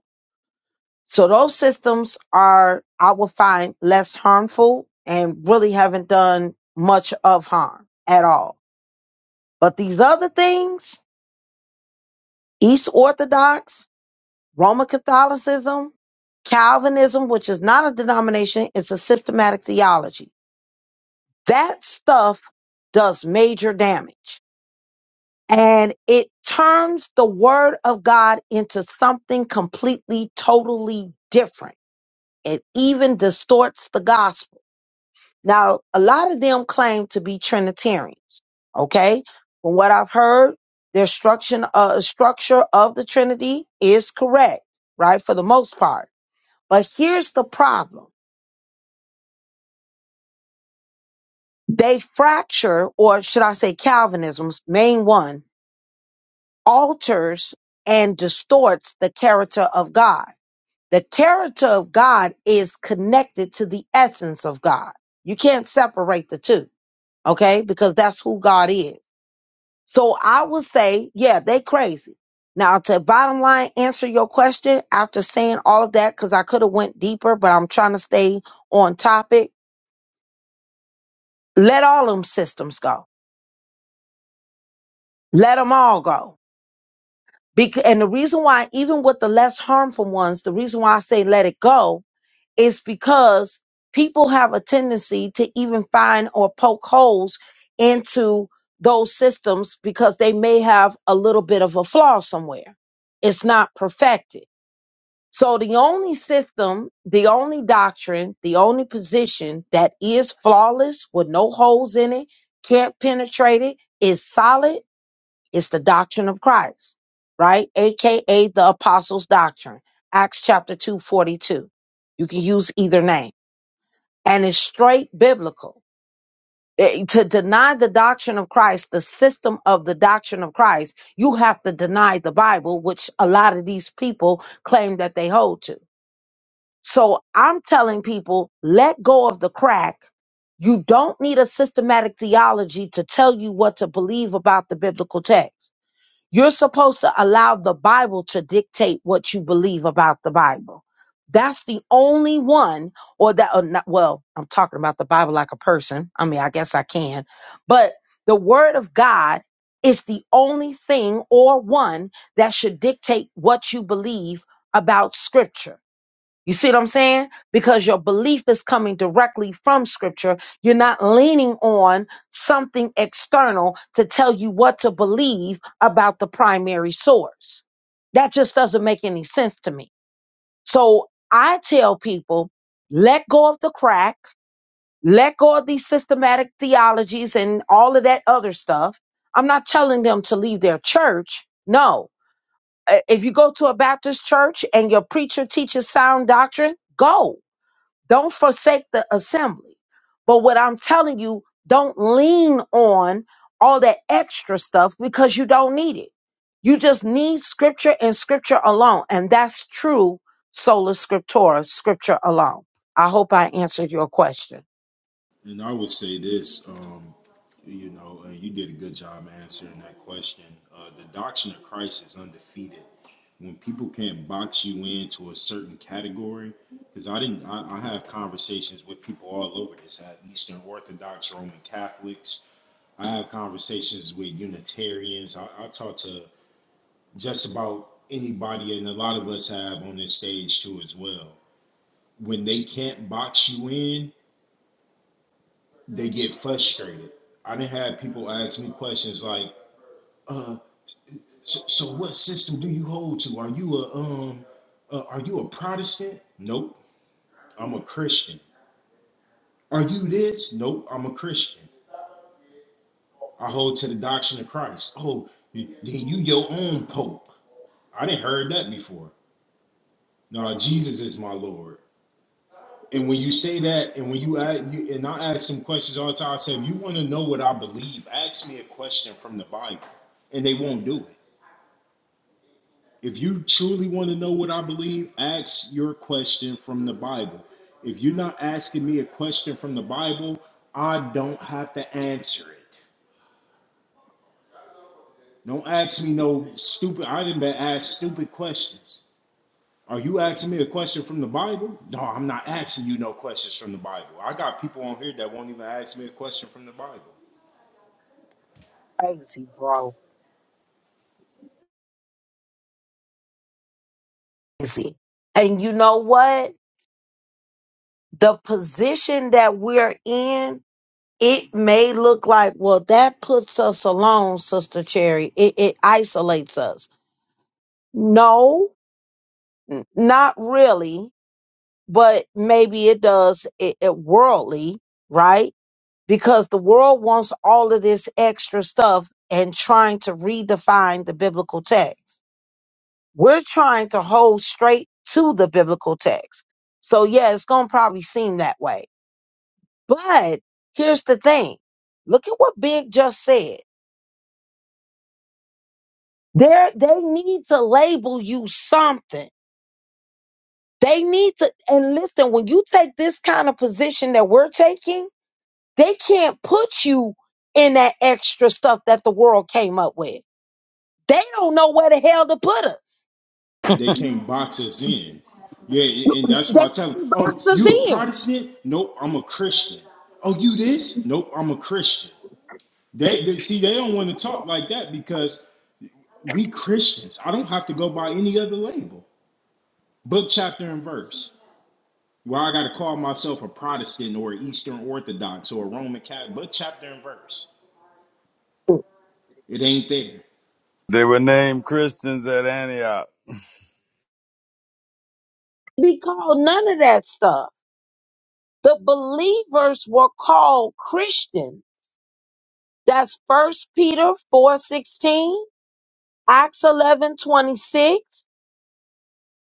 So those systems are, I would find, less harmful and really haven't done much of harm at all. But these other things, East Orthodox, Roman Catholicism, Calvinism, which is not a denomination, it's a systematic theology. That stuff does major damage. And it turns the word of God into something completely, totally different. It even distorts the gospel Now, a lot of them claim to be Trinitarians. Okay, from what I've heard, their structure, uh, structure of the Trinity is correct, right, for the most part. But here's the problem: they fracture, or should I say, Calvinism's main one alters and distorts the character of God. The character of God is connected to the essence of God. You can't separate the two, okay? Because that's who God is. So I would say, yeah, they crazy. Now to bottom line answer your question after saying all of that, because I could have went deeper, but I'm trying to stay on topic. Let all them systems go. Let them all go. Because, and the reason why, even with the less harmful ones, the reason why I say let it go is because people have a tendency to even find or poke holes into those systems because they may have a little bit of a flaw somewhere. It's not perfected So the only system, the only doctrine, the only position that is flawless with no holes in it, can't penetrate it, is solid, is the doctrine of Christ, right? AKA the apostles' doctrine. Acts chapter 2 42. You can use either name. And it's straight biblical. Eh, To deny the doctrine of Christ, the system of the doctrine of Christ, you have to deny the Bible, which a lot of these people claim that they hold to. So I'm telling people, let go of the crack. You don't need a systematic theology to tell you what to believe about the biblical text. You're supposed to allow the Bible to dictate what you believe about the Bible. That's the only one, or that, or not, well, I'm talking about the Bible like a person. I mean, I guess I can, but the Word of God is the only thing or one that should dictate what you believe about Scripture. You see what I'm saying? Because your belief is coming directly from scripture. You're not leaning on something external to tell you what to believe about the primary source. That just doesn't make any sense to me. So I tell people, let go of the crack, let go of these systematic theologies and all of that other stuff. I'm not telling them to leave their church. No. Uh, If you go to a Baptist church and your preacher teaches sound doctrine, go don't forsake the assembly. But what I'm telling you, don't lean on all that extra stuff because you don't need it. You just need scripture and scripture alone. And that's true sola scriptura, scripture alone. I hope I answered your question.
And I would say this, um, you know, and you did a good job answering that question. Uh, the doctrine of Christ is undefeated. When people can't box you into a certain category, because I didn't, I, I have conversations with people all over this, at Eastern Orthodox, Roman Catholics. I have conversations with Unitarians. I, I talk to just about anybody, and a lot of us have on this stage too as well. When they can't box you in, they get frustrated. I didn't have people ask me questions like, uh, so, so what system do you hold to? Are you a um, uh, are you a Protestant? Nope, I'm a Christian. Are you this? Nope, I'm a Christian. I hold to the doctrine of Christ. Oh, y- then you your own pope. I didn't heard that before. No, Jesus is my Lord. And when you say that, and when you ask, you, and I ask them questions all the time, I say, if you want to know what I believe, ask me a question from the Bible, and they won't do it. If you truly want to know what I believe, ask your question from the Bible. If you're not asking me a question from the Bible, I don't have to answer it. Don't ask me no stupid. I didn't been asked stupid questions. Are you asking me a question from the Bible? No, I'm not asking you no questions from the Bible. I got people on here that won't even ask me a question from the Bible.
Crazy, bro. Crazy. And you know what? The position that we're in, it may look like, well, that puts us alone, Sister Cherry. It, it isolates us. No, N- Not really, but maybe it does it, it worldly, right? Because the world wants all of this extra stuff and trying to redefine the biblical text. We're trying to hold straight to the biblical text. So yeah, it's going to probably seem that way. But here's the thing. Look at what Big just said. There, they need to label you something. They need to, and listen, when you take this kind of position that we're taking, They can't put you in that extra stuff that the world came up with. They don't know where the hell to put us.
They can't box us in. Yeah, and that's
They
why I tell them,
can't box
oh,
us
you a
in.
Protestant? Nope, I'm a Christian. Oh, you this? Nope, I'm a Christian. They, they see they don't want to talk like that because we Christians. I don't have to go by any other label, book, chapter, and verse. Where I got to call myself a Protestant or Eastern Orthodox or a Roman Catholic, book, chapter, and verse. It ain't there.
They were named Christians at Antioch.
Be called none of that stuff. The believers were called Christian. That's first Peter four sixteen. Acts 11 26,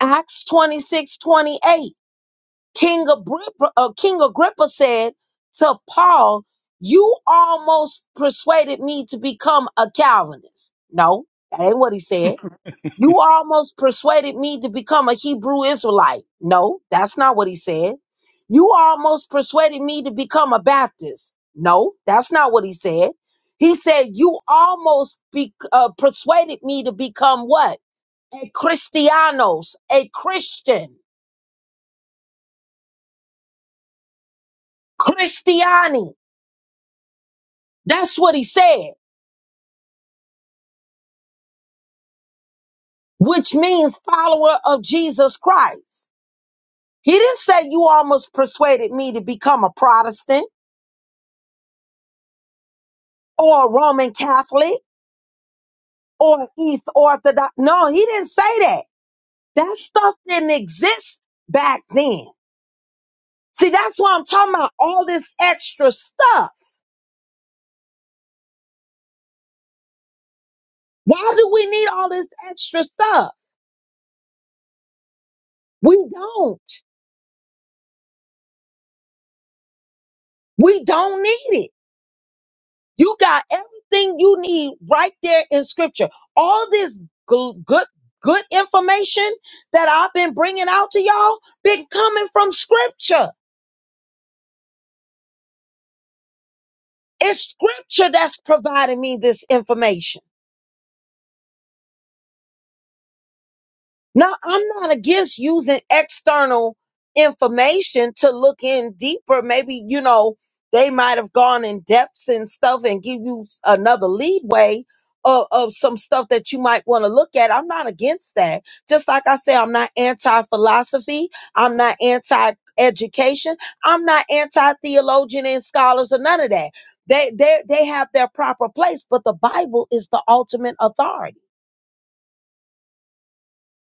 Acts 26 28. King Agrippa, uh, King Agrippa said to Paul, you almost persuaded me to become a Calvinist. No, that ain't what he said. You almost persuaded me to become a Hebrew Israelite. No, that's not what he said. You almost persuaded me to become a Baptist. No, that's not what he said. He said, you almost be, uh, persuaded me to become what? a Christianos, a Christian, Christiani. That's what he said, which means follower of Jesus Christ. He didn't say you almost persuaded me to become a Protestant or a Roman Catholic or East Orthodox. No, he didn't say that. That stuff didn't exist back then. See, that's why I'm talking about all this extra stuff. Why do we need all this extra stuff? We don't. We don't need it. You got everything you need right there in scripture. All this gl- good, good information that I've been bringing out to y'all been coming from scripture. It's scripture that's providing me this information. Now, I'm not against using external information to look in deeper. Maybe, you know, they might have gone in depths and stuff and give you s- another leadway of, of some stuff that you might want to look at. I'm not against that. Just like I say, I'm not anti philosophy. I'm not anti education. I'm not anti theologian and scholars or none of that. They, they, they have their proper place, but the Bible is the ultimate authority.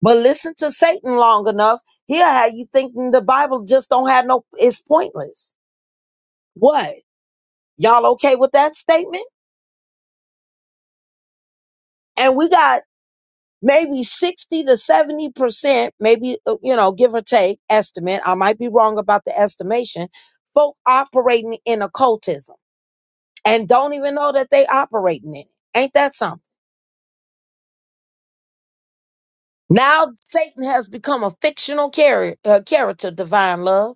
But listen to Satan long enough, he'll have you thinking the Bible just don't have no, it's pointless. What? Y'all okay with that statement? And we got maybe 60 to 70%, maybe, uh, you know, give or take estimate. I might be wrong about the estimation. Folk operating in occultism and don't even know that they operating in it. Ain't that something? Now Satan has become a fictional char- uh, character, divine love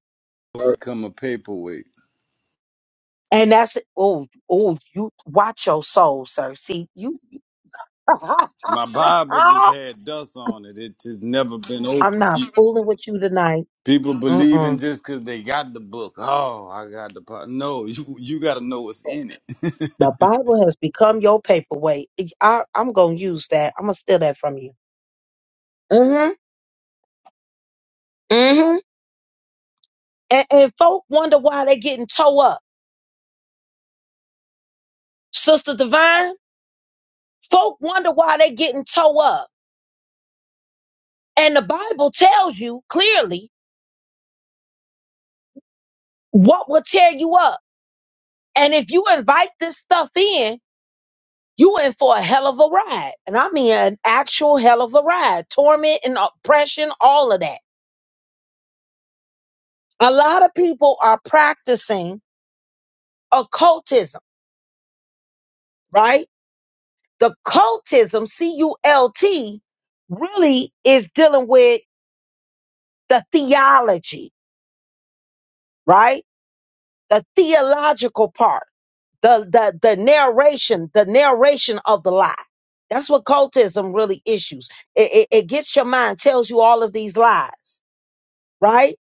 Become a paperweight.
And that's oh oh you watch your soul, sir. See you.
My
(laughs)
Bible just had dust on it. It has never been
I'm
opened.
not
You-
fooling with you tonight.
People believing
Mm-mm.
just because they got the book. Oh, I got the pot. No, you you got to know what's in it.
The Bible has become your paperweight. It- I, am gonna use that. I'm gonna steal that from you. Mm-hmm. Mm-hmm. And, and folk wonder why they getting toe up, Sister Divine. Folk wonder why they getting toe up. And the Bible tells you clearly what will tear you up. And if you invite this stuff in, You in for a hell of a ride. And I mean an actual hell of a ride. Torment and oppression, all of that. A lot of people are practicing occultism, right? The cultism, C U L T, really is dealing with the theology, right? The theological part, the, the, the narration, the narration of the lie. That's what cultism really issues. It, it, it gets your mind, tells you all of these lies, right?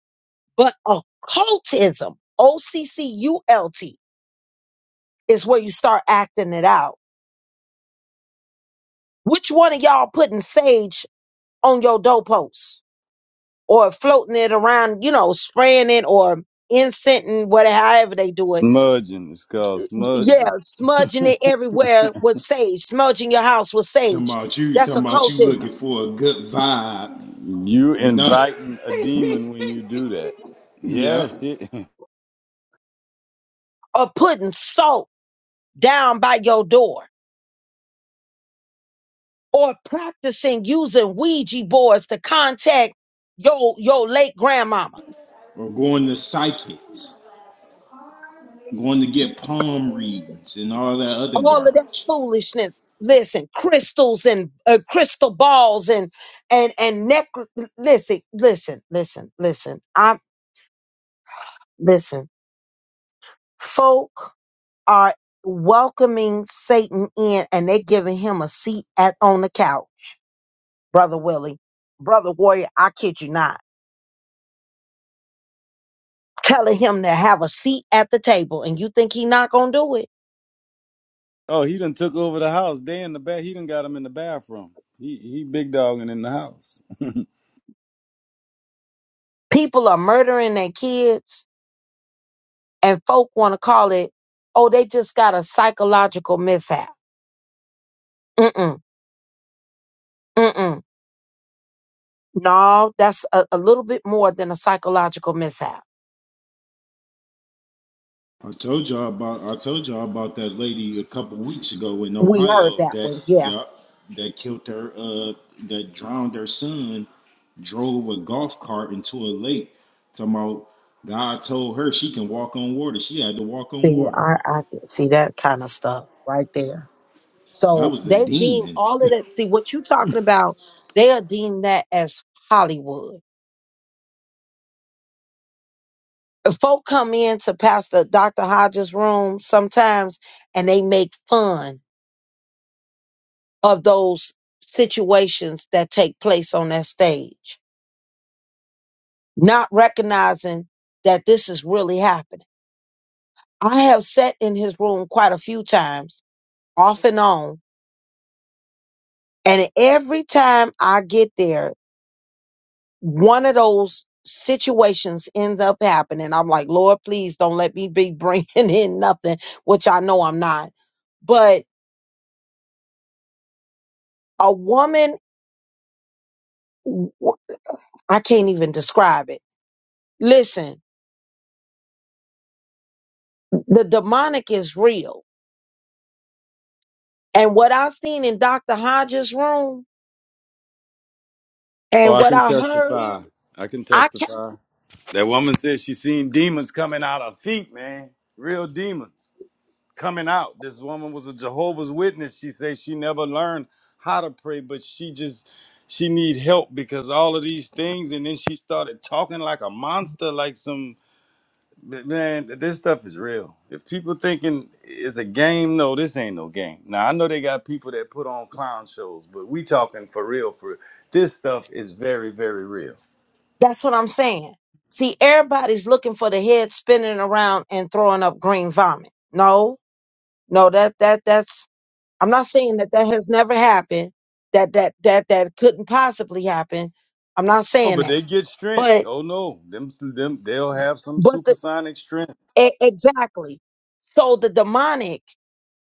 But occultism, O C C U L T, is where you start acting it out. Which one of y'all putting sage on your doorpost or floating it around, you know, spraying it or incensing, whatever, however they do
(laughs)
it?
Smudging is called
Y- Yeah,
smudging.
smudging it everywhere with sage, smudging your house with
Talking
sage.
about you,
That's
talking about you
occultism.
looking for a good vibe,
You
and no,
inviting a demon
(laughs)
when you do that.
yeah,
Yes. It, (laughs)
Or putting salt down by your door or practicing using Ouija boards to contact your, your late grandmama
or going to psychics, going to get palm readings and all that other
all of that
garbage.
foolishness. Listen, crystals and uh, crystal balls and and and neck. Listen, listen, listen, listen. I listen. Folk are welcoming Satan in, and they're giving him a seat at on the couch, brother Willie, brother Warrior. I kid you not, telling him to have a seat at the table, and you think he not gonna do it?
oh, he done took over the house. They in the back. He done got him in the bathroom. He he big dogging in the house.
People are murdering their kids, and folk want to call it, oh, they just got a psychological mishap Mm-mm, mm-mm. No, that's a, a little bit more than a psychological mishap.
I told y'all about I told y'all about that lady a couple weeks ago in
We heard
Ohio
that
that
one. Yeah.
yeah that killed her uh that drowned her son, drove a golf cart into a lake. Talking about God told her she can walk on water. She had to walk on
See,
water.
I, I get- see that kind of stuff right there.
That
So
was a
they deem
demon.
all of
(laughs)
that. See what you talking about? They are deem that as Hollywood. If folk come in to Pastor Dr. Hodges' room sometimes and they make fun of those situations that take place on that stage, not recognizing that this is really happening. I have sat in his room quite a few times, off and on, and every time I get there, one of those situations ends up happening. I'm like, Lord, please don't let me be bringing (laughs) in nothing, which I know I'm not. But a woman, I can't even describe it. Listen, the demonic is real And what I seen in Dr. Hodges' room
Oh,
and
I
what
can
I heard,
testify. I can
I can't,
testify. That woman said she seen demons coming out her feet, man. Real demons coming out. This woman was a Jehovah's Witness. She says she never learned how to pray, but she just she need help because all of these things. And then she started talking like a monster, like some man. This stuff is real. If people thinking it's a game, no, this ain't no game. Now I know they got people that put on clown shows, but we talking for real. For this stuff is very, very real.
that's what I'm saying. See, everybody's looking for the head spinning around and throwing up green vomit. No, no, that, that, that's, I'm not saying that that has never happened, that, that, that, that couldn't possibly happen. I'm not
Oh,
saying
but
that.
they get strength.
But,
Oh no, them them they'll have some
but the,
supersonic strength.
e- exactly. So the demonic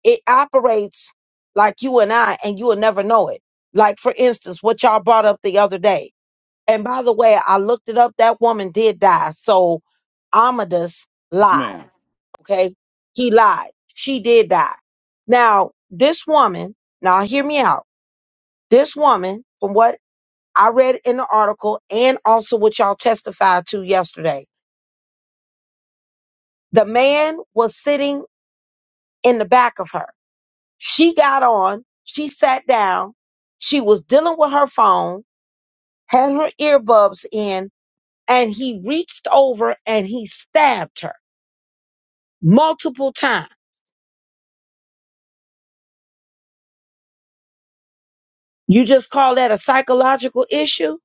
it operates like you and I, and you will never know it. Like, for instance, what y'all brought up the other day. And by the way, I looked it up. That woman did die. So Amadeus
This
lied.
man.
Okay. He lied. She did die. Now, this woman, now hear me out. This woman, from what I read in the article and also what y'all testified to yesterday, the man was sitting in the back of her. She got on, she sat down, she was dealing with her phone, had her earbuds in, and he reached over and he stabbed her multiple times. You just call that a psychological issue?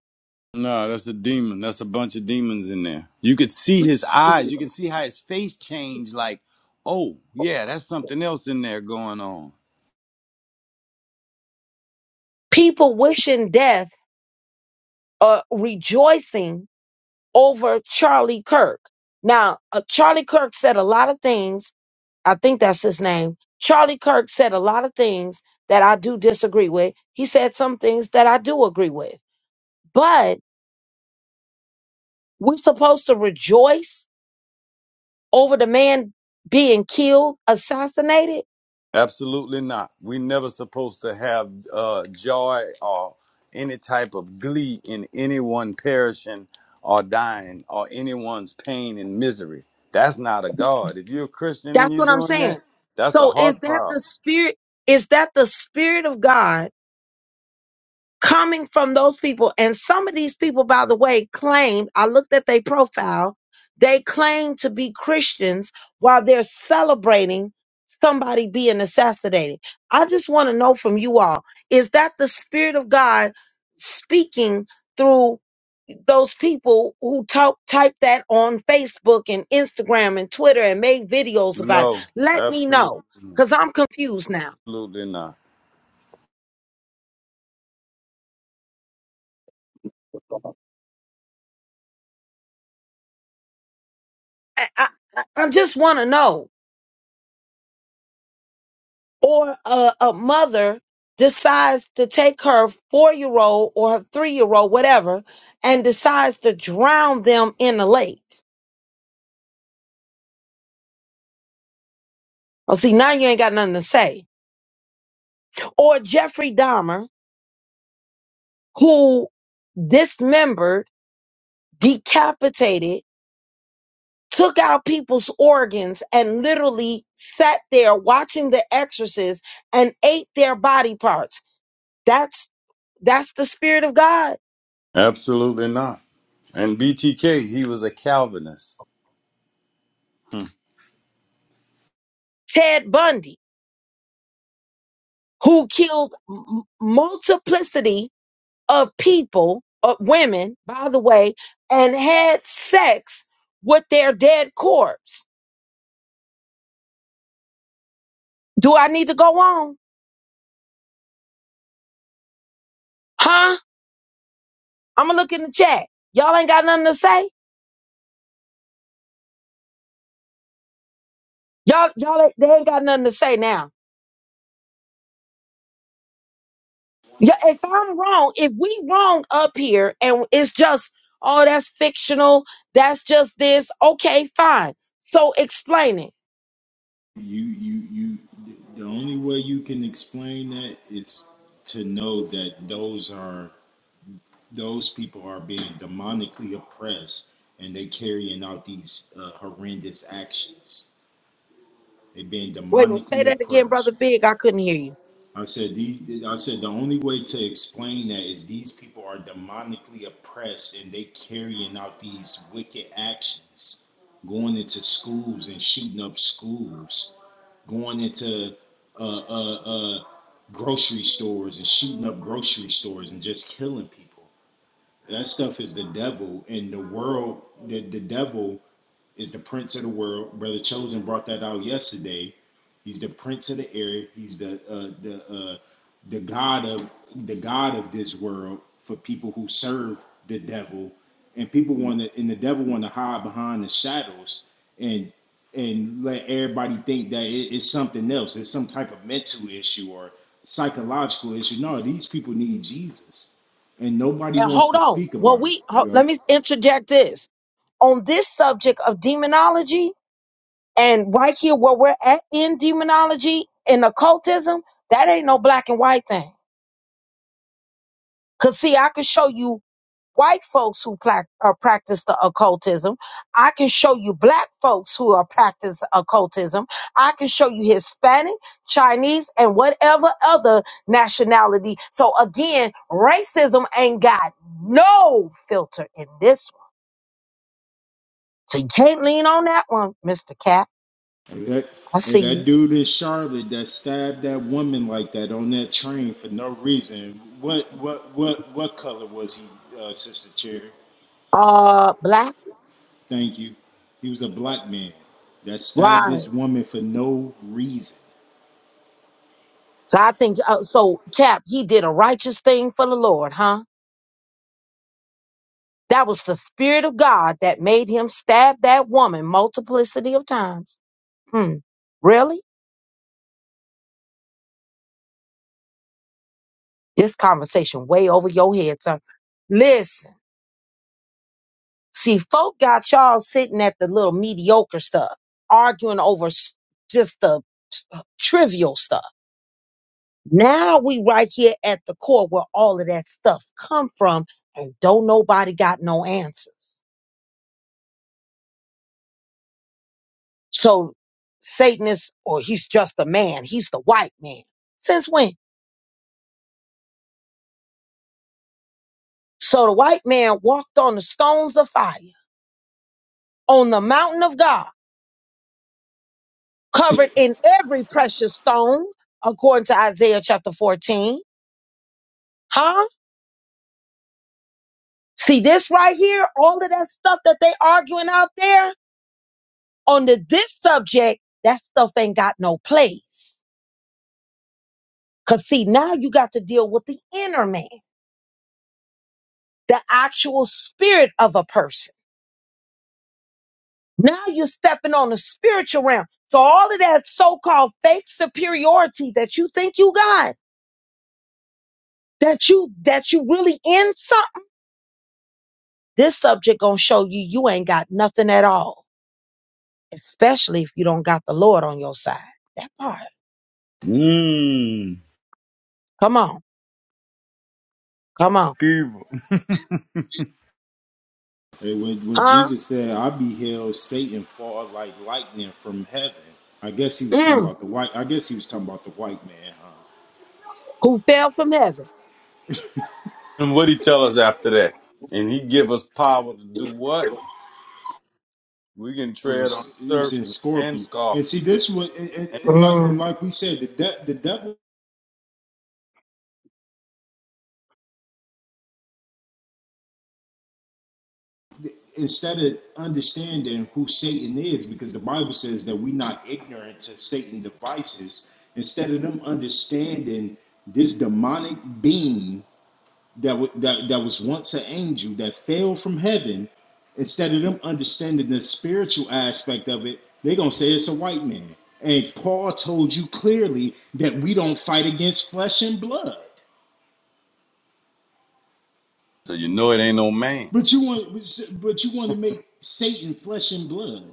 No, that's a demon. That's a bunch of demons in there. You could see his eyes. You can see how his face changed. Like, oh yeah, that's something else in there going on.
People wishing death or rejoicing over Charlie Kirk. Now, uh, Charlie Kirk said a lot of things. I think that's his name. Charlie Kirk said a lot of things that I do disagree with. He said some things that I do agree with. But We're supposed to rejoice over the man being killed, assassinated.
Absolutely not. We never supposed to have uh, joy or any type of glee in anyone perishing or dying or anyone's pain and misery. That's not a God. If you're a Christian and
That's
you're
what I'm
doing that,
saying.
that's a
So is
heart
that the
problem.
spirit? Is that the spirit of God coming from those people? And some of these people, by the way, claim, I looked at their profile, they claim to be Christians while they're celebrating somebody being assassinated. I just want to know from you all, is that the spirit of God speaking? through? those people who talk type that on Facebook and Instagram and Twitter and make videos about it.
No,
Let me
absolutely,
know because I'm confused now.
absolutely not.
I, I, I I just want to know. Or a, a mother decides to take her four year old or her three year old, whatever, and decides to drown them in the lake. Oh, see, now you ain't got nothing to say. Or Jeffrey Dahmer, who dismembered, decapitated took out people's organs and literally sat there watching the exorcist and ate their body parts. That's that's the spirit of God.
Absolutely not. And BTK, he was a Calvinist.
Ted Bundy, who killed m- multiplicity of people, of women, by the way, and had sex with their dead corpse. Do I need to go on? Huh? I'm gonna look in the chat. Y'all ain't got nothing to say. Y'all, y'all, ain't- they ain't got nothing to say now. Yeah, if I'm wrong, if we wrong up here and it's just, oh, that's fictional, that's just this, okay, fine. So explain it.
You you you the only way you can explain that is to know that those are those people are being demonically oppressed and they carrying out these uh, horrendous actions. They're being
Wait a minute, say
demonically
that again, brother
oppressed.
Big. I couldn't hear you.
I said these, I said the only way to explain that is these people are demonically oppressed and they carrying out these wicked actions, going into schools and shooting up schools, going into uh, uh, uh, grocery stores and shooting up grocery stores and just killing people. That stuff is the devil, and the world, the, the devil is the prince of the world. Brother Chosen brought that out yesterday. He's the prince of the air. He's the uh, the uh, the god of the god of this world for people who serve the devil, and people want to and the devil want to hide behind the shadows and and let everybody think that it, it's something else. It's some type of mental issue or psychological issue. No, these people need Jesus, and nobody
And
wants
hold
to
on.
speak
Well,
about it.
we ho-
Yeah.
let me interject this. on this subject of demonology and right here where we're at in demonology and occultism, that ain't no black and white thing. Cause see, I can show you white folks who pla- uh, practice the occultism. I can show you black folks who are practice occultism. I can show you Hispanic, Chinese, and whatever other nationality. So again, racism ain't got no filter in this one. So you can't lean on that one, Mr. Cat.
Hey, that,
I
hey,
see you.
that dude in Charlotte that stabbed that woman like that on that train for no reason. What what what what color was he, uh, Sister Cherry?
Uh, black,
Thank you. He was a black man that stabbed
right?
this woman for no reason.
So I think uh, so. Cap, he did a righteous thing for the Lord, huh? That was the spirit of God that made him stab that woman multiplicity of times. Hmm. Really? This conversation way over your head, son. Listen, see, folk got y'all sitting at the little mediocre stuff, arguing over s- just the uh, trivial stuff. Now we right here at the core where all of that stuff come from, and don't nobody got no answers. So Satan is, or he's just a man. He's the white man. Since when? So the white man walked on the stones of fire, on the mountain of God, covered in every precious stone, according to Isaiah chapter 14. Huh? See this right here? All of that stuff that they arguing out there on the, this subject, that stuff ain't got no place Because, see, now you got to deal with the inner man, the actual spirit of a person. Now you're stepping on the spiritual realm. So, all of that so called fake superiority that you think you got, that you that you really in something, this subject gonna show you you ain't got nothing at all, especially if you don't got the Lord on your side. That part.
Mmm.
Come on, come on.
Skeever.
Hey, when, when
Huh?
Jesus said, "I beheld Satan fall like lightning from heaven," I guess he was talking
Mm.
about the white. I guess he was talking about the white man, huh?
Who fell from heaven?
And what he tell us after that? And he give us power to do what? We can
It
tread on
was, it was in
serpents and
Scorpio, and see
scorpions.
this one, and, and, and like and
Mm.
like we said, the de- the devil instead of understanding who Satan is, because the Bible says that we're not ignorant to Satan devices, instead of them understanding this demonic being that, wa- that, that was once an angel that fell from heaven, instead of them understanding the spiritual aspect of it, they're going to say it's a white man. And Paul told you clearly that we don't fight against flesh and blood.
So you know it ain't no man.
But you want, but you want to make Satan flesh and blood.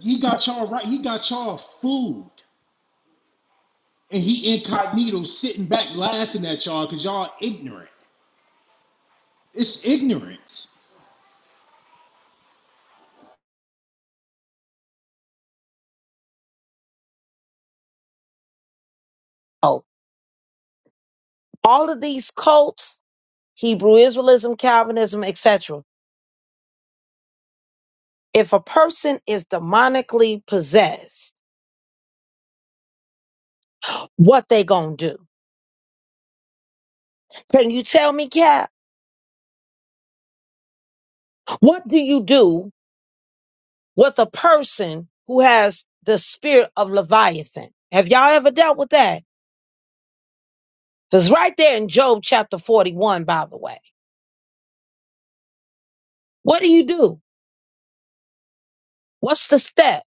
He got y'all right. He got y'all fooled. And he incognito sitting back laughing at y'all because y'all ignorant. It's ignorance.
Oh, all of these cults Hebrew Israelism, Calvinism, etc. If a person is demonically possessed, what they gonna do? Can you tell me, Cap? What do you do with a person who has the spirit of Leviathan? Have y'all ever dealt with that? It's right there in Job chapter 41, by the way. What do you do? What's the step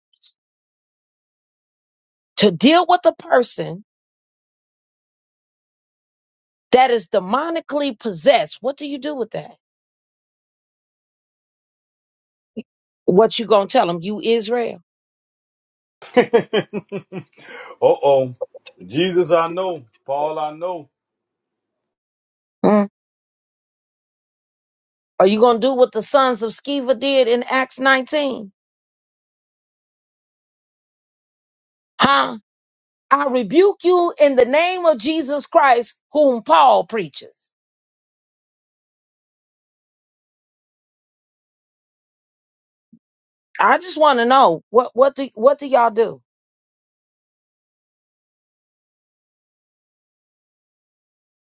to deal with a person that is demonically possessed? What do you do with that? What you gonna tell them? You Israel.
(laughs) uh oh. Jesus, I know. Paul, I know.
Are you going to do what the sons of Sceva did in Acts 19? Huh? I rebuke you in the name of Jesus Christ, whom Paul preaches. I just want to know what what do what do y'all do?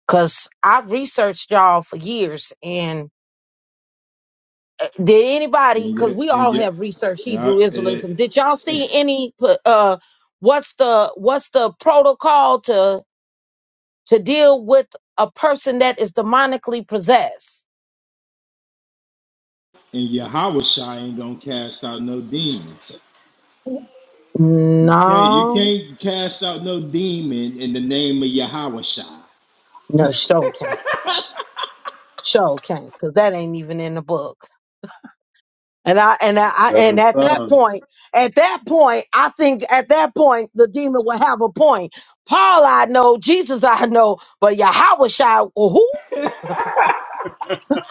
Cause I've researched y'all for years, and uh, did anybody?
And
Cause
yet,
we
yeah, and
all
yet,
have researched
and, I,
Hebrew
and, yet-
Israelism. Did y'all see any? pu- Uh, what's the what's the protocol to to deal with a person that is demonically possessed?
ain't gonna cast out no demons. You can't, you
No,
can't cast out no demon in the name of Yahawashai.
No, show can't. Show can't, cause that ain't even in the book. And I and I I- and
Seven sons.
at that point, at that point, I think at that point the demon will have a point. Paul, I know, Jesus, I know, but Yahweh Shai, who,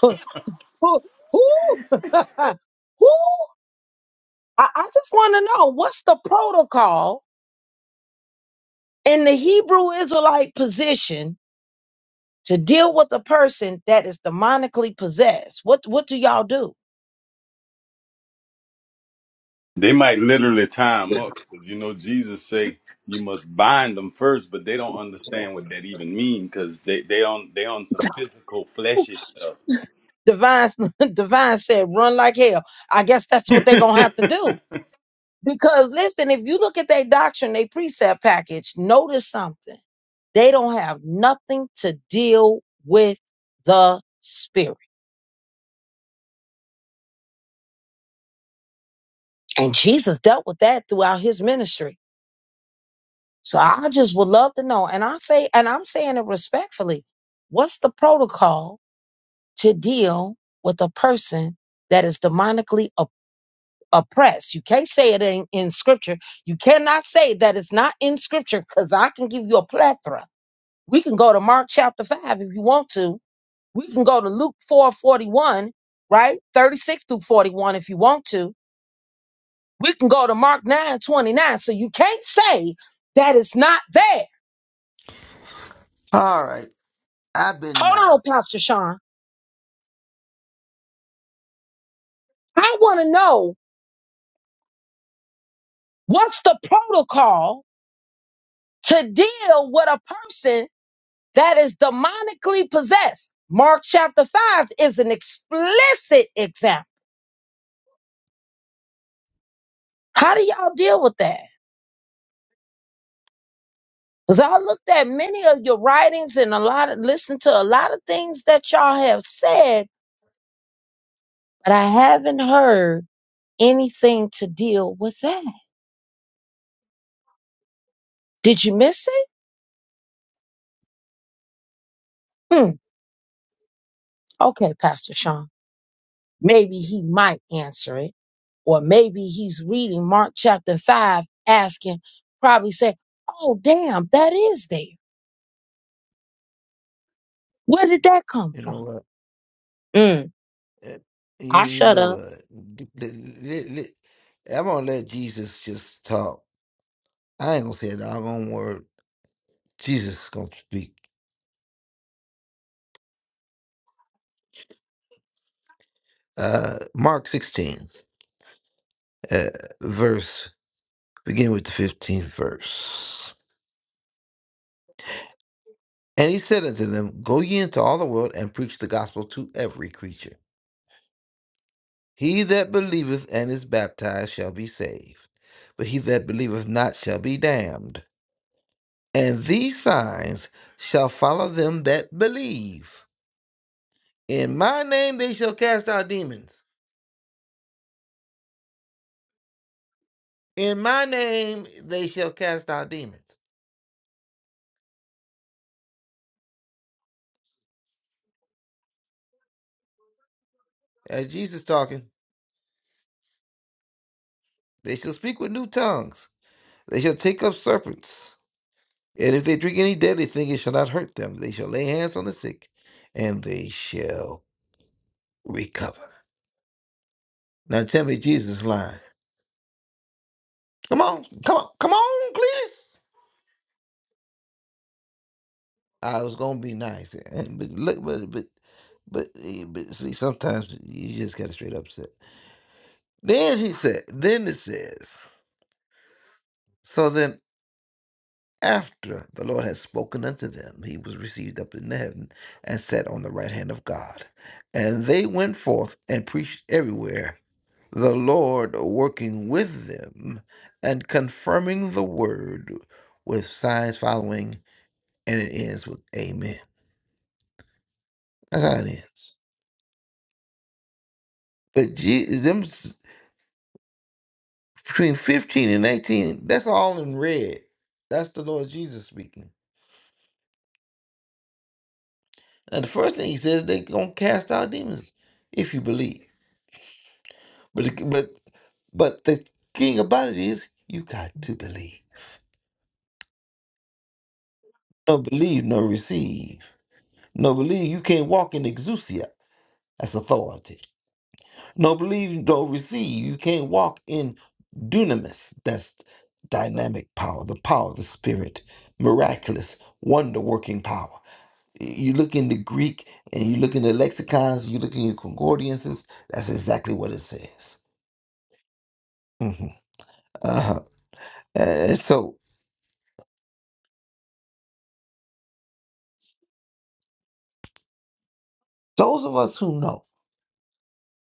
who, who, (laughs) who? I, I just want to know what's the protocol in the Hebrew Israelite position to deal with a person that is demonically possessed. What what do y'all do?
They might literally tie him up because you know Jesus say you must bind them first, but they don't understand what that even mean because they they on they on some physical fleshy stuff.
Divine, (laughs) Divine said, run like hell. I guess that's what they're going to have
(laughs)
to do. Because listen, if you look at their doctrine, their precept package, notice something. They don't have nothing to deal with the spirit. And Jesus dealt with that throughout his ministry. So I just would love to know. And I say, and I'm saying it respectfully. What's the protocol to deal with a person that is demonically oppressed. You can't say it ain't in scripture. You cannot say that it's not in scripture because I can give you a plethora. We can go to Mark chapter 5 if you want to. We can go to Luke 4 41, right? 36 through 41 if you want to. We can go to Mark 9 29. So you can't say that it's not there.
All right. I've been
Hold on,
nice.
Pastor Sean. I want to know what's the protocol to deal with a person that is demonically possessed. Mark chapter 5 is an explicit example. How do y'all deal with that? Because I looked at many of your writings and a lot of listened to a lot of things that y'all have said, but I haven't heard anything to deal with that. Did you miss it? Hmm. Okay, Pastor Sean. Maybe he might answer it. Or maybe he's reading Mark chapter 5, asking, probably say, Oh, damn, that is there. Where did that come
You know
from?
what?
Mm,
Eh, You,
I
you
shut
know
up.
what? Let- let- let- I'm going to let Jesus just talk. I ain't going to say a doggone word. Jesus is going to speak. Uh, Mark 16, uh, verse, begin with the 15th verse. And he said unto them, Go ye into all the world and preach the gospel to every creature. He that believeth and is baptized shall be saved, but he that believeth not shall be damned. And these signs shall follow them that believe. In my name they shall cast out demons. In my name they shall cast out demons. As Jesus talking, they shall speak with new tongues. They shall take up serpents. And if they drink any deadly thing, it shall not hurt them. They shall lay hands on the sick, and they shall recover. Now tell me Jesus is lying. Come on, come on, come on, Cletus. I was gonna be nice, and- but look, but but but, eh, but see, sometimes you just gotta straight up say. Then he said, then it says, so then after the Lord had spoken unto them, he was received up into heaven and sat on the right hand of God, and they went forth and preached everywhere, the Lord working with them and confirming the word with signs following, and it ends with Amen. That's how it ends. But Je- them s- between 15 and 19, that's all in red. That's the Lord Jesus speaking. And the first thing he says, they going to cast out demons if you believe. But, the- but, but the thing about it is, you got to believe. No believe, no receive. No believe, you can't walk in exousia. That's authority. No, believe, don't receive. You can't walk in dunamis. That's dynamic power, the power of the spirit, miraculous, wonder working power. You look in the Greek and you look in the lexicons, you look in your concordances, that's exactly what it says. hmm Uh-huh. And so, those of us who know,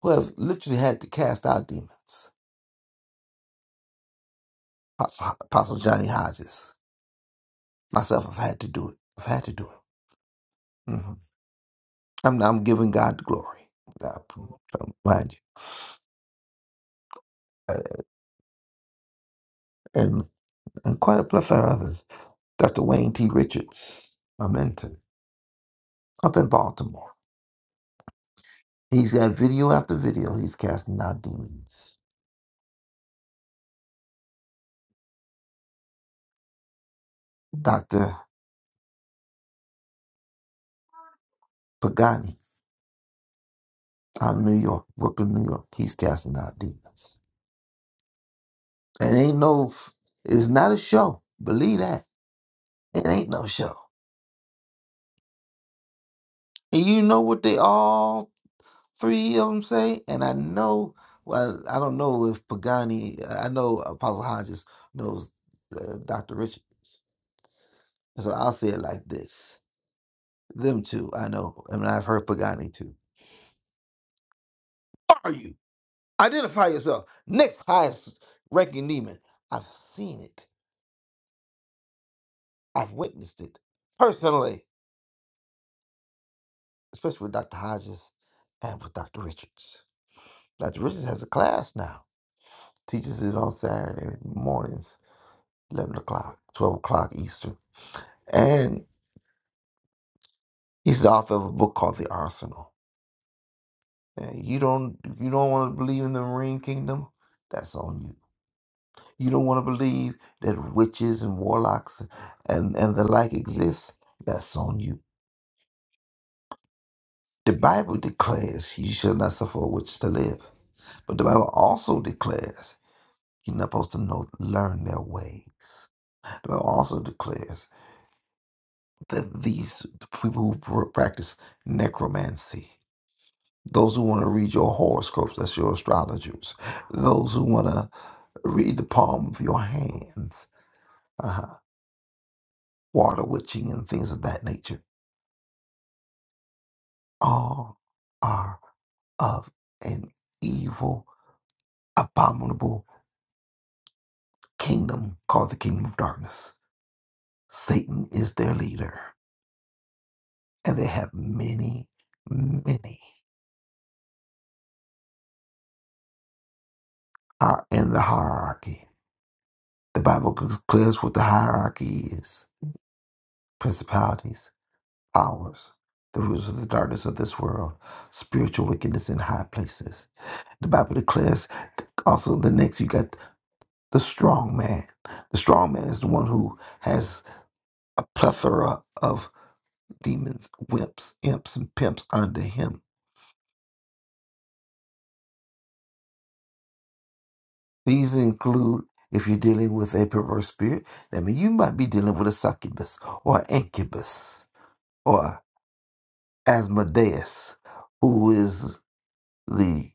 who have literally had to cast out demons, Apostle Apostle Johnny Hodges, myself, I've had to do it. I've had to do it. Mm-hmm. I'm I'm giving God the glory. I'm trying to remind you, Uh, and and quite a plethora of others. Dr. Wayne T. Richards, my mentor, up in Baltimore. He's got video after video. He's casting out demons. Dr. Pagani out of New York, Brooklyn, New York. He's casting out demons. And ain't no, it's not a show. Believe that. It ain't no show. And you know what they all three of them say, and I know. Well, I don't know if Pagani. I know Apostle Hodges knows uh, Doctor Richards, so I'll say it like this: them two, I know, and I've heard Pagani too. Are you identify yourself? Next highest ranking demon. I've seen it. I've witnessed it personally, especially with Doctor Hodges and with Doctor Richards. Doctor Richards has a class now. Teaches it on Saturday mornings, eleven o'clock, twelve o'clock Eastern. and he's the author of a book called The Arsenal. And you don't you don't want to believe in the Marine Kingdom? That's on you. You don't want to believe that witches and warlocks and, and the like exist? That's on you. The Bible declares you shall not suffer a witch to live. But the Bible also declares you're not supposed to know learn their ways. The Bible also declares that these people who practice necromancy Those who want to read your horoscopes, that's your astrologers. Those who want to read the palm of your hands, uh-huh. water witching and things of that nature, all are of an evil, abominable kingdom called the kingdom of darkness. Satan is their leader, and they have many, many are in the hierarchy. The Bible declares what the hierarchy is principalities, powers, the rulers of the darkness of this world, spiritual wickedness in high places. The Bible declares also the next you got the strong man. The strong man is the one who has a plethora of demons, wimps, imps, and pimps under him. These include if you're dealing with a perverse spirit, that means you might be dealing with a succubus or an incubus or Asmodeus, who is the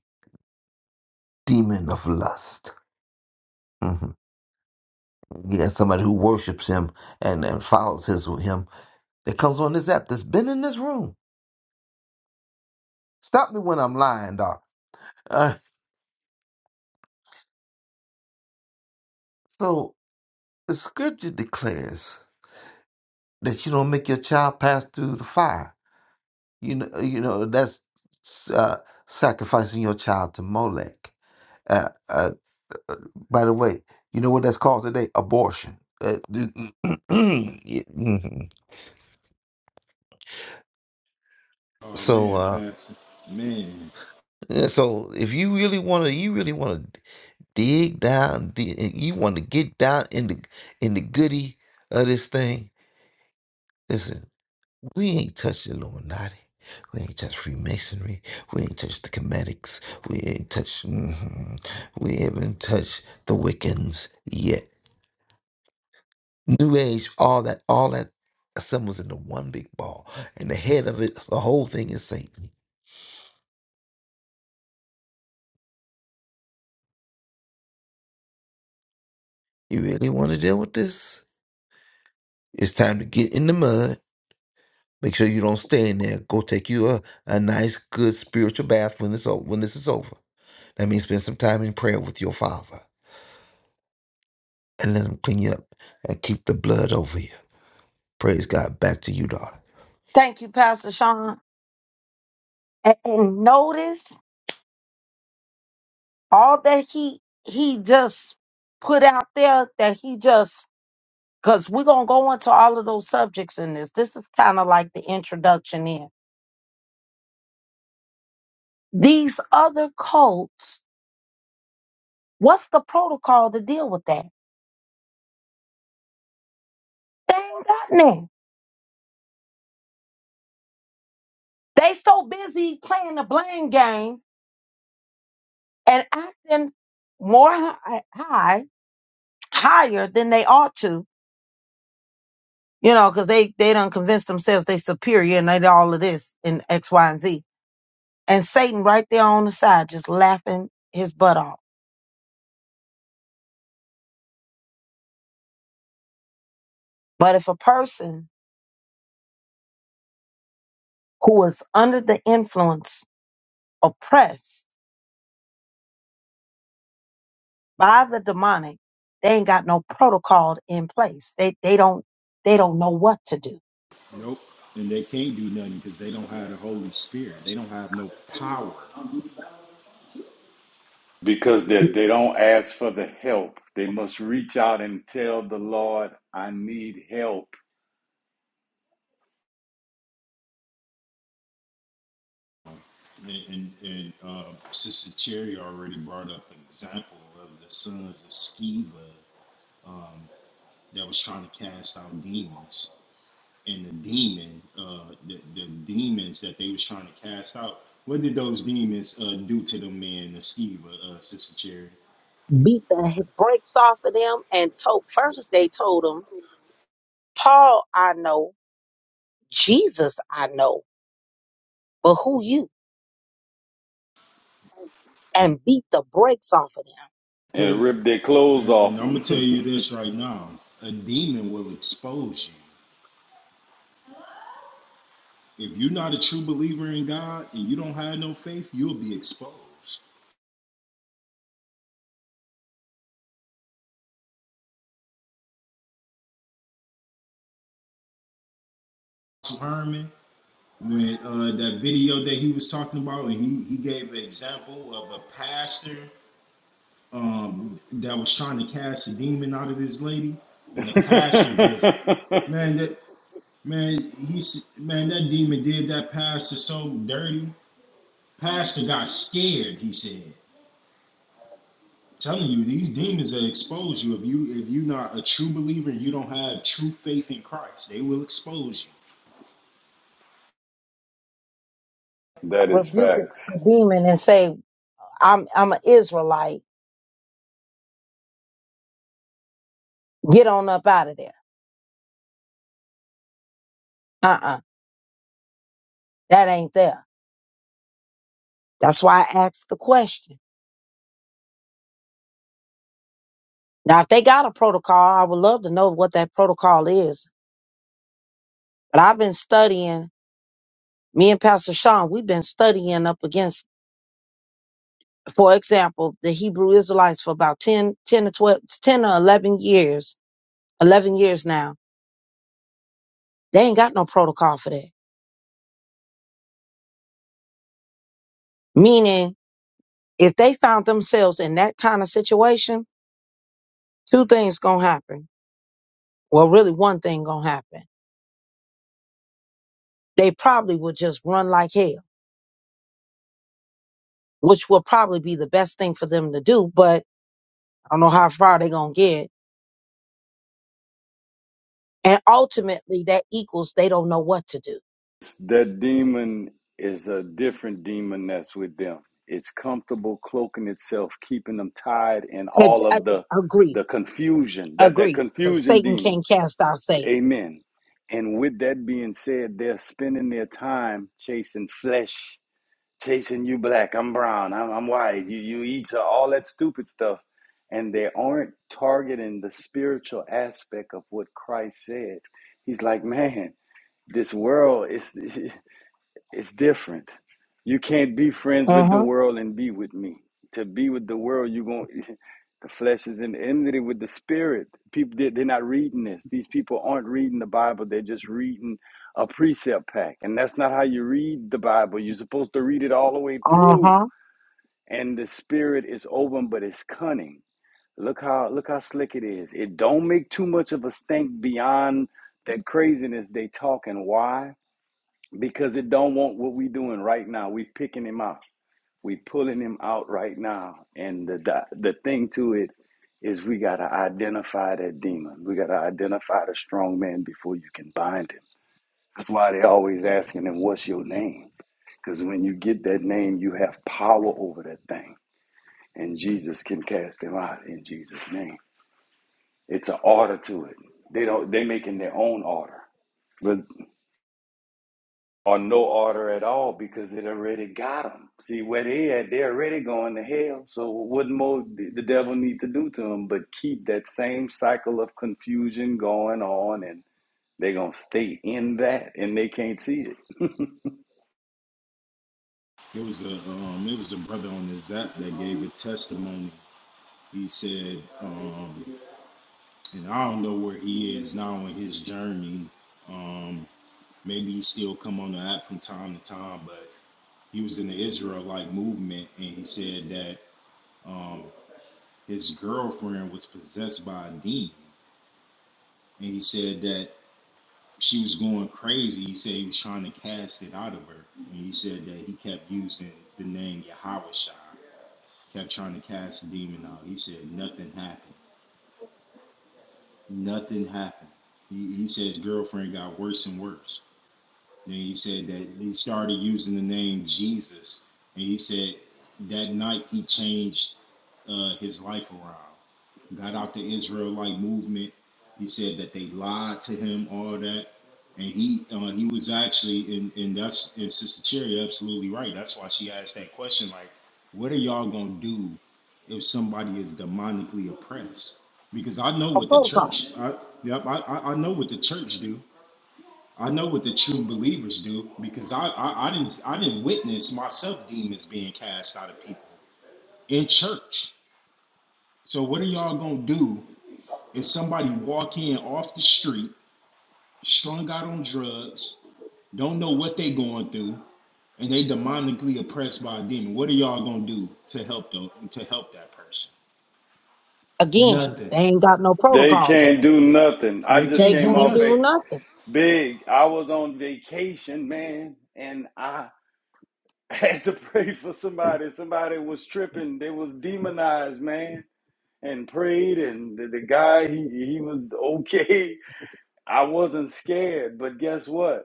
demon of lust. Mhm. Yeah, somebody who worships him and, and follows his him that comes on this app that's been in this room. Stop me when I'm lying, Doc. Uh, so the scripture declares that you don't make your child pass through the fire. You know, uh, you know that's uh, sacrificing your child to Molech. Uh, uh, by the way, you know what that's called today? Abortion. Uh, (clears throat)
Oh
so,
man,
uh,
Pastor. Man.
yeah, so if you really want to, you really want to. dig down. Dig, and you want to get down in the in the goody of this thing. Listen, we ain't touched the Illuminati. We ain't touched Freemasonry. We ain't touched the Comedics. We ain't touched. mhm. We haven't touched the Wiccans yet. New Age, all that, all that assembles into one big ball, and the head of it, the whole thing is Satan. You really want to deal with this? It's time to get in the mud Make sure you don't stay in there. Go take you a, a nice, good spiritual bath when it's over, when this is over. That means spend some time in prayer with your father and let him clean you up and keep the blood over you. Praise God. Back to you, daughter.
Thank you, Pastor Sean. And, and notice all that he he just put out there that he just because we're gonna go into all of those subjects in this. This is kind of like the introduction in. These other cults, what's the protocol to deal with that? They ain't got none. They so busy playing the blame game and acting more hi- high, higher than they ought to, you know, because they they done convinced themselves they superior and they do all of this in X, Y, and Z. And Satan right there on the side, just laughing his butt off. But if a person who is under the influence, oppressed by the demonic, they ain't got no protocol in place. They they don't they don't know what to do
Nope. And they can't do nothing because they don't have the Holy Spirit. They don't have no power.
because they they don't ask for the help. They must reach out and tell the Lord, "I need help."
And, and, uh, Sister Cherry already brought up an example of the sons of Sceva um, that was trying to cast out demons. And the demon, uh, the, the demons that they was trying to cast out, what did those demons uh, do to the man, the Sceva, uh, Sister Cherry?
beat the brakes off of them and told first they told them, Paul I know, Jesus I know, but who you? And beat the brakes off of them.
and
To,
rip their clothes
and,
off
and I'm going to tell you this
them.
right now. A demon will expose you. If you're not a true believer in God and you don't have no faith, you'll be exposed. So, Herman. when uh, that video that he was talking about, and he, he gave an example of a pastor um, that was trying to cast a demon out of this lady, and the
(laughs)
pastor just man that man he s- man that demon did that pastor so dirty. Pastor got scared. He said, "Telling you these demons will expose you if you if you're not a true believer and you don't have true faith in Christ, they will expose you."
that is
Rebuke the
facts.
demon and say, I'm I'm an Israelite. Get on up out of there. Uh-uh. That ain't there. That's why I asked the question. Now, if they got a protocol, I would love to know what that protocol is. But I've been studying, me and Pastor Sean, we've been studying up against, for example, the Hebrew Israelites for about 10, 10 10 to 12, ten or 11 years, 11 years now. They ain't got no protocol for that. Meaning, if they found themselves in that kind of situation, two things gonna happen. Well, really one thing gonna happen they probably would just run like hell, which would probably be the best thing for them to do. But I don't know how far they're going to get. And ultimately, that equals they don't know what to do.
That demon is a different demon that's with them. It's comfortable cloaking itself, keeping them tied in
Ex-
all
I-
of the
Agree.
the confusion. That's that
Agree. Because
confusion
Satan
demon.
can't cast out Satan.
Amen. And with that being said, they're spending their time chasing flesh Jason, you black, I'm brown, I'm, I'm white, you, you eat all that stupid stuff. And they aren't targeting the spiritual aspect of what Christ said. He's like, man, this world is. (laughs) It's different. You can't be friends
Uh
with the
huh.
world and be with me. To be with the world, you going to... (laughs) the flesh is in enmity with the spirit. People they- they're not reading this. These people aren't reading the Bible. They're just reading a precept pack. And that's not how you read the Bible. You're supposed to read it all the way
Uh
through.
huh.
And the spirit is open, but it's cunning. Look how look how slick it is. It don't make too much of a stink beyond that craziness they talking. Why? because it don't want what we doing right now. We picking him out. We pulling him out right now. And the the, the thing to it is we got to identify that demon. We got to identify the strong man before you can bind him. That's why they always asking him, what's your name? Because when you get that name, you have power over that thing. And Jesus can cast them out in Jesus' name. It's an order to it. They don't they making their own order. but. or no order at all because it already got them. See where they at, they are already going to hell. So what more did the devil need to do to them but keep that same cycle of confusion going on, and they gonna stay in that, and they can't see it.
It was a um, it was a brother on this app that gave a testimony He said, um, and I don't know where he is now in his journey. Um, maybe he still come on the app from time to time, but he was in the Israelite movement, and he said that um, his girlfriend was possessed by a demon, and he said that she was going crazy. He said he was trying to cast it out of her, and he said that he kept using the name Yahweh kept trying to cast the demon out. He said nothing happened. Nothing happened. He, he says girlfriend got worse and worse. Then he said that he started using the name Jesus, and he said that night he changed uh, his life around got out the Israelite movement. He said that they lied to him, all that, and he uh, he was actually and and that's and Sister Cherry absolutely right. That's why she asked that question, like, what are y'all gonna do if somebody is demonically oppressed? Because I know
No
what the
protocol.
church, I, yep, I I I know what the church do. I know what the true believers do because I, I I didn't I didn't witness myself demons being cast out of people in church. So what are y'all gonna do and somebody walk in off the street, strung out on drugs, don't know what they going through, and they demonically oppressed by a demon, what are y'all gonna do to help the, to help that person?
Again,
Nothing.
they ain't got no
They
protocol for
can't
that.
do nothing. I
They
just
They
can't do
came
can't
off vac
nothing.
do nothing.
big. I was on vacation, man, and I (laughs) had to pray for somebody. Somebody was tripping. They was demonized, man. and prayed and the, the guy he, he was (laughs) okay i wasn't scared but guess what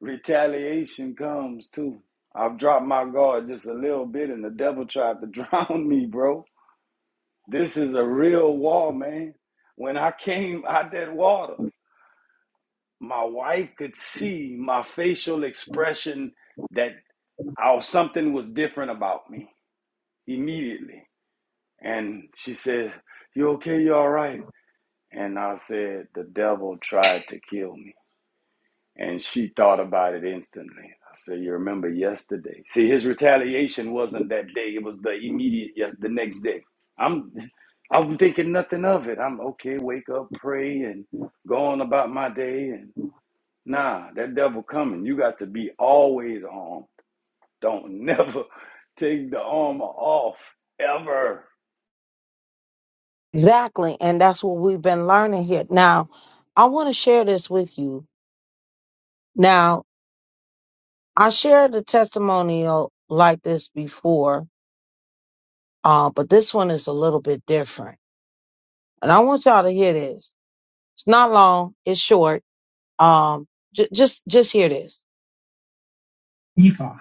retaliation comes too i've dropped my guard just a little bit and the devil tried to (laughs) drown me bro this is a real war man when i came out that water my wife could see my facial expression that I, something was different about me immediately and she said you okay you all right And I said, The devil tried to kill me. And she thought about it instantly. I said, You remember yesterday? See, his retaliation wasn't that day, it was the immediate, yes, the next day. I'm I'm thinking nothing of it. I'm okay, wake up, pray, and go on about my day. And nah, that devil coming. You got to be always armed. Don't (laughs) never take the armor off, ever.
Exactly. And that's what we've been learning here. Now, I want to share this with you. Now, I shared a testimonial like this before, uh, but this one is a little bit different. And I want y'all to hear this. It's not long, it's short. Um, j- just just hear this. Ifa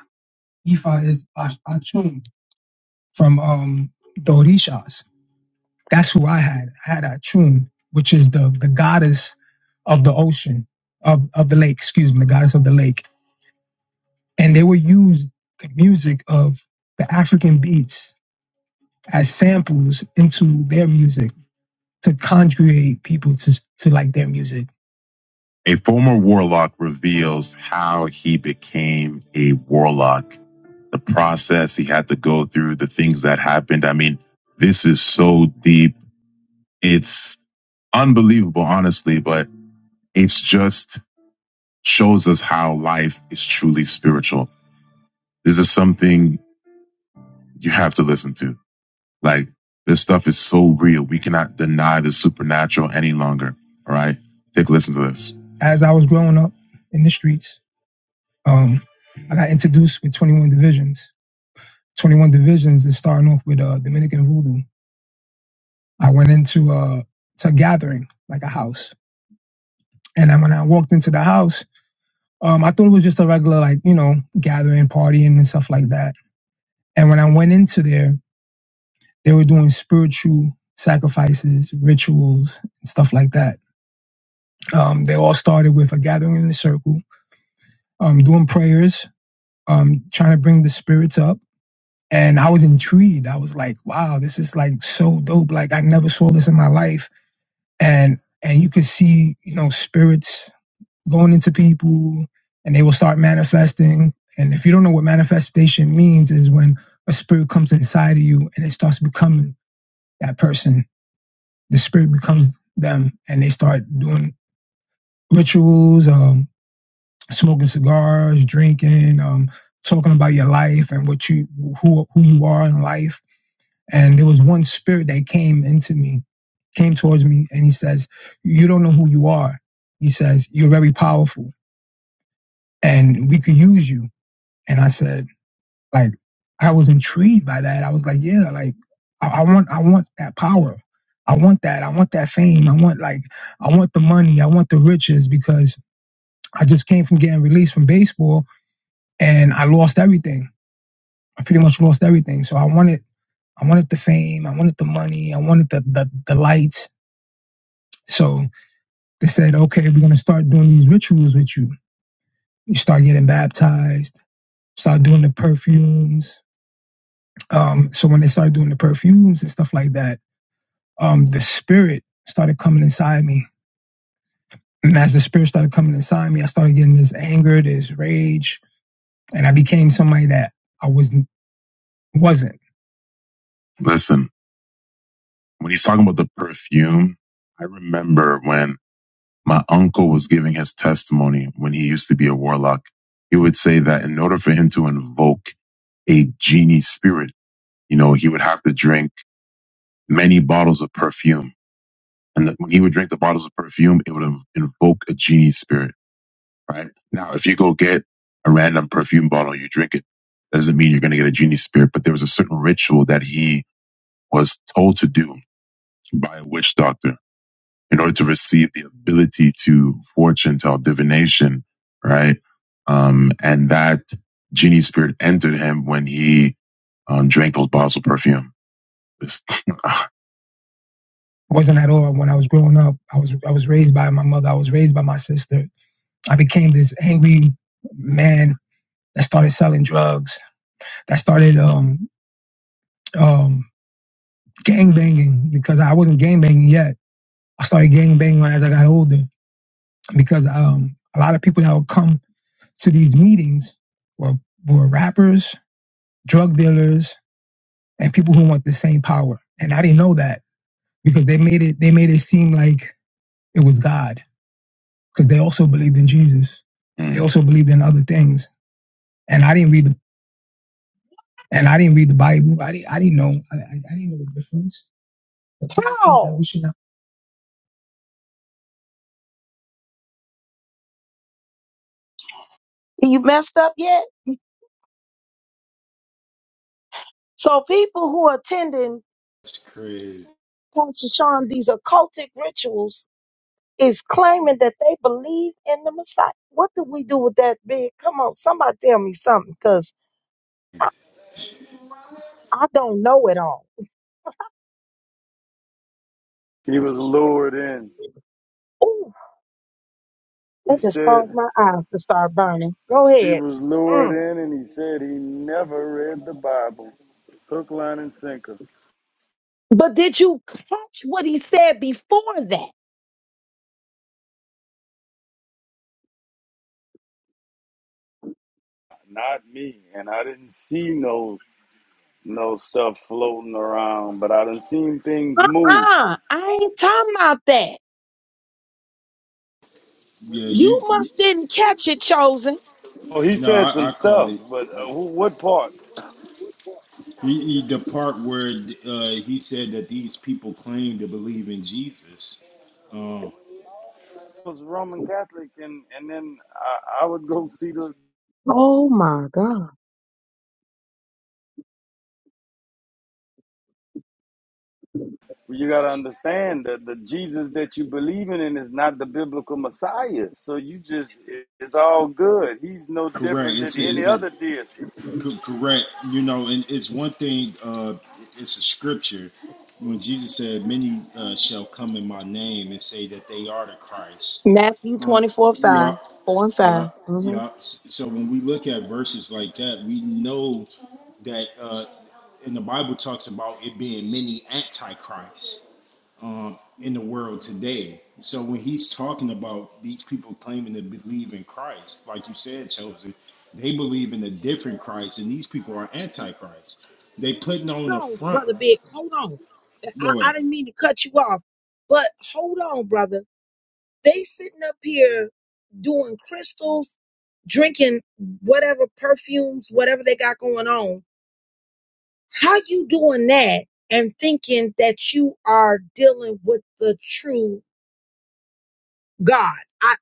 Ifa is a Achum from um, the Orishas. That's who I had. I had Atun, which is the, the goddess of the ocean, of, of the lake, excuse me, the goddess of the lake and they would use the music of the African beats as samples into their music to conjugate people to to like their music. A former warlock reveals how he became a warlock, the process he had to go through, the things that happened. I mean, this is so deep. It's unbelievable, honestly, but it's just shows us how life is truly spiritual. This is something you have to listen to. Like this stuff is so real. We cannot deny the supernatural any longer. All right. Take a listen to this. As I was growing up in the streets, um, I got introduced with 21 Divisions. 21 Divisions is starting off with uh, Dominican Voodoo. I went into uh, to a gathering, like a house. And then when I walked into the house, um, I thought it was just a regular, like, you know, gathering, partying and stuff like that. And when I went into there, they were doing spiritual sacrifices, rituals, and stuff like that Um, they all started with a gathering in a circle, um, doing prayers, um, trying to bring the spirits up. And I was intrigued. I was like, wow, this is like so dope. Like I never saw this in my life. And and you could see, you know, spirits going into people and they will start manifesting. And if you don't know what manifestation means, is when a spirit comes inside of you and it starts becoming that person. The spirit becomes them and they start doing rituals. um, smoking cigars, drinking, um, talking about your life and what you who who you are in life. And there was one spirit that came into me, came towards me, and he says, "You don't know who you are." He says, "You're very powerful, and we could use you." And I said, like, I was intrigued by that. I was like, "Yeah, like, I, I want, I want that power." I want that. I want that fame. I want like I want the money. I want the riches because I just came from getting released from baseball and I lost everything. I pretty much lost everything. So I wanted, I wanted the fame, I wanted the money, I wanted the the, the lights. So they said, okay, we're gonna start doing these rituals with you. You start getting baptized, start doing the perfumes. Um, so when they started doing the perfumes and stuff like that, um, the spirit started coming inside me. And as the spirit started coming inside me, I started getting this anger, this rage, and I became somebody that I was wasn't. Listen. When he's talking about the perfume, I remember when my uncle was giving his testimony when he used to be a warlock. He would say that in order for him to invoke a genie spirit, you know, he would have to drink many bottles of perfume. And that when he would drink the bottles of perfume, it would in- invoke a genie spirit, right? Now, if you go get a random perfume bottle, you drink it, that doesn't mean you're going to get a genie spirit, but there was a certain ritual that he was told to do by a witch doctor in order to receive the ability to fortune tell divination, right? Um, and that genie spirit entered him when he um, drank those bottles of perfume. It's- (laughs) wasn't at all when I was growing up. I was I was raised by my mother. I was raised by my sister. I became this angry man that started selling drugs. That started um um gang banging because I wasn't gang banging yet. I started gang banging as I got older because um a lot of people that would come to these meetings were were rappers, drug dealers, and people who want the same power. And I didn't know that because they made it they made it seem like it was God because they also believed in Jesus. They Mm. also believed in other things. And I didn't read the and I didn't read the Bible. I didn't I didn't know I, I I didn't know the difference. But people think that How? we should not. You messed up yet? So people who are in
That's crazy.
is like us. I don't know it all.
He was lured in.
Ooh,
He
that just
said,
calling. Go
He was
ahead.
lured in and he said he never read the Bible. Hook, line, and sinker.
But did you catch what he said before that?
Not me. And I didn't see no no stuff floating around, but I done seen things move.
Uh-uh. I ain't talking about that.
Yeah,
You
you. you
didn't catch it.
Oh, he
no,
said
I,
some
I caught
stuff,
it.
but uh, who, what part?
He, he, the part where uh, he said that these people claim to believe in Jesus. Um,
I was Roman Catholic, and, and then I, I would go see the.
Oh my God.
well, You got to understand that the Jesus that you believe in is not the biblical Messiah. So you just, it- it's all good. He's no
correct.
different than
It's a,
any
it's a
other deity.
C- correct. You know, and it's one thing. Uh, it's a scripture when Jesus said, "Many uh, shall come in my name and say that they are the Christ."
Matthew
Uh,
twenty four
yeah,
five 4
yeah,
and 5. hmm
yeah. So when we look at verses like that, we know that, uh, and the Bible talks about it being many antichrists um, in the world today. So when he's talking about these people claiming to believe in Christ, like you said, Chosen, they believe in a different Christ, and these people are antichrist. They putting on the
on,
front.
brother Big. Hold on. I,
Go
I
ahead.
didn't mean to cut you off, but hold on, brother. They sitting up here doing crystals, drinking whatever perfumes, whatever they got going on. How you doing that and thinking that you are dealing with the true God? I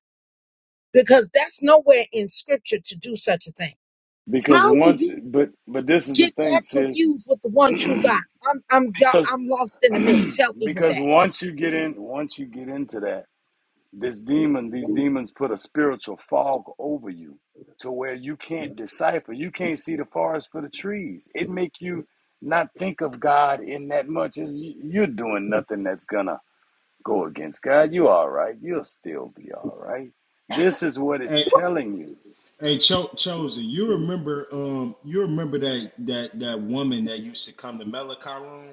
because that's nowhere in scripture to do such a thing.
Because
How do
once,
you?
but but this is the
get
thing,
that
sis.
confused with the one true God. I'm I'm y'all,
Because
I'm lost in the
(clears throat)
mix. Help me with
because
that.
once you get in, once you get into that, this demon, these demons put a spiritual fog over you, to where you can't decipher, you can't see the forest for the trees. It make you not think of God in that much. As you're doing nothing that's gonna go against God, you all right. You'll still be all right. This is what it's
Hey,
telling you.
hey Cho- Chosen, you remember um you remember that that that woman that used to come to Malachi room,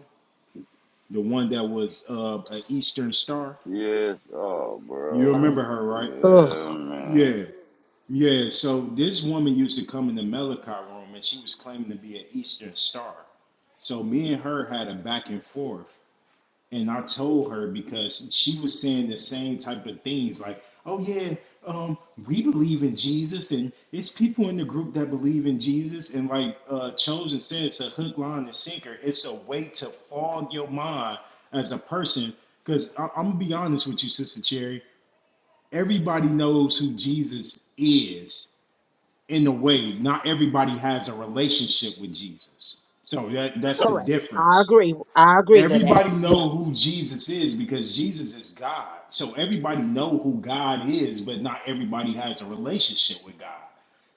the one that was uh an Eastern star.
Yes. Oh,
You
bro.
remember her, right?
Yeah,
Ugh,
man.
Yeah. Yeah, so this woman used to come in the Malachi room and she was claiming to be an Eastern star. So me and her had a back and forth. And I told her because she was saying the same type of things like, oh, yeah, um, we believe in Jesus. And it's people in the group that believe in Jesus. And like uh, Chosen said, it's a hook, line, and sinker. It's a way to fog your mind as a person. Because I'm going to be honest with you, Sister Cherry. Everybody knows who Jesus is in a way, not everybody has a relationship with Jesus. So that, that's the
correct. I
difference.
agree. I agree to that.
Everybody
Yeah.
know who Jesus is because Jesus is God. So everybody know who God is, but not everybody has a relationship with God.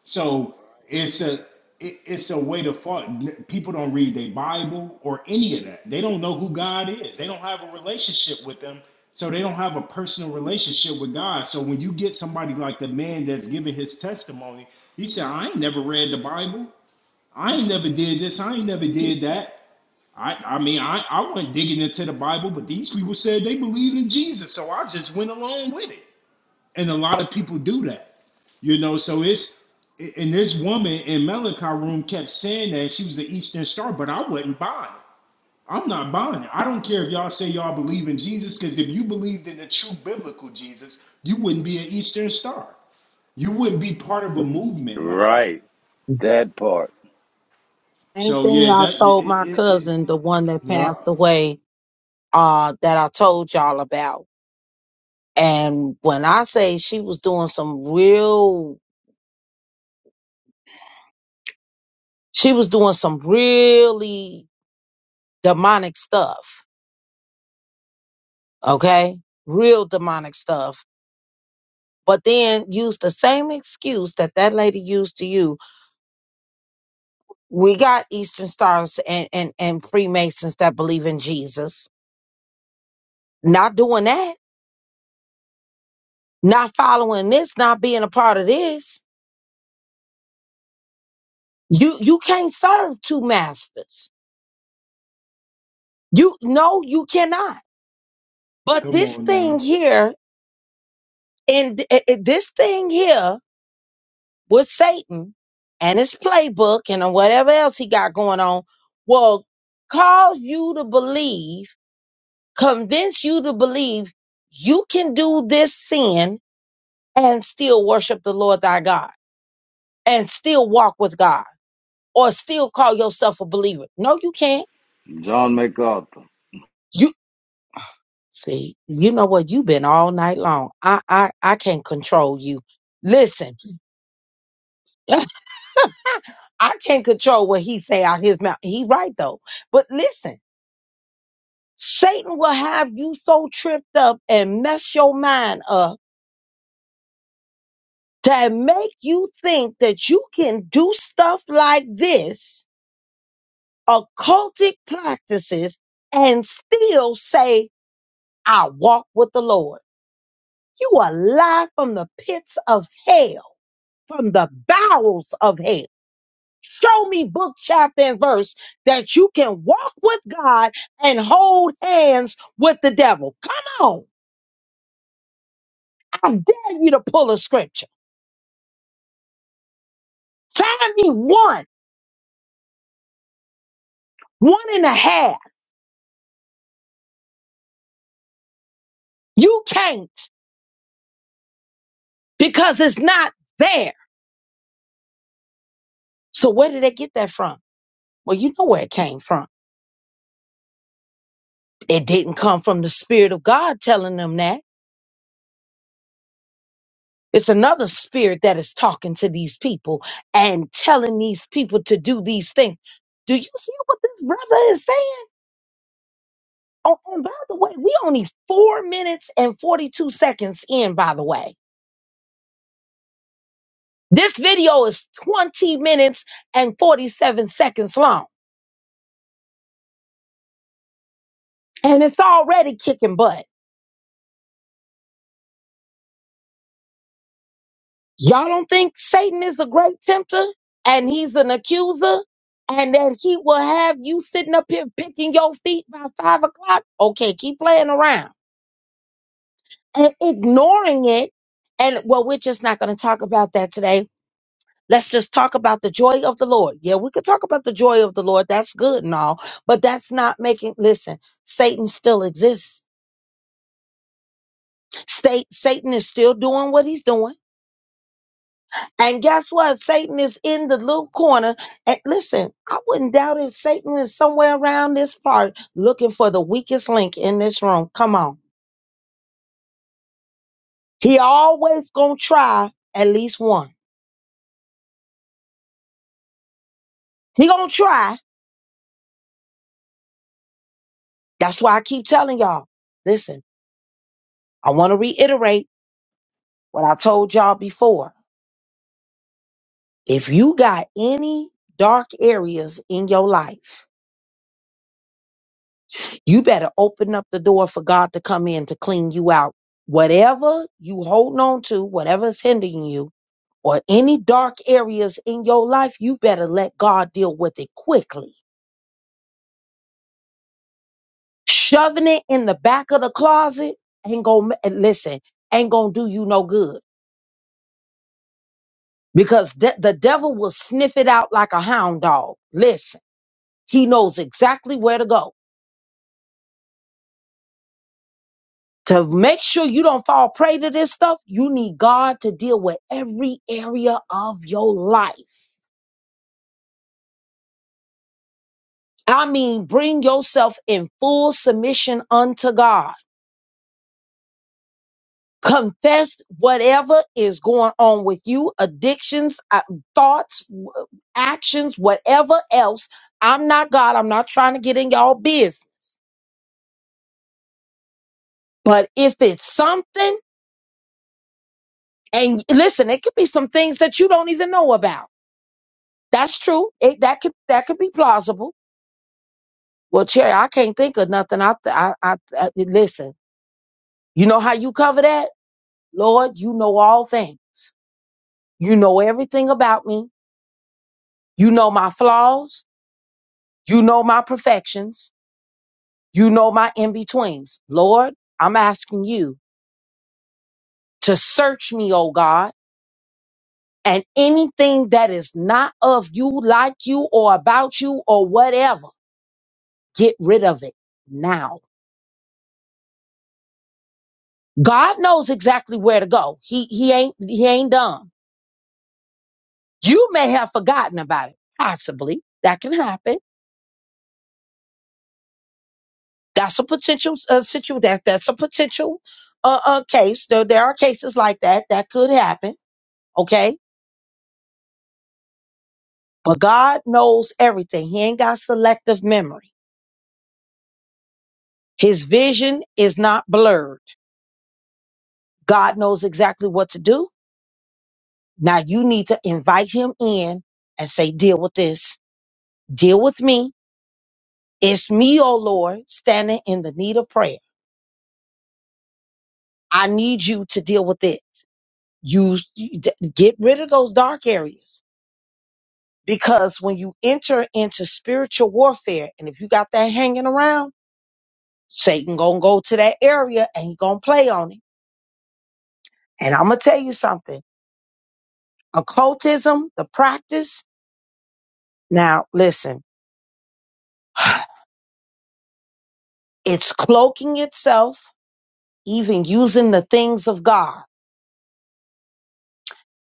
So it's a it- it's a way to fight. People don't read their Bible or any of that. They don't know who God is. They don't have a relationship with them. So they don't have a personal relationship with God. So when you get somebody like the man that's giving his testimony, he said, "I ain't never read the Bible. I ain't never did this. I ain't never did that." I, I mean, I, I wasn't digging into the Bible, but these people said they believed in Jesus, so I just went along with it. And a lot of people do that, you know. So it's and this woman in Malachi room kept saying that she was the Eastern Star, but I wasn't buying it. I'm not buying it. I don't care if y'all say y'all believe in Jesus, because if you believed in the true biblical Jesus, you wouldn't be an Eastern Star. You wouldn't be part of a movement like that.
Right. That part.
Same
So
thing
yeah,
I
that
told my
it is.
cousin, the
It,
one that
yeah,
passed away, uh, that I told y'all about. And when I say she was doing some real, she was doing some really demonic stuff. Okay. Real demonic stuff. But then used the same excuse that that lady used to use We got Eastern Stars and, and, and Freemasons that believe in Jesus. Not doing that, not following this, not being a part of this. You you can't serve two masters. You no, you cannot. But
come
this
on now.
thing here and th- eh, eh, this thing here with Satan and his playbook and whatever else he got going on will cause you to believe, convince you to believe you can do this sin and still worship the Lord thy God and still walk with God or still call yourself a believer. No, you can't.
John MacArthur.
You see, you know what? You've been all night long. I I I can't control you. Listen, (laughs) I can't control what he say out his mouth. He right though. But listen, Satan will have you so tripped up and mess your mind up to make you think that you can do stuff like this, occultic practices, and still say I walk with the Lord. You are alive from the pits of hell, from the bowels of hell. Show me book, chapter, and verse that you can walk with God and hold hands with the devil. Come on. I dare you to pull a scripture. Find me one, one and a half. You can't because it's not there. So where did they get that from? Well, you know where it came from. It didn't come from the Spirit of God telling them that. It's another spirit that is talking to these people and telling these people to do these things. Do you hear what this brother is saying? Oh, and by the way, we only four minutes and 42 seconds in, by the way. This video is 20 minutes and 47 seconds long, and it's already kicking butt. Y'all don't think Satan is a great tempter and he's an accuser and that he will have you sitting up here picking your feet by five o'clock? Okay, keep playing around. and ignoring it. And well, we're just not going to talk about that today. Let's just talk about the joy of the Lord. Yeah, we could talk about the joy of the Lord. That's good and all, but that's not making, listen, Satan still exists. State, Satan is still doing what he's doing. And guess what? Satan is in the little corner. And listen, I wouldn't doubt if Satan is somewhere around this part looking for the weakest link in this room. Come on. He always gonna try at least one. He gonna try That's why I keep telling y'all. Listen, I want to reiterate what I told y'all before. If you got any dark areas in your life, you better open up the door for God to come in to clean you out. Whatever you holding on to, whatever's hindering you, or any dark areas in your life, you better let God deal with it quickly. Shoving it in the back of the closet ain't gonna listen, ain't gonna do you no good because de- the devil will sniff it out like a hound dog. Listen, he knows exactly where to go. To make sure you don't fall prey to this stuff, you need God to deal with every area of your life. I mean, bring yourself in full submission unto God. Confess whatever is going on with you, addictions, uh, thoughts, w- actions, whatever else. I'm not God. I'm not trying to get in y'all business. But if it's something, And listen, it could be some things that you don't even know about. That's true. It, that could that could be plausible. Well, Cherry, I can't think of nothing. I, th- I, I, I listen. You know how you cover that, Lord? You know all things. You know everything about me. You know my flaws. You know my perfections. You know my in betweens. Lord, I'm asking you to search me, oh God, and anything that is not of you, like you, or about you, or whatever Get rid of it now. God knows exactly where to go. He he ain't he ain't dumb. You may have forgotten about it. Possibly that can happen. That's a potential uh, situ that that's a potential uh, uh case. There there are cases like that that could happen. Okay, but God knows everything. He ain't got selective memory. His vision is not blurred. God knows exactly what to do. Now you need to invite him in and say, "Deal with this. Deal with me It's me, oh Lord, standing in the need of prayer. I need you to deal with it. You you d- get rid of those dark areas because when you enter into spiritual warfare, and if you got that hanging around, Satan gonna go to that area and he gonna play on it. And I'm gonna tell you something: occultism, the practice. Now, listen, (sighs) it's cloaking itself, even using the things of God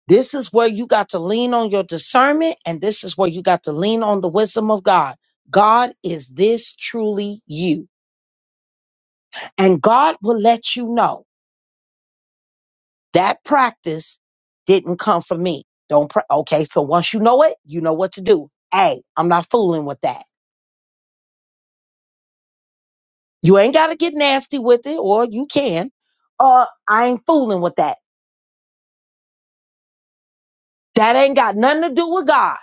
This is where you got to lean on your discernment, and this is where you got to lean on the wisdom of God. God, is this truly you? And God will let you know that practice didn't come from me. Don't, pra- okay, so once you know it, you know what to do. Hey, I'm not fooling with that. You ain't got to get nasty with it, or you can. Uh, I ain't fooling with that. That ain't got nothing to do with God.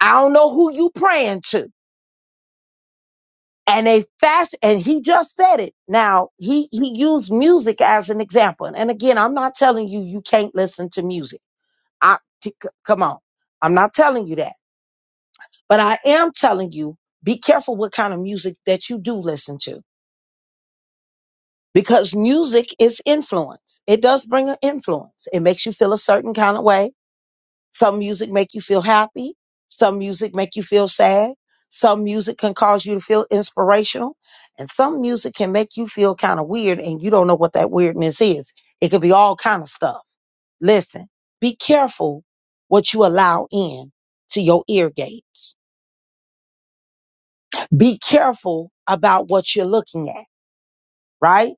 I don't know who you praying to. and they fast and he just said it now he he used music as an example and again i'm not telling you you can't listen to music i t- c- come on i'm not telling you that but i am telling you be careful what kind of music that you do listen to because music is influence it does bring an influence it makes you feel a certain kind of way Some music make you feel happy. Some music make you feel sad. Some music can cause you to feel inspirational. And some music can make you feel kind of weird and you don't know what that weirdness is. It could be all kind of stuff. Listen, be careful what you allow in to your ear gates. Be careful about what you're looking at, right?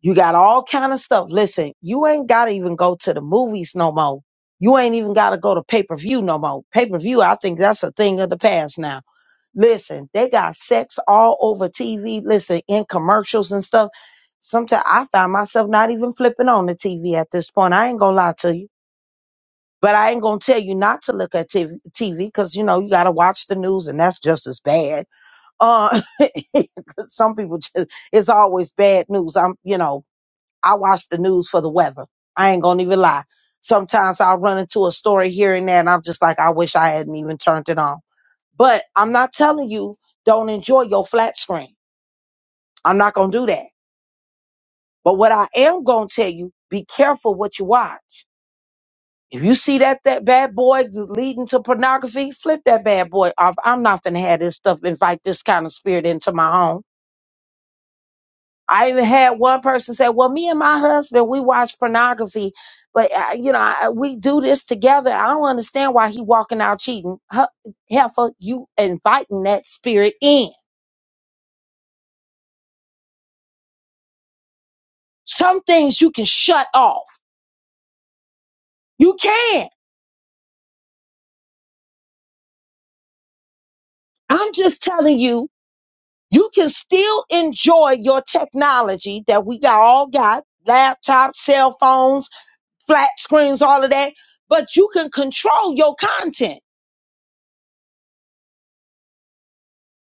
You got all kind of stuff. Listen, you ain't gotta even go to the movies no more. You ain't even gotta go to pay per view no more. Pay per view, I think that's a thing of the past now. Listen, they got sex all over TV. Listen, in commercials and stuff. Sometimes I find myself not even flipping on the TV at this point. I ain't gonna lie to you, but I ain't gonna tell you not to look at TV because you know you gotta watch the news, and that's just as bad. Uh, (laughs) 'cause some people just it's always bad news. I'm you know I watch the news for the weather. I ain't gonna even lie. Sometimes I'll run into a story here and there, and I'm just like, I wish I hadn't even turned it on. But I'm not telling you don't enjoy your flat screen. I'm not gonna do that. But what I am gonna tell you, be careful what you watch. If you see that that bad boy leading to pornography, flip that bad boy off. I'm not gonna have this stuff invite this kind of spirit into my home. I even had one person say, "Well, me and my husband, we watch pornography, but uh, you know, I, we do this together. I don't understand why he walking out cheating." Hu- Heifer, you inviting that spirit in. Some things you can shut off. You can. I'm just telling you, you can still enjoy your technology that we got all got laptops, cell phones, flat screens, all of that, but you can control your content.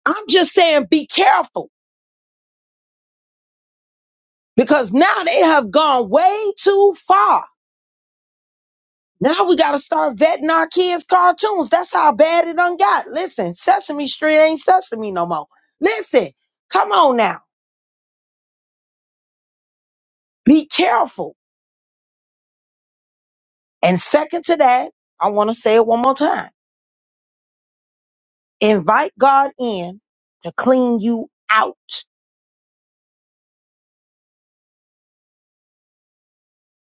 I'm just saying, be careful because now they have gone way too far. Now we got to start vetting our kids' cartoons. That's how bad it done got. Listen, Sesame Street ain't Sesame no more. Listen, come on now. Be careful. And second to that, I want to say it one more time. Invite God in to clean you out.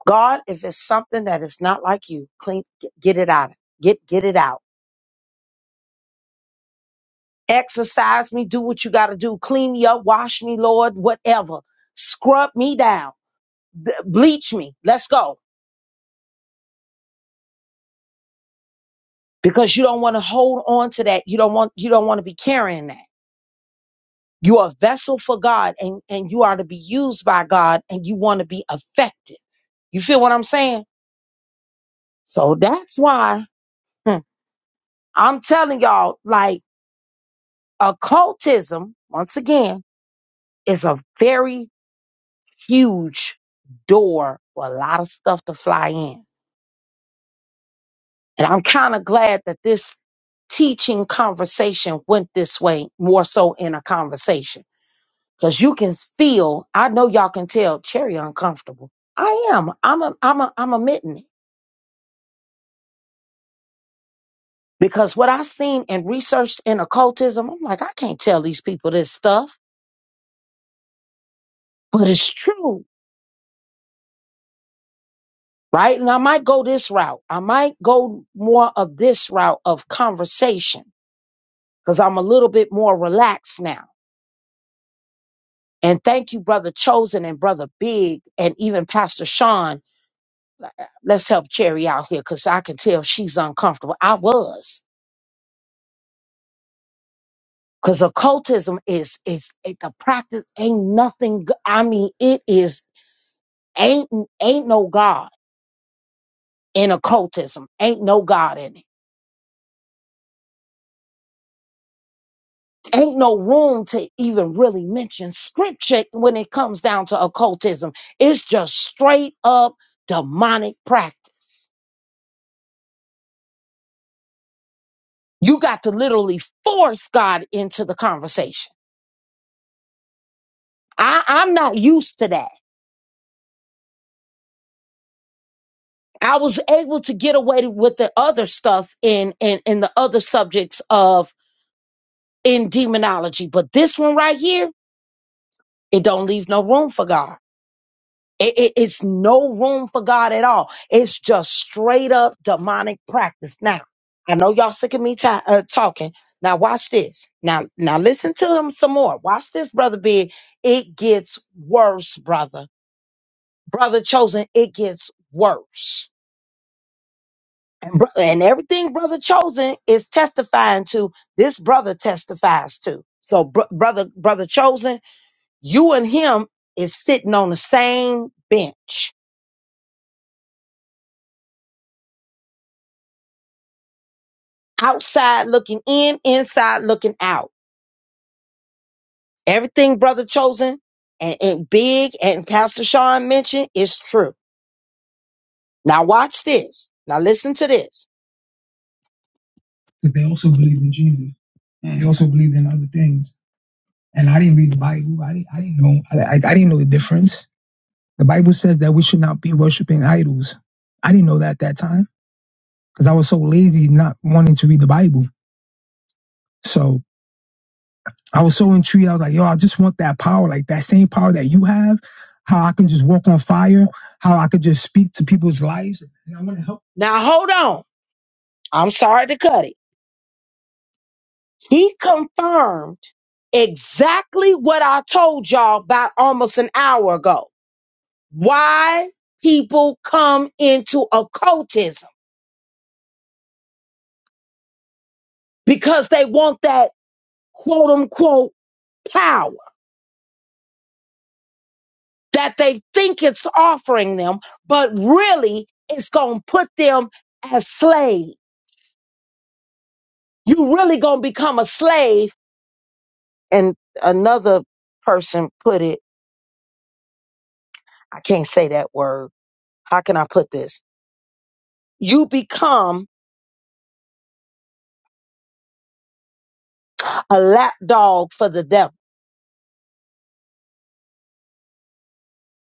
God, if it's something that is not like you, clean, g- get it out. Get, get it out. Exercise me. Do what you got to do. Clean me up. Wash me, Lord. Whatever. Scrub me down th- bleach me. Let's go. Because you don't want to hold on to that. You don't want you don't want to be carrying that. You are a vessel for God and, and you are to be used by God and you want to be effective. You feel what I'm saying? So that's why hmm, I'm telling y'all, like occultism, once again, is a very huge door for a lot of stuff to fly in. And I'm kind of glad that this teaching conversation went this way more so in a conversation Cause you can feel, I know y'all can tell Cherry uncomfortable. I am. I'm a I'm a I'm admitting it. Because what I seen and researched in occultism, I'm like, I can't tell these people this stuff, but it's true. Right. And I might go this route. I might go more of this route of conversation because I'm a little bit more relaxed now. And thank you, Brother Chosen and Brother Big and even Pastor Sean. Let's help Cherry out here because I can tell she's uncomfortable. I was. Cause occultism is is it, the practice ain't nothing. g- I mean, it is ain't ain't no God in occultism. Ain't no God in it. Ain't no room to even really mention scripture when it comes down to occultism. It's just straight up demonic practice. You got to literally force God into the conversation. I, I'm not used to that. I was able to get away with the other stuff in in, in the other subjects of. in demonology. But this one right here, it don't leave no room for God. It, it- it's no room for God at all. It's just straight up demonic practice. Now, I know y'all sick of me ta- uh, talking. Now watch this. Now, now listen to him some more. Watch this, brother. Big. It gets worse, brother. Brother chosen. It gets worse. And, bro- and everything brother chosen is testifying to. This brother testifies to. So, br- brother, brother chosen. You and him is sitting on the same bench, outside looking in, inside looking out. Everything Brother Chosen and, and Big and Pastor Sean mentioned is true. Now watch this. Now listen to this. Because they also believed in Jesus. Mm. They also believed in other things. And I didn't read the Bible. I didn't, I didn't know. I, I, I didn't know the difference. The Bible says that we should not be worshiping idols. I didn't know that at that time because I was so lazy not wanting to read the Bible. So I was so intrigued. I was like, yo, I just want that power, like that same power that you have, how I can just walk on fire, how I could just speak to people's lives. And I want to help. Now hold on. I'm sorry to cut it. He confirmed exactly what I told y'all about almost an hour ago. Why people come into occultism because they want that quote unquote power. that they think it's offering them, but really it's going to put them as slave. You really going to become a slave. And another person put it, I can't say that word. How can I put this? You become a lapdog for the devil.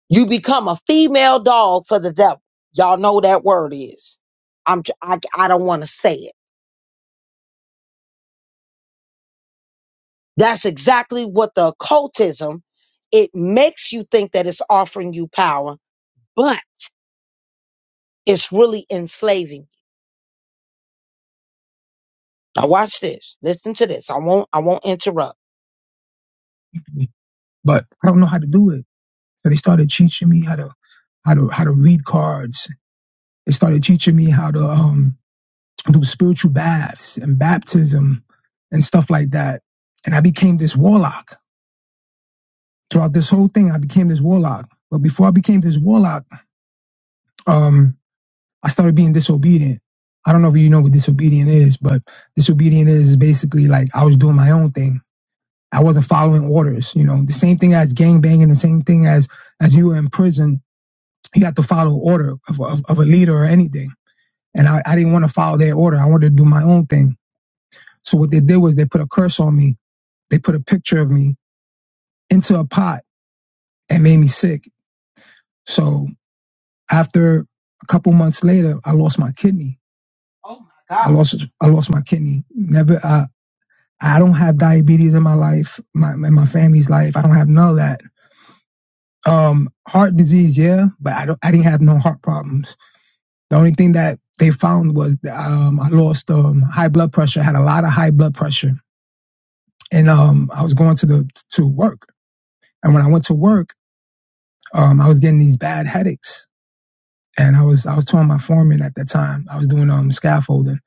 You become a female dog for the devil. Y'all know what that word is. I'm, tr- I, I don't want to say it. That's exactly what the occultism, it makes you think that it's offering you power, but It's really enslaving. Now watch this. Listen to this. I won't I won't interrupt. But I don't know how to do it. So they started teaching me how to how to how to read cards. They started teaching me how to um, do spiritual baths and baptism and stuff like that. And I became this warlock. Throughout this whole thing, I became this warlock. But before I became this warlock, um, I started being disobedient. I don't know if you know what disobedient is, but disobedient is basically like I was doing my own thing. I wasn't following orders. You know, the same thing as gangbanging. the same thing as as you were in prison, you have to follow order of, of, of a leader or anything. And I, I didn't want to follow their order. I wanted to do my own thing. So what they did was they put a curse on me. They put a picture of me into a pot and made me sick. So after a couple months later, I lost my kidney. Oh my God. I lost I lost my kidney. Never I I don't have diabetes in my life, my in my family's life. I don't have none of that Um, heart disease, yeah, but I don't. I didn't have no heart problems. The only thing that they found was um, I lost um, high blood pressure. I had a lot of high blood pressure, and um, I was going to the to work. And when I went to work, um, I was getting these bad headaches, and I was I was telling my foreman at that time I was doing um scaffolding.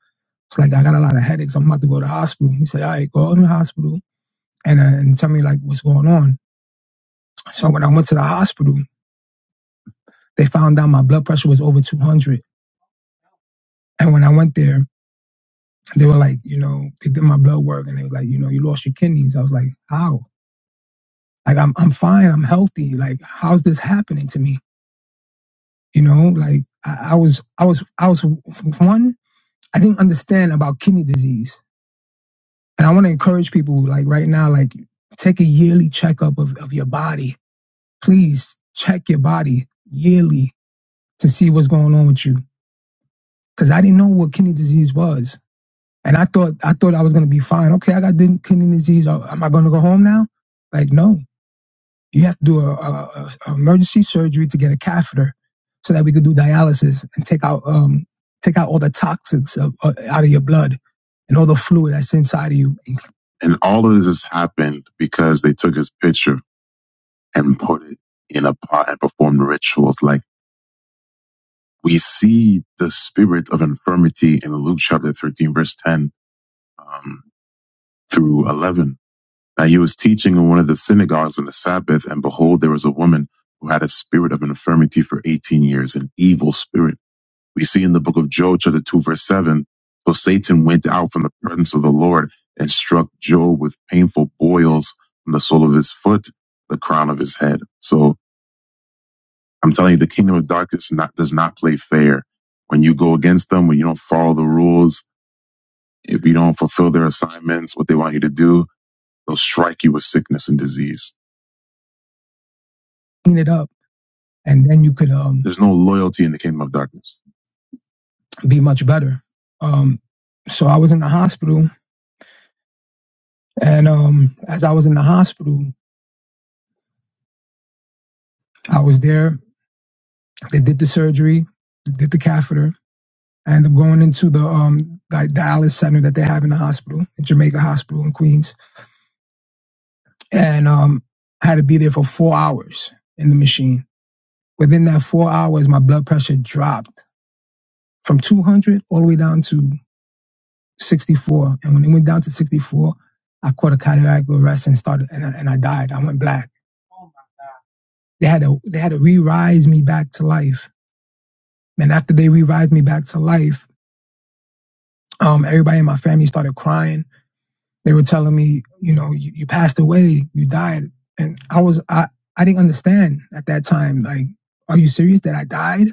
It's like I got a lot of headaches. I'm about to go to the hospital. He said, "All right, go to the hospital and uh, and tell me like what's going on." So when I went to the hospital, they found out my blood pressure was over 200. And when I went there, they were like, you know, they did my blood work and they were like, you know, you lost your kidneys. I was like, how? Like I'm I'm fine, I'm healthy. Like how's this happening to me? You know, like I, I was I was I was one. I didn't understand about kidney disease, and I want to encourage people like right now, like take a yearly checkup of of your body. Please check your body yearly to see what's going on with you, because I didn't know what kidney disease was. And I thought I thought I was gonna be fine. Okay, I got kidney disease. Uh, Am I gonna go home now? Like, no. You have to do a, a, a emergency surgery to get a catheter, so that we could do dialysis and take out um take out all the toxins of, uh, out of your blood and all the fluid that's inside of you. And all of this happened because they took his picture and put it in a pot and performed rituals. Like we see the spirit of infirmity in Luke chapter thirteen, verse ten um, through eleven Now he was teaching in one of the synagogues on the Sabbath, and behold, there was a woman who had a spirit of an infirmity for 18 years, an evil spirit. We see in the book of Job, chapter 2, verse 7. So Satan went out from the presence of the Lord and struck Job with painful boils from the sole of his foot, the crown of his head. So I'm telling you, the kingdom of darkness not, does not play fair. When you go against them, when you don't follow the rules, if you don't fulfill their assignments, what they want you to do, they'll strike you with sickness and disease. Clean it up. and then you could um, There's no loyalty in the kingdom of darkness. be much better. Um, so I was in the hospital, and um, as I was in the hospital, I was there. They did the surgery, did the catheter, and I'm going into the um, dialysis center that they have in the hospital, the Jamaica Hospital in Queens, and um, I had to be there for four hours in the machine. Within that four hours, my blood pressure dropped from 200 all the way down to 64. And when it went down to 64, I caught a cardiac arrest and started, and I, and I died. I went black. They had to, they had to re-rise me back to life. And after they re-rise me back to life, um, everybody in my family started crying. They were telling me, you know, you, you passed away, you died. And I was, I, I didn't understand at that time. Like, are you serious that I died?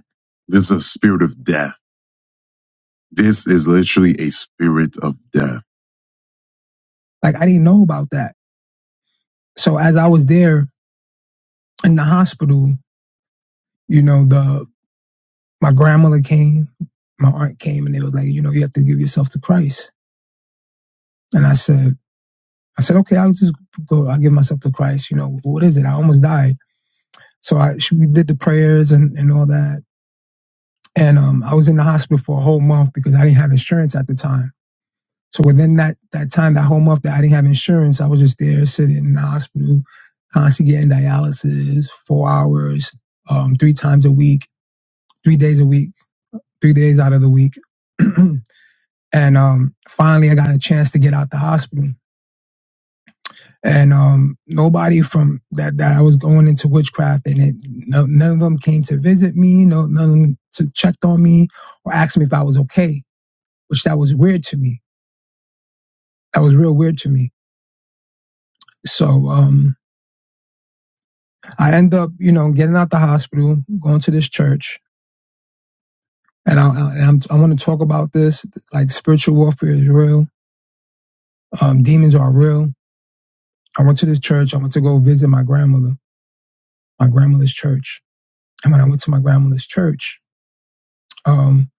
This is a spirit of death. This is literally a spirit of death. Like, I didn't know about that. So as I was there in the hospital, you know, the my grandmother came, my aunt came, and they was like, you know, you have to give yourself to Christ. And I said, I said, okay, I'll just go. I'll give myself to Christ. You know, what is it? I almost died. So I she, we did the prayers and and all that. And um, I was in the hospital for a whole month because I didn't have insurance at the time. So within that that time, that whole month that I didn't have insurance, I was just there sitting in the hospital, constantly getting dialysis, four hours, um, three times a week, three days a week three days out of the week. (clears throat) and um, finally, I got a chance to get out the hospital. And um, nobody from that that I was going into witchcraft, and it, no, none of them came to visit me. No, none of them to checked on me or asked me if I was okay, which that was weird to me. That was real weird to me. So um, I end up, you know, getting out the hospital, going to this church, and I, I, I'm, I want to talk about this. Like spiritual warfare is real. Um, demons are real. I went to this church. I went to go visit my grandmother my grandmother's church. And when I went to my grandmother's church, um,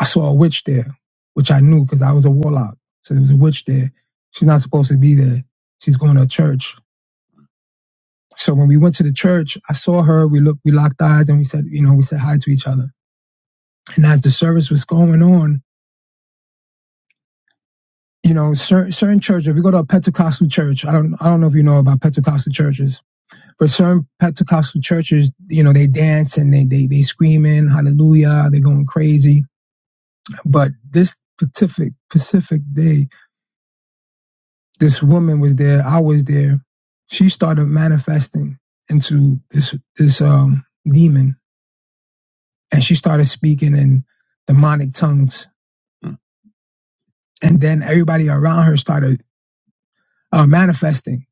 I saw a witch there, which I knew because I was a warlock. So there was a witch there. She's not supposed to be there. She's going to a church. So when we went to the church, I saw her. We looked, we locked eyes, and we said, you know, we said hi to each other. And as the service was going on, you know, certain, certain churches. if you go to a Pentecostal church, I don't, I don't know if you know about Pentecostal churches, but certain Pentecostal churches, you know, they dance and they, they, they screaming, hallelujah, they're going crazy But this specific Pacific day, this woman was there. I was there. She started manifesting into this this um, demon, and she started speaking in demonic tongues. Mm. And then everybody around her started uh, manifesting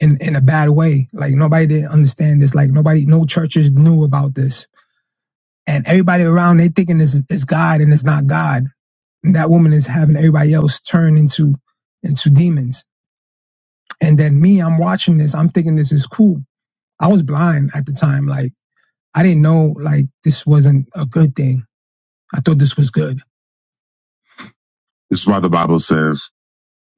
in in a bad way. Like nobody didn't understand this. Like nobody, no churches knew about this. And everybody around they thinking this is is God and it's not God. And that woman is having everybody else turn into into demons And then me, I'm watching this. I'm thinking this is cool. I was blind at the time. Like I didn't know like this wasn't a good thing. I thought this was good. This is why the Bible says,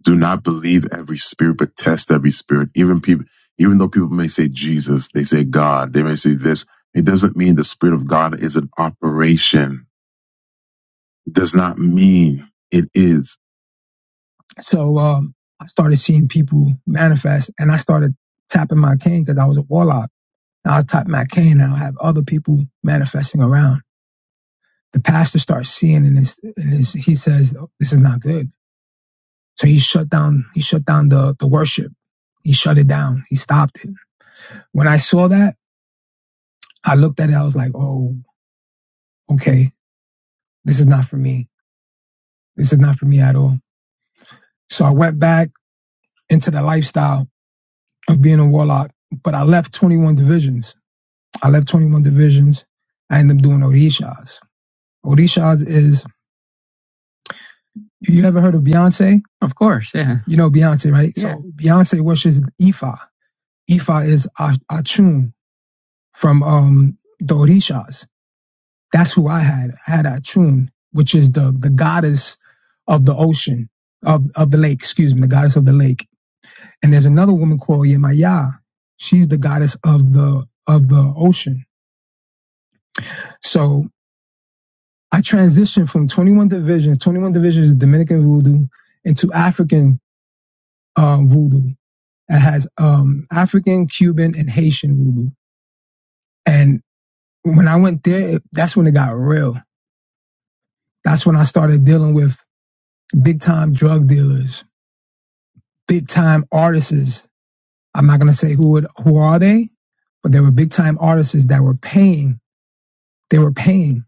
"Do not believe every spirit, but test every spirit." Even people, even though people may say Jesus, they say God, they may say this. It doesn't mean the Spirit of God is an operation. It does not mean it is. So um, I started seeing people manifest, and I started tapping my cane because I was a warlock. And I'll type my cane and I'll have other people manifesting around. The pastor starts seeing in his, in his he says, "Oh, this is not good. So he shut down, he shut down the, the worship. He shut it down. He stopped it. When I saw that, I looked at it. I was like, oh, okay, this is not for me. This is not for me at all. So I went back into the lifestyle of being a warlock, but I left 21 divisions. I left 21 divisions. I ended up doing Orishas. Orishas is You ever heard of Beyonce? Of course, yeah, You know Beyonce, right? yeah. So Beyonce worships Ifa. Ifa is A- Achun from um, the Orishas. That's who I had. I had Achun, which is the the goddess of the ocean, of of the lake. Excuse me, the goddess of the lake. And there's another woman called Yemaya. She's the goddess of the of the ocean. So I transitioned from 21 divisions, 21 divisions of Dominican voodoo into African uh, voodoo It has um, African, Cuban, and Haitian voodoo. And when I went there, that's when it got real. That's when I started dealing with big time drug dealers, big time artists. I'm not gonna say who would who are they, but they were big time artists that were paying. They were paying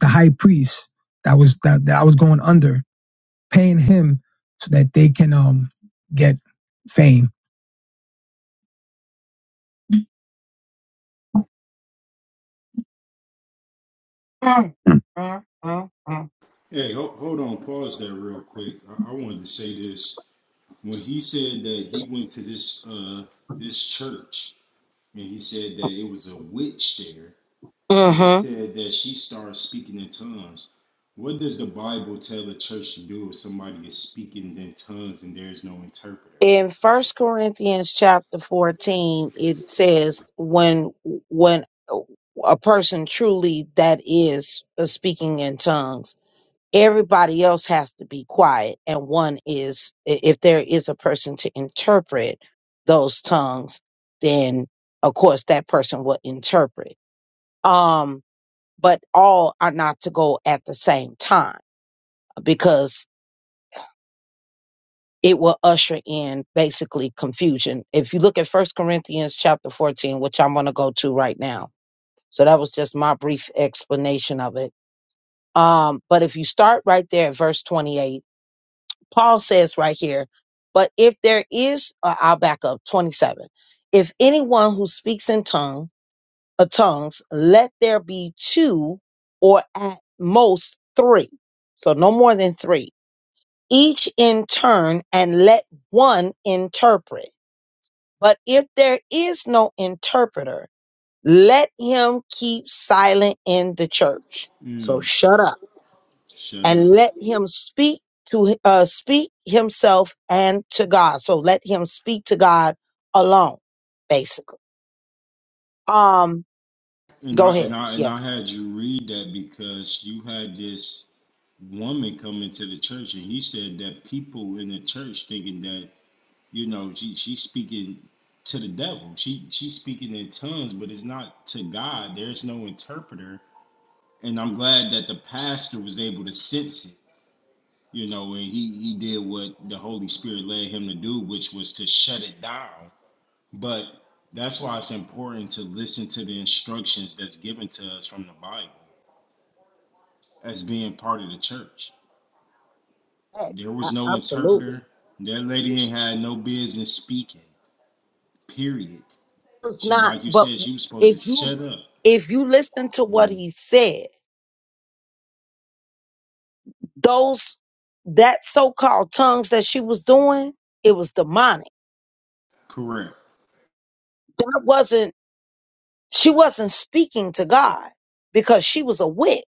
the high priest that was that, that I was going under, paying him so that they can um get fame. Mm, mm, mm, mm.
Hey, hold, hold on, pause there real quick. I, I wanted to say this. When he said that he went to this uh this church and he said that it was a witch there, and
Mhm.
he said that she started speaking in tongues. What does the Bible tell the church to do if somebody is speaking in tongues and there is no interpreter?
in first corinthians chapter 14 it says when when a person truly that is uh, speaking in tongues everybody else has to be quiet and one is i- if there is a person to interpret those tongues then of course that person will interpret um but all are not to go at the same time because it will usher in basically confusion. If you look at First Corinthians chapter 14, which I'm going to go to right now. So that was just my brief explanation of it. Um, but if you start right there at verse 28, Paul says right here, but if there is, uh, I'll back up 27. If anyone who speaks in tongue, uh, tongues, let there be two or at most three. So no more than three, each in turn and let one interpret. But if there is no interpreter, let him keep silent in the church. So
Mm,
shut up
shut
and
up.
let him speak to uh, speak himself and to God. So let him speak to God alone, basically. Um,
And I
go ahead.
and I and
Yeah,
I had you read that because you had this woman come into the church and he said that people in the church thinking that You know, she she's speaking to the devil. She she's speaking in tongues, but it's not to God. There's no interpreter. And I'm glad that the pastor was able to sense it. You know, and he he did what the Holy Spirit led him to do, which was to shut it down. But that's why it's important to listen to the instructions that's given to us from the Bible as being part of the church.
Hey,
There was
a-
no interpreter.
absolutely.
That lady ain't had no business speaking. Period.
It's
She,
not,
like you
but
said, she was supposed to
if you
shut up.
if you listen to what
Mm,
he said, those that so-called tongues that she was doing, it was demonic.
correct,
That wasn't She wasn't speaking to God because she was a witch.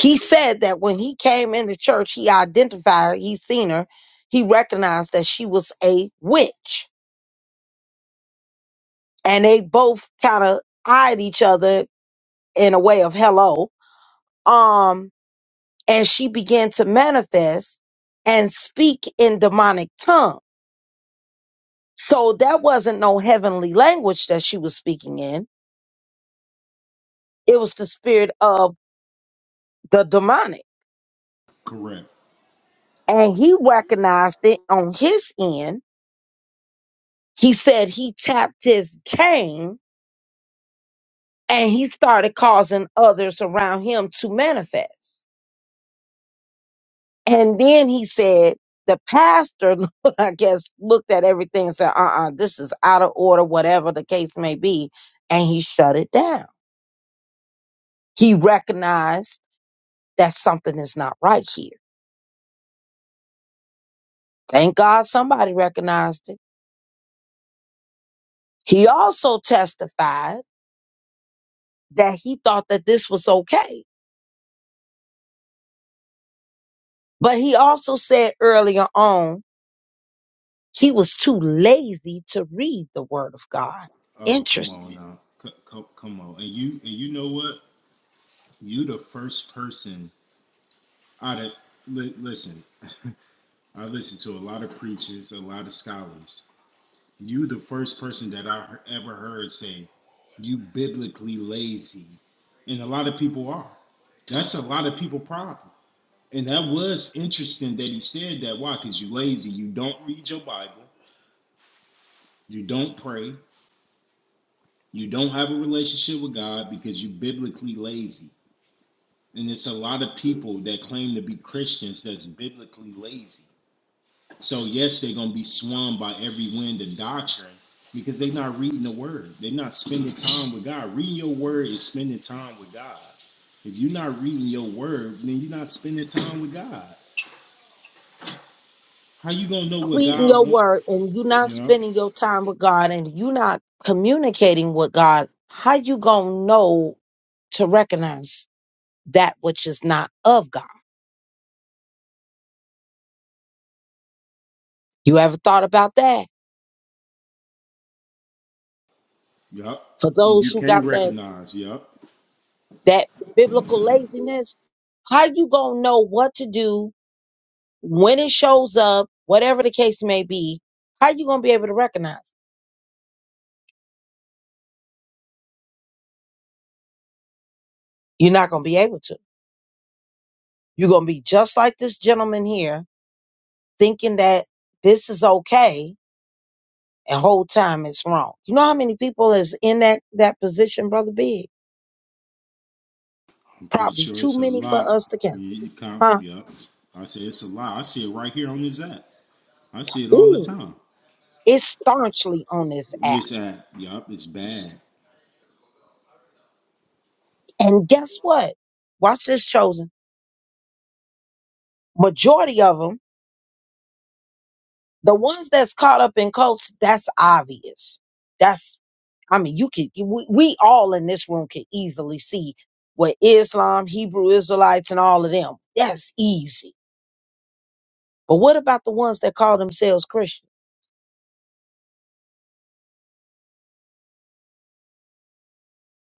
He said that when he came into church, he identified her, he seen her, he recognized that she was a witch. And they both kind of eyed each other in a way of hello. Um, and she began to manifest and speak in demonic tongue. So that wasn't no heavenly language that she was speaking in. It was the spirit of the demonic.
correct.
And he recognized it on his end He said he tapped his cane and he started causing others around him to manifest. And then he said, the pastor, (laughs) I guess, looked at everything and said, uh uh this is out of order, whatever the case may be. And he shut it down. He recognized that something is not right here. Thank God somebody recognized it. He also testified that he thought that this was okay. But he also said earlier on He was too lazy to read the word of God.
Oh, come on
Interesting.
now, C- c- come on. And you, and you know what? You the first person out of li- listen. (laughs) I listened to a lot of preachers, a lot of scholars. You the first person that I he- ever heard say you biblically lazy, and a lot of people are. That's a lot of people problem. And that was interesting that he said that. Why? Because you lazy. You don't read your Bible. You don't pray. You don't have a relationship with God because you are biblically lazy. And it's a lot of people that claim to be Christians that's biblically lazy. So yes, they're gonna be swung by every wind of doctrine because they're not reading the word. They're not spending time with God. Reading your word is spending time with God. If you're not reading your word, then you're not spending time with God. How you gonna know what
Reading
God
your
wants?
word and you not
Yup,
spending your time with God and you not communicating with God, how you gonna know to recognize that which is not of God? You ever thought about that?
yup.
For
And
those
you
who
can't
got that
recognize, yup.
that biblical laziness, how you gonna know what to do when it shows up, whatever the case may be? How you gonna be able to recognize? You're not gonna be able to. You're gonna be just like this gentleman here, thinking that this is okay, and whole time it's wrong. You know how many people is in that that position, brother Big?
I'm pretty
Probably
sure
too
it's a
many for us
lot.
to
You,
count,
you
huh?
yeah. I say it's a lot. I see it right here on this app. I see it all the
Ooh,
time.
it's staunchly on this app,
This app, yup, it's bad.
and guess what? Watch this, chosen. majority of them, the ones that's caught up in cults, that's obvious. That's, I mean, you could, we, we all in this room can easily see what Islam, Hebrew Israelites, and all of them. That's easy. But what about the ones that call themselves Christian?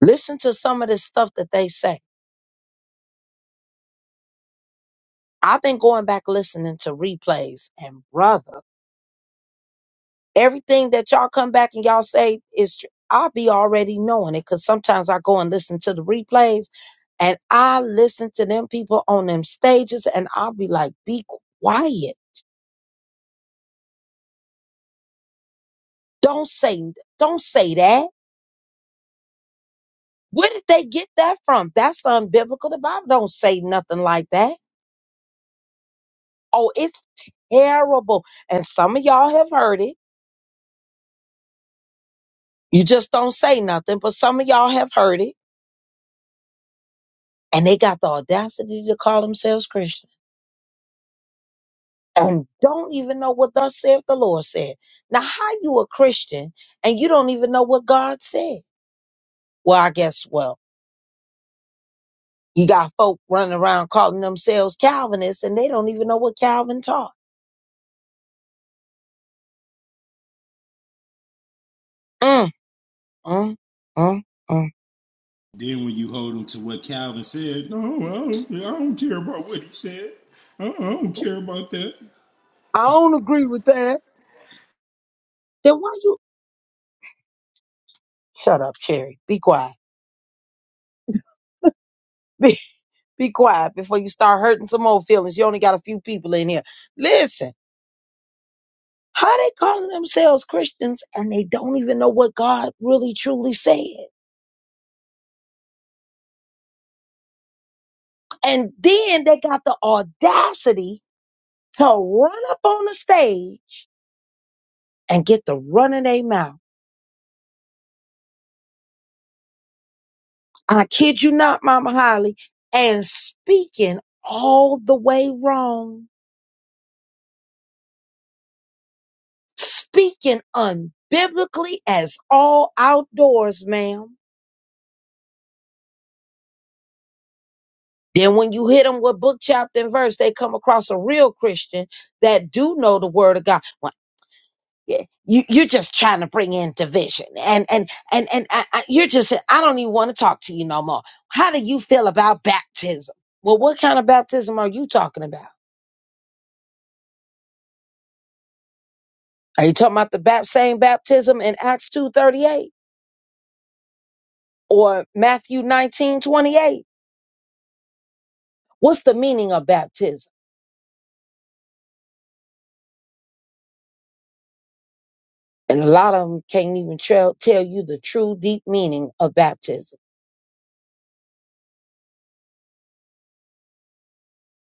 Listen to some of the stuff that they say. I've been going back listening to replays, and brother, everything that y'all come back and y'all say is true. I be already knowing it because sometimes I go and listen to the replays And I listen to them people on them stages and I'll be like, be quiet. Don't say, don't say that. Where did they get that from? That's unbiblical. The Bible don't say nothing like that. Oh, it's terrible. And some of y'all have heard it. You just don't say nothing, but some of y'all have heard it. And they got the audacity to call themselves Christian and don't even know what thus saith the Lord said. Now, how you a Christian and you don't even know what God said? Well, I guess, well, You got folk running around calling themselves Calvinists and they don't even know what Calvin taught. Mm, mm, mm, mm.
Then when you hold them to what Calvin said, no, I don't, yeah, I don't care about what he said. I don't, I don't care about that.
I don't agree with that. Then why you shut up, Cherry? Be quiet. (laughs) Be, be quiet before you start hurting some old feelings. You only got a few people in here. Listen, how they calling themselves Christians and they don't even know what God really truly said. And then they got the audacity to run up on the stage and get the run of their mouth I kid you not, Mama Holly, and speaking all the way wrong, speaking unbiblically as all outdoors, ma'am. Then when you hit them with book, chapter, and verse, they come across a real Christian that do know the word of God. Well, yeah, you, you're just trying to bring in division, and and and and I, I, you're just. I don't even want to talk to you no more. How do you feel about baptism? Well, what kind of baptism are you talking about? Are you talking about the bap- same baptism in Acts 2.38 or Matthew 19.28? What's the meaning of baptism? And a lot of them can't even tell tell you the true deep meaning of baptism.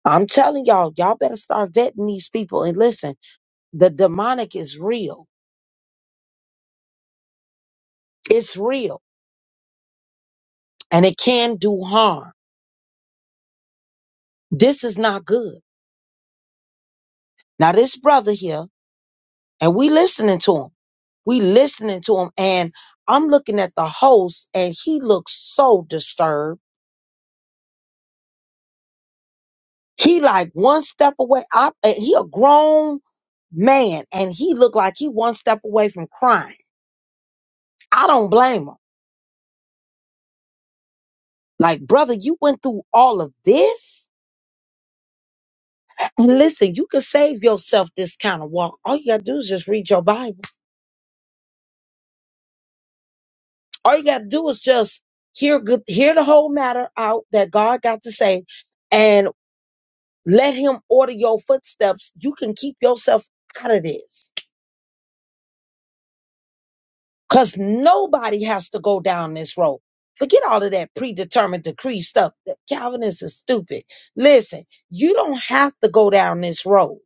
I'm telling y'all, y'all better start vetting these people. And listen, the demonic is real. It's real. And it can do harm. This is not good. Now this brother here, and we listening to him. We listening to him. And I'm looking at the host and he looks so disturbed He like one step away. I, uh, he a grown man and he looked like he one step away from crying. I don't blame him. Like, brother, you went through all of this. And listen, you can save yourself this kind of walk. All you gotta do is just read your Bible. All you gotta do is just hear good, hear the whole matter out that God got to say, and let Him order your footsteps. You can keep yourself out of this. Because nobody has to go down this road. Forget all of that predetermined decree stuff. The Calvinists are stupid. Listen, you don't have to go down this road.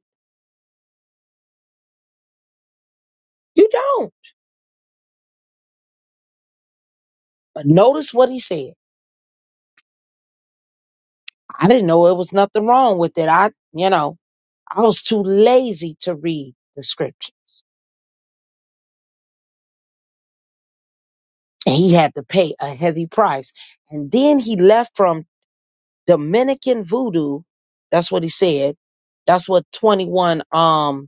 You don't. But notice what he said. I didn't know it was nothing wrong with it. I, you know, I was too lazy to read the scripture. And he had to pay a heavy price. And then he left from Dominican voodoo. That's what he said. That's what 21 um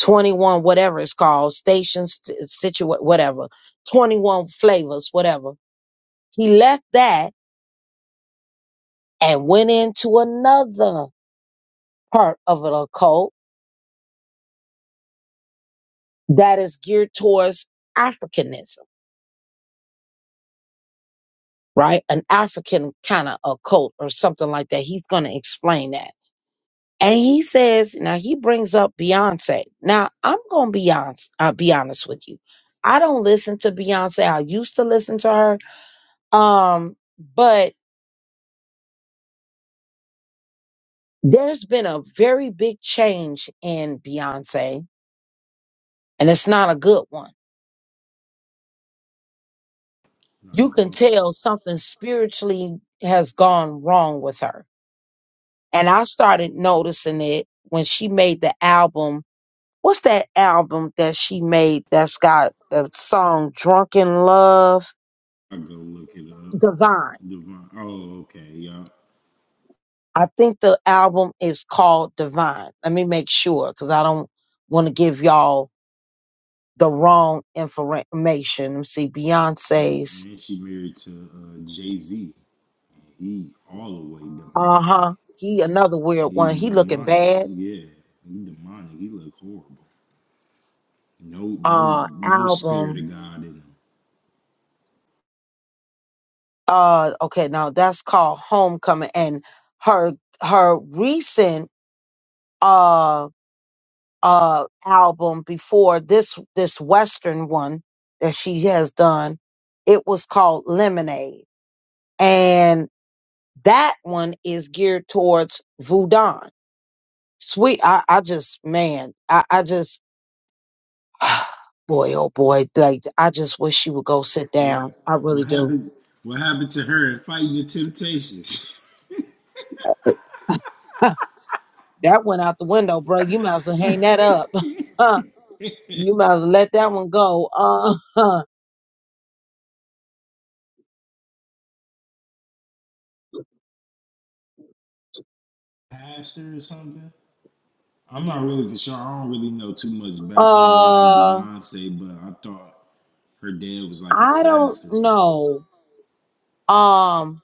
21 whatever it's called stations situ whatever 21 flavors whatever he left that and went into another part of an occult that is geared towards africanism right an african kind of occult or something like that he's going to explain that and he says now he brings up beyonce now i'm going to be honest i'll be honest with you i don't listen to beyonce i used to listen to her um but there's been a very big change in Beyonce, and it's not a good one.
Not
You
at
can
all.
tell something spiritually has gone wrong with her. And I started noticing it when she made the album. What's that album that she made that's got the song Drunken Love?
I go look it up.
Divine.
Devon. Oh, okay, yup.
I think the album is called Divine. Let me make sure because I don't want to give y'all the wrong information. Let me see.
Mhm.
Beyonce's
And she married to uh, Jay Z. He all the way demonic.
Uh-huh. He another weird
He
one. He looking
demonic.
bad.
Yeah, he demonic. He look horrible. No, no,
Uh
no spirit
album.
of God in them.
Uh okay, now that's called Homecoming and her her recent uh uh album before this this western one that she has done, it was called Lemonade. And that one is geared towards Voodoo. Sweet I, I just man, I, I just (sighs) boy, oh boy, like I just wish you would go sit down.
What
I really
what
do.
happened? What happened to her in fighting the temptations?
(laughs) that went out the window, bro. You might as well hang that up. (laughs)
(laughs)
you might as well let that one go. Uh, (laughs)
Pastor or something? I'm not really for sure. I don't really know too much background on
uh,
Beyonce, but I thought her dad was like a
I don't
pastor or something.
know. Um,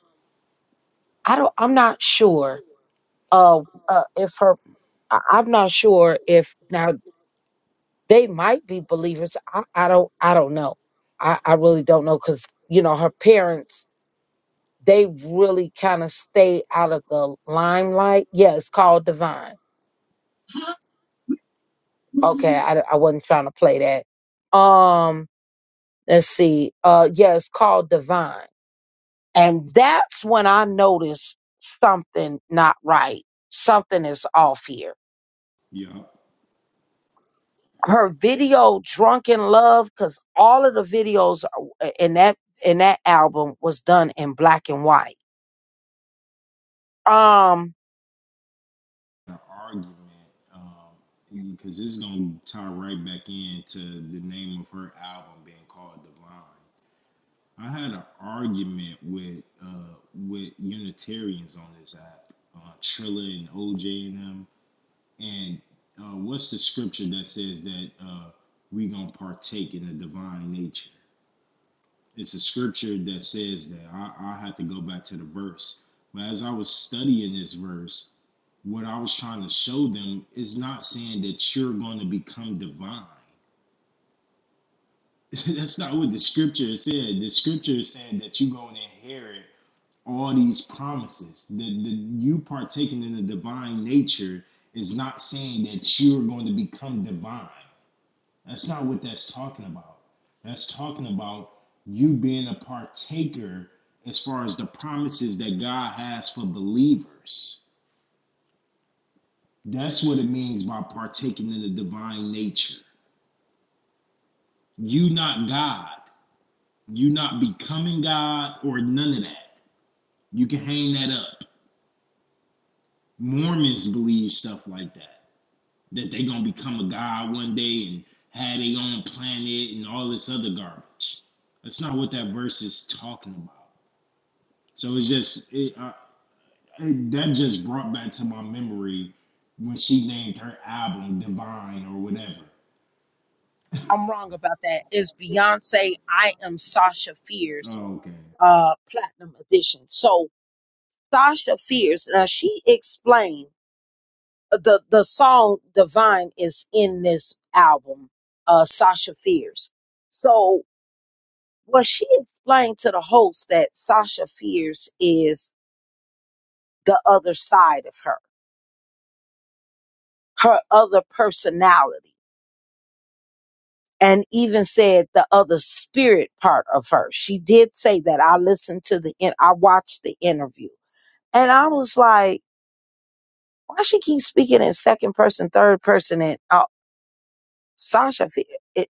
I don't. I'm not sure. Uh, uh if her, I, I'm not sure if now they might be believers. I, I don't. I don't know. I, I really don't know because you know her parents they really kind of stay out of the limelight. Yeah, it's called Divine. Okay, I, I wasn't trying to play that. Um, let's see. Uh, yeah, it's called Divine, and that's when I noticed something not right. Something is off here.
Yup.
Her video "Drunken Love" because all of the videos are- uh, in that in that album was done in black and white. Um,
The argument, um, because this is gonna tie right back into the name of her album being called Divine. I had an argument with uh with Unitarians on this app, uh, Trilla and OJ and them. And uh, what's the scripture that says that uh we gonna partake in the divine nature? It's a scripture that says that. I I had to go back to the verse, but as I was studying this verse, what I was trying to show them is not saying that you're going to become divine. (laughs) That's not what the scripture said. The scripture is saying that you're going to inherit all these promises. The, the you partaking in the divine nature is not saying that you're going to become divine. That's not what that's talking about. That's talking about you being a partaker as far as the promises that God has for believers. That's what it means by partaking in the divine nature. You not God. You not becoming God or none of that. You can hang that up. Mormons believe stuff like that. that they gonna become a god one day and have their own planet and all this other garbage. That's not what that verse is talking about. So it's just it, uh, it that just brought back to my memory when she named her album Divine or whatever.
I'm wrong about that. It's Beyonce. I am Sasha Fierce
Oh, okay.
uh, platinum edition. So Sasha Fierce, now she explained uh, the the song "Divine" is in this album. Uh, Sasha Fierce. So what she explained to the host that Sasha Fierce is the other side of her, her other personality, and even said the other spirit part of her. She did say that. I listened to the in- I watched the interview, and I was like Why she keep speaking in second person, third person, and uh, Sasha? fe- It,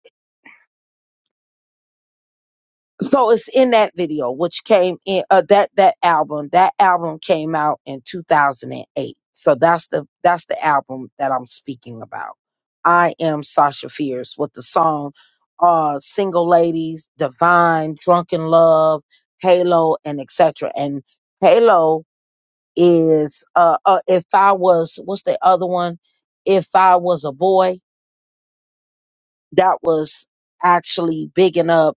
so it's in that video, which came in uh, that that album. That album came out in 2008. So that's the that's the album that I'm speaking about. I am Sasha Fierce with the song uh Single Ladies, Divine, Drunken Love, Halo, and etc. And Halo is uh, uh if I was what's the other one? If I was a boy, that was actually bigging up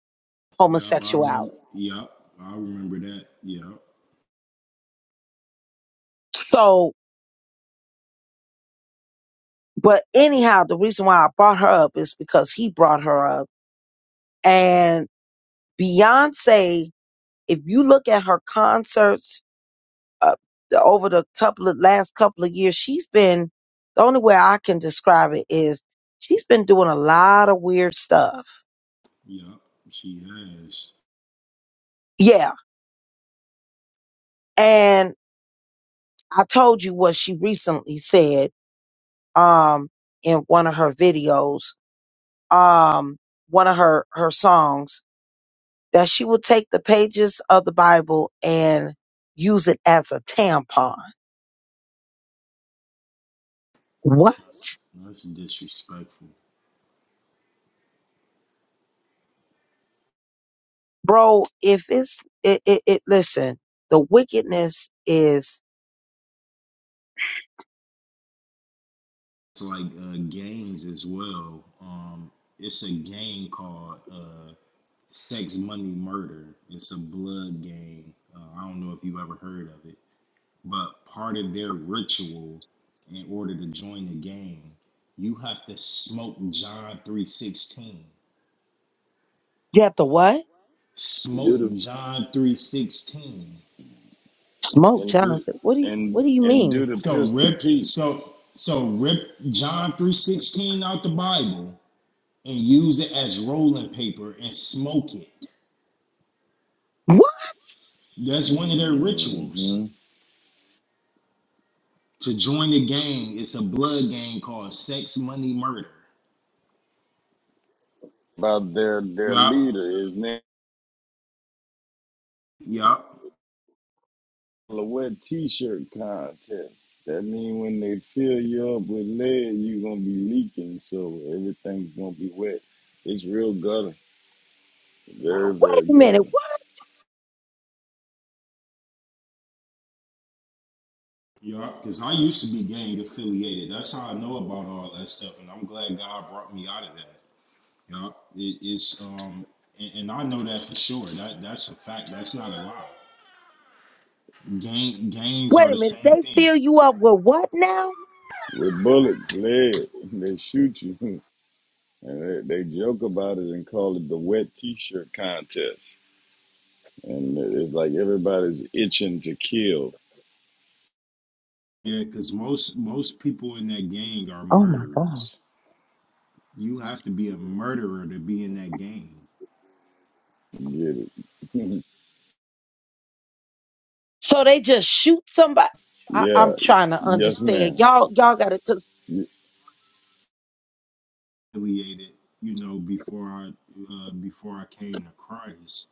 Yup, I remember.
homosexuality.
Yup, I remember that. Yup,
So, but anyhow, the reason why I brought her up is because he brought her up. And Beyonce, if you look at her concerts uh, over the couple of last couple of years, she's been the only way I can describe it is she's been doing a lot of weird stuff.
yup. She has.
Yeah. And I told you what she recently said um in one of her videos um one of her her songs that she will take the pages of the Bible and use it as a tampon. What?
That's that's disrespectful.
Bro, if it's it it, it listen, the wickedness is
It's like uh, games as well. Um, it's a game called uh, Sex Money Murder. It's a blood gang. Uh, I don't know if you ever heard of it, but part of their ritual in order to join the gang, you have to smoke John 3:16.
you have to what?
And do the
Smoke John 3:16.
Smoke
and do
Johnson. What do you
and
what do you
and do
mean?
the
So
pistol
rip
Pete
so so rip John 3:16 out the Bible and use it as rolling paper and smoke it.
What?
That's one of their rituals.
hmm
To join the gang, it's a blood gang called Sex Money Murder.
about their their
Yup,
leader. His name
yup,
is a wet t-shirt contest. That mean when they fill you up with lead, you gonna be leaking, so everything's gonna be wet. It's real gutter, very
Wait
very
a minute.
gutter.
What?
yup. Because I used to be gang affiliated. That's how I know about all that stuff, and I'm glad God brought me out of that. Yup, it, it's um, and, and I know that for sure. That that's a fact. That's not a lie. Gang gangs are
Wait a
the
minute.
same
They
thing.
fill you up with what now?
With bullets, lead, (laughs) they shoot you, (laughs) and they, they joke about it and call it the wet t-shirt contest. and it's like everybody's itching to kill.
Yeah, because most most people in that gang are
Oh my God.
murderers. You have to be a murderer to be in that gang.
You Get it?
So they just shoot somebody.
(laughs)
I, I'm
yeah.
trying to
Yes,
understand.
ma'am.
Y'all, y'all got to.
affiliated, you know, before I uh, before I came to Christ.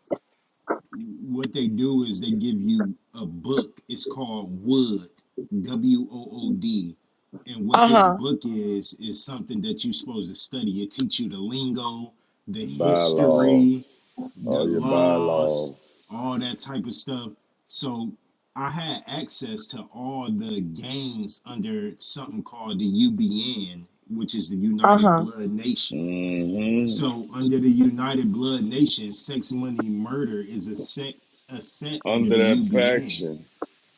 What they do is they give you a book. It's called Wood, W O O D, and what
Uh
this
huh.
book is is something that you're supposed to study. It teach you the lingo, the history,
Bylaws.
the
All your
laws,
bylaws.
all that type of stuff. So I had access to all the gangs under something called the UBN, which is the
Uh
United
huh.
Blood Nation
hmm
so, under the United Blood Nations, sex, money, murder is a set a set under
Under
the
that
UBN.
faction.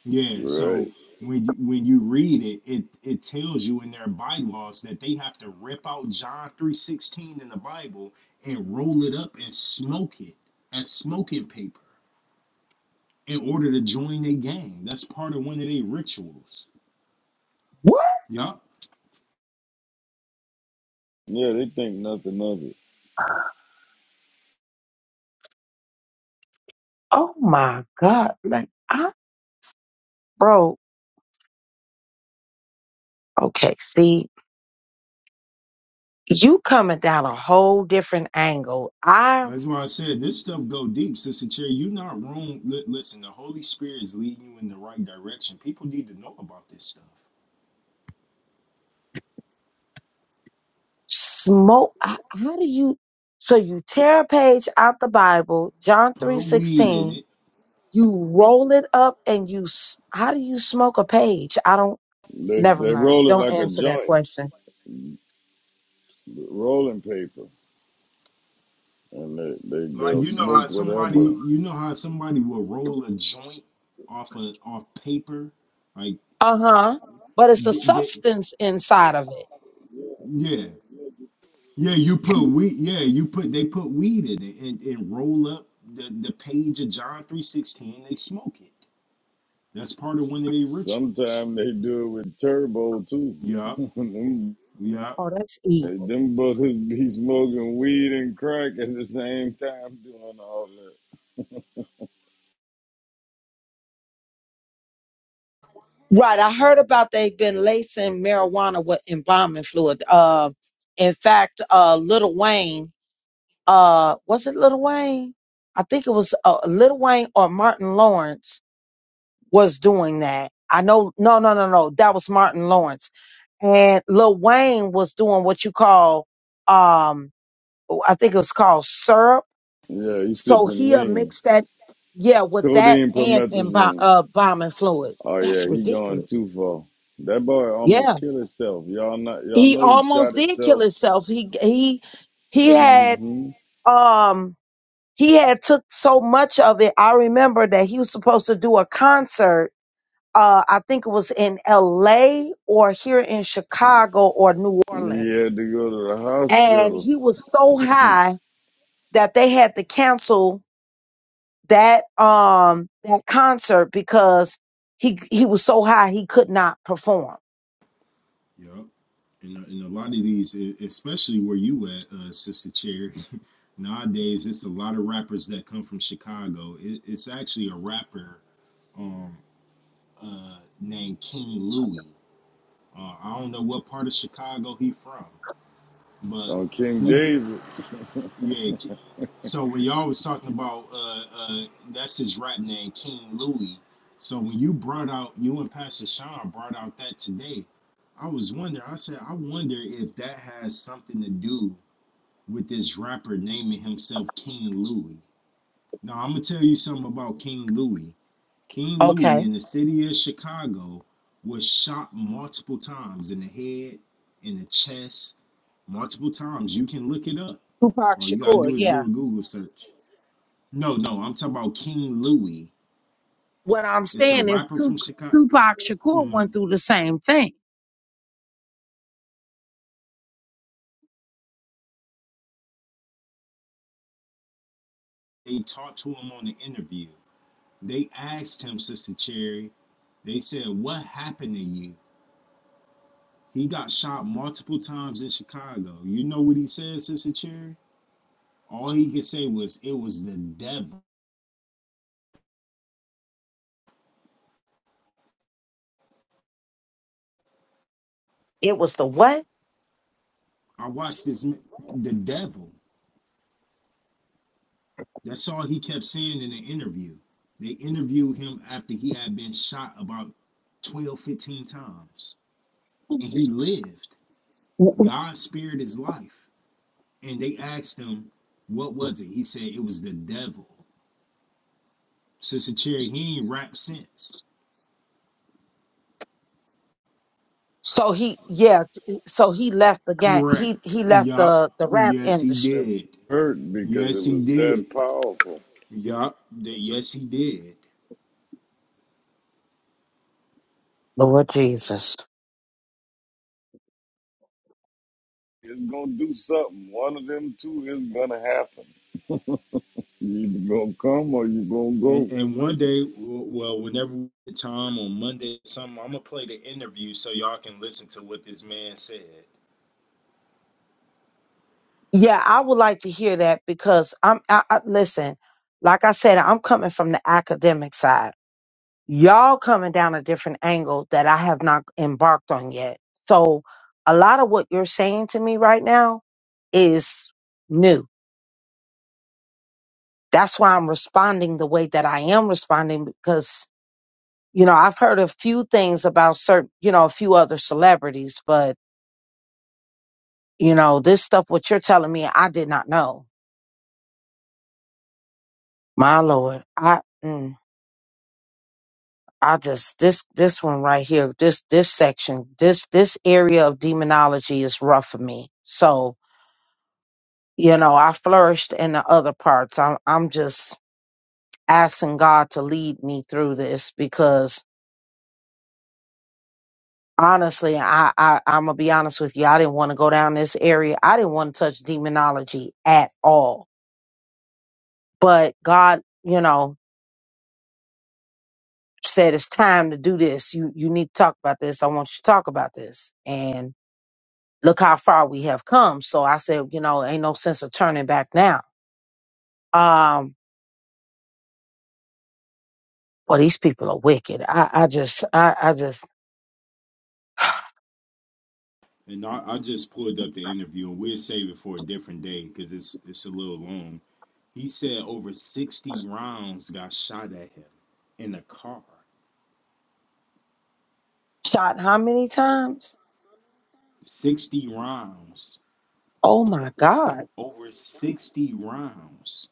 Yeah.
Right.
So when you when you read it, it it tells you in their bylaws that they have to rip out John three sixteen in the Bible and roll it up and smoke it as smoking paper in order to join a gang. That's part of one of their rituals.
What?
Yup.
Yeah, they think nothing of it.
Oh my God. Like, I, bro, okay. See, you coming down a whole different angle. I
That's why I said this stuff go deep, Sister Cherry. You're not wrong. Li- listen, the Holy Spirit is leading you in the right direction. People need to know about this stuff.
smoke. I, how do you? So you tear a page out the Bible, John
Put
three
weed in
sixteen.
it.
You roll it up and you. s- How do you smoke a page? I don't.
They,
Never
they
mind.
roll it
Don't
like a
answer that
joint,
question.
rolling paper, and they, they,
Like
they'll
you know how
smoke
somebody,
whatever.
you know how somebody will roll a joint off a off paper, like
Uh huh. But it's a
th- th-
substance inside of it.
yeah, yeah. You put weed. Yeah, you put they put weed in it and, and roll up the the page of John three sixteen. They smoke it. That's part of one of their rituals.
Sometimes they do it with turbo, too.
Yeah,
(laughs) Them
yeah.
Oh, that's evil.
Hey, Them brothers (laughs) be smoking weed and crack at the same time doing all that.
Right. I heard about they've been lacing marijuana with embalming fluid. Uh, in fact, uh, Little Wayne, uh, was it Little Wayne? I think it was uh, Little Wayne or Martin Lawrence was doing that. I know, no, no, no, no. That was Martin Lawrence. And Lil Wayne was doing what you call, um, I think it was called syrup.
Yeah, he
So
sipping
he'll
lean.
mix that, yeah, with that
Codeine
and embalm,
promethazine.
uh, embalming fluid.
Oh yeah,
That's
he going
ridiculous.
too far. That boy
Yeah.
almost killed himself. Y'all not y'all
he
know he shot
almost did kill
himself.
himself. He he he had
hmm
um he had took so much of it. I remember that he was supposed to do a concert. Uh, I think it was in L.A. or here in Chicago or New
He
Orleans,
had to go to the
and
hospital
he was so high that they had to cancel that um that concert because he he was so high he could not perform.
Yep. And, and a lot of these, e- especially where you at, uh, Sister Cherry, (laughs) nowadays it's a lot of rappers that come from Chicago. It, it's actually a rapper um, uh, named King Louie. Uh, I don't know what part of Chicago he from, but
on King
he,
David.
yeah. So when y'all was talking about, uh, uh, that's his rap name, King Louis. So when you brought out, you and Pastor Sean brought out that today, I was wondering. I said, I wonder if that has something to do with this rapper naming himself King Louis. Now I'm gonna tell you something about King Louis. King Louis
Okay.
in the city of Chicago was shot multiple times in the head, in the chest, multiple times. You can look it up.
Tupac
All you gotta
Shakur.
do is
Yeah.
do a Google search. No, no, I'm talking about King Louis.
What I'm
It's a
saying is
rapper from
Tu-
Chicago.
Tupac Shakur went
Mm,
through the same thing.
they talked to him on the interview. They asked him, Sister Cherry. They said, "What happened to you?" He got shot multiple times in Chicago. You know what he said, Sister Cherry? All he could say was, "It was the devil."
It was the what?
I watched this. The devil. That's all he kept saying in the interview. They interviewed him after he had been shot about 12, 15 times. And he lived. God spared his life. And they asked him, what was it? He said it was the devil. Sister Cherry, he ain't rapped since.
So he, yeah, so he left the gang.
Correct.
He he left
Yup.
the the rap
Yes, he
industry.
did.
Hurt because it
Yes, he
was that
did.
powerful.
Yup. Yes, he did.
Lord Jesus.
It's gonna do something. One of them two is gonna happen. You either gonna come or you gonna go.
And, and one day, well, whenever we get time on Monday, or something, I'm gonna play the interview so y'all can listen to what this man said.
Yeah, I would like to hear that because I'm. I, I, listen, like I said, I'm coming from the academic side. Y'all coming down a different angle that I have not embarked on yet. So, a lot of what you're saying to me right now is new. That's why I'm responding the way that I am responding because you know I've heard a few things about certain, you know, a few other celebrities, but You know, this stuff what you're telling me, I did not know. My lord, I mm, I just this this one right here, this this section, this this area of demonology is rough for me. So, you know, I flourished in the other parts. I'm I'm just asking God to lead me through this because honestly, I, I I'm gonna be honest with you. I didn't want to go down this area. I didn't want to touch demonology at all. But God, you know, said it's time to do this. You you need to talk about this. I want you to talk about this. And look how far we have come. So I said, you know, ain't no sense of turning back now. Um, well, these people are wicked. I, I just I, I just
And I, I just pulled up the interview, and we'll save it for a different day because it's it's a little long. He said over 60 rounds got shot at him in a car.
shot how many times?
60 rounds,
Oh my God.
over 60 rounds.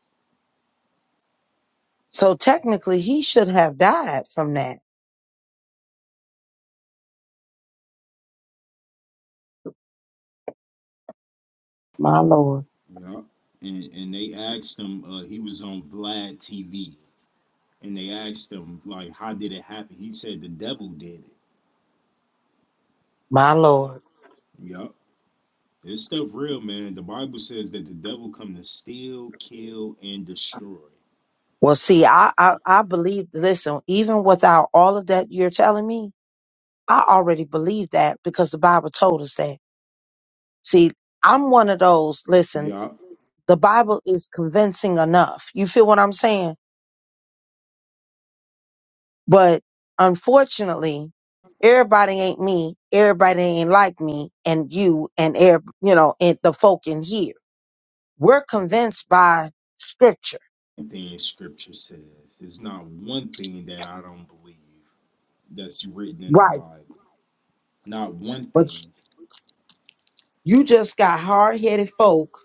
So technically he should have died from that. My Lord.
Yeah. And and they asked him, uh, he was on Vlad TV and they asked him like how did it happen he said the devil did it
My Lord.
yup this stuff real man the bible says that the devil come to steal kill and destroy
Well, see, I, I, I believe, listen, even without all of that you're telling me, I already believe that because the Bible told us that. See, I'm one of those. Listen,
yup
the Bible is convincing enough. You feel what I'm saying? But unfortunately, everybody ain't me. Everybody ain't like me and you and air, you know, and the folk in here. We're convinced by scripture.
One thing scripture says it's not one thing that i don't believe that's written in the
Right.
bible not one
But
thing
you just got hard headed folk.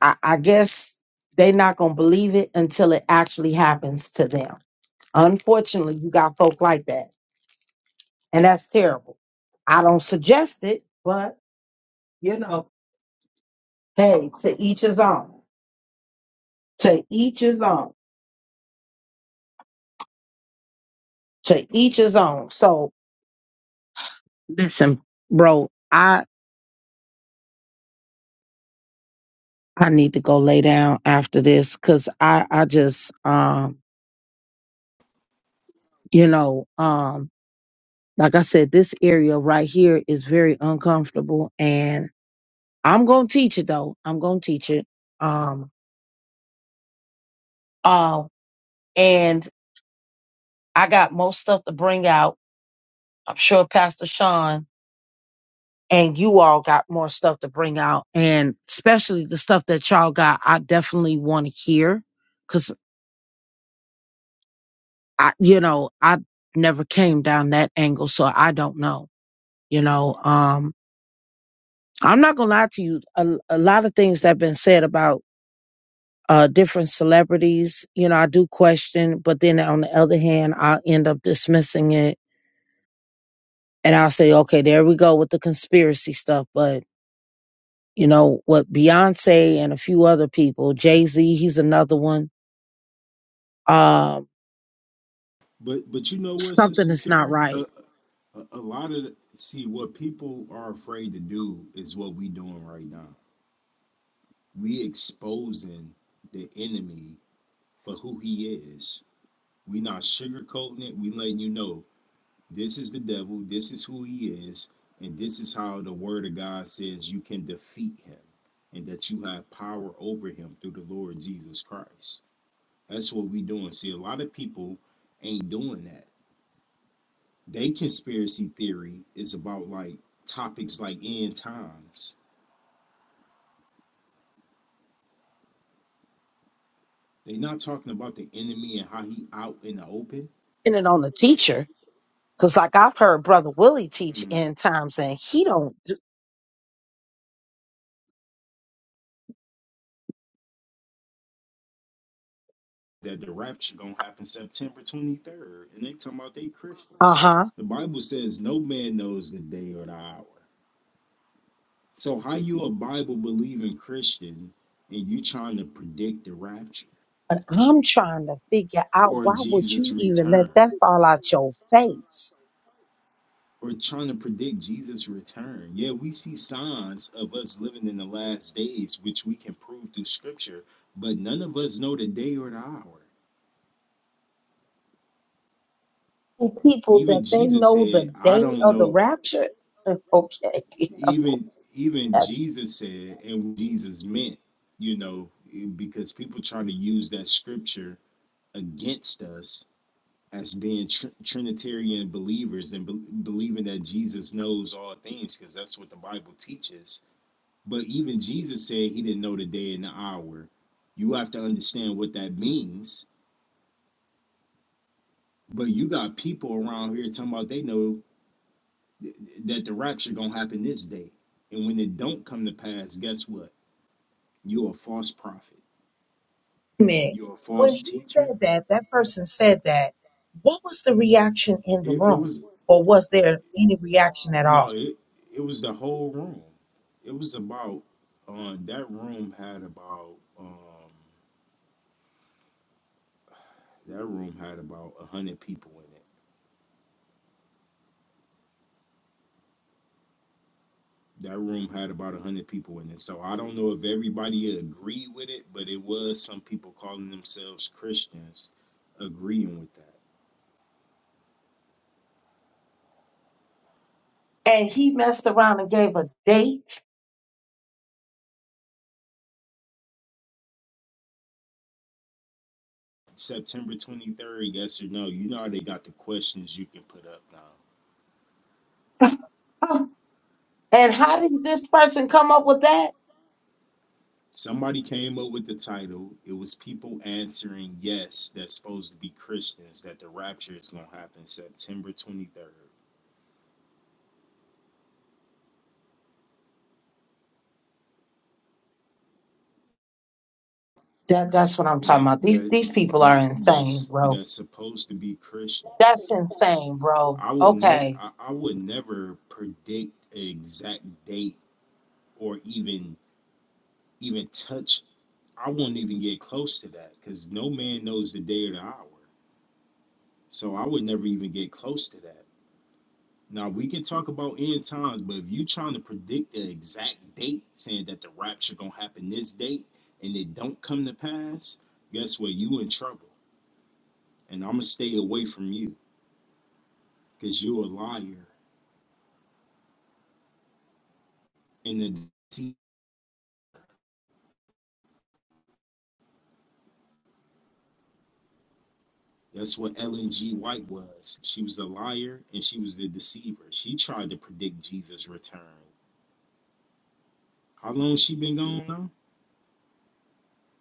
I, I guess they not going to believe it until it actually happens to them. Unfortunately, you got folk like that. And that's terrible. I don't suggest it, but you know, hey, to each his own, to each his own, to each his own. So listen, bro, I I need to go lay down after this because I I just um you know um like I said, this area right here is very uncomfortable, and I'm gonna teach it though. I'm gonna teach it. Um, um, and I got most stuff to bring out. I'm sure Pastor Sean and you all got more stuff to bring out and especially the stuff that y'all got i definitely want to hear because i you know i never came down that angle so i don't know you know um i'm not gonna lie to you a, a lot of things that have been said about uh different celebrities you know i do question but then on the other hand i end up dismissing it and i'll say okay there we go with the conspiracy stuff but you know what beyonce and a few other people jay-z he's another one um,
but but you know what
something
sister
is not
cherry uh,
right.
a, a lot of the- see what people are afraid to do is what we doing right now we exposing the enemy for who he is. We're not sugarcoating it. We letting you know this is the devil, this is who he is, and this is how the word of God says you can defeat him and that you have power over him through the Lord Jesus Christ. That's what we doing. See, a lot of people ain't doing that. They conspiracy theory is about like topics like end times. They're not talking about the enemy and how he out in the open.
And it on the teacher, because like I've heard Brother Willie teach
Mm.
in times, and he don't. Do,
that the rapture gonna happen September 23rd, and they talking about they
uh
Christians.
huh.
The Bible says no man knows the day or the hour. So how you a Bible believing Christian and you trying to predict the rapture
And I'm trying to figure out
or
why would
Jesus
you even
return
let that fall out your face?
or trying to predict Jesus return? Yeah, we see signs of us living in the last days, which we can prove through Scripture, but none of us know the day or the hour.
Hey, people
Even
that they
Jesus
know the
said, "I
day
don't
of
know."
the rapture. (laughs)
even even
Okay, (laughs)
Jesus said and what Jesus meant, you know, because people try to use that scripture against us as being tr- Trinitarian believers and bel believing that Jesus knows all things because that's what the Bible teaches. But even Jesus said he didn't know the day and the hour. You have to understand what that means. But you got people around here talking about they know th- that the rapture gonna happen this day, and when it don't come to pass, guess what? You're a false prophet
minute.
You're a
When
false
he
teacher.
said that, that person said that, what was the reaction in the
It, it
room?
was
Or was there any reaction at
no,
all?
it it was the whole room. It was about um that room had about um that room had about a hundred people in it. That room had about a hundred people in it. So I don't know if everybody agreed with it, but it was some people calling themselves Christians agreeing with that.
And he messed around and gave a date.
September twenty third, yes or no? You know how they got the questions you can put up now.
(laughs) And how did this person come up with that?
Somebody came up with the title. It was people answering yes, that's supposed to be Christians, that the rapture is gonna happen September twenty third.
That that's what I'm talking
That
about. These
that
these people are insane,
that's
bro.
that's supposed to be Christian.
That's insane, bro.
I would never
Okay.
I, I would never predict an exact date or even even touch I won't even get close to that because no man knows the day or the hour. So I would never even get close to that. Now we can talk about end times, but if you trying to predict the exact date, saying that the rapture gonna happen this date and it don't come to pass, guess what? You in trouble, and I'm gonna stay away from you because you're a liar. And the deceiver. that's what Ellen G. White was. She was a liar and she was the deceiver. She tried to predict Jesus' return. How long she been gone now?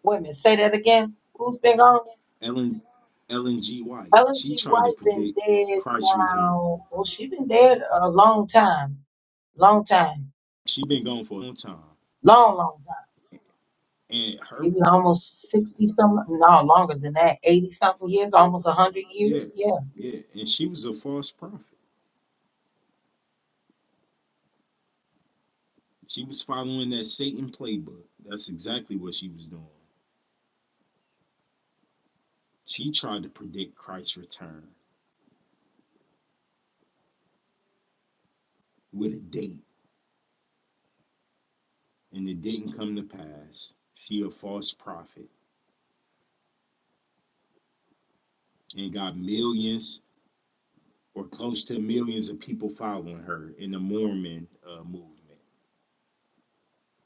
Wait a minute, say that again. Who's been gone?
Ellen Ellen G. White.
Ellen
She
G.
tried to
White been
predict
dead
Christ's return.
now. Well, she been dead a long time. Long time.
She been gone for a long time
Long, long time.
and her
maybe almost 60 some, no, longer than that, 80 something years, almost 100
Yeah,
years. Yeah.
yeah. And she was a false prophet. She was following that Satan playbook. That's exactly what she was doing. She tried to predict Christ's return with a date, and it didn't come to pass. She a false prophet and got millions or close to millions of people following her in the Mormon uh, movement.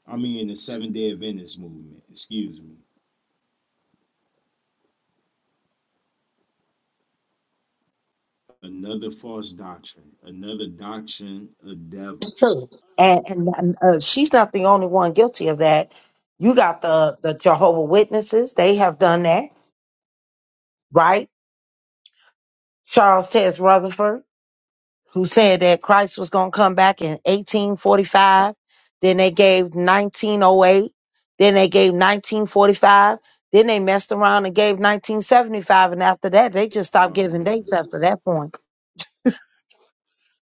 I mean, in the Seventh Day Adventist movement, excuse me. Another false doctrine, another doctrine of
It's
devils.
true. And and, and, uh, she's not the only one guilty of that. You got the the Jehovah Witnesses; they have done that, right? Charles Tess Rutherford. who said that Christ was going to come back in 1845. Then they gave 1908. Then they gave 1945. Then they messed around and gave 1975. And after that, they just stopped
Oh
giving
man.
dates after that point.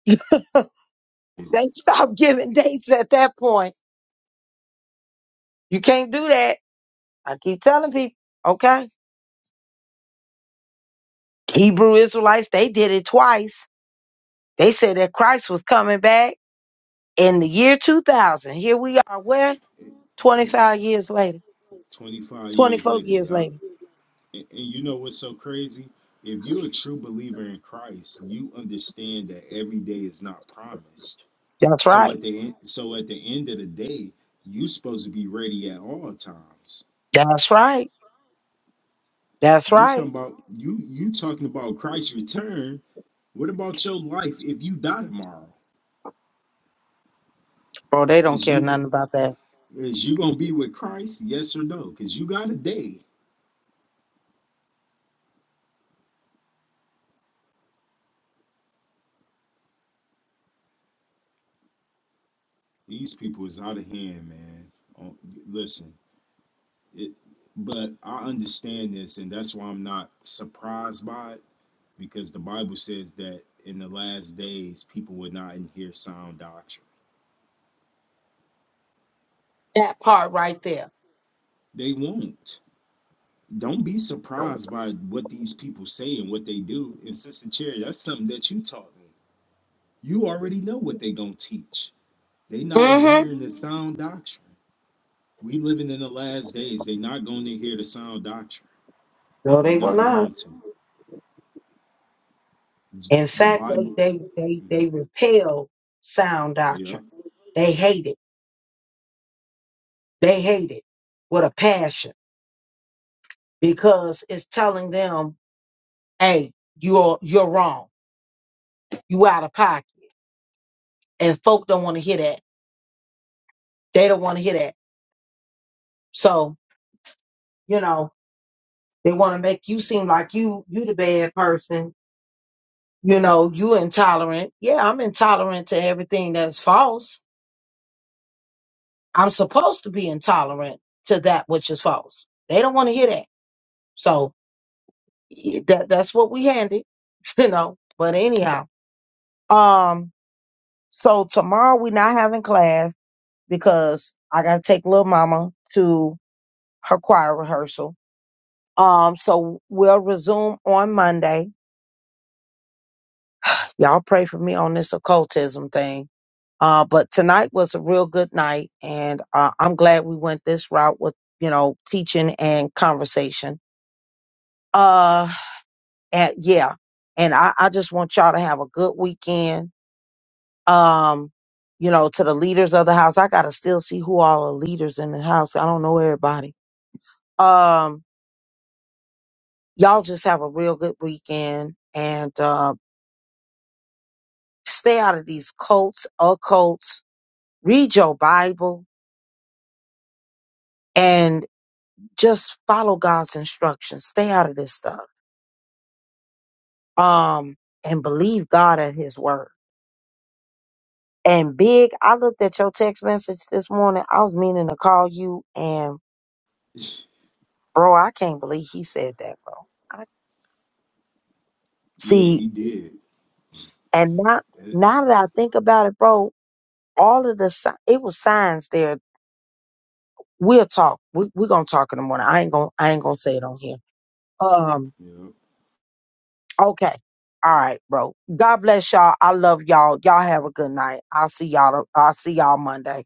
(laughs)
It's-
They stopped giving dates at that point. You can't do that. I keep telling people, okay? Hebrew Israelites, they did it twice. They said that Christ was coming back in the year 2000. Here we are, where?
it,
25 years later,
25 years
24
later,
years
y'all.
later.
And, and you know what's so crazy? If you're a true believer in Christ, you understand that every day is not promised.
That's
So
right.
at the end, so at the end of the day, you are supposed to be ready at all times.
That's right. That's
You talking
right.
about you you talking about Christ's return. What about your life if you die tomorrow?
Bro, they don't
Is
care
you
nothing about that.
is you gonna be with Christ? Yes or no? Cause you got a day. These people is out of hand, man. Oh, listen. It, but I understand this, and that's why I'm not surprised by it, because the Bible says that in the last days, people will not hear sound doctrine.
That part right there.
They won't. Don't be surprised by what these people say and what they do. And Sister Cherry, that's something that you taught me. You already know what they gonna teach. They not in hearing the sound doctrine. We living in the last days. They not going to hear the sound doctrine.
No,
They
they will
not
not.
going to.
In
The
fact, they
Bible.
they they they repel sound
Mhm.
doctrine.
Yep.
They hate it. They hate it with a passion because it's telling them, hey, you're you're wrong. You out of pocket. And folk don't want to hear that. They don't want to hear that. So, you know, they want to make you seem like you you the bad person. You know, you intolerant. Yeah, I'm intolerant to everything that's false I'm supposed to be intolerant to that which is false. They don't want to hear that. So y- that that's what we handed, (laughs) you know. But anyhow, um, so tomorrow we're not having class because I gotta take little mama to her choir rehearsal. Um, so we'll resume on Monday. Y'all pray for me on this occultism thing. Uh, but tonight was a real good night, and uh, I'm glad we went this route with you know teaching and conversation. Uh, and yeah and I, I just want y'all to have a good weekend um you know to the leaders of the house i gotta still see who all are leaders in the house i don't know everybody um y'all just have a real good weekend and uh stay out of these cults occults read your bible and just follow god's instructions stay out of this stuff um and believe god at his word and big i looked at your text message this morning i was meaning to call you and
(laughs)
Bro, I can't believe he said that, bro. I,
Yeah,
see,
he did.
and now,
That,
now that I think about it, bro, all of the si- it was signs there. We'll talk. We we gonna talk in the morning. I ain't gonna I ain't gonna say it on here. Um.
yeah.
Okay. All right, bro. God bless y'all. I love y'all. Y'all have a good night. I'll see y'all. I'll see y'all Monday.